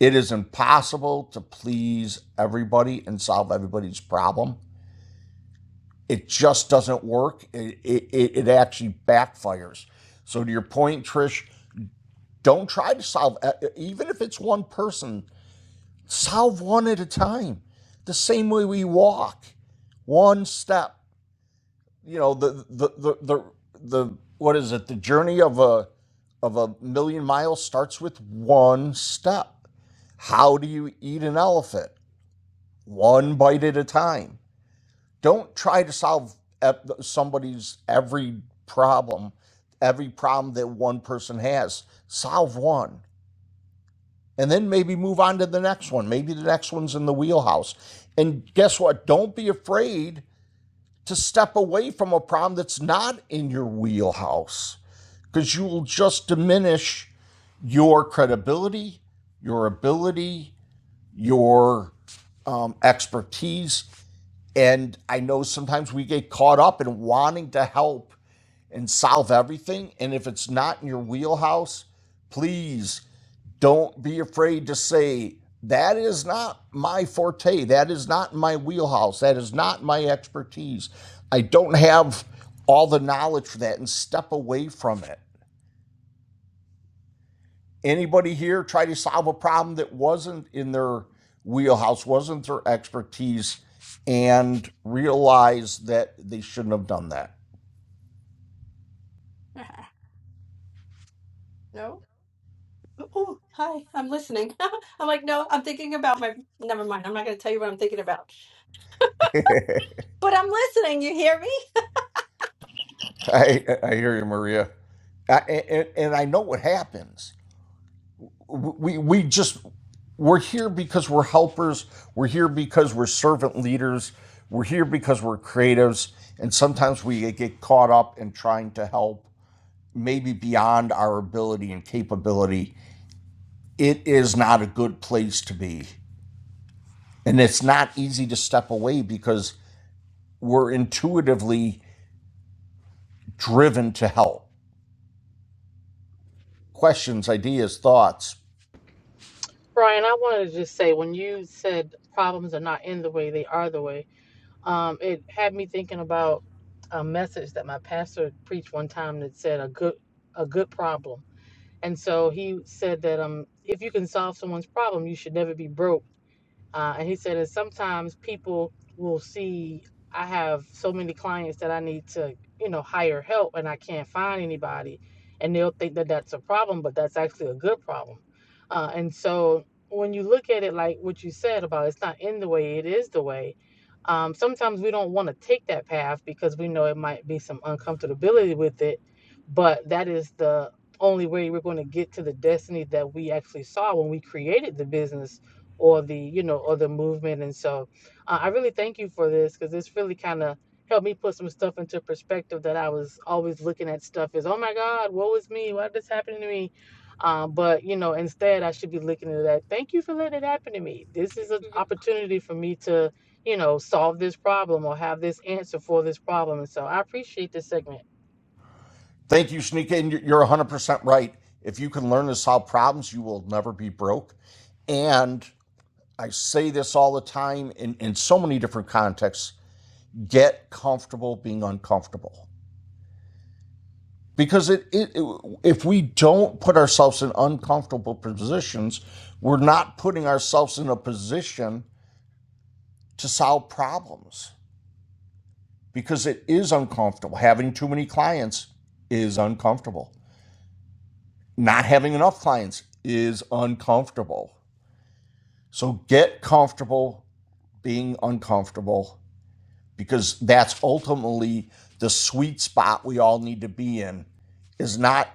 [SPEAKER 19] It is impossible to please everybody and solve everybody's problem. It just doesn't work. It, it, it it actually backfires. So, to your point, Trish, Don't try to solve, uh, uh, even if it's one person, solve one at a time. The same way we walk, one step. You know, the, the, the, the, the what is it? The journey of a, of a million miles starts with one step. How do you eat an elephant? One bite at a time. Don't try to solve somebody's every problem, every problem that one person has. Solve one. and then maybe move on to the next one. Maybe the next one's in the wheelhouse. And guess what? Don't be afraid to step away from a problem that's not in your wheelhouse because you will just diminish your credibility, your ability, your um, expertise. And I know sometimes we get caught up in wanting to help and solve everything. And if it's not in your wheelhouse, please don't be afraid to say, that is not my forte. That is not my wheelhouse. That is not my expertise. I don't have all the knowledge for that and step away from it. Anybody here try to solve a problem that wasn't in their wheelhouse, wasn't their expertise, and realize that they shouldn't have done that?
[SPEAKER 7] No. Oh, hi. I'm listening. I'm like, no, I'm thinking about my. Never mind. I'm not going to tell you what I'm thinking about. But I'm listening. You hear me?
[SPEAKER 19] I, I hear you, Maria. I, and, and I know what happens we we just we're here because we're helpers we're here because we're servant leaders we're here because we're creatives and sometimes we get caught up in trying to help maybe beyond our ability and capability it is not a good place to be and it's not easy to step away because we're intuitively driven to help questions ideas thoughts
[SPEAKER 21] Brian, I wanted to just say when you said problems are not in the way, they are the way. Um, it had me thinking about a message that my pastor preached one time that said a good a good problem, and so he said that um if you can solve someone's problem, you should never be broke. Uh, and he said that sometimes people will see I have so many clients that I need to, you know, hire help and I can't find anybody. And they'll think that that's a problem, but that's actually a good problem. Uh, and so when you look at it like what you said about it's not in the way, it is the way. Um, sometimes we don't want to take that path because we know it might be some uncomfortability with it, but that is the only way we're going to get to the destiny that we actually saw when we created the business or the you know or the movement and so uh, i really thank you for this because it's really kind of helped me put some stuff into perspective that i was always looking at stuff as oh my god woe is me why did this happen to me um, but you know instead i should be looking at that thank you for letting it happen to me this is an opportunity for me to you know solve this problem or have this answer for this problem and so i appreciate this segment
[SPEAKER 19] Thank you, Shanika. And you're 100% right. If you can learn to solve problems, you will never be broke. And I say this all the time in, in so many different contexts get comfortable being uncomfortable. Because it, it, it- if we don't put ourselves in uncomfortable positions, we're not putting ourselves in a position to solve problems because it is uncomfortable. Having too many clients is uncomfortable. Not having enough clients is uncomfortable. So get comfortable being uncomfortable because that's ultimately the sweet spot we all need to be in is not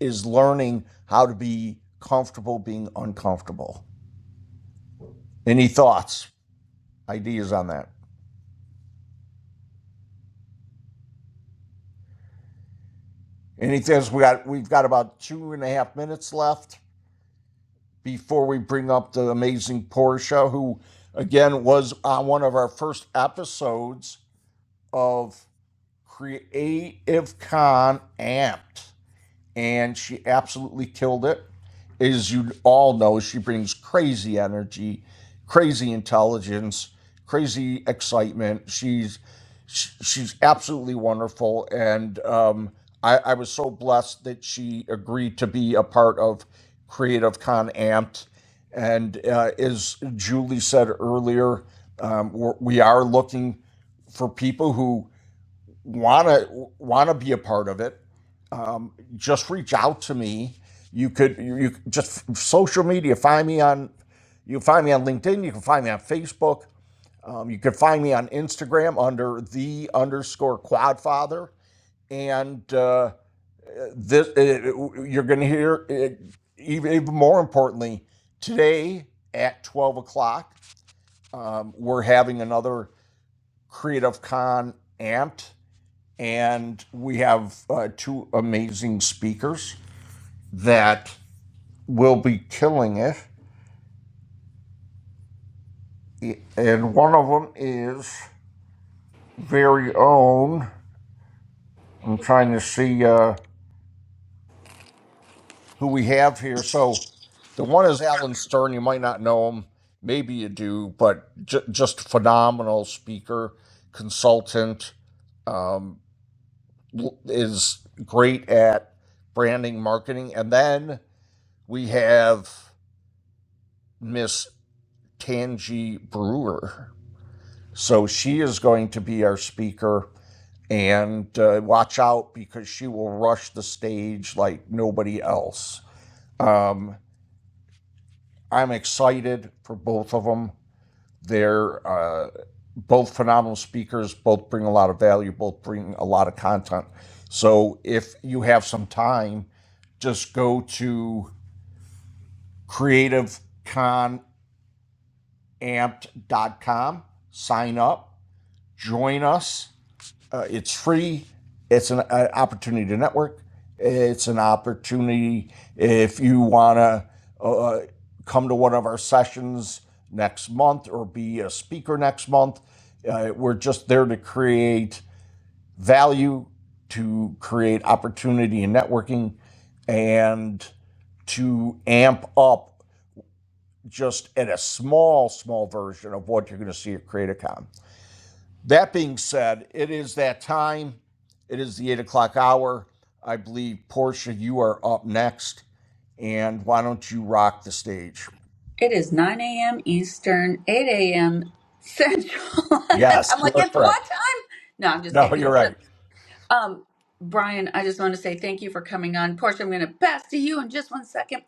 [SPEAKER 19] is learning how to be comfortable being uncomfortable. Any thoughts, ideas on that? Anything else? We got we've got about two and a half minutes left before we bring up the amazing Portia, who again was on one of our first episodes of Creative Con Amped. and she absolutely killed it. As you all know, she brings crazy energy, crazy intelligence, crazy excitement. She's she's absolutely wonderful, and um, I, I was so blessed that she agreed to be a part of Creative Con Amped. And uh, as Julie said earlier, um, we're, we are looking for people who want to want to be a part of it um, just reach out to me. You could you, you just social media. Find me on you can find me on LinkedIn. You can find me on Facebook. Um, you can find me on Instagram under the underscore Quadfather. And uh, this it, you're going to hear it, even, even more importantly today at 12 o'clock. Um, we're having another Creative Con amped, and we have uh, two amazing speakers that will be killing it. And one of them is very own. I'm trying to see uh, who we have here. So the one is Alan Stern. You might not know him. Maybe you do, but j- just phenomenal speaker, consultant, um, is great at branding, marketing. And then we have Miss Tangi Brewer. So she is going to be our speaker and uh, watch out because she will rush the stage like nobody else. Um, I'm excited for both of them. They're uh, both phenomenal speakers, both bring a lot of value, both bring a lot of content. So if you have some time, just go to creativeconamped.com, sign up, join us Uh, it's free. It's an uh, opportunity to network. It's an opportunity if you want to uh, come to one of our sessions next month or be a speaker next month. Uh, we're just there to create value, to create opportunity and networking, and to amp up just at a small, small version of what you're going to see at CreatorCon. That being said, it is that time. It is the eight o'clock hour. I believe, Portia, you are up next. And why don't you rock the stage?
[SPEAKER 1] It is 9 a.m. Eastern, 8 a.m. Central.
[SPEAKER 19] Yes,
[SPEAKER 1] I'm
[SPEAKER 19] you
[SPEAKER 1] like,
[SPEAKER 19] are
[SPEAKER 1] it's what
[SPEAKER 19] correct.
[SPEAKER 1] time? No, I'm just
[SPEAKER 19] No,
[SPEAKER 1] kidding.
[SPEAKER 19] you're right.
[SPEAKER 1] But, um, Brian, I just want to say thank you for coming on. Portia, I'm going to pass to you in just one second.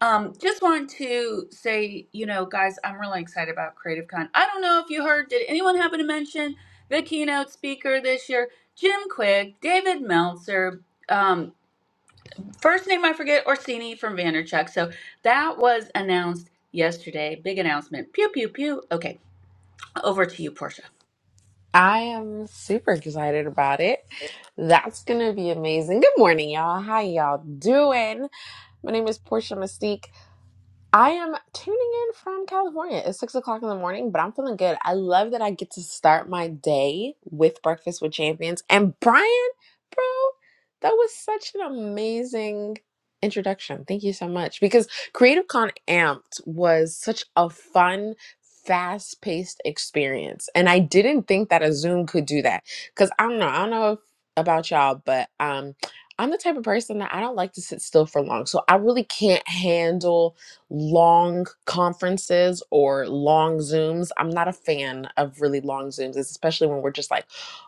[SPEAKER 1] Um, just want to say, you know, guys, I'm really excited about Creative Con. I don't know if you heard, did anyone happen to mention the keynote speaker this year? Jim Quick, David Meltzer. Um, First name I forget, Orsini from Vanderchuck. So that was announced yesterday. Big announcement. Pew, pew, pew. Okay, over to you, Portia.
[SPEAKER 23] I am super excited about it. That's going to be amazing. Good morning, y'all. How y'all doing? My name is Portia Mystique. I am tuning in from California. It's six o'clock in the morning, but I'm feeling good. I love that I get to start my day with Breakfast with Champions. And Brian, bro, that was such an amazing introduction. Thank you so much. Because Creative Con Amped was such a fun, fast paced experience. And I didn't think that a Zoom could do that. Because I don't know. I don't know if, about y'all, but um, I'm the type of person that I don't like to sit still for long. So I really can't handle long conferences or long Zooms. I'm not a fan of really long Zooms, especially when we're just like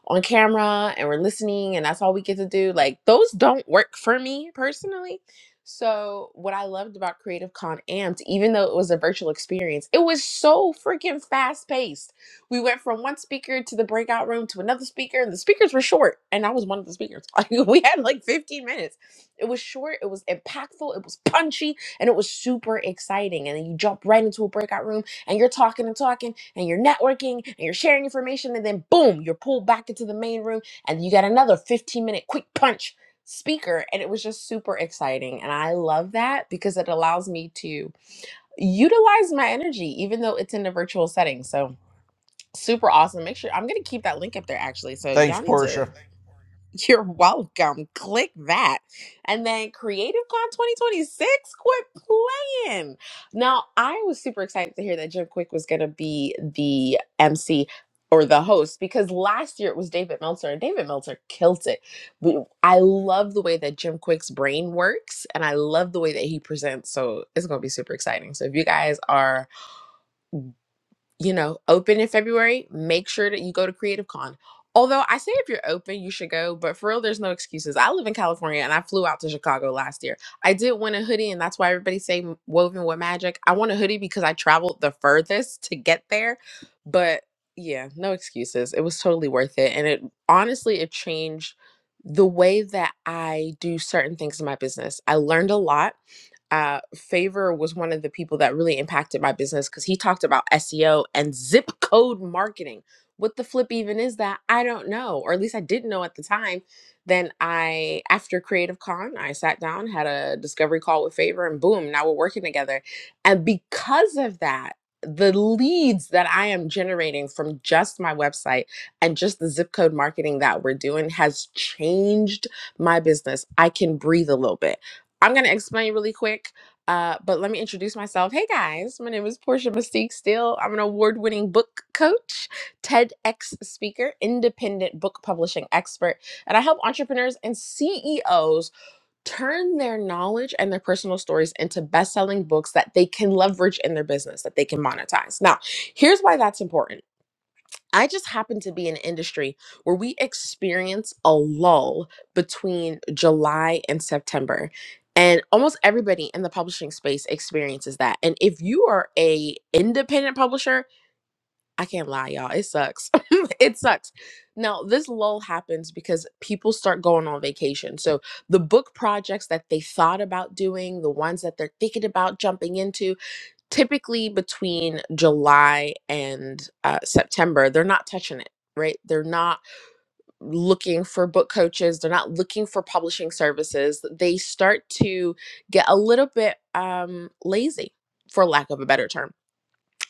[SPEAKER 23] on camera and we're listening and that's all we get to do. Like, those don't work for me personally. So, what I loved about Creative Con Amped, even though it was a virtual experience, it was so freaking fast paced. We went from one speaker to the breakout room to another speaker, and the speakers were short. And I was one of the speakers. Like, we had like 15 minutes. It was short, it was impactful, it was punchy and it was super exciting. And then you jump right into a breakout room and you're talking and talking and you're networking and you're sharing information. And then boom, you're pulled back into the main room and you got another 15 minute quick punch speaker. And it was just super exciting. And I love that because it allows me to utilize my energy, even though it's in a virtual setting. So super awesome. Make sure I'm going to keep that link up there actually. So
[SPEAKER 19] Thanks,
[SPEAKER 23] y'all need
[SPEAKER 19] Portia.
[SPEAKER 23] to. You're welcome. Click that. And then CreativeCon 2026, quit playing. Now, I was super excited to hear that Jim Quick was going to be the MC or the host because last year it was David Meltzer and David Meltzer killed it. But I love the way that Jim Quick's brain works and I love the way that he presents. So it's going to be super exciting. So if you guys are you know, open in February, make sure that you go to Creative Con. Although I say if you're open, you should go, but for real, there's no excuses. I live in California and I flew out to Chicago last year. I did win a hoodie, and that's why everybody say woven with magic. I won a hoodie because I traveled the furthest to get there. But yeah, no excuses. It was totally worth it. And it honestly it changed the way that I do certain things in my business. I learned a lot uh, Favor was one of the people that really impacted my business because he talked about SEO and zip code marketing. What the flip even is that? I don't know, or at least I didn't know at the time. Then I, after Creative Con, I sat down, had a discovery call with Favor, and boom, now we're working together. And because of that, the leads that I am generating from just my website and just the zip code marketing that we're doing has changed my business. I can breathe a little bit. I'm going to explain really quick, uh, but let me introduce myself. Hey guys, my name is Portia Mystique Steele. I'm an award winning book coach, TEDx speaker, independent book publishing expert, and I help entrepreneurs and CEOs turn their knowledge and their personal stories into best selling books that they can leverage in their business, that they can monetize. Now, here's why that's important I just happen to be in an industry where we experience a lull between July and September. And almost everybody in the publishing space experiences that. And if you are a independent publisher, I can't lie, y'all. It sucks. it sucks. Now, this lull happens because people start going on vacation. So the book projects that they thought about doing, the ones that they're thinking about jumping into, typically between July and uh, September, they're not touching it, right? They're not looking for book coaches, they're not looking for publishing services. They start to get a little bit um, lazy, for lack of a better term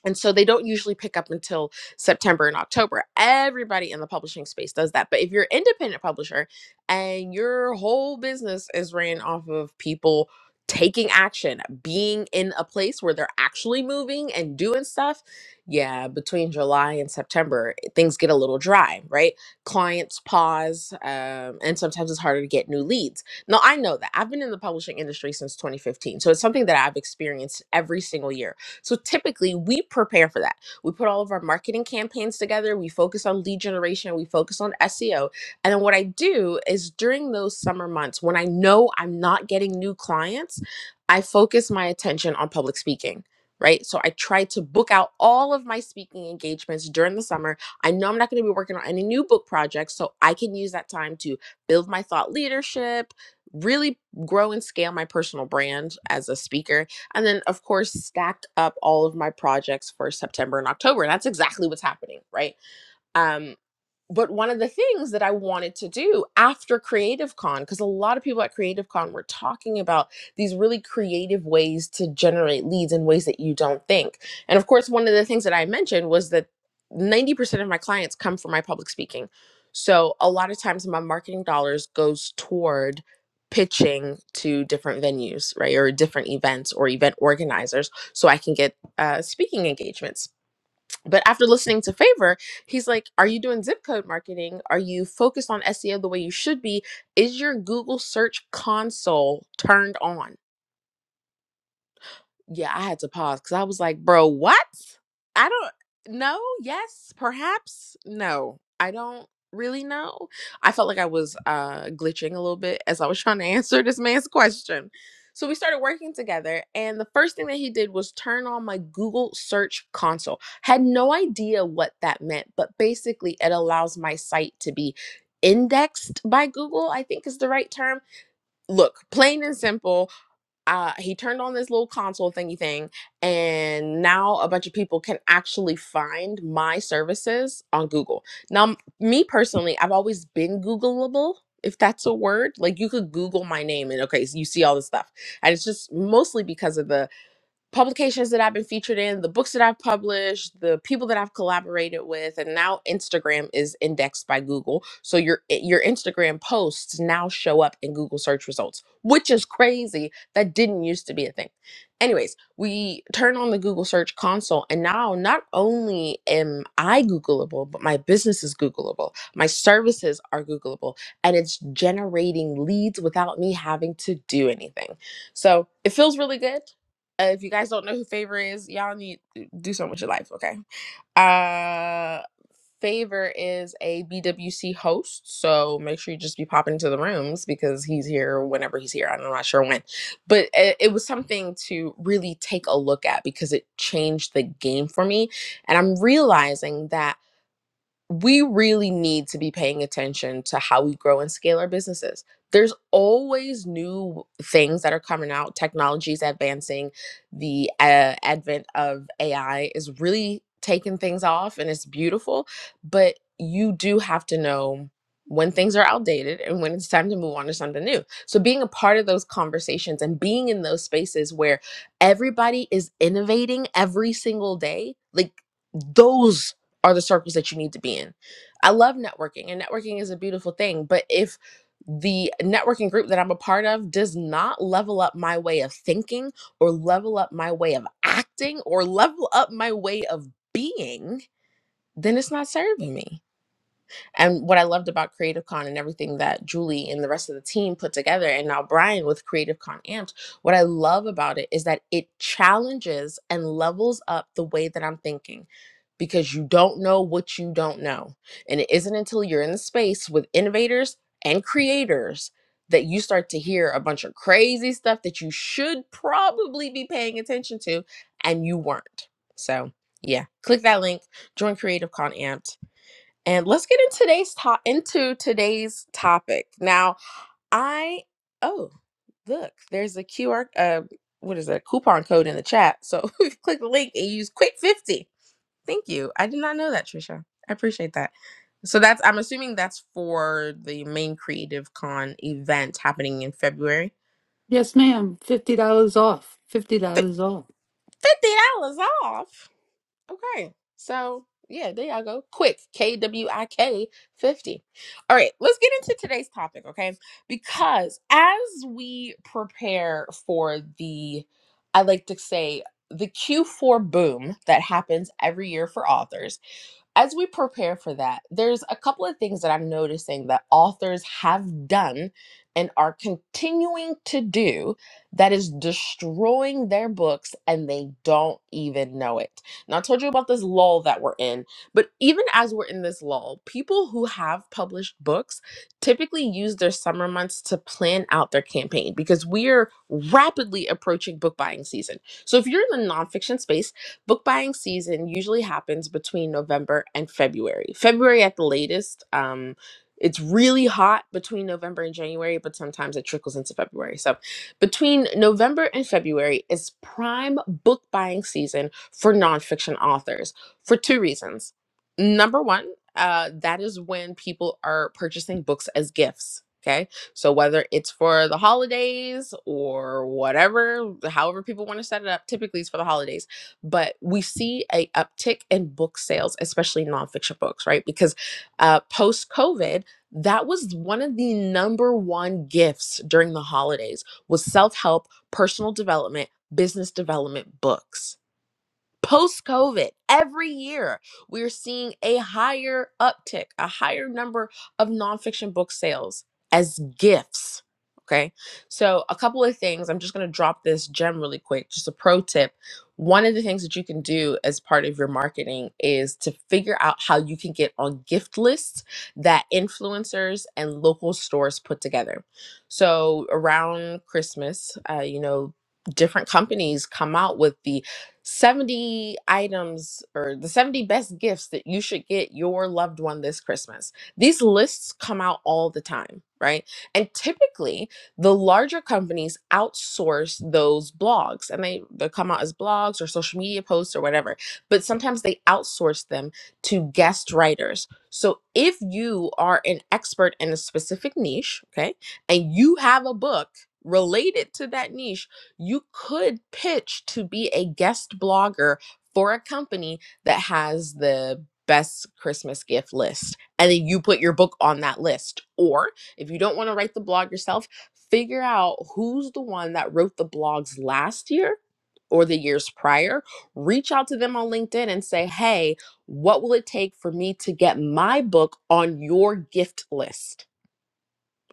[SPEAKER 23] and so they don't usually pick up until September and October. Everybody in the publishing space does that. But if you're an independent publisher and your whole business is ran off of people taking action, being in a place where they're actually moving and doing stuff, yeah, between July and September, eh, things get a little dry, right? Clients pause, um, and sometimes it's harder to get new leads. Now, I know that. I've been in the publishing industry since 2015. So it's something that I've experienced every single year so typically we prepare for that. We put all of our marketing campaigns together, we focus on lead generation, we focus on SEO. And then what I do is during those summer months when I know I'm not getting new clients, I focus my attention on public speaking. Right. So I try to book out all of my speaking engagements during the summer. I know I'm not going to be working on any new book projects. So I can use that time to build my thought leadership, really grow and scale my personal brand as a speaker and then of course stacked up all of my projects for September and October. And that's exactly what's happening, right? Um, but one of the things that I wanted to do after Creative Con, because a lot of people at Creative Con were talking about these really creative ways to generate leads in ways that you don't think. And of course, one of the things that I mentioned was that 90% of my clients come from my public speaking. So a lot of times my marketing dollars goes toward pitching to different venues, right? Or different events or event organizers so I can get uh, speaking engagements but after listening to favor he's like are you doing zip code marketing are you focused on seo the way you should be is your google search console turned on yeah, I had to pause because I was like, bro, what? I don't know. Yes, perhaps. No, I don't really know. I felt like I was uh, glitching a little bit as I was trying to answer this man's question. So we started working together, and the first thing that he did was turn on my Google search console. Had no idea what that meant, but basically, it allows my site to be indexed by Google, I think is the right term. Look, plain and simple, uh, he turned on this little console thingy thing, and now a bunch of people can actually find my services on Google. Now, m- me personally, I've always been Googleable, if that's a word. Like you could Google my name, and okay, so you see all this stuff. And it's just mostly because of the publications that I've been featured in, the books that I've published, the people that I've collaborated with, and now Instagram is indexed by Google. So your eh, your Instagram posts now show up in Google search results, which is crazy. That didn't used to be a thing. Anyways, we turn on the Google search console and now not only am I googleable, but my business is googleable. My services are googleable and it's generating leads without me having to do anything. So, it feels really good. Uh, if you guys don't know who Favor is, y'all need to do something with your life, okay? Uh Favor is a BWC host, so make sure you just be popping into the rooms because he's here whenever he's here. I'm not sure when, but it, it was something to really take a look at because it changed the game for me, and I'm realizing that we really need to be paying attention to how we grow and scale our businesses. There's always new things that are coming out. Technology is advancing. The uh, advent of AI is really taking things off and it's beautiful. But you do have to know when things are outdated and when it's time to move on to something new. So, being a part of those conversations and being in those spaces where everybody is innovating every single day, like, those are the circles that you need to be in. I love networking, and networking is a beautiful thing. But if the networking group that I'm a part of does not level up my way of thinking, or level up my way of acting, or level up my way of being, then it's not serving me. And what I loved about Creative Con and everything that Julie and the rest of the team put together, and now Brian with Creative Con Amped, what I love about it is that it challenges and levels up the way that I'm thinking because you don't know what you don't know. And it isn't until you're in the space with innovators and creators that you start to hear a bunch of crazy stuff that you should probably be paying attention to and you weren't. So, yeah, click that link, join Creative Con Amped and let's get into today's to- into today's topic. Now, I oh, look, there's a QR uh what is it? Coupon code in the chat. So if you click the link and use quick 50. Thank you. I did not know that, Trisha. I appreciate that. So that's I'm assuming that's for the main Creative Con event happening in February.
[SPEAKER 2] Yes, ma'am. Fifty dollars off. Fifty dollars off.
[SPEAKER 23] $50 off. Okay. So, yeah, there y'all go. Quick, K W I K 50. All right, let's get into today's topic, okay? Because as we prepare for the, I like to say, the Q4 boom that happens every year for authors, as we prepare for that, there's a couple of things that I'm noticing that authors have done and are continuing to do that is destroying their books and they don't even know it. Now, I told you about this lull that we're in, but even as we're in this lull, people who have published books typically use their summer months to plan out their campaign because we are rapidly approaching book buying season. So, if you're in the nonfiction space, Book buying season usually happens between November and February. February at the latest. Um, it's really hot between November and January, but sometimes it trickles into February. So, between November and February is prime book buying season for nonfiction authors for two reasons. Number one, uh, that is when people are purchasing books as gifts. Okay. So whether it's for the holidays or whatever, however people want to set it up, typically it's for the holidays but we see a uptick in book sales, especially nonfiction books, right? Because uh, post COVID, that was one of the number one gifts during the holidays was self help, personal development, business development books Post COVID, every year we're seeing a higher uptick, a higher number of nonfiction book sales as gifts. Okay. So, a couple of things. I'm just going to drop this gem really quick, just a pro tip. One of the things that you can do as part of your marketing is to figure out how you can get on gift lists that influencers and local stores put together. So, around Christmas, uh, you know, different companies come out with the 70 items or the 70 best gifts that you should get your loved one this Christmas. These lists come out all the time, right? And typically, the larger companies outsource those blogs and they, they come out as blogs or social media posts or whatever, but sometimes they outsource them to guest writers. So if you are an expert in a specific niche, okay, and you have a book related to that niche, you could pitch to be a guest blogger for a company that has the best Christmas gift list. And then you put your book on that list. Or if you don't want to write the blog yourself, figure out who's the one that wrote the blogs last year or the years prior. Reach out to them on LinkedIn and say, hey, what will it take for me to get my book on your gift list?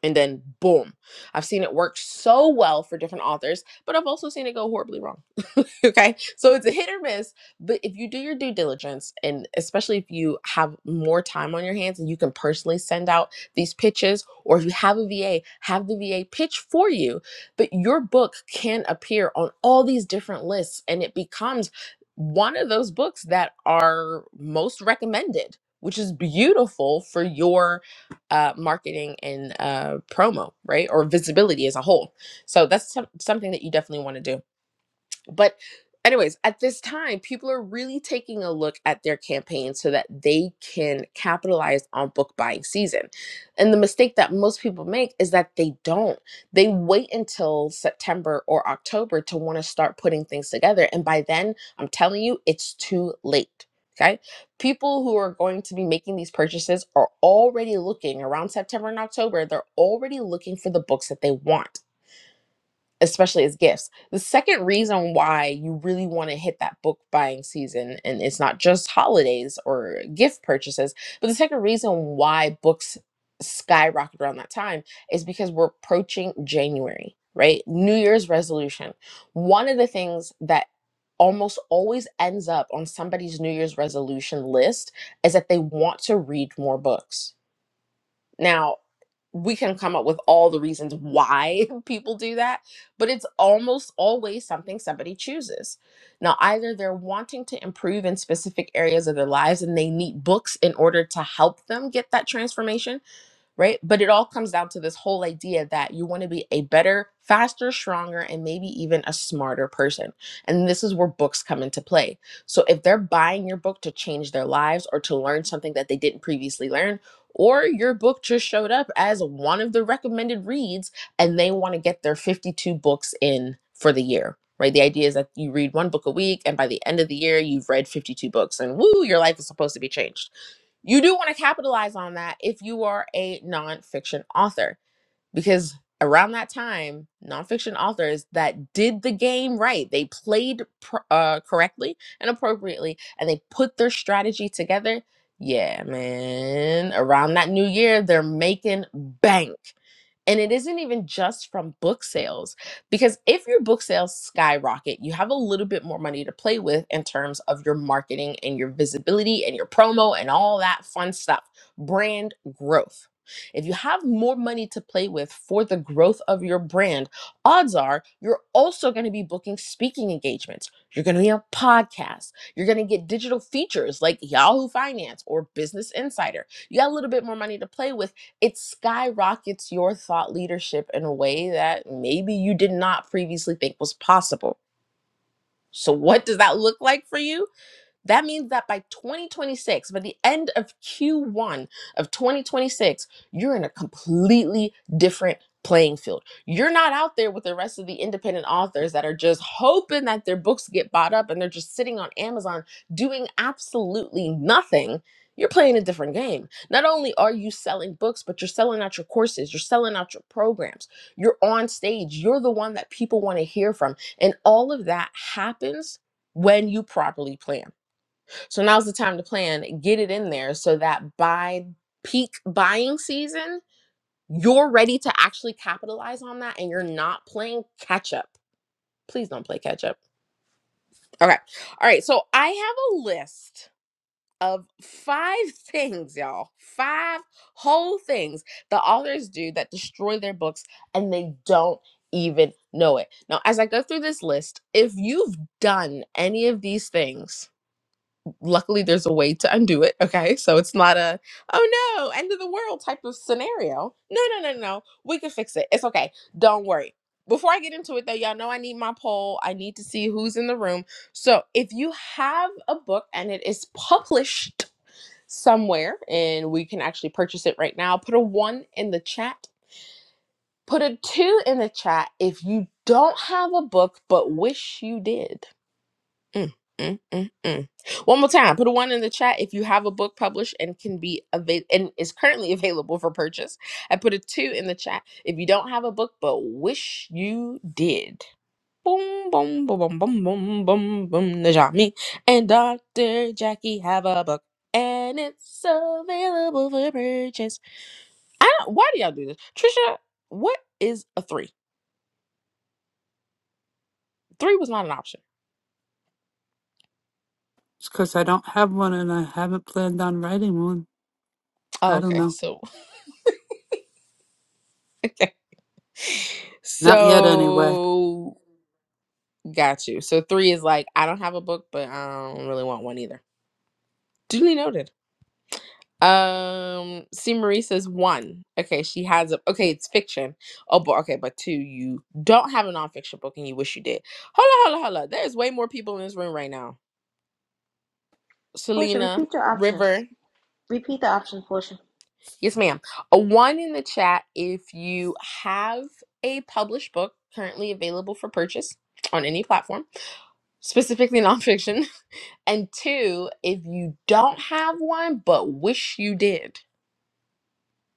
[SPEAKER 23] and then boom. I've seen it work so well for different authors, but I've also seen it go horribly wrong. okay. So it's a hit or miss, but if you do your due diligence, and especially if you have more time on your hands and you can personally send out these pitches, or if you have a VA, have the VA pitch for you, but your book can appear on all these different lists and it becomes one of those books that are most recommended. Which is beautiful for your uh, marketing and uh, promo, right? Or visibility as a whole. So that's some something that you definitely want to do. But, anyways, at this time, people are really taking a look at their campaigns so that they can capitalize on book buying season. And the mistake that most people make is that they don't. They wait until September or October to want to start putting things together. And by then, I'm telling you, it's too late. Okay. People who are going to be making these purchases are already looking around September and October. They're already looking for the books that they want especially as gifts. The second reason why you really want to hit that book buying season, and it's not just holidays or gift purchases, but the second reason why books skyrocket around that time is because we're approaching January, right? New Year's resolution. One of the things that almost always ends up on somebody's New Year's resolution list is that they want to read more books. Now, we can come up with all the reasons why people do that, but it's almost always something somebody chooses. Now, either they're wanting to improve in specific areas of their lives and they need books in order to help them get that transformation right? But it all comes down to this whole idea that you want to be a better, faster, stronger, and maybe even a smarter person. And this is where books come into play. So if they're buying your book to change their lives or to learn something that they didn't previously learn, or your book just showed up as one of the recommended reads and they want to get their 52 books in for the year. Right. The idea is that you read one book a week, and by the end of the year, you've read 52 books, and woo, your life is supposed to be changed you do want to capitalize on that if you are a nonfiction author, because around that time, nonfiction authors that did the game right, they played pr- uh, correctly and appropriately, and they put their strategy together. Yeah, man. Around that new year, they're making bank. And it isn't even just from book sales, because if your book sales skyrocket, you have a little bit more money to play with in terms of your marketing and your visibility and your promo and all that fun stuff, brand growth. If you have more money to play with for the growth of your brand, odds are you're also going to be booking speaking engagements. You're going to be on podcasts. You're going to get digital features like Yahoo Finance or Business Insider. You got a little bit more money to play with it skyrockets your thought leadership in a way that maybe you did not previously think was possible. So, what does that look like for you? That means that by 2026, by the end of Q1 of 2026, you're in a completely different playing field. You're not out there with the rest of the independent authors that are just hoping that their books get bought up and they're just sitting on Amazon doing absolutely nothing. You're playing a different game. Not only are you selling books, but you're selling out your courses, you're selling out your programs, you're on stage, you're the one that people want to hear from. And all of that happens when you properly plan. So now's the time to plan. Get it in there so that by peak buying season, you're ready to actually capitalize on that and you're not playing catch up. Please don't play catch up. Okay. All right. So I have a list of five things, y'all. Five whole things the authors do that destroy their books and they don't even know it. Now, as I go through this list, if you've done any of these things, luckily there's a way to undo it okay so it's not a oh no end of the world type of scenario no no no no no. we can fix it it's okay don't worry before i get into it though y'all know i need my poll i need to see who's in the room so if you have a book and it is published somewhere and we can actually purchase it right now put a one in the chat put a two in the chat if you don't have a book but wish you did Mm, mm, mm, mm. One more time, put a one in the chat if you have a book published and can be avail- and is currently available for purchase. I put a two in the chat if you don't have a book but wish you did. Boom, boom, boom, boom, boom, boom, boom, boom. Najami and Dr. Jackie have a book and it's available for purchase. I don't, why do y'all do this? Trisha, what is a three? Three was not an option.
[SPEAKER 2] It's because I don't have one and I haven't planned on writing one.
[SPEAKER 23] Oh,
[SPEAKER 2] I don't
[SPEAKER 23] okay,
[SPEAKER 2] know.
[SPEAKER 23] so
[SPEAKER 2] Not yet anyway.
[SPEAKER 23] so Got you. So three is like, I don't have a book, but I don't really want one either. Duly noted. Um, C. Marie says one. Okay, she has a. Okay, it's fiction. Oh, but okay, but two, you don't have a nonfiction book and you wish you did. Hold on, hold on, hold on. There's way more people in this room right now.
[SPEAKER 24] Portia,
[SPEAKER 23] Selena,
[SPEAKER 24] repeat your options.
[SPEAKER 23] River.
[SPEAKER 24] Repeat the options, Portia.
[SPEAKER 23] Yes, ma'am. A one in the chat if you have a published book currently available for purchase on any platform, specifically nonfiction. And two, if you don't have one but wish you did.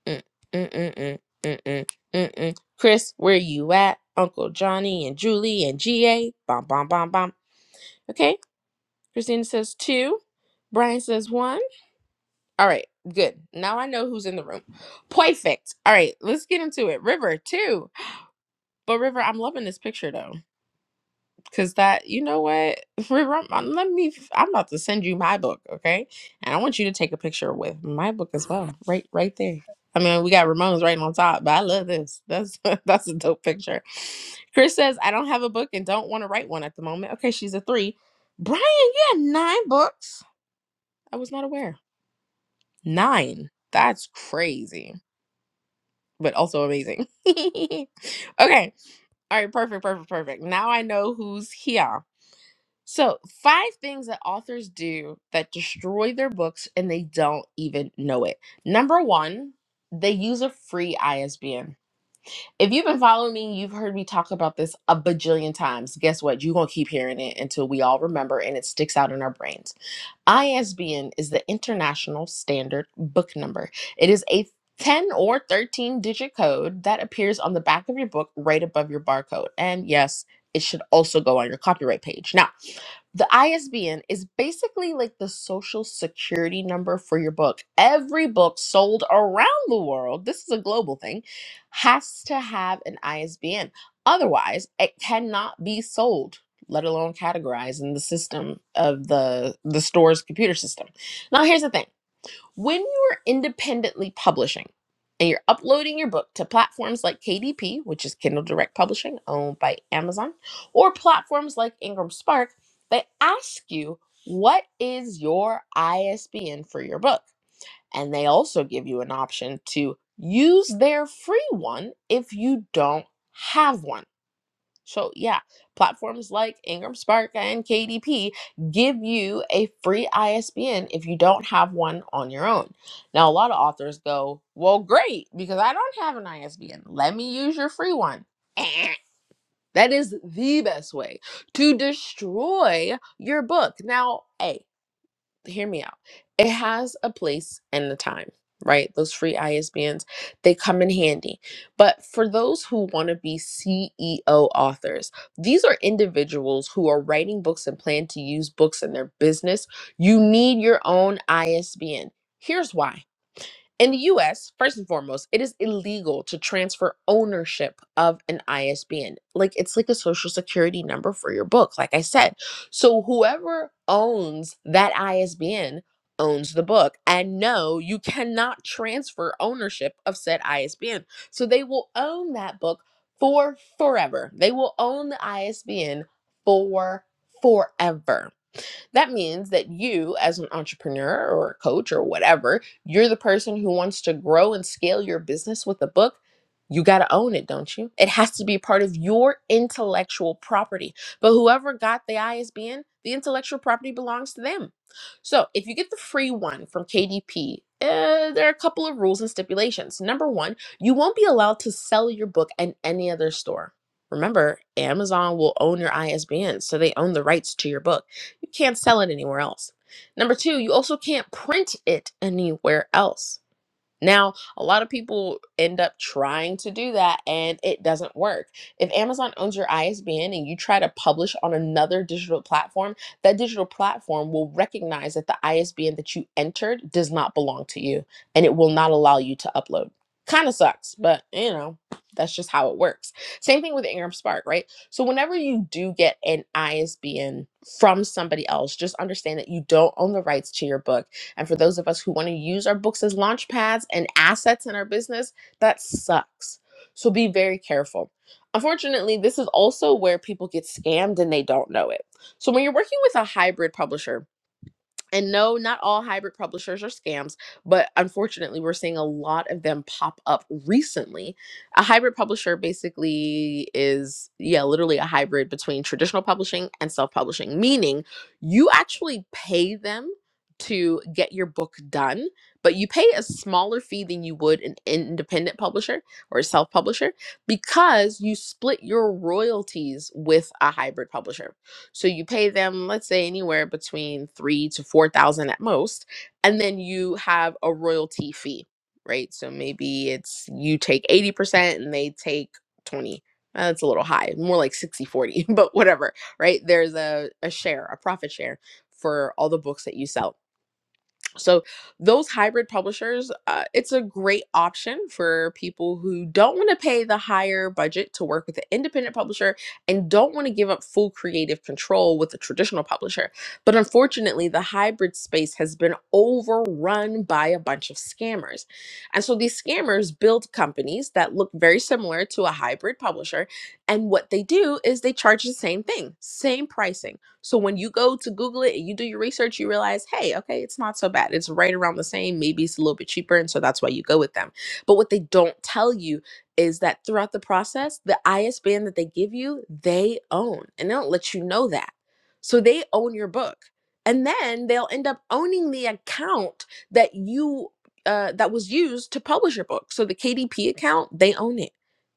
[SPEAKER 23] Mm, mm, mm, mm, mm, mm, mm, mm. Chris, where you at? Uncle Johnny and Julie and GA. Bom, bom, bom, bom. Okay. Christina says two. Brian says one. All right. Good. Now I know who's in the room. Perfect. All right. Let's get into it. River, two. But River, I'm loving this picture though. Cause that, you know what? Rem- uh, Let me. I'm about to send you my book, okay? And I want you to take a picture with my book as well, right, right there. I mean, we got Ramones right on top, but I love this. That's that's a dope picture. Chris says I don't have a book and don't want to write one at the moment. Okay, she's a three. Brian, you had nine books. I was not aware. Nine. That's crazy, but also amazing. okay. All right. Perfect. Perfect. Perfect. Now I know who's here. So, five things that authors do that destroy their books and they don't even know it. Number one, they use a free ISBN. If you've been following me, you've heard me talk about this a bajillion times. Guess what? You're going to keep hearing it until we all remember and it sticks out in our brains. ISBN is the International Standard Book Number. It is a 10 or 13 digit code that appears on the back of your book right above your barcode. And yes, it should also go on your copyright page. Now, the ISBN is basically like the social security number for your book. Every book sold around the world, this is a global thing, has to have an ISBN. Otherwise, it cannot be sold let alone categorized in the system of the the store's computer system. Now here's the thing. When you're independently publishing and you're uploading your book to platforms like KDP, which is Kindle Direct Publishing owned by Amazon, or platforms like Ingram Spark, they ask you what is your ISBN for your book. And they also give you an option to use their free one if you don't have one. So, yeah, platforms like Ingram Spark and KDP give you a free ISBN if you don't have one on your own. Now, a lot of authors go, Well, great, because I don't have an ISBN. Let me use your free one. Eh. That is the best way to destroy your book. Now, A, hear me out. It has a place and a time, right? Those free ISBNs, they come in handy. But for those who want to be CEO authors, these are individuals who are writing books and plan to use books in their business. You need your own ISBN. Here's why. In the US, first and foremost, it is illegal to transfer ownership of an ISBN. Like it's like a social security number for your book, like I said. So whoever owns that ISBN owns the book. And no, you cannot transfer ownership of said ISBN. So they will own that book for forever. They will own the ISBN for forever. That means that you, as an entrepreneur or a coach or whatever, you're the person who wants to grow and scale your business with a book. You got to own it, don't you? It has to be part of your intellectual property. But whoever got the ISBN, the intellectual property belongs to them. So if you get the free one from KDP, uh, there are a couple of rules and stipulations. Number one, you won't be allowed to sell your book at any other store. Remember, Amazon will own your ISBN, so they own the rights to your book. You can't sell it anywhere else. Number two, you also can't print it anywhere else. Now, a lot of people end up trying to do that and it doesn't work. If Amazon owns your ISBN and you try to publish on another digital platform, that digital platform will recognize that the ISBN that you entered does not belong to you and it will not allow you to upload. Kind of sucks, but you know, that's just how it works. Same thing with Ingram Spark, right? So, whenever you do get an ISBN from somebody else, just understand that you don't own the rights to your book and for those of us who want to use our books as launch pads and assets in our business, that sucks. So be very careful. Unfortunately, this is also where people get scammed and they don't know it. So when you're working with a hybrid publisher, and no, not all hybrid publishers are scams, but unfortunately, we're seeing a lot of them pop up recently. A hybrid publisher basically is, yeah, literally a hybrid between traditional publishing and self publishing, meaning you actually pay them to get your book done, but you pay a smaller fee than you would an independent publisher or a self publisher because you split your royalties with a hybrid publisher so you pay them, let's say anywhere between three to four thousand at most, and then you have a royalty fee, right? So maybe it's you take 80% and they take 20. Uh, That's a little high, more like 60 40, but whatever, right? There's a, a share, a profit share for all the books that you sell. So those hybrid publishers, uh, it's a great option for people who don't want to pay the higher budget to work with an independent publisher and don't want to give up full creative control with a traditional publisher. But unfortunately, the hybrid space has been overrun by a bunch of scammers. And so these scammers build companies that look very similar to a hybrid publisher. And what they do is they charge the same thing, same pricing so when you go to Google it and you do your research, you realize, hey, okay, it's not so bad. It's right around the same. Maybe it's a little bit cheaper. And so that's why you go with them. But what they don't tell you is that throughout the process, the ISBN that they give you, they own. And they don't let you know that. So they own your book. And then they'll end up owning the account that you uh, that was used to publish your book. So the KDP account, they own it.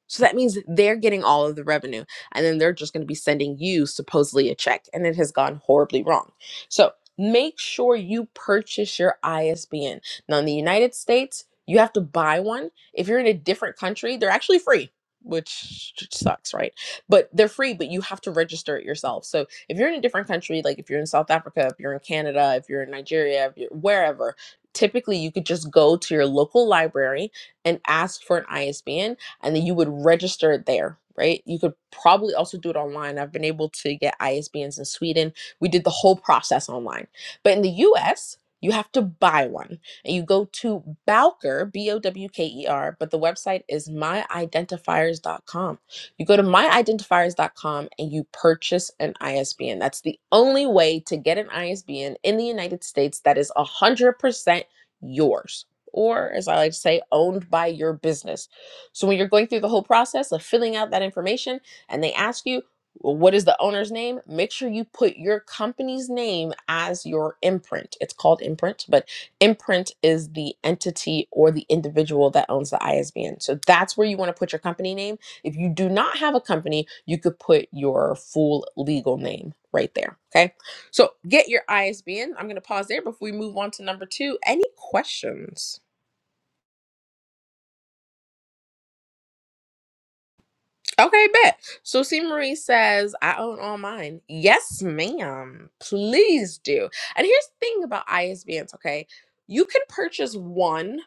[SPEAKER 23] So that means they're getting all of the revenue and then they're just going to be sending you supposedly a check and it has gone horribly wrong so make sure you purchase your isbn now in the united states you have to buy one if you're in a different country they're actually free which sucks right but they're free but you have to register it yourself so if you're in a different country like if you're in south africa if you're in canada if you're in nigeria if you're wherever typically you could just go to your local library and ask for an isbn and then you would register it there, right? You could probably also do it online. I've been able to get ISBNs in Sweden. We did the whole process online. But in the US, you have to buy one. And you go to Bowker, B O W K E R, but the website is myidentifiers.com. You go to myidentifiers.com and you purchase an ISBN. That's the only way to get an ISBN in the United States that is 100% yours, or as I like to say, owned by your business so when you're going through the whole process of filling out that information and they ask you, "Well, what is the owner's name? Make sure you put your company's name as your imprint. It's called imprint, but imprint is the entity or the individual that owns the ISBN. So that's where you want to put your company name. If you do not have a company, you could put your full legal name right there. Okay. So get your ISBN. I'm going to pause there before we move on to number two. Any questions? Okay, bet. So C Marie says, I own all mine. Yes, ma'am. Please do. And here's the thing about ISBNs, okay? You can purchase one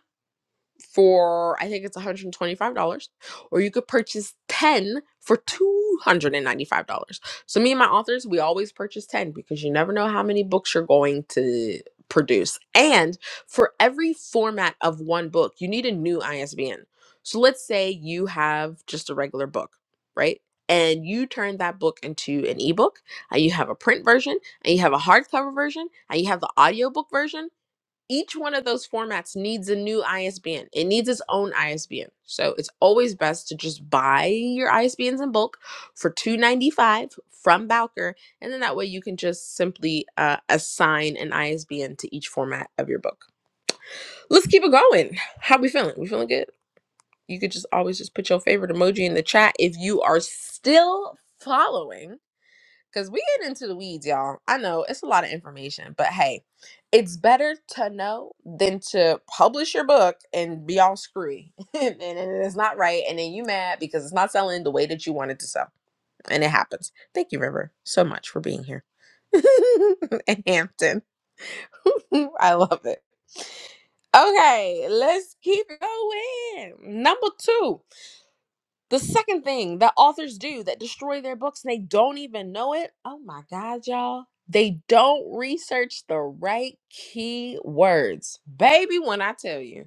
[SPEAKER 23] for I think it's $125, or you could purchase 10 for $295. So me and my authors, we always purchase 10 because you never know how many books you're going to produce. And for every format of one book, you need a new ISBN. So let's say you have just a regular book, right? And you turn that book into an ebook, and you have a print version, and you have a hardcover version, and you have the audiobook version each one of those formats needs a new ISBN. It needs its own ISBN. So it's always best to just buy your ISBNs in bulk for two ninety five from Bowker, and then that way you can just simply uh, assign an ISBN to each format of your book. Let's keep it going. How we feeling? We feeling good? You could just always just put your favorite emoji in the chat if you are still following Cause we get into the weeds, y'all. I know it's a lot of information, but hey, it's better to know than to publish your book and be all screwy and it's not right, and then you mad because it's not selling the way that you wanted to sell, and it happens. Thank you, River, so much for being here. and Hampton, I love it. Okay, let's keep going. Number two. The second thing that authors do that destroy their books and they don't even know it, oh my God, y'all, they don't research the right key words. Baby, when I tell you.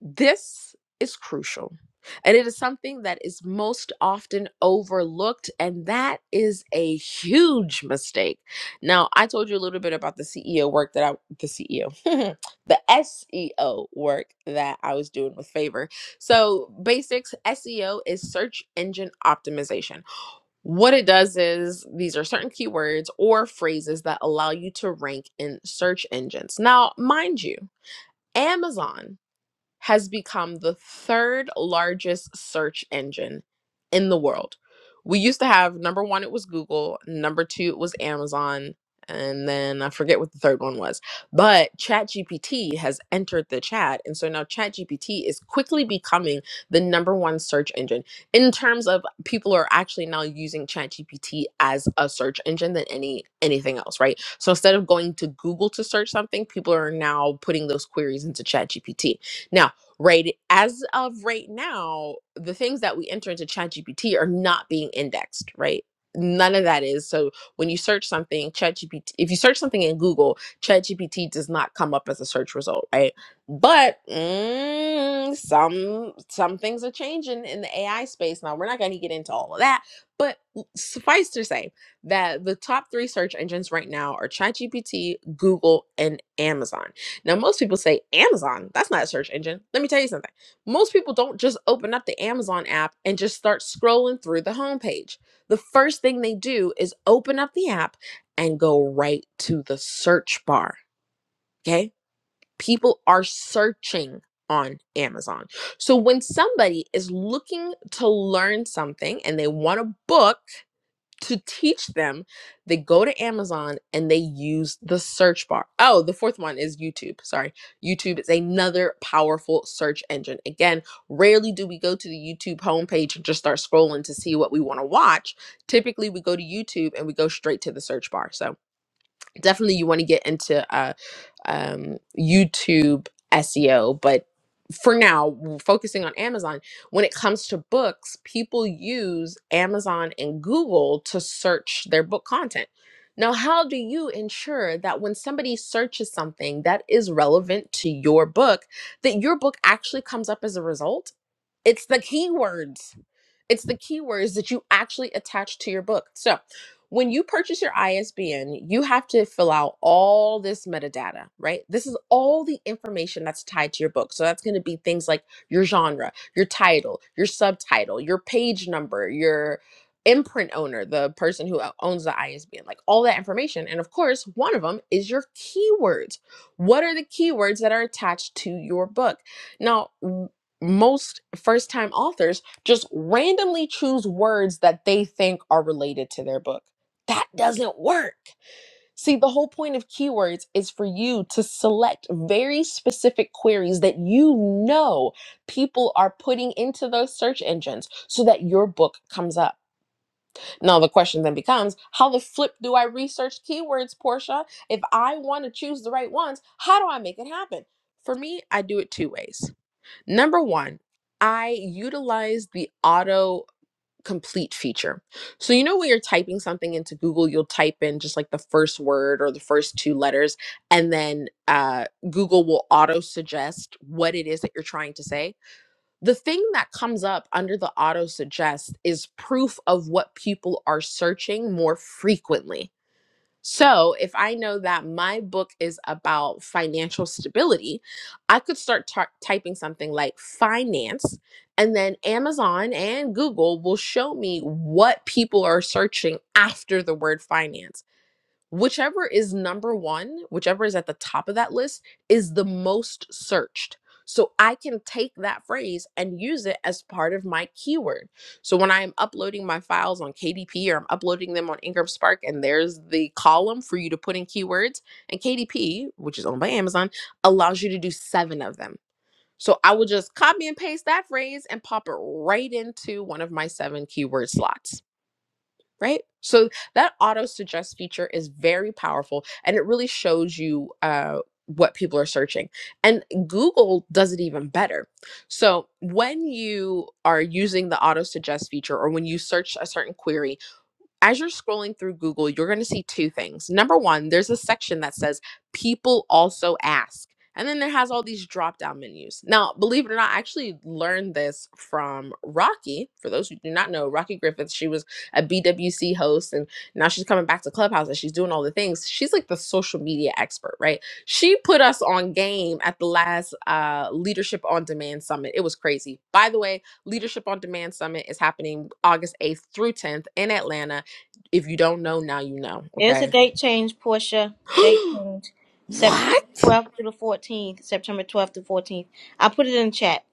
[SPEAKER 23] This is crucial. And it is something that is most often overlooked, and that is a huge mistake. Now, I told you a little bit about the CEO work that I, the CEO, the SEO work that I was doing with Favor. So, basics SEO is search engine optimization. What it does is these are certain keywords or phrases that allow you to rank in search engines. Now, mind you, Amazon has become the third largest search engine in the world. We used to have number one, it was Google, number two, it was Amazon, and then I forget what the third one was. But ChatGPT has entered the chat. And so now ChatGPT is quickly becoming the number one search engine in terms of people are actually now using ChatGPT as a search engine than any anything else, right? So instead of going to Google to search something, people are now putting those queries into ChatGPT. Now, right as of right now, the things that we enter into ChatGPT are not being indexed, right? None of that is. So when you search something, ChatGPT, if you search something in Google, ChatGPT does not come up as a search result, right? But mm, some some things are changing in the AI space. Now we're not going to get into all of that, but suffice to say that the top three search engines right now are ChatGPT, Google, and Amazon. Now, most people say Amazon. That's not a search engine. Let me tell you something. Most people don't just open up the Amazon app and just start scrolling through the homepage. The first thing they do is open up the app and go right to the search bar. Okay. People are searching on Amazon. So when somebody is looking to learn something and they want a book, to teach them, they go to Amazon and they use the search bar. Oh, the fourth one is YouTube. Sorry. YouTube is another powerful search engine. Again, rarely do we go to the YouTube homepage and just start scrolling to see what we want to watch. Typically, we go to YouTube and we go straight to the search bar. So, definitely you want to get into uh um, YouTube SEO, but for now, w- focusing on Amazon, when it comes to books, people use Amazon and Google to search their book content. Now, how do you ensure that when somebody searches something that is relevant to your book, that your book actually comes up as a result? It's the keywords it's the keywords that you actually attach to your book. So when you purchase your ISBN, you have to fill out all this metadata, right? This is all the information that's tied to your book. So that's going to be things like your genre, your title, your subtitle, your page number, your imprint owner, the person who owns the ISBN, like all that information. And of course, one of them is your keywords. What are the keywords that are attached to your book? Now, w- most first time authors just randomly choose words that they think are related to their book. That doesn't work. See, the whole point of keywords is for you to select very specific queries that you know people are putting into those search engines so that your book comes up. Now, the question then becomes how the flip do I research keywords, Portia? If I want to choose the right ones, how do I make it happen? For me, I do it two ways. Number one, I utilize the auto complete feature. So you know when you're typing something into Google, you'll type in just like the first word or the first two letters, and then uh, Google will auto suggest what it is that you're trying to say. The thing that comes up under the auto suggest is proof of what people are searching more frequently. So, if I know that my book is about financial stability, I could start ty- typing something like finance, and then Amazon and Google will show me what people are searching after the word finance whichever is number one, whichever is at the top of that list, is the most searched. So I can take that phrase and use it as part of my keyword. So when I am uploading my files on KDP or I'm uploading them on Ingram Spark, and there's the column for you to put in keywords, and KDP, which is owned by Amazon, allows you to do seven of them. So I will just copy and paste that phrase and pop it right into one of my seven keyword slots right? So that auto suggest feature is very powerful and it really shows you uh, what people are searching. And Google does it even better. So when you are using the auto suggest feature or when you search a certain query, as you're scrolling through Google, you're going to see two things. Number one, there's a section that says people also ask. And then it has all these drop down menus. Now, believe it or not, I actually learned this from Rocky. For those who do not know, Rocky Griffith, she was a BWC host and now she's coming back to Clubhouse and she's doing all the things. She's like the social media expert, right? She put us on game at the last uh, Leadership on Demand Summit. It was crazy. By the way, Leadership on Demand Summit is happening August 8th through 10th in Atlanta if you don't know, now you know,
[SPEAKER 24] There's a
[SPEAKER 23] okay?
[SPEAKER 24] date change, Portia. Date change. September
[SPEAKER 23] what?
[SPEAKER 24] 12th through the 14th. September 12th to 14th. I put it in the chat.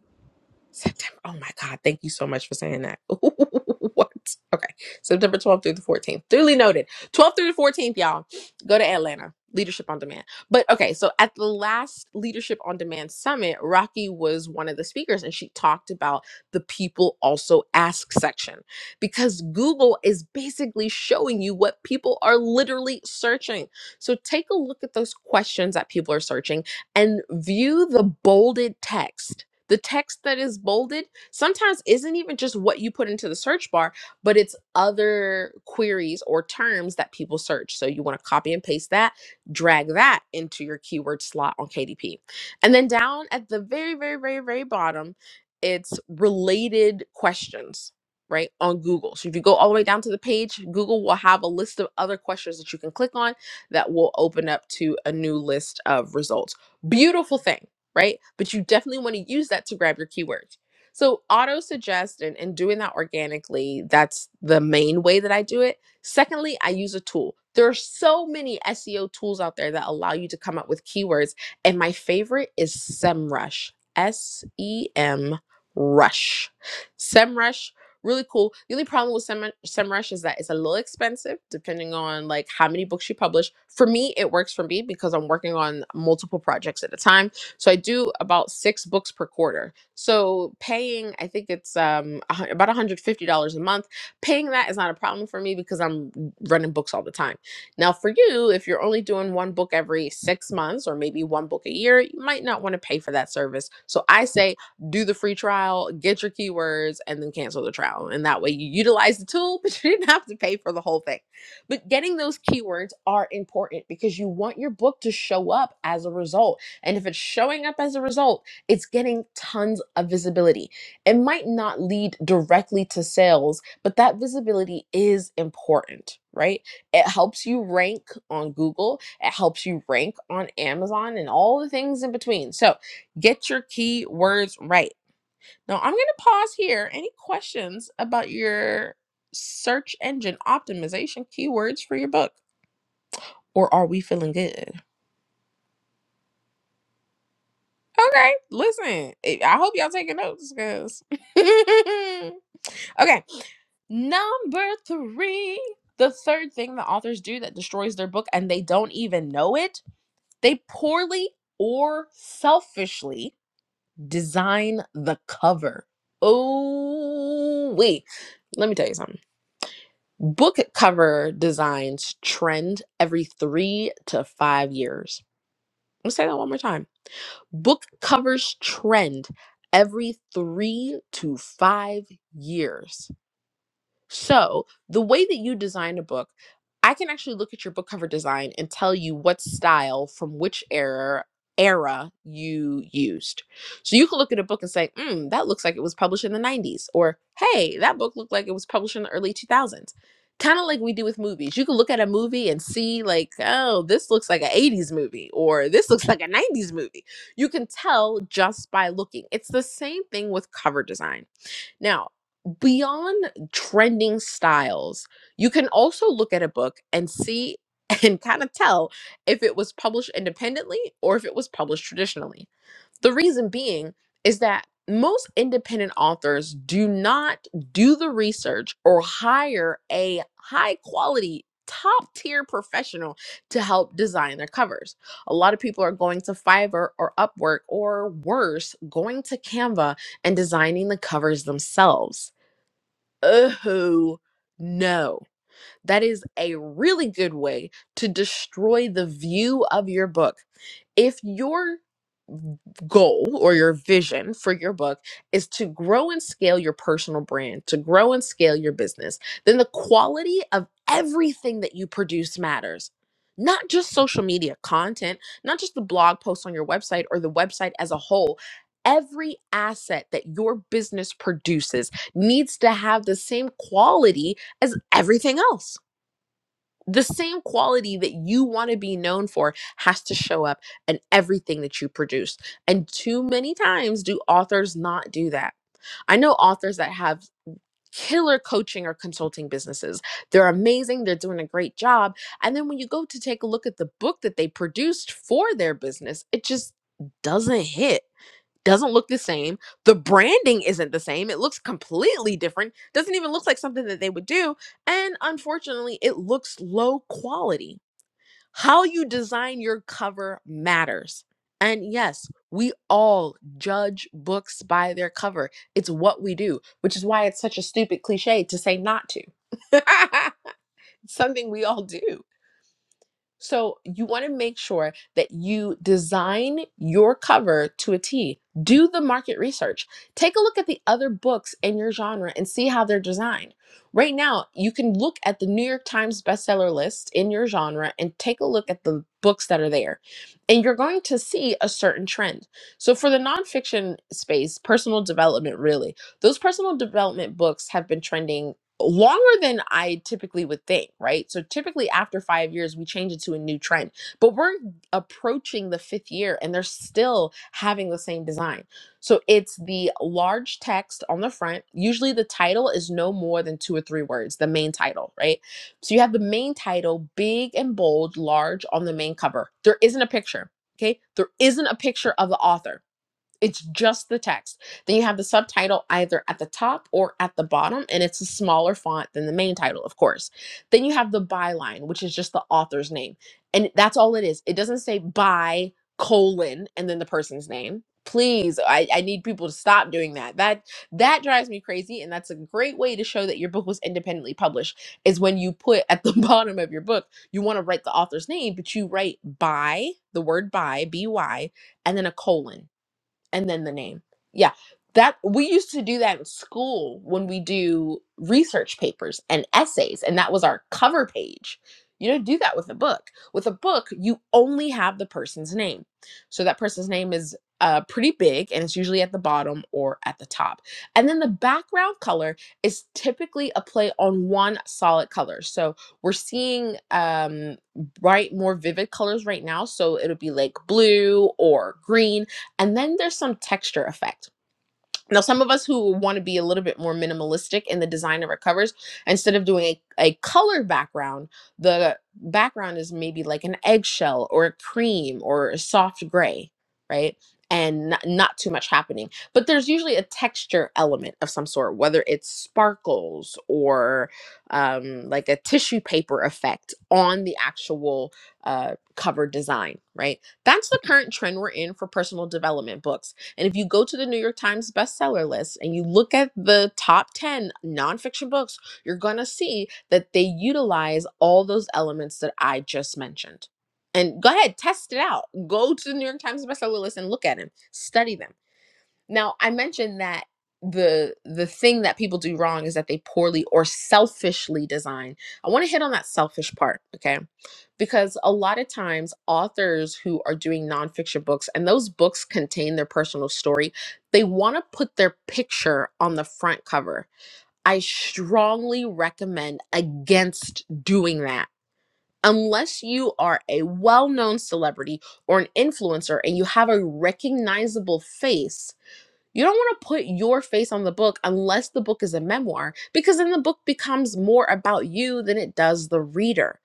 [SPEAKER 23] September. Oh my God. Thank you so much for saying that. what? Okay. September 12th through the 14th. Duly noted. 12th through the 14th, y'all. Go to Atlanta. Leadership on Demand. But okay. So at the last Leadership on Demand Summit, Rocky was one of the speakers and she talked about the people also ask section because Google is basically showing you what people are literally searching. So take a look at those questions that people are searching and view the bolded text the text that is bolded sometimes isn't even just what you put into the search bar, but it's other queries or terms that people search. So you want to copy and paste that, drag that into your keyword slot on KDP. And then down at the very, very, very, very bottom, it's related questions, right, on Google. So if you go all the way down to the page, Google will have a list of other questions that you can click on that will open up to a new list of results. Beautiful thing right? But you definitely want to use that to grab your keyword. So auto suggest and, and doing that organically, that's the main way that I do it. Secondly, I use a tool. There are so many SEO tools out there that allow you to come up with keywords. And my favorite is SEMrush. S E M Rush. SEMrush, really cool. The only problem with Sem- SEMrush is that it's a little expensive depending on like how many books you publish. For me, it works for me because I'm working on multiple projects at a time so I do about six books per quarter. So paying, I think it's um a hun- about $150 a month. Paying that is not a problem for me because I'm running books all the time. Now for you, if you're only doing one book every six months or maybe one book a year, you might not want to pay for that service. So I say do the free trial, get your keywords, and then cancel the trial. And that way you utilize the tool, but you didn't have to pay for the whole thing. But getting those keywords are important because you want your book to show up as a result. And if it's showing up as a result, it's getting tons of visibility. It might not lead directly to sales, but that visibility is important, right? It helps you rank on Google, it helps you rank on Amazon, and all the things in between. So get your keywords right. Now, I'm going to pause here. Any questions about your search engine optimization keywords for your book? Or are we feeling good? Okay, listen. eh, I hope y'all taking notes, guys. okay, number three. The third thing the authors do that destroys their book and they don't even know it, they poorly or selfishly design the cover. Oh, wait. Let me tell you something. Book cover designs trend every three to five years. Let's say that one more time Book covers trend every three to five years. So, the way that you design a book, I can actually look at your book cover design and tell you what style from which era era you used. So you can look at a book and say, "Mm, that looks like it was published in the 90s," or "Hey, that book looked like it was published in the early 2000s." Kind of like we do with movies. You can look at a movie and see like, "Oh, this looks like an 80s movie," or "This looks like a 90s movie." You can tell just by looking. It's the same thing with cover design now, beyond trending styles, you can also look at a book and see and kind of tell if it was published independently or if it was published traditionally. The reason being is that most independent authors do not do the research or hire a high quality, top tier professional to help design their covers. A lot of people are going to Fiverr or Upwork or worse, going to Canva and designing the covers themselves. Oh, no. That is a really good way to destroy the view of your book if your goal or your vision for your book is to grow and scale your personal brand, to grow and scale your business, then the quality of everything that you produce matters. Not just social media content, not just the blog post on your website or the website as a whole. Every asset that your business produces needs to have the same quality as everything else the same quality that you want to be known for has to show up in everything that you produce. And too many times do authors not do that. I know authors that have killer coaching or consulting businesses. They're amazing, they're doing a great job. And then when you go to take a look at the book that they produced for their business, it just doesn't hit doesn't look the same. The branding isn't the same. It looks completely different. Doesn't even look like something that they would do. And unfortunately, it looks low quality. How you design your cover matters. And yes, we all judge books by their cover. It's what we do, which is why it's such a stupid cliche to say not to. It's something we all do. So you want to make sure that you design your cover to a T. Do the market research. Take a look at the other books in your genre and see how they're designed. Right now, you can look at the New York Times bestseller list in your genre and take a look at the books that are there. And you're going to see a certain trend. So, for the nonfiction space, personal development really, those personal development books have been trending longer than I typically would think, right? So typically after five years, we change it to a new trend, but we're approaching the fifth year and they're still having the same design. So it's the large text on the front. Usually the title is no more than two or three words, the main title, right? So you have the main title, big and bold, large on the main cover. There isn't a picture. Okay, there isn't a picture of the author it's just the text. Then you have the subtitle either at the top or at the bottom, and it's a smaller font than the main title, of course. Then you have the byline, which is just the author's name. And that's all it is. It doesn't say by colon and then the person's name. Please, I, I need people to stop doing that. That that drives me crazy. And that's a great way to show that your book was independently published, is when you put at the bottom of your book, you want to write the author's name, but you write by the word by, B Y, and then a colon and then the name. Yeah. That we used to do that in school when we do research papers and essays and that was our cover page. You don't do that with a book. With a book, you only have the person's name. So that person's name is uh, pretty big and it's usually at the bottom or at the top. And then the background color is typically a play on one solid color. So we're seeing um, bright, more vivid colors right now. So it'll be like blue or green and then there's some texture effect. Now, some of us who want to be a little bit more minimalistic in the design of our covers, instead of doing a, a color background, the background is maybe like an eggshell or a cream or a soft gray, right? And not, not too much happening. But there's usually a texture element of some sort, whether it's sparkles or um, like a tissue paper effect on the actual uh, cover design, right? That's the current trend we're in for personal development books and if you go to the New York Times bestseller list and you look at the top 10 nonfiction books, you're going to see that they utilize all those elements that I just mentioned. And go ahead, test it out. Go to the New York Times bestseller list and look at them, study them now, I mentioned that the the thing that people do wrong is that they poorly or selfishly design. I want to hit on that selfish part, okay? Because a lot of times authors who are doing nonfiction books and those books contain their personal story, they want to put their picture on the front cover. I strongly recommend against doing that. Unless you are a well known celebrity or an influencer and you have a recognizable face, you don't want to put your face on the book unless the book is a memoir, because then the book becomes more about you than it does the reader.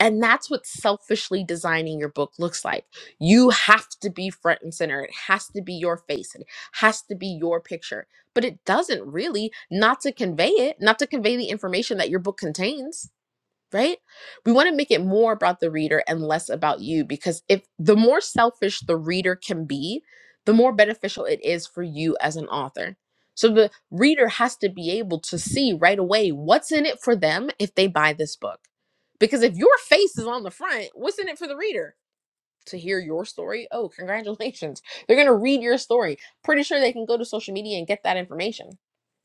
[SPEAKER 23] And that's what selfishly designing your book looks like. You have to be front and center. It has to be your face. It has to be your picture. But it doesn't really, not to convey it, not to convey the information that your book contains right? We want to make it more about the reader and less about you because if the more selfish the reader can be, the more beneficial it is for you as an author. So the reader has to be able to see right away what's in it for them if they buy this book. Because if your face is on the front, what's in it for the reader? To hear your story? Oh, congratulations. They're going to read your story. Pretty sure they can go to social media and get that information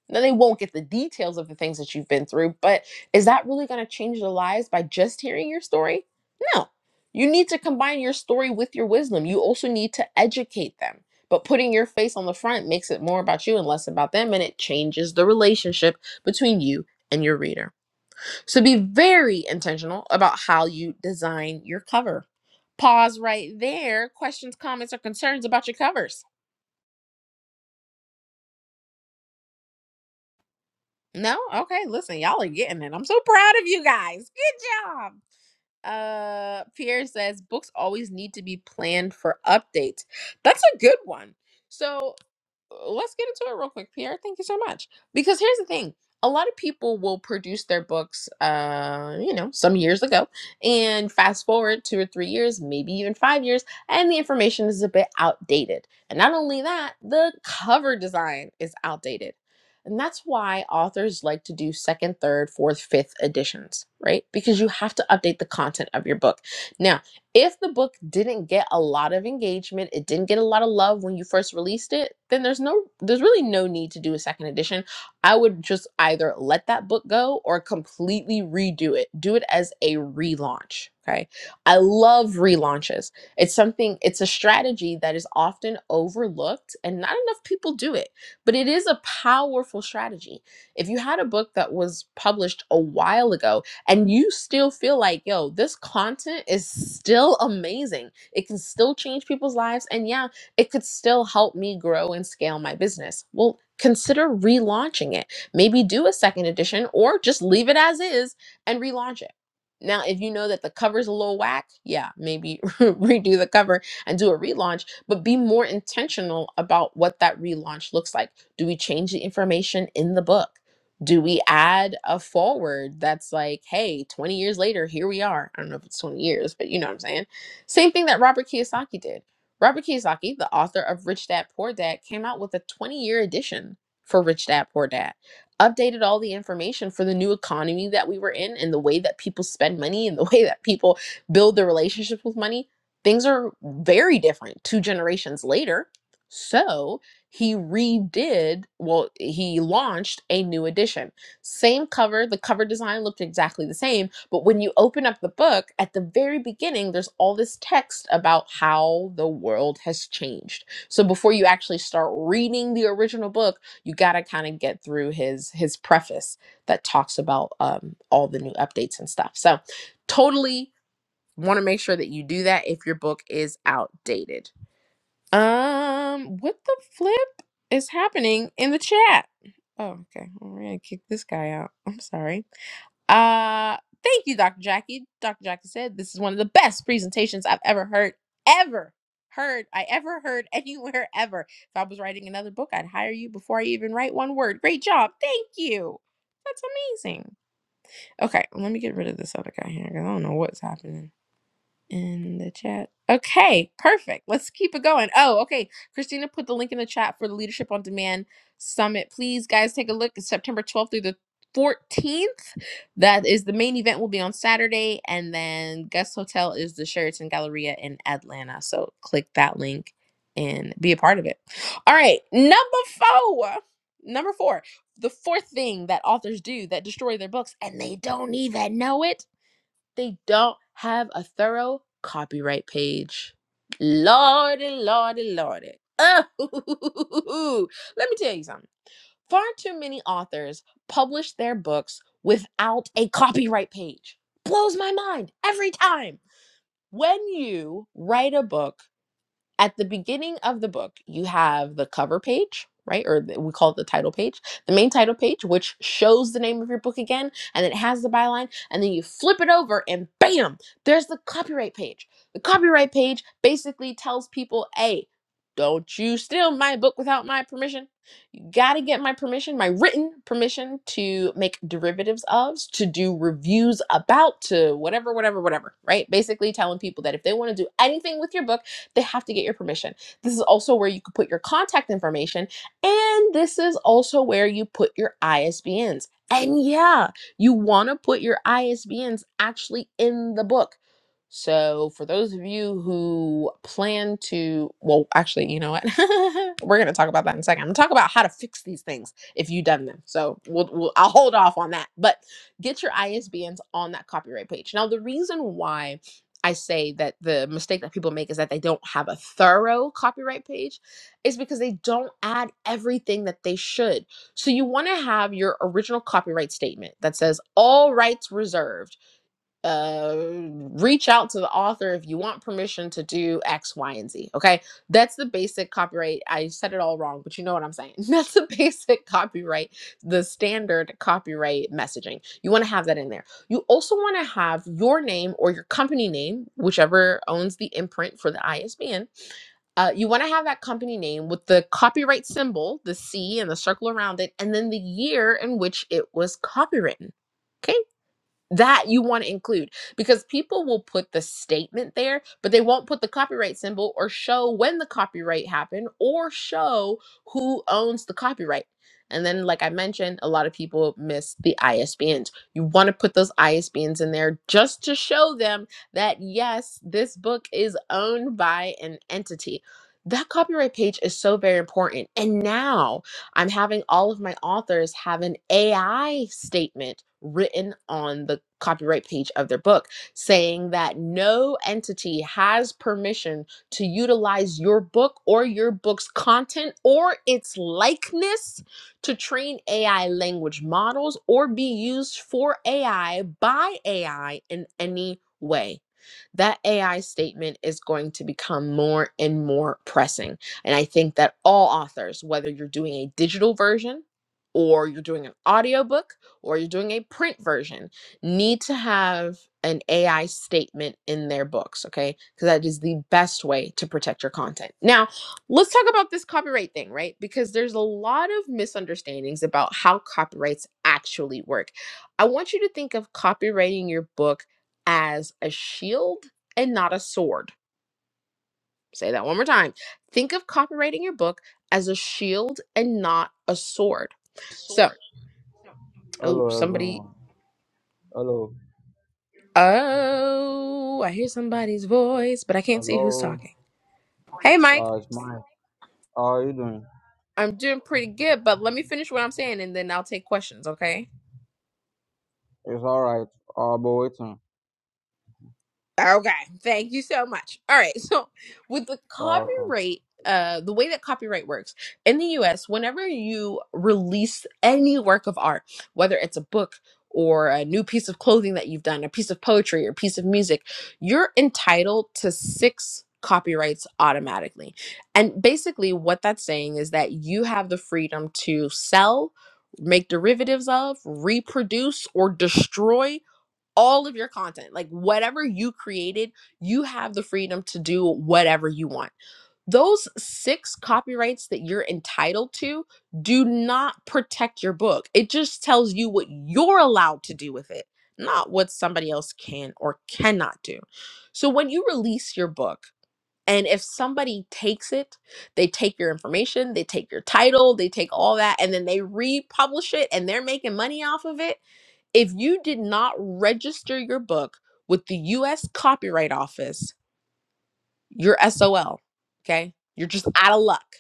[SPEAKER 23] now, they won't get the details of the things that you've been through, but is that really going to change their lives by just hearing your story? No. You need to combine your story with your wisdom. You also need to educate them. But putting your face on the front makes it more about you and less about them, and it changes the relationship between you and your reader. So be very intentional about how you design your cover. Pause right there. Questions, comments, or concerns about your covers? No? Okay, listen, y'all are getting it. I'm so proud of you guys. Good job. Uh Pierre says books always need to be planned for updates. That's a good one. So let's get into it real quick, Pierre. Thank you so much. Because here's the thing a lot of people will produce their books, uh, you know, some years ago, and fast forward two or three years, maybe even five years, and the information is a bit outdated. And not only that, the cover design is outdated. And that's why authors like to do second, third, fourth, fifth editions, right? Because you have to update the content of your book. Now, if the book didn't get a lot of engagement, it didn't get a lot of love when you first released it, then there's no there's really no need to do a second edition. I would just either let that book go or completely redo it. Do it as a relaunch, okay? I love relaunches. It's something it's a strategy that is often overlooked and not enough people do it, but it is a powerful strategy. If you had a book that was published a while ago and you still feel like, yo, this content is still amazing. It can still change people's lives. And yeah, it could still help me grow and scale my business. Well, consider relaunching it. Maybe do a second edition or just leave it as is and relaunch it. Now, if you know that the cover's a little whack, yeah, maybe redo the cover and do a relaunch, but be more intentional about what that relaunch looks like. Do we change the information in the book? do we add a forward that's like, hey, 20 years later, here we are? I don't know if it's 20 years, but you know what I'm saying? Same thing that Robert Kiyosaki did. Robert Kiyosaki, the author of Rich Dad Poor Dad, came out with a 20 year edition for Rich Dad Poor Dad, updated all the information for the new economy that we were in and the way that people spend money and the way that people build their relationships with money. Things are very different two generations later. So, he redid well he launched a new edition same cover the cover design looked exactly the same but when you open up the book at the very beginning there's all this text about how the world has changed so before you actually start reading the original book you got to kind of get through his his preface that talks about um, all the new updates and stuff so totally want to make sure that you do that if your book is outdated um, what the flip is happening in the chat? Oh, okay. Well, We're gonna kick this guy out. I'm sorry. Uh, thank you, Dr. Jackie. Dr. Jackie said this is one of the best presentations I've ever heard, ever heard, I ever heard anywhere ever. If I was writing another book, I'd hire you before I even write one word. Great job. Thank you. That's amazing. Okay, let me get rid of this other guy here because I don't know what's happening in the chat. Okay, perfect. Let's keep it going. Oh, okay. Christina put the link in the chat for the Leadership on Demand Summit. Please, guys, take a look. It's September 12th through the 14th. That is the main event will be on Saturday. And then guest hotel is the Sheraton Galleria in Atlanta. So click that link and be a part of it. All right, number four. Number four. The fourth thing that authors do that destroy their books and they don't even know it they don't have a thorough copyright page. Lordy, lordy, lordy. Oh, let me tell you something. Far too many authors publish their books without a copyright page. Blows my mind every time. When you write a book, at the beginning of the book, you have the cover page, right? Or the, we call it the title page, the main title page, which shows the name of your book again, and it has the byline. And then you flip it over, and bam, there's the copyright page. The copyright page basically tells people, hey, don't you steal my book without my permission Gotta get my permission, my written permission to make derivatives of, to do reviews about, to whatever, whatever, whatever, right? Basically telling people that if they want to do anything with your book, they have to get your permission. This is also where you could put your contact information, and this is also where you put your ISBNs. And yeah, you want to put your ISBNs actually in the book so, for those of you who plan to, well, actually, you know what? We're going to talk about that in a second. I'm going to talk about how to fix these things if you've done them. So, we'll, we'll, I'll hold off on that. But get your ISBNs on that copyright page. Now, the reason why I say that the mistake that people make is that they don't have a thorough copyright page is because they don't add everything that they should. So, you want to have your original copyright statement that says all rights reserved uh, reach out to the author if you want permission to do X, Y, and Z. Okay. That's the basic copyright. I said it all wrong, but you know what I'm saying. That's the basic copyright, the standard copyright messaging. You want to have that in there. You also want to have your name or your company name, whichever owns the imprint for the ISBN. Uh, you want to have that company name with the copyright symbol, the C and the circle around it, and then the year in which it was copywritten. Okay that you want to include because people will put the statement there but they won't put the copyright symbol or show when the copyright happened or show who owns the copyright and then like i mentioned a lot of people miss the isbns you want to put those isbns in there just to show them that yes this book is owned by an entity that copyright page is so very important and now I'm having all of my authors have an AI statement written on the copyright page of their book saying that no entity has permission to utilize your book or your book's content or its likeness to train AI language models or be used for AI by AI in any way. That AI statement is going to become more and more pressing and I think that all authors, whether you're doing a digital version or you're doing an audiobook or you're doing a print version, need to have an AI statement in their books, okay? Because that is the best way to protect your content. Now, let's talk about this copyright thing, right? Because there's a lot of misunderstandings about how copyrights actually work. I want you to think of copywriting your book as a shield and not a sword Say that one more time. Think of copywriting your book as a shield and not a sword. So, oh,
[SPEAKER 25] Hello,
[SPEAKER 23] somebody,
[SPEAKER 25] everyone. hello,
[SPEAKER 23] oh, I hear somebody's voice, but I can't see who's
[SPEAKER 25] hello.
[SPEAKER 23] talking. Hey, Mike,
[SPEAKER 25] Uh, it's mine. How are you doing?
[SPEAKER 23] I'm doing pretty good, but let me finish what I'm saying and then I'll take questions, okay?
[SPEAKER 25] It's all right. right. I'll be waiting.
[SPEAKER 23] Okay, thank you so much. All right, so with the
[SPEAKER 25] Uh,
[SPEAKER 23] copyright, uh, the way that copyright works in the US, whenever you release any work of art, whether it's a book or a new piece of clothing that you've done, a piece of poetry or a piece of music, you're entitled to six copyrights automatically. And basically, what that's saying is that you have the freedom to sell, make derivatives of, reproduce, or destroy all of your content, like whatever you created, you have the freedom to do whatever you want. Those six copyrights that you're entitled to do not protect your book. It just tells you what you're allowed to do with it, not what somebody else can or cannot do. So when you release your book, and if somebody takes it, they take your information, they take your title, they take all that, and then they republish it and they're making money off of it if you did not register your book with the US Copyright Office, you're SOL. Okay. You're just out of luck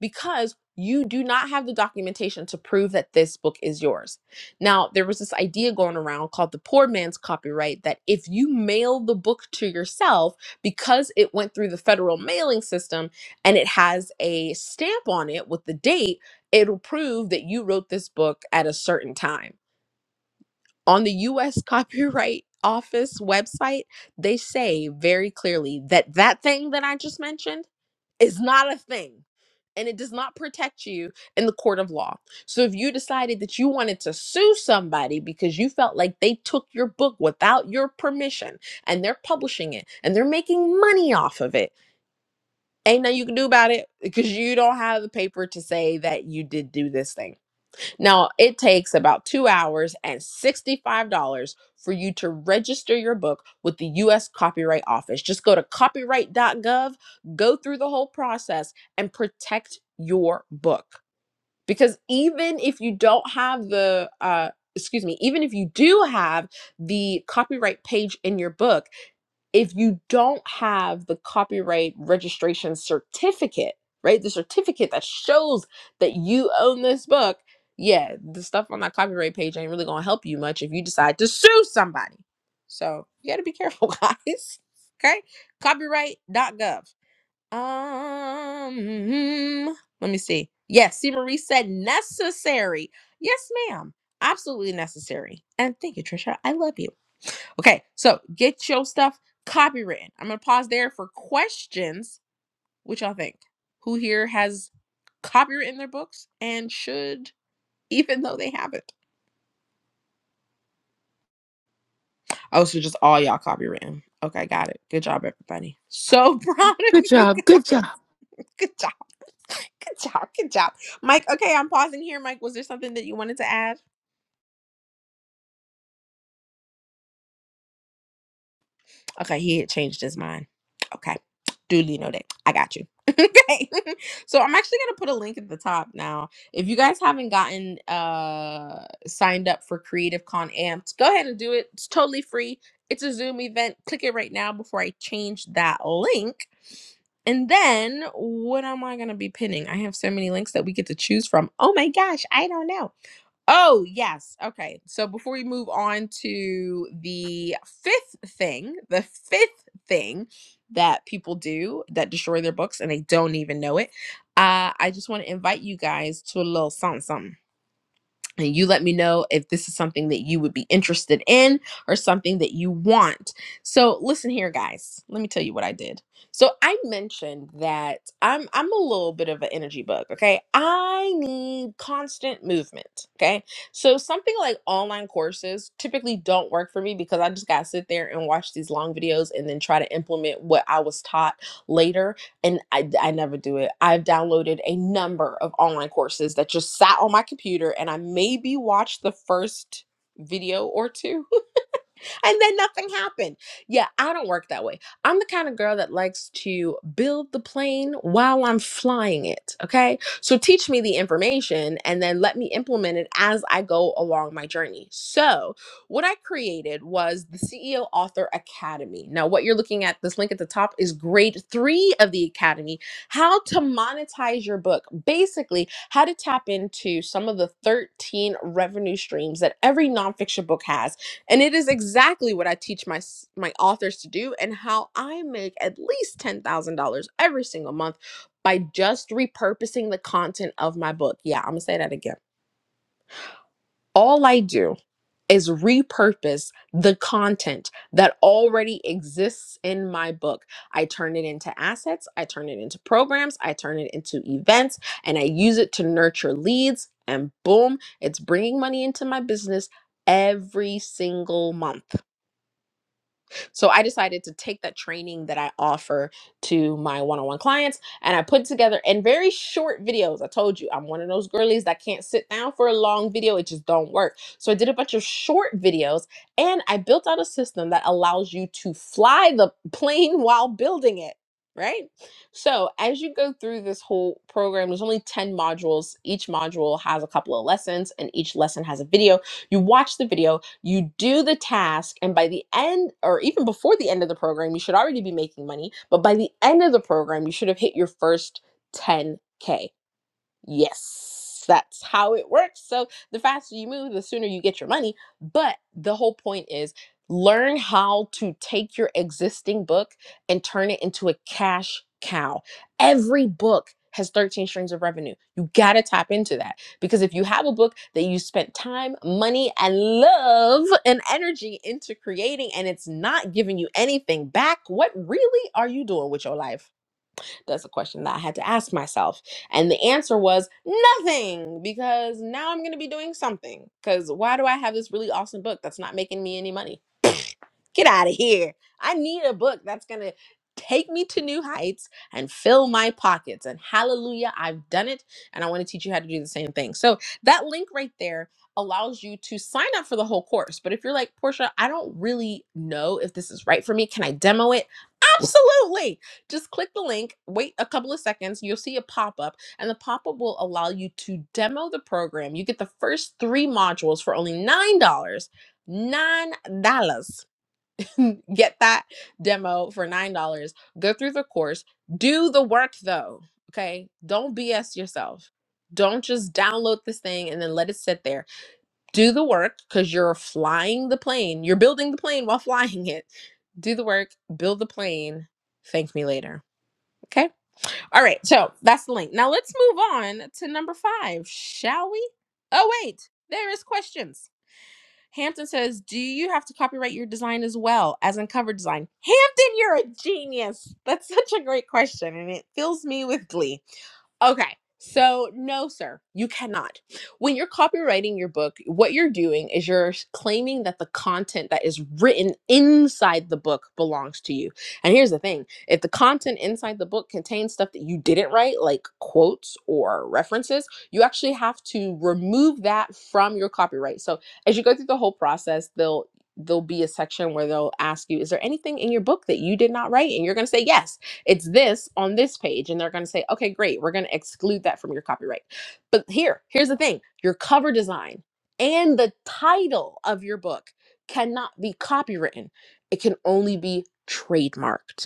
[SPEAKER 23] because you do not have the documentation to prove that this book is yours. Now, there was this idea going around called the poor man's copyright that if you mail the book to yourself, because it went through the federal mailing system and it has a stamp on it with the date, it'll prove that you wrote this book at a certain time on the US Copyright Office website, they say very clearly that that thing that I just mentioned is not a thing and it does not protect you in the court of law. So if you decided that you wanted to sue somebody because you felt like they took your book without your permission and they're publishing it and they're making money off of it, ain't nothing you can do about it because you don't have the paper to say that you did do this thing. Now, it takes about two hours and $65 for you to register your book with the U.S. Copyright Office. Just go to copyright.gov, go through the whole process, and protect your book. Because even if you don't have the, uh, excuse me, even if you do have the copyright page in your book, if you don't have the copyright registration certificate, right? The certificate that shows that you own this book, yeah, the stuff on that copyright page ain't really gonna help you much if you decide to sue somebody. So you gotta be careful, guys. Okay? Copyright.gov. Um let me see. Yes, see Marie said necessary. Yes, ma'am. Absolutely necessary. And thank you, Trisha. I love you. Okay, so get your stuff copywritten. I'm gonna pause there for questions. What y'all think? Who here has copywritten their books and should, even though they haven't? Oh, so just all y'all copywritten. Okay, got it. Good job, everybody. So proud of
[SPEAKER 2] Good
[SPEAKER 23] you
[SPEAKER 2] job. Good job.
[SPEAKER 23] guys. Good job. Good job. Good job. Mike, okay, I'm pausing here. Mike, was there something that you wanted to add? Okay, he had changed his mind. Okay. Duly noted. I got you. okay. so I'm actually gonna put a link at the top now. If you guys haven't gotten uh signed up for Creative Con Amped, go ahead and do it. It's totally free. It's a Zoom event. Click it right now before I change that link. And then what am I gonna be pinning? I have so many links that we get to choose from. Oh my gosh, I don't know. Oh, yes. Okay. So before we move on to the fifth thing, the fifth thing that people do that destroy their books and they don't even know it, uh, I just want to invite you guys to a little something. something and you let me know if this is something that you would be interested in or something that you want. So, listen here guys. Let me tell you what I did. So, I mentioned that I'm I'm a little bit of an energy bug, okay? I need constant movement, okay? So, something like online courses typically don't work for me because I just got to sit there and watch these long videos and then try to implement what I was taught later and I, I never do it. I've downloaded a number of online courses that just sat on my computer and I maybe watched the first video or two and then nothing happened. Yeah, I don't work that way. I'm the kind of girl that likes to build the plane while I'm flying it. Okay. So teach me the information and then let me implement it as I go along my journey. So, what I created was the CEO Author Academy. Now, what you're looking at, this link at the top is grade three of the academy how to monetize your book. Basically, how to tap into some of the 13 revenue streams that every nonfiction book has and it is exactly what I teach my s- my authors to do and how I make at least $10,000 every single month by just repurposing the content of my book. Yeah, I'm going to say that again. All I do is repurpose the content that already exists in my book. I turn it into assets, I turn it into programs, I turn it into events, and I use it to nurture leads and boom, it's bringing money into my business every single month. So I decided to take that training that I offer to my one on one clients and I put together in very short videos. I told you I'm one of those girlies that can't sit down for a long video, it just don't work. So I did a bunch of short videos and I built out a system that allows you to fly the plane while building it. Right. So, as you go through this whole program, there's only 10 modules. Each module has a couple of lessons, and each lesson has a video. You watch the video, you do the task, and by the end, or even before the end of the program, you should already be making money. But by the end of the program, you should have hit your first 10K. Yes, that's how it works. So the faster you move, the sooner you get your money. But the whole point is learn how to take your existing book and turn it into a cash cow. Every book has 13 streams of revenue. You got to tap into that because if you have a book that you spent time, money, and love and energy into creating and it's not giving you anything back, what really are you doing with your life? That's a question that I had to ask myself. And the answer was nothing, because now I'm going to be doing something. Because why do I have this really awesome book that's not making me any money? Get out of here. I need a book that's going to take me to new heights and fill my pockets. And hallelujah, I've done it. And I want to teach you how to do the same thing. So that link right there allows you to sign up for the whole course. But if you're like, Portia, I don't really know if this is right for me, can I demo it? Absolutely. Just click the link, wait a couple of seconds, you'll see a pop up, and the pop up will allow you to demo the program. You get the first three modules for only $9. dollars. $9 get that demo for nine dollars go through the course do the work though okay don't bs yourself don't just download this thing and then let it sit there do the work because you're flying the plane you're building the plane while flying it do the work build the plane thank me later okay all right so that's the link now let's move on to number five shall we oh wait there is questions Hampton says, Do you have to copyright your design as well as in cover design? Hampton, you're a genius. That's such a great question, and it fills me with glee. Okay. So, no, sir, you cannot. When you're copywriting your book, what you're doing is you're s- claiming that the content that is written inside the book belongs to you. And here's the thing if the content inside the book contains stuff that you didn't write, like quotes or references, you actually have to remove that from your copyright. So, as you go through the whole process, they'll There'll be a section where they'll ask you, Is there anything in your book that you did not write? And you're going to say yes it's this on this page and they're going to say okay great we're going to exclude that from your copyright but here here's the thing your cover design and the title of your book cannot be copywritten it can only be trademarked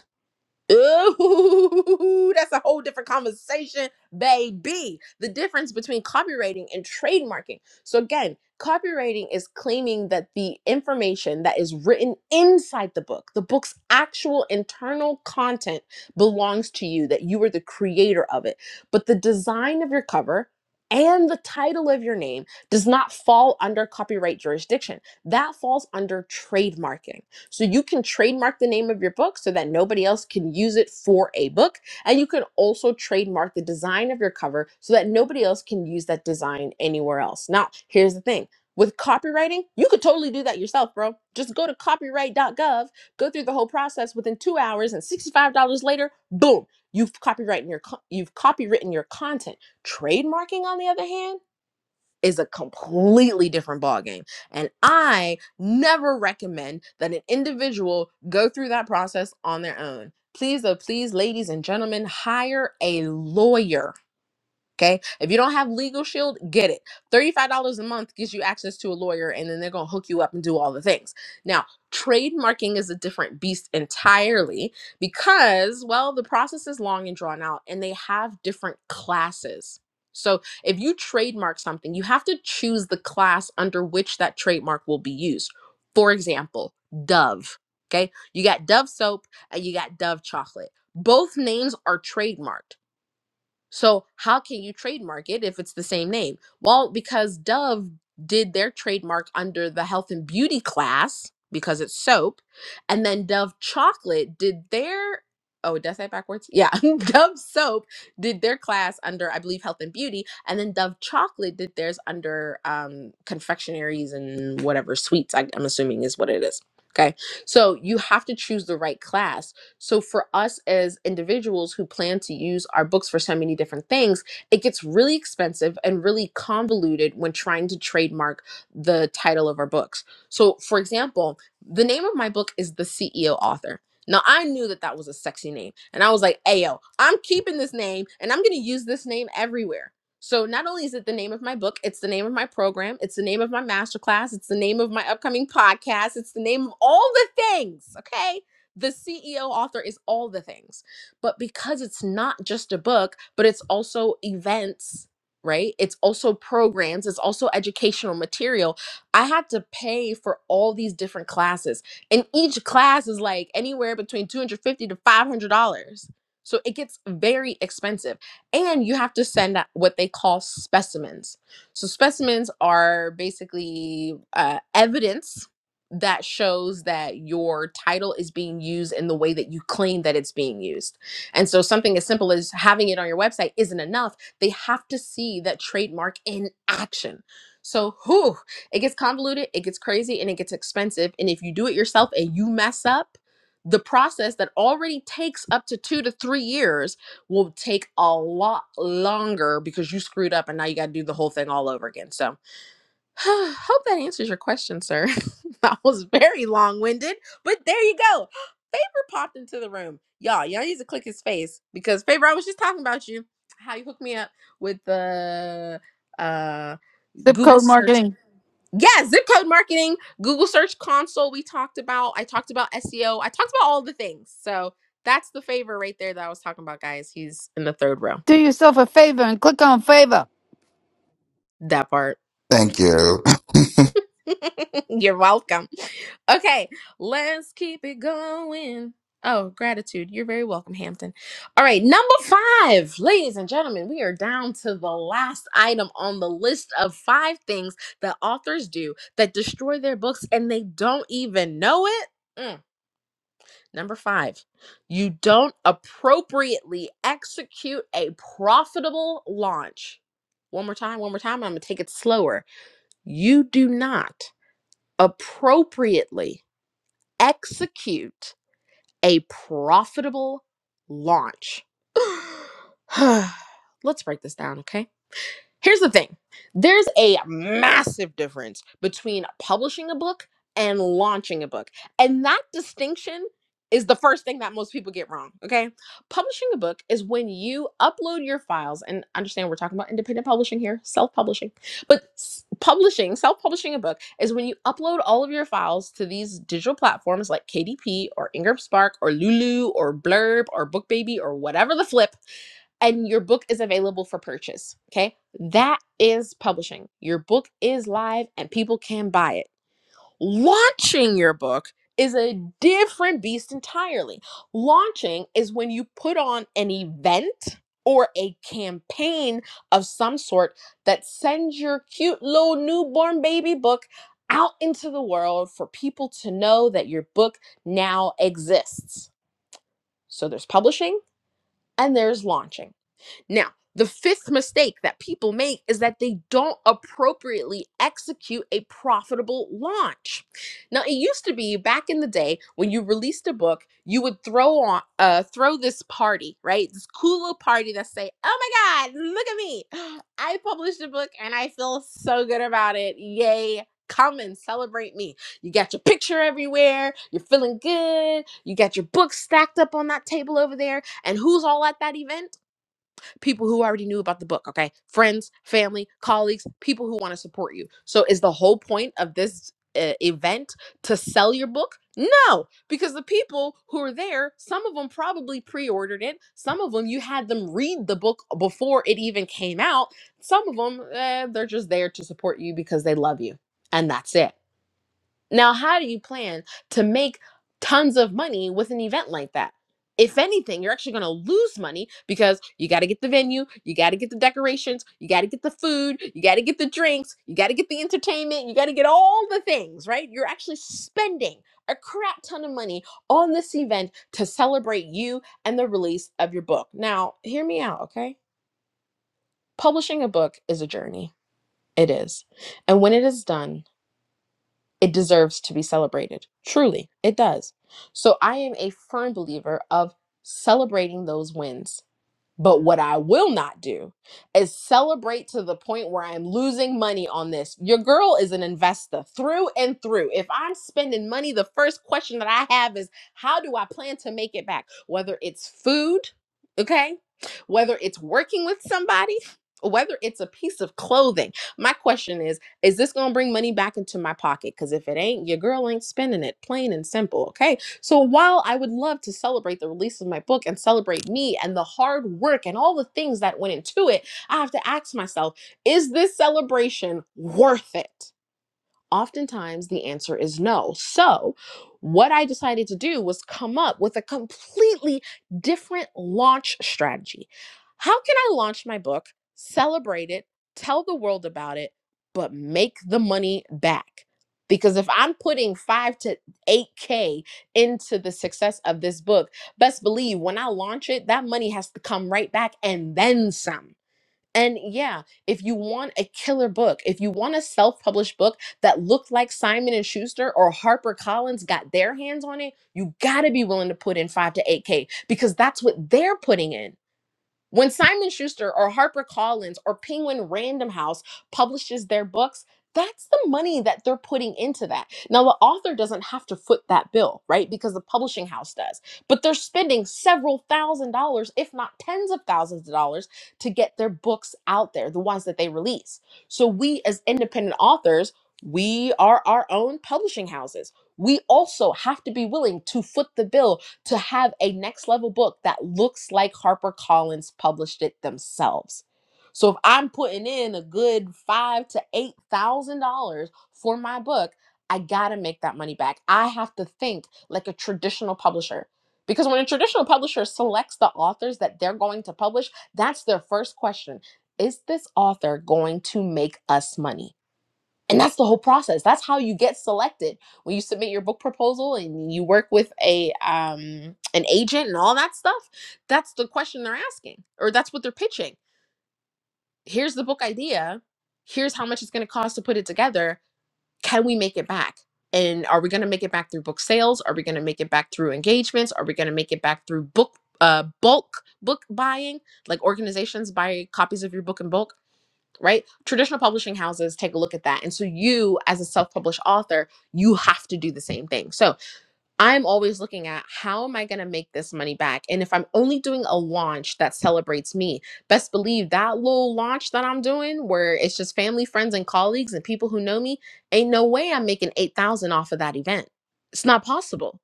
[SPEAKER 23] Ooh, that's a whole different conversation, baby. The difference between copywriting and trademarking. So, again, copywriting is claiming that the information that is written inside the book, the book's actual internal content, belongs to you, that you were the creator of it. But the design of your cover, and the title of your name does not fall under copyright jurisdiction. That falls under trademarking. So you can trademark the name of your book so that nobody else can use it for a book. And you can also trademark the design of your cover so that nobody else can use that design anywhere else. Now, here's the thing. With copywriting, you could totally do that yourself, bro. Just go to copyright.gov, go through the whole process within 2 hours and $65 later, boom, you've copyrighted your co- you've copywritten your content. Trademarking on the other hand, is a completely different ballgame. And I never recommend that an individual go through that process on their own. Please, oh, please, ladies and gentlemen, hire a lawyer Okay. If you don't have Legal Shield, get it. $35 a month gives you access to a lawyer, and then they're going to hook you up and do all the things. Now, trademarking is a different beast entirely because, well, the process is long and drawn out, and they have different classes. So if you trademark something, you have to choose the class under which that trademark will be used. For example, Dove. Okay. You got Dove soap and you got Dove chocolate. Both names are trademarked. So how can you trademark it if it's the same name? Well, because Dove did their trademark under the health and beauty class because it's soap, and then Dove chocolate did their oh did I say it backwards? Yeah, Dove soap did their class under I believe health and beauty, and then Dove chocolate did theirs under um, confectionaries and whatever sweets I, I'm assuming is what it is. Okay, so you have to choose the right class so for us as individuals who plan to use our books for so many different things, it gets really expensive and really convoluted when trying to trademark the title of our books. So for example, the name of my book is The CEO Author. Now I knew that that was a sexy name, and I was like, "Ayo, I'm keeping this name, and I'm gonna use this name everywhere." So not only is it the name of my book, it's the name of my program, it's the name of my masterclass, it's the name of my upcoming podcast, it's the name of all the things. Okay, the CEO author is all the things. But because it's not just a book, but it's also events, right? It's also programs, it's also educational material. I had to pay for all these different classes. And each class is like anywhere between 250 to $500. So it gets very expensive. And you have to send out what they call specimens. So specimens are basically uh, evidence that shows that your title is being used in the way that you claim that it's being used. And so something as simple as having it on your website isn't enough. They have to see that trademark in action. So whew, it gets convoluted, it gets crazy, and it gets expensive. And if you do it yourself and you mess up, the process that already takes up to two to three years will take a lot longer because you screwed up and now you got to do the whole thing all over again. So Hope that answers your question, sir. that was very long winded, but there you go. Favor popped into the room. Y'all, y'all need to click his face because Favor, I was just talking about you, how you hooked me up with the uh
[SPEAKER 2] Zip
[SPEAKER 23] Google
[SPEAKER 2] code
[SPEAKER 23] search.
[SPEAKER 2] marketing.
[SPEAKER 23] Yeah, zip code marketing, Google search console we talked about. I talked about SEO. I talked about all the things. So that's the favor right there that I was talking about, guys. He's in the third row.
[SPEAKER 2] Do yourself a favor and click on favor.
[SPEAKER 23] That part.
[SPEAKER 26] thank you
[SPEAKER 23] You're welcome. Okay, let's keep it going. Oh, gratitude. You're very welcome, Hampton. All right, number five, ladies and gentlemen, we are down to the last item on the list of five things that authors do that destroy their books and they don't even know it. Mm. Number five, you don't appropriately execute a profitable launch. One more time, one more time. I'm going to take it slower. You do not appropriately execute a profitable launch. Let's break this down, okay? Here's the thing there's a massive difference between publishing a book and launching a book. And that distinction is the first thing that most people get wrong. Okay. Publishing a book is when you upload your files, and understand we're talking about independent publishing here, self publishing, but s- publishing, self publishing a book is when you upload all of your files to these digital platforms like KDP or Ingram Spark or Lulu or Blurb or BookBaby or whatever the flip and your book is available for purchase. Okay. That is publishing. Your book is live and people can buy it. Launching your book is a different beast entirely. Launching is when you put on an event or a campaign of some sort that sends your cute little newborn baby book out into the world for people to know that your book now exists. So there's publishing and there's launching now, the fifth mistake that people make is that they don't appropriately execute a profitable launch. Now, it used to be back in the day when you released a book, you would throw on uh, throw this party, right? This cool little party that say, "Oh my God, look at me! I published a book and I feel so good about it! Yay!" Come and celebrate me. You got your picture everywhere. You're feeling good. You got your book stacked up on that table over there. And who's all at that event? people who already knew about the book, okay? Friends, family, colleagues, people who want to support you. So is the whole point of this uh, event to sell your book? No, because the people who are there, some of them probably pre ordered it. Some of them you had them read the book before it even came out. Some of them, eh, they're just there to support you because they love you. And that's it. Now, how do you plan to make tons of money with an event like that? If anything, you're actually going to lose money because you got to get the venue, you got to get the decorations, you got to get the food, you got to get the drinks, you got to get the entertainment, you got to get all the things, right? You're actually spending a crap ton of money on this event to celebrate you and the release of your book. Now, hear me out, okay? Publishing a book is a journey. It is. And when it is done, it deserves to be celebrated. Truly, it does. So I am a firm believer of celebrating those wins but what I will not do is celebrate to the point where I'm losing money on this. Your girl is an investor through and through. If I'm spending money, the first question that I have is how do I plan to make it back? Whether it's food, okay? Whether it's working with somebody, whether it's a piece of clothing. My question is is this going to bring money back into my pocket? Because if it ain't, your girl ain't spending it, plain and simple, okay? So while I would love to celebrate the release of my book and celebrate me and the hard work and all the things that went into it, I have to ask myself, is this celebration worth it? Oftentimes, the answer is no. So, what I decided to do was come up with a completely different launch strategy. How can I launch my book, celebrate it, tell the world about it, but make the money back? Because if I'm putting five to 8K into the success of this book, best believe when I launch it, that money has to come right back and then some. And yeah, if you want a killer book, if you want a self-published book that looked like Simon and Schuster or HarperCollins got their hands on it, you got to be willing to put in 5 to 8k because that's what they're putting in. When Simon Schuster or HarperCollins or Penguin Random House publishes their books, that's the money that they're putting into that. Now, the author doesn't have to foot that bill, right? Because the publishing house does. But they're spending several thousand dollars, if not tens of thousands of dollars, to get their books out there, the ones that they release. So, we as independent authors, we are our own publishing houses. We also have to be willing to foot the bill to have a next level book that looks like HarperCollins published it themselves. So if I'm putting in a good five to eight thousand dollars for my book, I gotta make that money back. I have to think like a traditional publisher. Because when a traditional publisher selects the authors that they're going to publish, that's their first question. Is this author going to make us money? And that's the whole process. That's how you get selected. When you submit your book proposal and you work with a um an agent and all that stuff, that's the question they're asking or that's what they're pitching. Here's the book idea. Here's how much it's going to cost to put it together. Can we make it back? And are we going to make it back through book sales? Are we going to make it back through engagements? Are we going to make it back through book uh bulk book buying? Like organizations buy copies of your book in bulk right? Traditional publishing houses take a look at that. And so you as a self-published author, you have to do the same thing. So I'm always looking at how am I going to make this money back? And if I'm only doing a launch that celebrates me, best believe that little launch that I'm doing where it's just family, friends and colleagues and people who know me, ain't no way I'm making 8,000 off of that event. It's not possible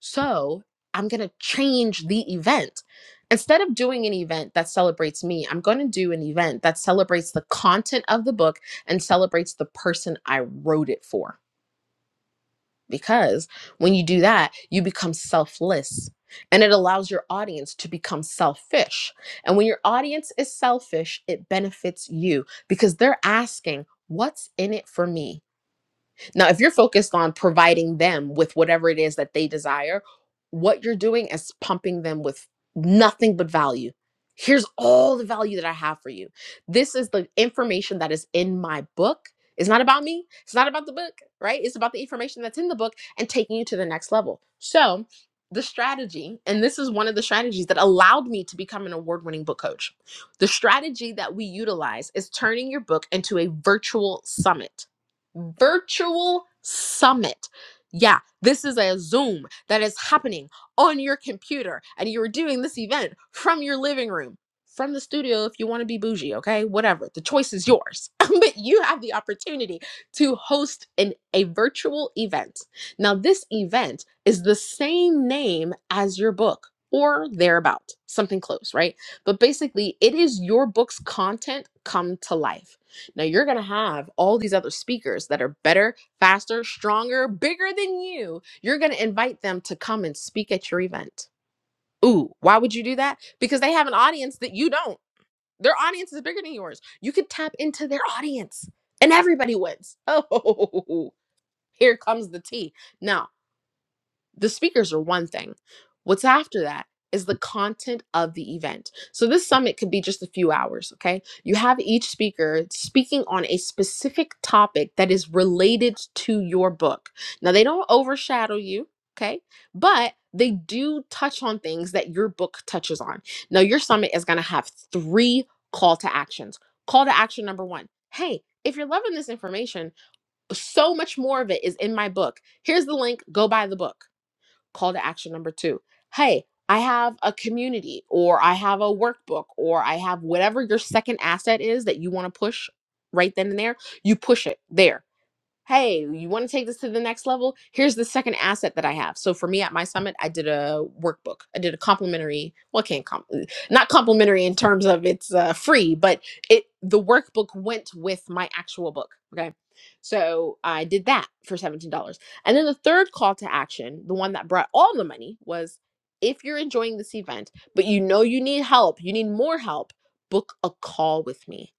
[SPEAKER 23] so I'm going to change the event. Instead of doing an event that celebrates me, I'm going to do an event that celebrates the content of the book and celebrates the person I wrote it for. Because when you do that, you become selfless and it allows your audience to become selfish. And when your audience is selfish, it benefits you because they're asking, What's in it for me? Now, if you're focused on providing them with whatever it is that they desire, what you're doing is pumping them with nothing but value. Here's all the value that I have for you. This is the information that is in my book. It's not about me. It's not about the book, right? It's about the information that's in the book and taking you to the next level. So, the strategy, and this is one of the strategies that allowed me to become an award winning book coach. The strategy that we utilize is turning your book into a virtual summit virtual summit. Yeah, this is a Zoom that is happening on your computer, and you're doing this event from your living room, from the studio if you want to be bougie, okay? Whatever. The choice is yours. but you have the opportunity to host an, a virtual event. Now, this event is the same name as your book or thereabout, something close, right? But basically, it is your book's content come to life. Now you're going to have all these other speakers that are better, faster, stronger, bigger than you. You're going to invite them to come and speak at your event. Ooh, why would you do that? Because they have an audience that you don't. Their audience is bigger than yours. You could tap into their audience and everybody wins. Oh, here comes the tea. No the speakers are one thing. What's after that is the content of the event. So this summit could be just a few hours, okay? You have each speaker speaking on a specific topic that is related to your book. Now they don't overshadow you, okay? But they do touch on things that your book touches on. Now your summit is going to have three call to actions. Call to action number 1. Hey, if you're loving this information, so much more of it is in my book. Here's the link, go buy the book Call to action number two Hey, I have a community, or I have a workbook, or I have whatever your second asset is that you want to push right then and there. You push it there hey, you want to take this to the next level? Here's the second asset that I have. So for me at my summit, I did a workbook. I did a complimentary, well, I can't comp, not complimentary in terms of it's uh, free, but it the workbook went with my actual book. Okay. So I did that for $17. And then the third call to action, the one that brought all the money was if you're enjoying this event, but you know you need help, you need more help, book a call with me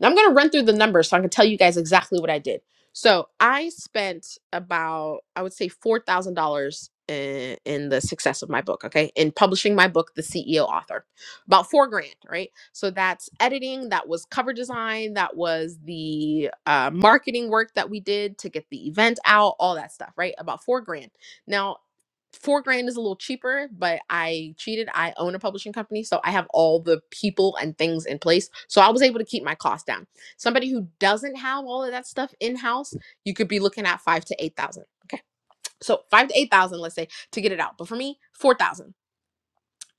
[SPEAKER 23] now I'm going to run through the numbers so I can tell you guys exactly what I did. So I spent about, I would say $4,000 in, in the success of my book, okay? In publishing my book, The CEO Author, about four grand, right? So that's editing, that was cover design, that was the uh, marketing work that we did to get the event out, all that stuff, right? About four grand. Now, four grand is a little cheaper, but I cheated. I own a publishing company, so I have all the people and things in place. So I was able to keep my costs down. Somebody who doesn't have all of that stuff in house, you could be looking at five to eight thousand. Okay, so five to eight thousand, let's say, to get it out. But for me, four thousand.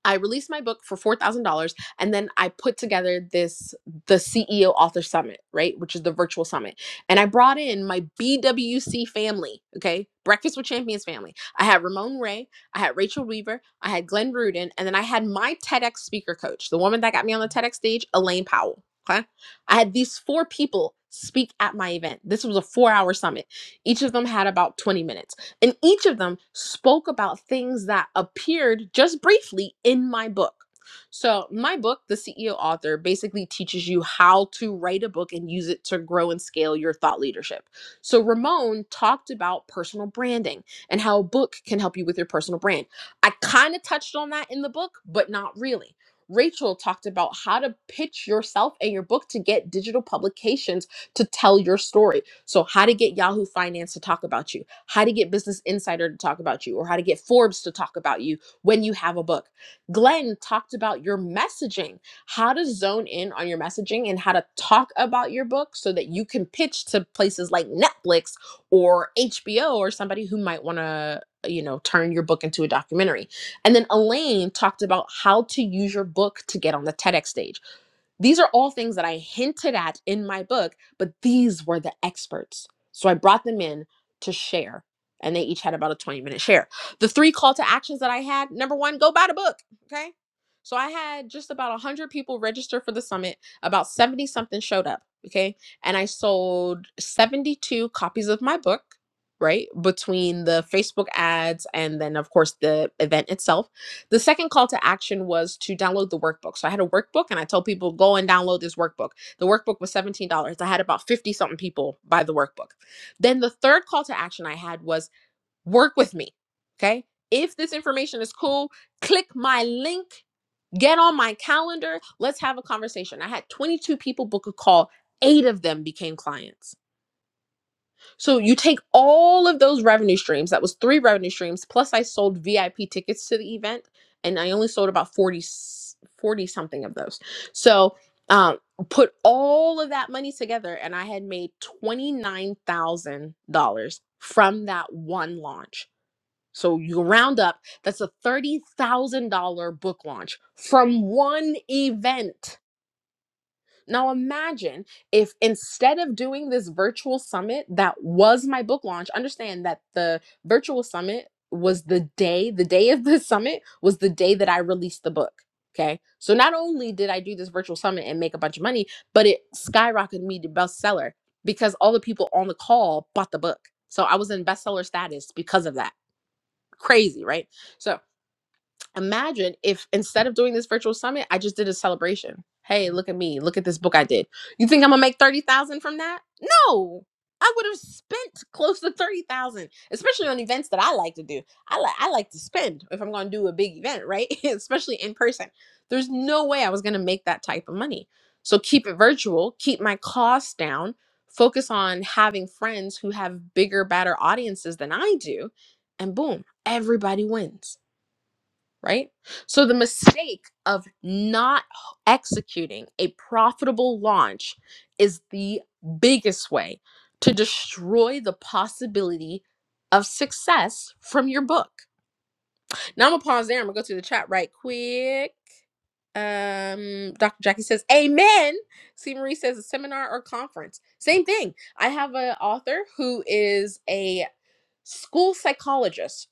[SPEAKER 23] I released my book for four thousand dollars, and then I put together this the CEO Author Summit, right, which is the virtual summit, and I brought in my BWC family, okay, Breakfast with Champions family. I had Ramon Ray, I had Rachel Weaver, I had Glenn Rudin, and then I had my TEDx speaker coach, the woman that got me on the TEDx stage, Elaine Powell. Okay, I had these four people speak at my event. This was a four-hour summit. Each of them had about twenty minutes. And each of them spoke about things that appeared just briefly in my book. So, my book, The CEO Author, basically teaches you how to write a book and use it to grow and scale your thought leadership. So, Ramon talked about personal branding and how a book can help you with your personal brand. I kind of touched on that in the book, but not really. Rachel talked about how to pitch yourself and your book to get digital publications to tell your story. So, how to get Yahoo Finance to talk about you, how to get Business Insider to talk about you, or how to get Forbes to talk about you when you have a book. Glenn talked about your messaging, how to zone in on your messaging and how to talk about your book so that you can pitch to places like Netflix or HBO or somebody who might want to, you know, turn your book into a documentary. And then Elaine talked about how to use your book to get on the TEDx stage these are all things that I hinted at in my book, but these were the experts. So I brought them in to share, and they each had about a 20 minute share. The three call to actions that I had number one, go buy the book. Okay. So I had just about 100 people register for the summit, about 70 something showed up. Okay. And I sold 72 copies of my book, right? Between the Facebook ads and then, of course, the event itself. The second call to action was to download the workbook. So I had a workbook and I told people go and download this workbook. The workbook was $17. I had about 50 something people buy the workbook. Then the third call to action I had was work with me. Okay? If this information is cool, click my link, get on my calendar, let's have a conversation. I had 22 people book a call. 8 of them became clients. So you take all of those revenue streams, that was three revenue streams, plus I sold VIP tickets to the event, and I only sold about 40 40 something of those. So um, put all of that money together, and I had made $29,000 from that one launch. So you round up, that's a $30,000 book launch from one event now imagine if instead of doing this virtual summit that was my book launch, understand that the virtual summit was the day, the day of the summit was the day that I released the book. Okay. So not only did I do this virtual summit and make a bunch of money, but it skyrocketed me to bestseller because all the people on the call bought the book. So I was in bestseller status because of that. Crazy, right? So imagine if instead of doing this virtual summit, I just did a celebration. Hey, look at me. Look at this book I did. You think I'm gonna make 30,000 from that? No. I would have spent close to 30,000, especially on events that I like to do. I like I like to spend if I'm going to do a big event, right? especially in person. There's no way I was going to make that type of money. So keep it virtual, keep my costs down, focus on having friends who have bigger, better audiences than I do, and boom, everybody wins right? So the mistake of not executing a profitable launch is the biggest way to destroy the possibility of success from your book. Now I'm gonna pause there. I'm gonna go to the chat right quick. Um, Dr. Jackie says, "Amen." C. Marie says, "A seminar or conference, same thing." I have an author who is a school psychologist,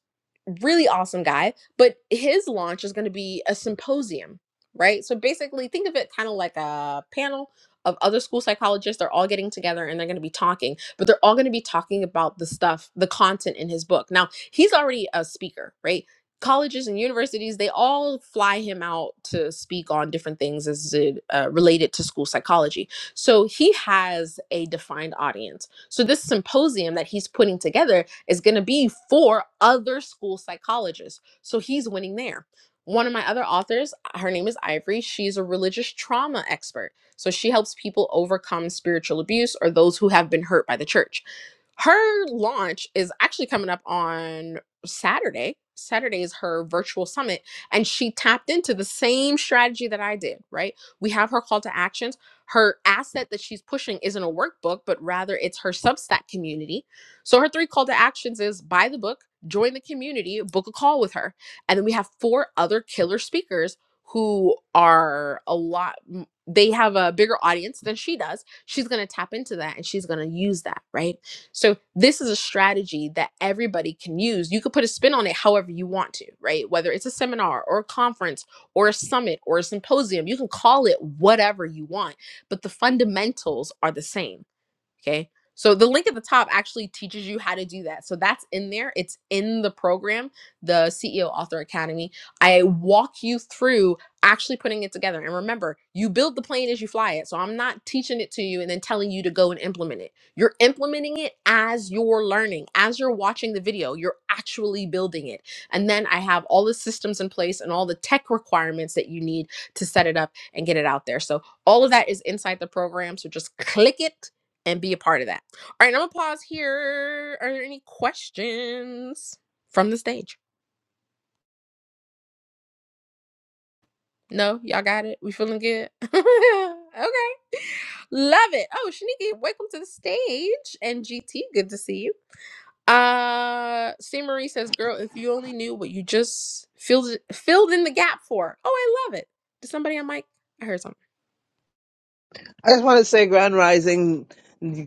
[SPEAKER 23] really awesome guy. But his launch is going to be a symposium, right? So basically, think of it kind of like a panel of other school psychologists. They're all getting together and they're going to be talking, but they're all going to be talking about the stuff, the content in his book. Now, he's already a speaker, right? Colleges and universities, they all fly him out to speak on different things as it, uh, related to school psychology. So he has a defined audience. So this symposium that he's putting together is going to be for other school psychologists. So he's winning there. One of my other authors, uh, her name is Ivory. She's a religious trauma expert. So she helps people overcome spiritual abuse or those who have been hurt by the church her launch is actually coming up on Saturday. Saturday is her virtual summit, and she tapped into the same strategy that I did, right? We have her call to actions. Her asset that she's pushing isn't a workbook, but rather it's her Substack community. So her three call to actions is buy the book, join the community, book a call with her. And then we have four other killer speakers who are a lot, they have a bigger audience than she does. She's going to tap into that and she's going to use that, right? So this is a strategy that everybody can use. You could put a spin on it however you want to, right? Whether it's a seminar or a conference or a summit or a symposium, you can call it whatever you want, but the fundamentals are the same. Okay. So the link at the top actually teaches you how to do that. So that's in there. It's in the program, the CEO Author Academy. I walk you through actually putting it together. And remember, you build the plane as you fly it. So I'm not teaching it to you and then telling you to go and implement it. You're implementing it as you're learning, as you're watching the video, you're actually building it. And then I have all the systems in place and all the tech requirements that you need to set it up and get it out there. So all of that is inside the program. So just click it and be a part of that. All right, I'm gonna pause here. Are there any questions from the stage? No, y'all got it. We feeling good. okay, love it. Oh, Shaniki, welcome to the stage. And GT, good to see you. Uh, C Marie says, "Girl, if you only knew what you just filled filled in the gap for." Oh, I love it. Did somebody on mic? I heard something.
[SPEAKER 27] I just want to say, Grand Rising,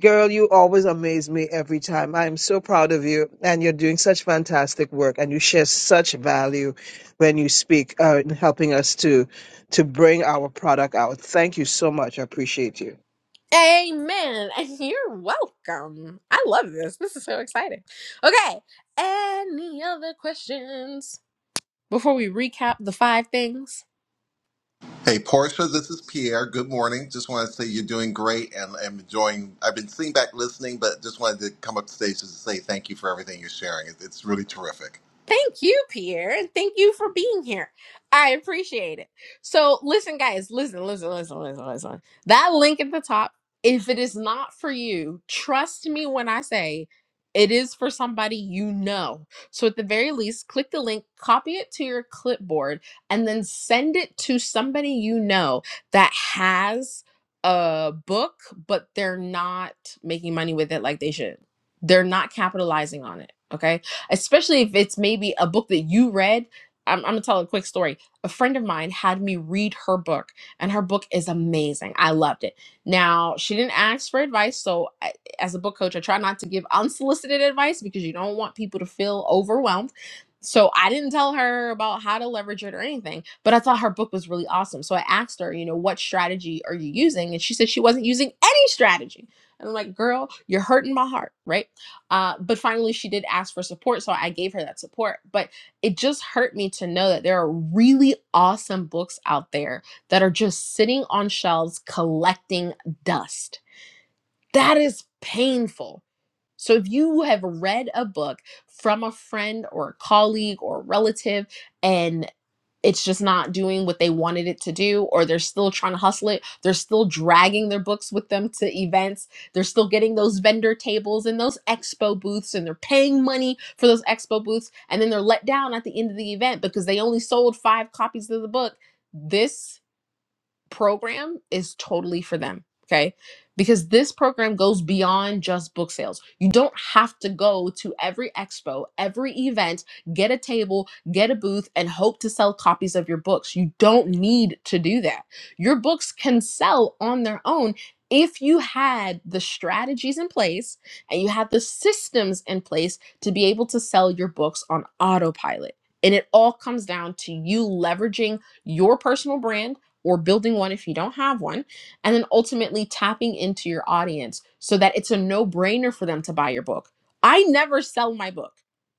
[SPEAKER 27] girl, you always amaze me every time. I am so proud of you, and you're doing such fantastic work, and you share such value when you speak, uh, in helping us to to bring our product out. Thank you so much. I appreciate you.
[SPEAKER 23] Amen. And you're welcome. I love this. This is so exciting. Okay. Any other questions before we recap the five things?
[SPEAKER 28] Hey, Portia, this is Pierre. Good morning. Just want to say you're doing great and I'm enjoying. I've been sitting back listening, but just wanted to come up to stage just to say thank you for everything you're sharing. It- It's really terrific.
[SPEAKER 23] Thank you, Pierre. and Thank you for being here. I appreciate it. So, listen, guys, listen, listen, listen, listen, listen. That link at the top, if it is not for you, trust me when I say it is for somebody you know. So, at the very least, click the link, copy it to your clipboard, and then send it to somebody you know that has a book, but they're not making money with it like they should. They're not capitalizing on it. Okay especially if it's maybe a book that you read. I'm, I'm gonna tell a quick story. A friend of mine had me read her book, and her book is amazing. I loved it. Now, she didn't ask for advice, so I, as a book coach, I try not to give unsolicited advice because you don't want people to feel overwhelmed. So I didn't tell her about how to leverage it or anything, but I thought her book was really awesome. So I asked her, you know, what strategy are you using? And she said she wasn't using any strategy. And I'm like, girl, you're hurting my heart, right? Uh, but finally, she did ask for support, so I gave her that support. But it just hurt me to know that there are really awesome books out there that are just sitting on shelves collecting dust. That is painful. So if you have read a book from a friend or a colleague or a relative, and it's just not doing what they wanted it to do or they're still trying to hustle it they're still dragging their books with them to events they're still getting those vendor tables and those expo booths and they're paying money for those expo booths and then they're let down at the end of the event because they only sold five copies of the book this program is totally for them. Okay. Because this program goes beyond just book sales. You don't have to go to every expo, every event, get a table, get a booth, and hope to sell copies of your books. You don't need to do that. Your books can sell on their own if you had the strategies in place and you had the systems in place to be able to sell your books on autopilot. And it all comes down to you leveraging your personal brand or building one if you don't have one, and then ultimately tapping into your audience so that it's a no brainer for them to buy your book. I never sell my book.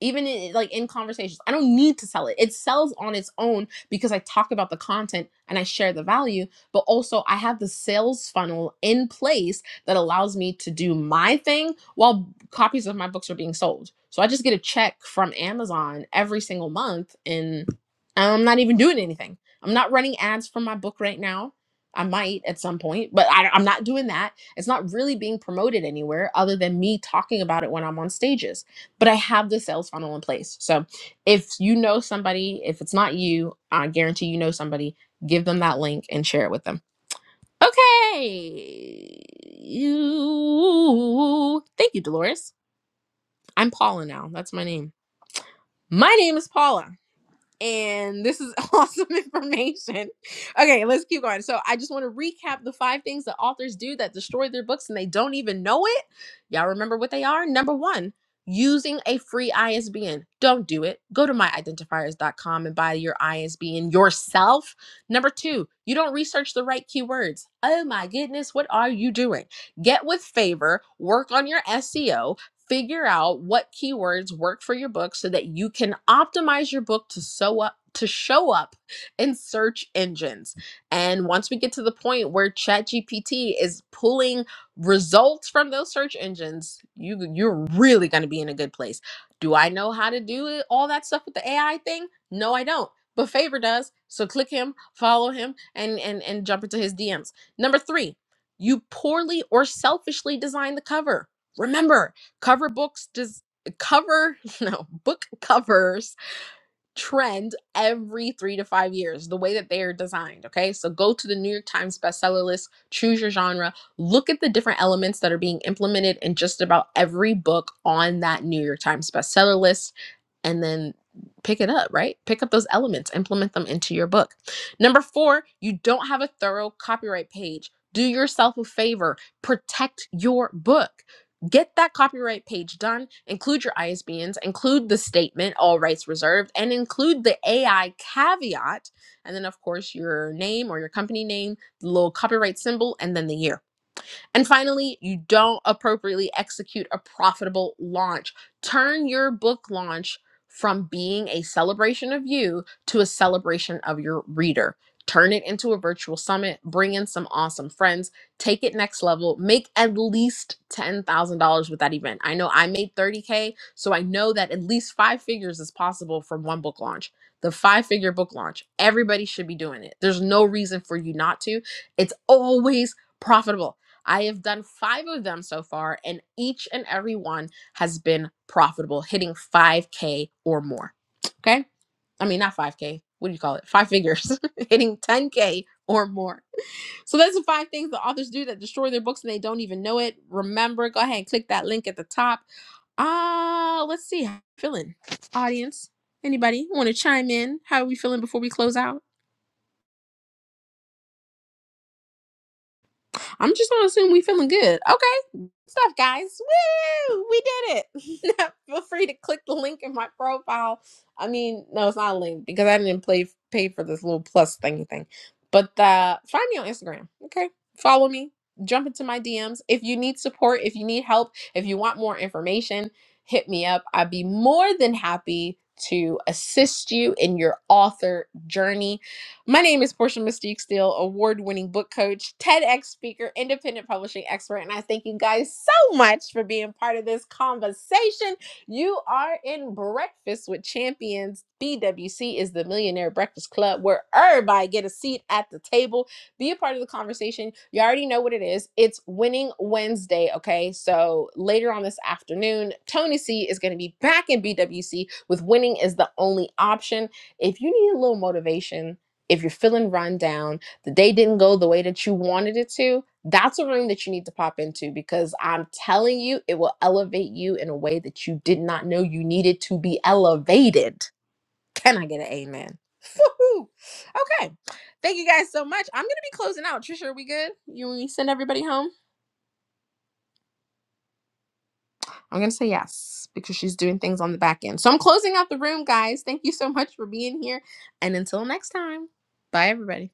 [SPEAKER 23] Even in, like in conversations, I don't need to sell it. It sells on its own because I talk about the content and I share the value, but also I have the sales funnel in place that allows me to do my thing while copies of my books are being sold. So I just get a check from Amazon every single month and I'm not even doing anything. I'm not running ads for my book right now. I might at some point, but I, am not doing that. It's not really being promoted anywhere other than me talking about it when I'm on stages. But I have the sales funnel in place. So if you know somebody, if it's not you, I guarantee you know somebody, give them that link and share it with them. Okay. You. Thank you, Dolores. I'm Paula now. That's my name. My name is Paula and this is awesome information. Okay, let's keep going. So, I just want to recap the five things that authors do that destroy their books and they don't even know it. Y'all remember what they are? Number one, using a free ISBN. Don't do it. Go to my identifiers dot com and buy your ISBN yourself. Number two, you don't research the right keywords. Oh my goodness, what are you doing? Get with favor, work on your SEO, figure out what keywords work for your book so that you can optimize your book to show up to show up in search engines. And once we get to the point where ChatGPT is pulling results from those search engines, you you're really going to be in a good place. Do I know how to do it, all that stuff with the AI thing? No, I don't. But Favor does. So click him, follow him and and and jump into his DMs. Number 3, you poorly or selfishly design the cover. Remember, cover books does cover no book covers trend every three to five years the way that they are designed okay so go to the new york times bestseller list choose your genre look at the different elements that are being implemented in just about every book on that new york times bestseller list and then pick it up, right? Pick up those elements, implement them into your book. Number four, you don't have a thorough copyright page. Do yourself a favor, protect your book. Get that copyright page done, include your ISBNs, include the statement, all rights reserved, and include the AI caveat. And then, of course, your name or your company name, the little copyright symbol, and then the year and finally, you don't appropriately execute a profitable launch. Turn your book launch from being a celebration of you to a celebration of your reader. Turn it into a virtual summit, bring in some awesome friends, take it next level, make at least $10,000 with that event. I know I made 30K, so I know that at least five figures is possible from one book launch. The five figure book launch, everybody should be doing it. There's no reason for you not to. It's always profitable I have done five of them so far, and each and every one has been profitable, hitting 5K or more. Okay. I mean, not 5K. What do you call it? Five figures, hitting 10K or more. So, those are five things the authors do that destroy their books and they don't even know it. Remember, go ahead and click that link at the top. Uh, let's see. How you feeling, audience? Anybody want to chime in? How are we feeling before we close out? I'm just gonna assume we feeling good. Okay. Stuff, guys. Woo! We did it. Feel free to click the link in my profile. I mean, no, it's not a link because I didn't play pay for this little plus thingy thing. But uh find me on Instagram. Okay. Follow me. Jump into my DMs. If you need support, if you need help, if you want more information, hit me up. I'd be more than happy to assist you in your author journey my name is Portia Mystique Steele, award winning book coach, TEDx speaker, independent publishing expert, and I thank you guys so much for being part of this conversation. You are in Breakfast with Champions. BWC is the Millionaire Breakfast Club where everybody get a seat at the table, be a part of the conversation. You already know what it is. It's Winning Wednesday, okay? So later on this afternoon, Tony C is going to be back in BWC with Winning is the Only Option. If you need a little motivation, if you're feeling run down, the day didn't go the way that you wanted it to, that's a room that you need to pop into because I'm telling you, it will elevate you in a way that you did not know you needed to be elevated. Can I get an amen? Woohoo! Okay. Thank you guys so much. I'm going to be closing out. Trisha, are we good? You want me to send everybody home? I'm going to say yes because she's doing things on the back end. So I'm closing out the room, guys. Thank you so much for being here. And until next time, bye, everybody.